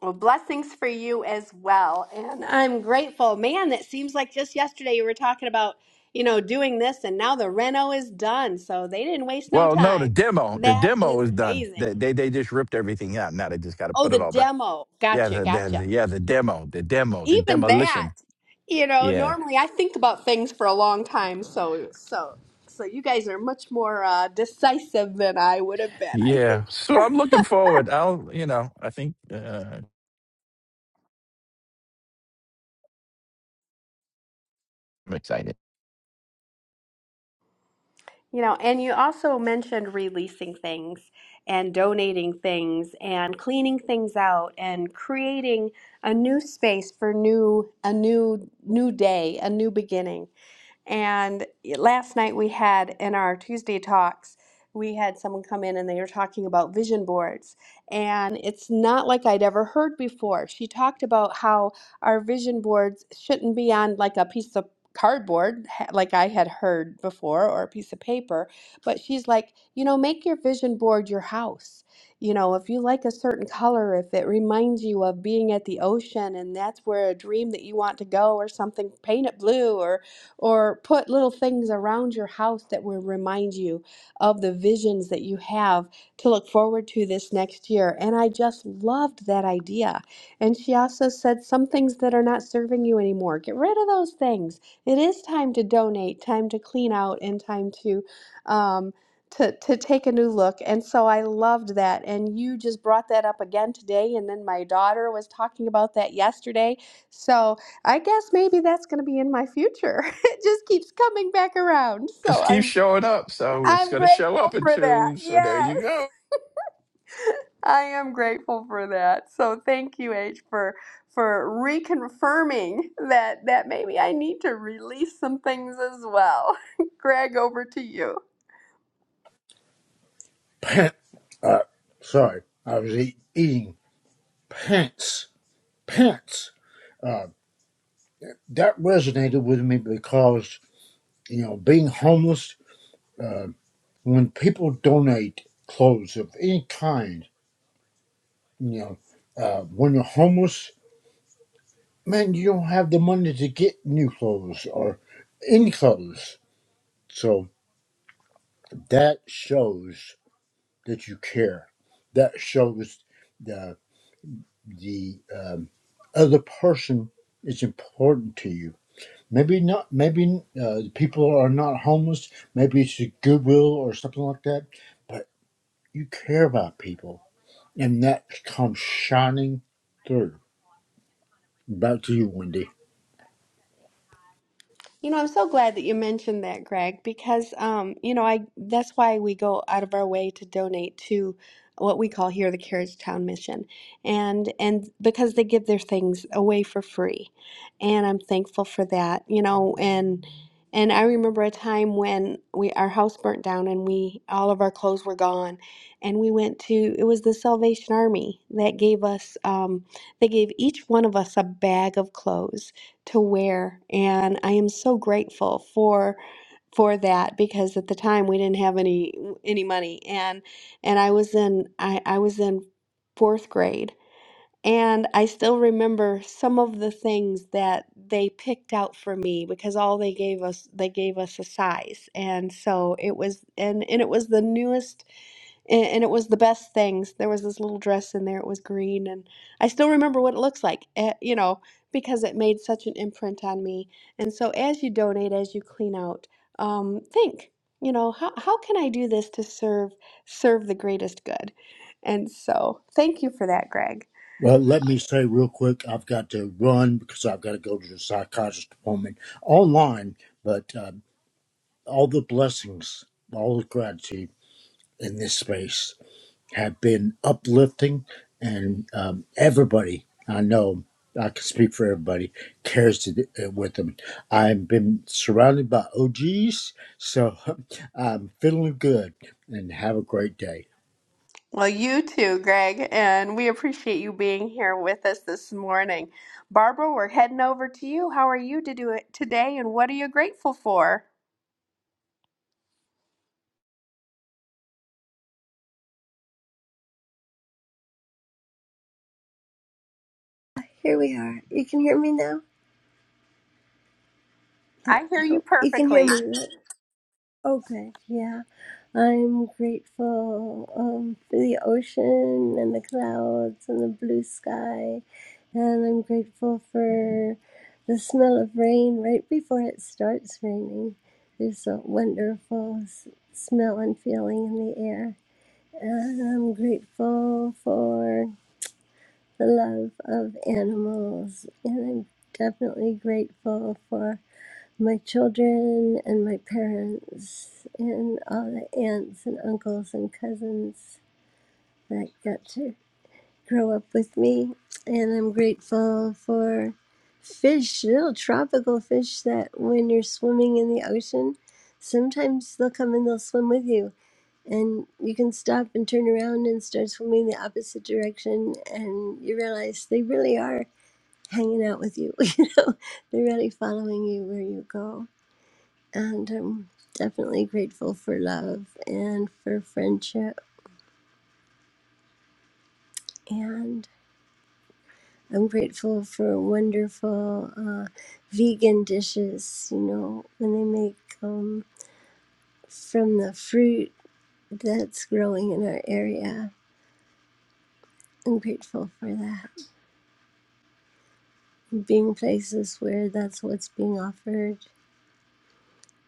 S18: Well, blessings for you as well. And I'm grateful. Man, that seems like just yesterday you were talking about, you know, doing this and now the reno is done. So they didn't waste no
S29: Well, no, the
S18: time.
S29: demo, the
S18: That
S29: demo
S18: is
S29: is done.
S18: amazing.
S29: They they, they just ripped everything out. Now they just got to
S18: Oh,
S29: put
S18: the
S29: it all back.
S18: demo.
S29: Yeah,
S18: Gotcha,
S29: the, the,
S18: gotcha.
S29: the yeah the demo, the demo, the
S18: even that,
S29: demolition.
S18: you know,
S29: Yeah.
S18: normally I think about things for a long time, so so so you guys are much more uh, decisive than I would have been, I
S29: Yeah.
S18: think.
S29: So I'm looking forward. I'll, you know, I think uh, I'm excited.
S18: You know, and you also mentioned releasing things and donating things and cleaning things out and creating a new space for new a new new day, a new beginning And last night we had in our Tuesday talks, we had someone come in and they were talking about vision boards. And it's not like I'd ever heard before. She talked about how our vision boards shouldn't be on like a piece of cardboard, ha- like I had heard before, or a piece of paper. But she's like, you know, make your vision board your house. You know, if you like a certain color, if it reminds you of being at the ocean and that's where a dream that you want to go or something, paint it blue or or put little things around your house that will remind you of the visions that you have to look forward to this next year. And I just loved that idea. And she also said some things that are not serving you anymore. Get rid of those things. It is time to donate, time to clean out, and time to um, to to take a new look. And so I loved that. And you just brought that up again today. And then my daughter was talking about that yesterday. So I guess maybe that's going to be in my future. It just keeps coming back around. So
S29: It keeps
S18: I'm
S29: showing up, so it's
S18: I'm
S29: going to show up
S18: grateful
S29: in
S18: for that.
S29: two. So there
S18: Yes.
S29: you go.
S18: I am grateful for that. So thank you, H, for for reconfirming that that maybe I need to release some things as well. Greg, over to you.
S24: Pant. Uh, sorry, I was eat, eating pants. Pants. That resonated with me because you know being homeless. Uh, when people donate clothes of any kind You know, uh, when you're homeless, man, you don't have the money to get new clothes or any clothes. So that shows that you care. That shows the the um, other person is important to you. Maybe not. Maybe uh, people are not homeless. Maybe it's a goodwill or something like that. But you care about people, and that comes shining through. Back to you, Wendy.
S18: You know, I'm so glad that you mentioned that, Greg, because um, you know, I that's why we go out of our way to donate to what we call here the Carriage Town Mission. And and because they give their things away for free. And I'm thankful for that, you know, and and I remember a time when we our house burnt down and we all of our clothes were gone and we went to it was the Salvation Army that gave us um, they gave each one of us a bag of clothes to wear and i am so grateful for for that because at the time we didn't have any any money and and i was in i, I was in fourth grade and i still remember some of the things that they picked out for me because all they gave us they gave us a size and so it was and and it was the newest and, and it was the best things. There was this little dress in there. It was green, and I still remember what it looks like. eh, You know, because it made such an imprint on me. And so, as you donate, as you clean out, um, think. You know, how how can I do this to serve serve the greatest good? And so, thank you for that, Greg.
S24: Well, let me say real quick, I've got to run because I've got to go to the psychiatrist appointment online, but um, all the blessings, all the gratitude in this space have been uplifting, and um, everybody I know, I can speak for everybody, carries it uh, with them. I've been surrounded by OGs, so I'm feeling good, and have a great day.
S18: Well, you too, Greg, and we appreciate you being here with us this morning. Barbara, we're heading over to you. How are you to do it today, and what are you grateful for?
S30: Here we are. You can hear me now? Uh,
S18: I
S30: I
S18: hear you
S30: hope you can hear
S18: perfectly.
S30: me. right? Okay, yeah. I'm grateful um, for the ocean and the clouds and the blue sky. And I'm grateful for the smell of rain right before it starts raining. There's a wonderful s- smell and feeling in the air. And I'm grateful for the love of animals. And I'm definitely grateful for. my children and my parents and all the aunts and uncles and cousins that got to grow up with me. And I'm grateful for fish, little tropical fish that when you're swimming in the ocean, sometimes they'll come and they'll swim with you. And you can stop and turn around and start swimming the opposite direction, and you realize they really are hanging out with you. You know, they're really following you where you go and I'm definitely grateful for love and for friendship. And I'm grateful for wonderful uh, vegan dishes, you know, when they make um, from the fruit that's growing in our area. I'm grateful for that. Being places where that's what's being offered.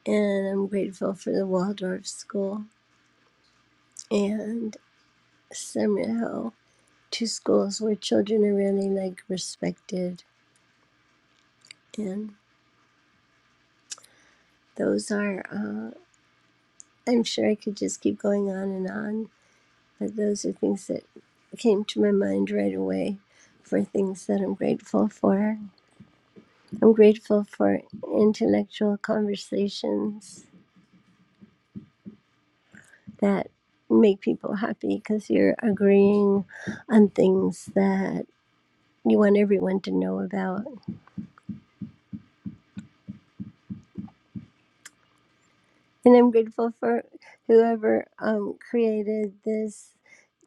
S30: And I'm grateful for the Waldorf School and Summer Hill, two schools where children are really like respected and. those are uh, i'm sure i could just keep going on and on but those are things that came to my mind right away for things that i'm grateful for i'm grateful for intellectual conversations that make people happy because you're agreeing on things that you want everyone to know about and i'm grateful for whoever um, created this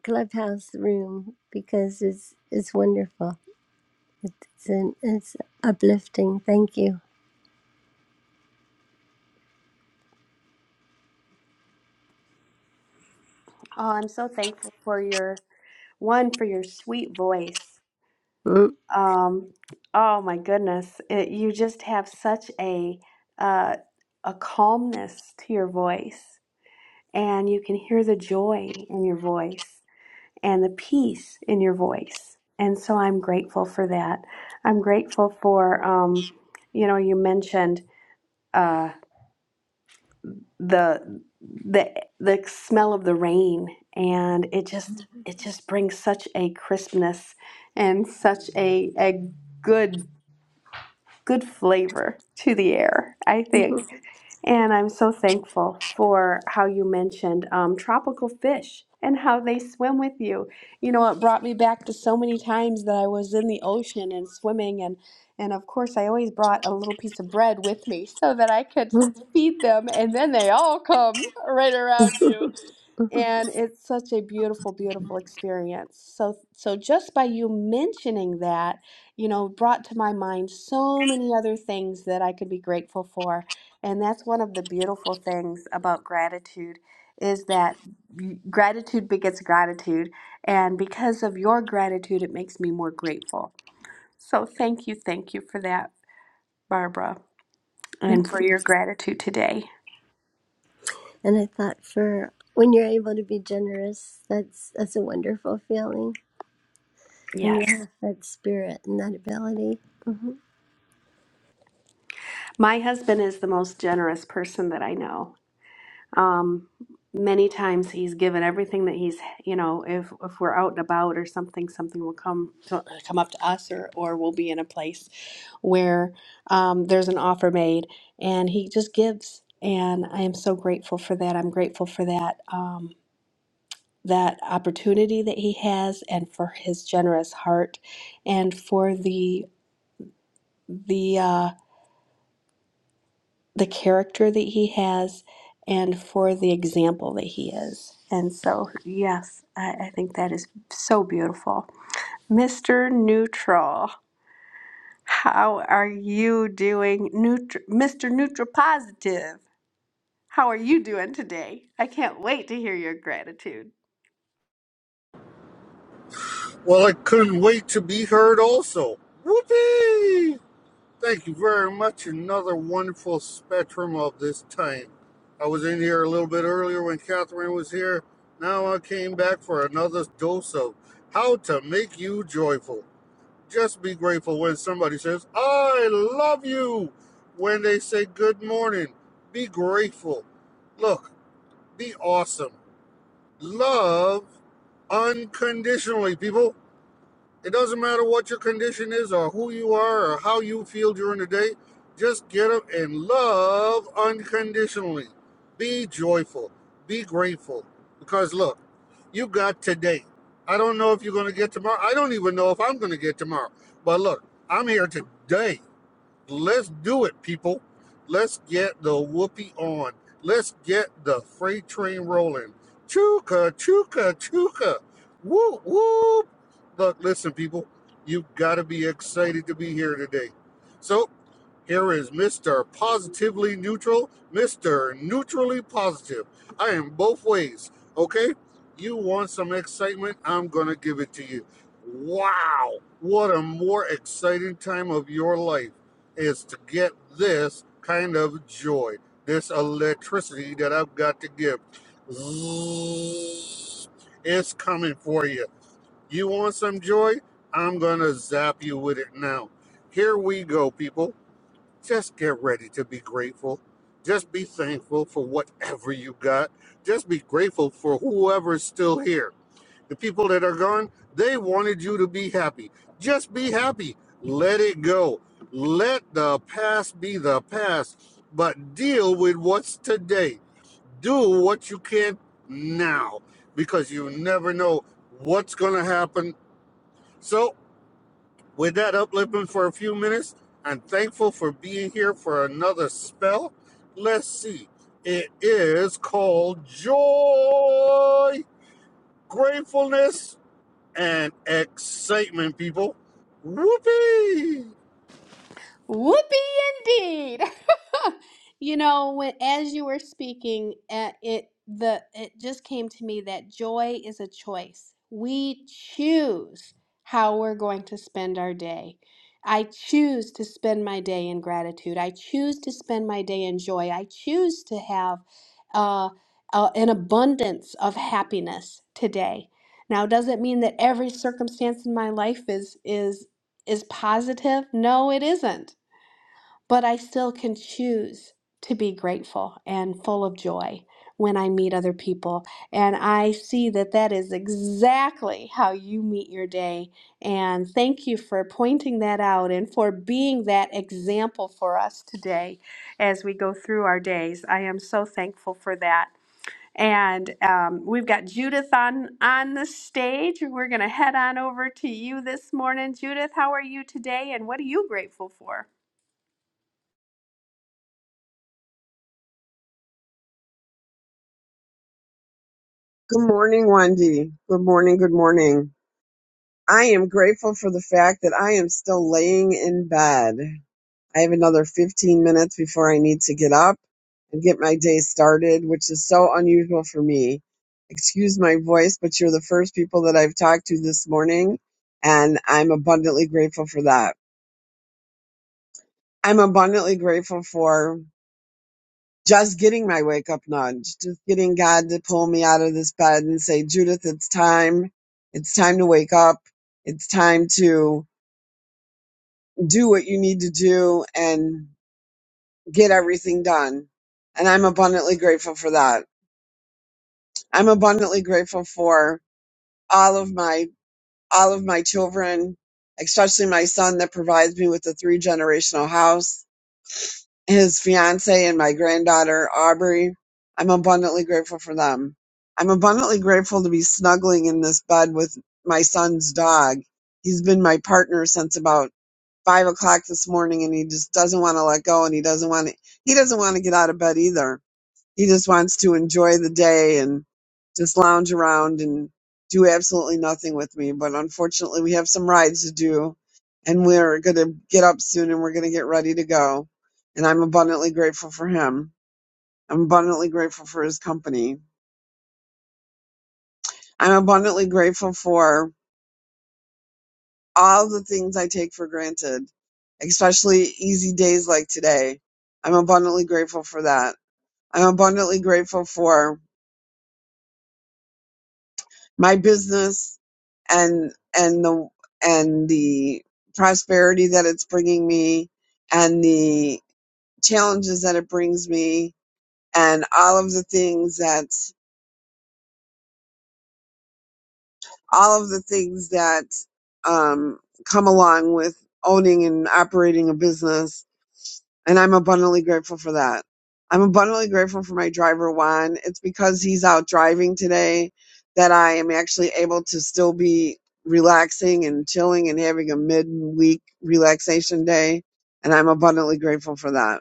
S30: clubhouse room because it's it's wonderful It's, an, it's uplifting. Thank you.
S18: Oh, I'm so thankful for your one for your sweet voice.
S30: Mm.
S18: Um, oh my goodness, it, you just have such a uh, a calmness to your voice, and you can hear the joy in your voice and the peace in your voice. And so I'm grateful for that. I'm grateful for um, you know, you mentioned. uh, the the the smell of the rain and it just it just brings such a crispness and such a a good good flavor to the air, I think. And I'm so thankful for how you mentioned um, tropical fish and how they swim with you. You know, it brought me back to so many times that I was in the ocean and swimming and and of course I always brought a little piece of bread with me so that I could feed them and then they all come right around you. And it's such a beautiful, beautiful experience. So, so just by you mentioning that, you know, brought to my mind so many other things that I could be grateful for. And that's one of the beautiful things about gratitude is that y- gratitude begets gratitude. And because of your gratitude, it makes me more grateful. So thank you, thank you for that, Barbara, and for your gratitude today.
S30: And I thought for when you're able to be generous, that's that's a wonderful feeling when you
S18: Yes.
S30: have that spirit and that ability. Mm-hmm.
S18: My husband is the most generous person that I know. Um, many times he's given everything that he's, you know, if if we're out and about or something, something will come to, come up to us, or or we'll be in a place where um, there's an offer made, and he just gives. And I am so grateful for that. I'm grateful for that. Um, that opportunity that he has and for his generous heart and for the the uh, the character that he has and for the example that he is. And so, yes, I, I think that is so beautiful. Mr. Neutral, how are you doing? Neutr- Mr. Neutral Positive, how are you doing today? I can't wait to hear your gratitude.
S7: Well, I couldn't wait to be heard also. Whoopee! Thank you very much. Another wonderful spectrum of this time. I was in here a little bit earlier when Catherine was here. Now I came back for another dose of how to make you joyful. Just be grateful when somebody says, I love you. When they say good morning, be grateful. Look, be awesome. Love unconditionally, people it doesn't matter what your condition is or who you are or how you feel during the day. Just get up and love unconditionally. Be joyful. Be grateful. Because look, you got today. I don't know if you're going to get tomorrow. I don't even know if I'm going to get tomorrow. But look, I'm here today. Let's do it, people. Let's get the whoopee on. Let's get the freight train rolling. Chuka, chuka, chuka. Whoop, whoop. Look, listen, people, you've got to be excited to be here today. So here is Mr. Positively Neutral, Mr. Neutrally Positive. I am both ways, okay? You want some excitement? I'm going to give it to you. Wow! What a more exciting time of your life is to get this kind of joy, this electricity that I've got to give. Zzz, It's coming for you. You want some joy? I'm going to zap you with it now. Here we go, people just get ready to be grateful. Just be thankful for whatever you got. Just be grateful for whoever's still here. The people that are gone, they wanted you to be happy. Just be happy. Let it go. Let the past be the past, but deal with what's today. Do what you can now because you never know what's going to happen. So with that uplifting for a few minutes, I'm thankful for being here for another spell. Let's see. It is called joy, gratefulness, and excitement, people. Whoopee!
S18: Whoopee indeed. you know, when as you were speaking, uh, it the it just came to me that joy is a choice. We choose how we're going to spend our day. I choose to spend my day in gratitude. I choose to spend my day in joy. I choose to have uh, uh, an abundance of happiness today. Now, does it mean that every circumstance in my life is is is positive? No, it isn't but I still can choose to be grateful and full of joy when I meet other people. And I see that that is exactly how you meet your day. And thank you for pointing that out and for being that example for us today as we go through our days. I am so thankful for that. And um, we've got Judith on on the stage. We're going to head on over to you this morning. Judith, how are you today and what are you grateful for?
S31: Good morning, Wendy. Good morning. Good morning. I am grateful for the fact that I am still laying in bed. I have another 15 minutes before I need to get up and get my day started, which is so unusual for me. Excuse my voice, but you're the first people that I've talked to this morning, and I'm abundantly grateful for that. I'm abundantly grateful for just getting my wake up nudge, just getting God to pull me out of this bed and say, Judith, it's time. It's time to wake up. It's time to do what you need to do and get everything done. And I'm abundantly grateful for that. I'm abundantly grateful for all of my, all of my children, especially my son that provides me with a three generational house his fiance and my granddaughter Aubrey. I'm abundantly grateful for them. I'm abundantly grateful to be snuggling in this bed with my son's dog. He's been my partner since about five o'clock this morning and he just doesn't want to let go and he doesn't want to, he doesn't want to get out of bed either he just wants to enjoy the day and just lounge around and do absolutely nothing with me. But unfortunately, we have some rides to do and we're going to get up soon and we're going to get ready to go. And I'm abundantly grateful for him. I'm abundantly grateful for his company. I'm abundantly grateful for all the things I take for granted, especially easy days like today. I'm abundantly grateful for that. I'm abundantly grateful for my business and and the and the prosperity that it's bringing me and the challenges that it brings me and all of the things that all of the things that um, come along with owning and operating a business and I'm abundantly grateful for that. I'm abundantly grateful for my driver Juan. It's because he's out driving today that I am actually able to still be relaxing and chilling and having a midweek relaxation day, and I'm abundantly grateful for that.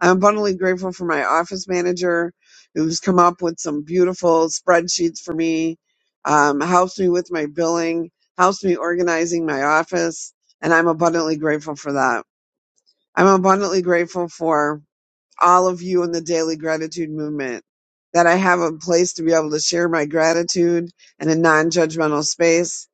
S31: I'm abundantly grateful for my office manager who's come up with some beautiful spreadsheets for me, um, helps me with my billing, helps me organizing my office, and I'm abundantly grateful for that. I'm abundantly grateful for all of you in the daily gratitude movement that I have a place to be able to share my gratitude in a non judgmental space.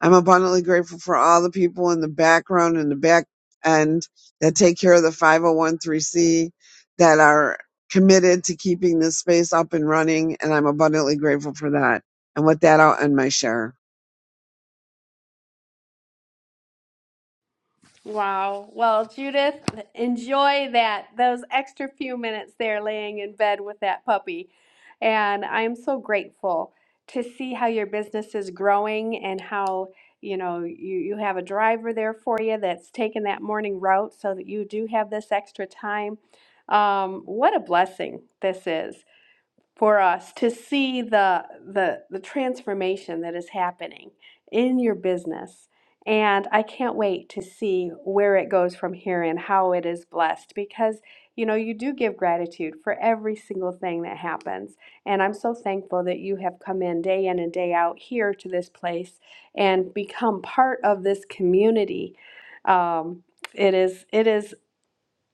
S31: I'm abundantly grateful for all the people in the background and the back end that take care of the 5013C that are committed to keeping this space up and running. And I'm abundantly grateful for that. And with that, I'll end my share.
S18: Wow. Well, Judith, enjoy that those extra few minutes there laying in bed with that puppy. And I'm so grateful to see how your business is growing and how, you know, you you have a driver there for you that's taking that morning route so that you do have this extra time. Um, what a blessing this is for us to see the the the transformation that is happening in your business and I can't wait to see where it goes from here and how it is blessed because you know you do give gratitude for every single thing that happens and I'm so thankful that you have come in day in and day out here to this place and become part of this community um, it is it is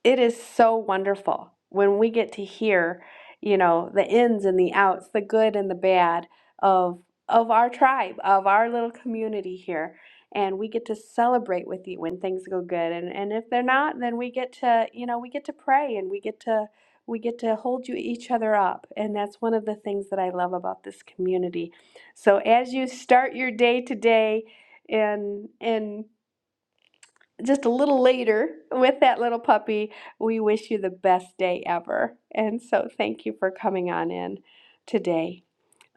S18: it is so wonderful when we get to hear you know the ins and the outs the good and the bad of of our tribe of our little community here and we get to celebrate with you when things go good and and if they're not then we get to you know we get to pray and we get to we get to hold you each other up and that's one of the things that i love about this community so as you start your day today and and just a little later with that little puppy. We wish you the best day ever. And so thank you for coming on in today.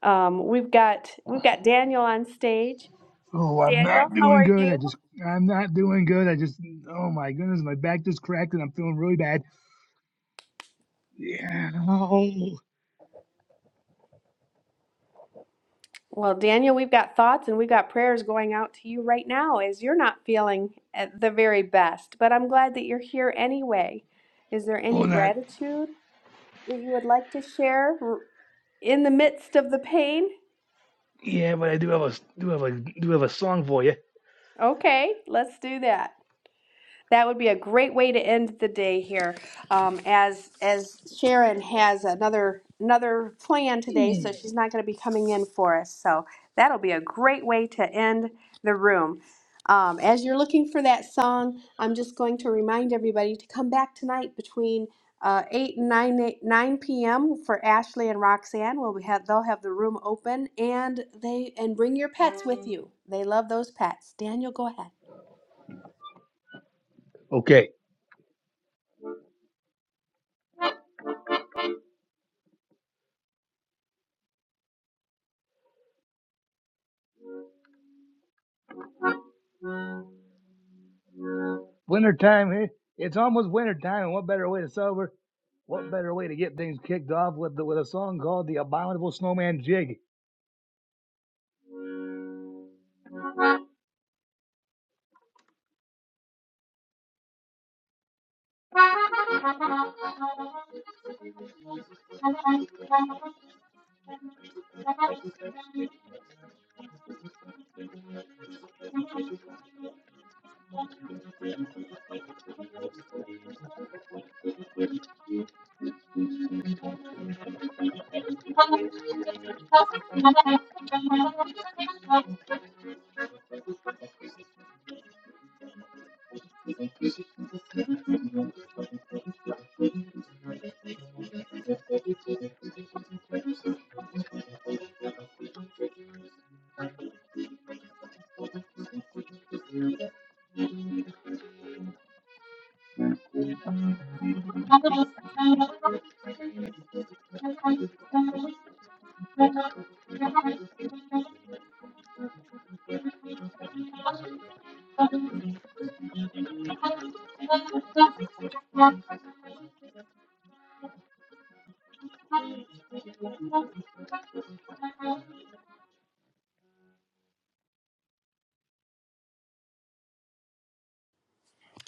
S18: Um, we've got we've got Daniel on stage.
S14: Oh, I'm
S18: Daniel,
S14: not
S18: how
S14: doing
S18: are
S14: good. I
S18: you?
S14: just, I'm not doing good. I just, oh my goodness, my back just cracked and I'm feeling really bad. Yeah. Oh,
S18: Well, Daniel, we've got thoughts and we've got prayers going out to you right now as you're not feeling at the very best, but I'm glad that you're here anyway. Is there
S14: oh,
S18: any
S14: not.
S18: gratitude that you would like to share r- in the midst of the pain?
S14: Yeah, but I do have a, do have a, do have a song for you.
S18: Okay, let's do that. That would be a great way to end the day here, um, as as Sharon has another another plan today,
S14: Mm.
S18: so she's not going to be coming in for us. So that'll be a great way to end the room. Um, as you're looking for that song, I'm just going to remind everybody to come back tonight between uh, 8 and 9, p.m. for Ashley and Roxanne. We'll have, they'll have the room open and they and bring your pets with you. They love those pets. Daniel, go ahead.
S14: Okay. Winter time. eh? It's almost winter time, and what better way to celebrate? What better way to get things kicked off with the, with a song called "The Abominable Snowman Jig"?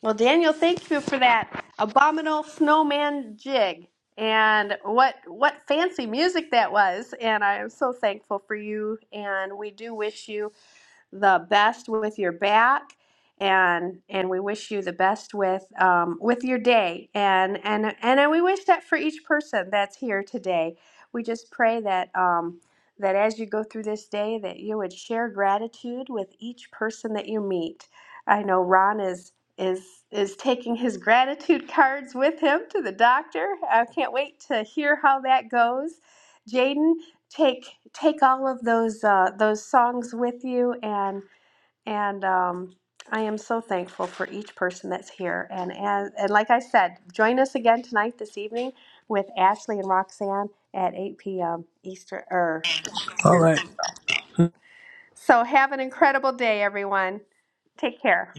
S18: Well, Daniel, thank you for that abominable snowman jig. And what what fancy music that was. And I am so thankful for you. And we do wish you the best with your back and and we wish you the best with um, with your day and and and we wish that for each person that's here today we just pray that um, that as you go through this day that you would share gratitude with each person that you meet i know ron is is is taking his gratitude cards with him to the doctor i can't wait to hear how that goes jaden take take all of those uh, those songs with you and and um, I am so thankful for each person that's here and as and like I said, join us again tonight this evening with Ashley and Roxanne at 8 p.m. Eastern or yeah,
S3: All
S18: Eastern
S3: right.
S18: Central. So have an incredible day, everyone. Take care.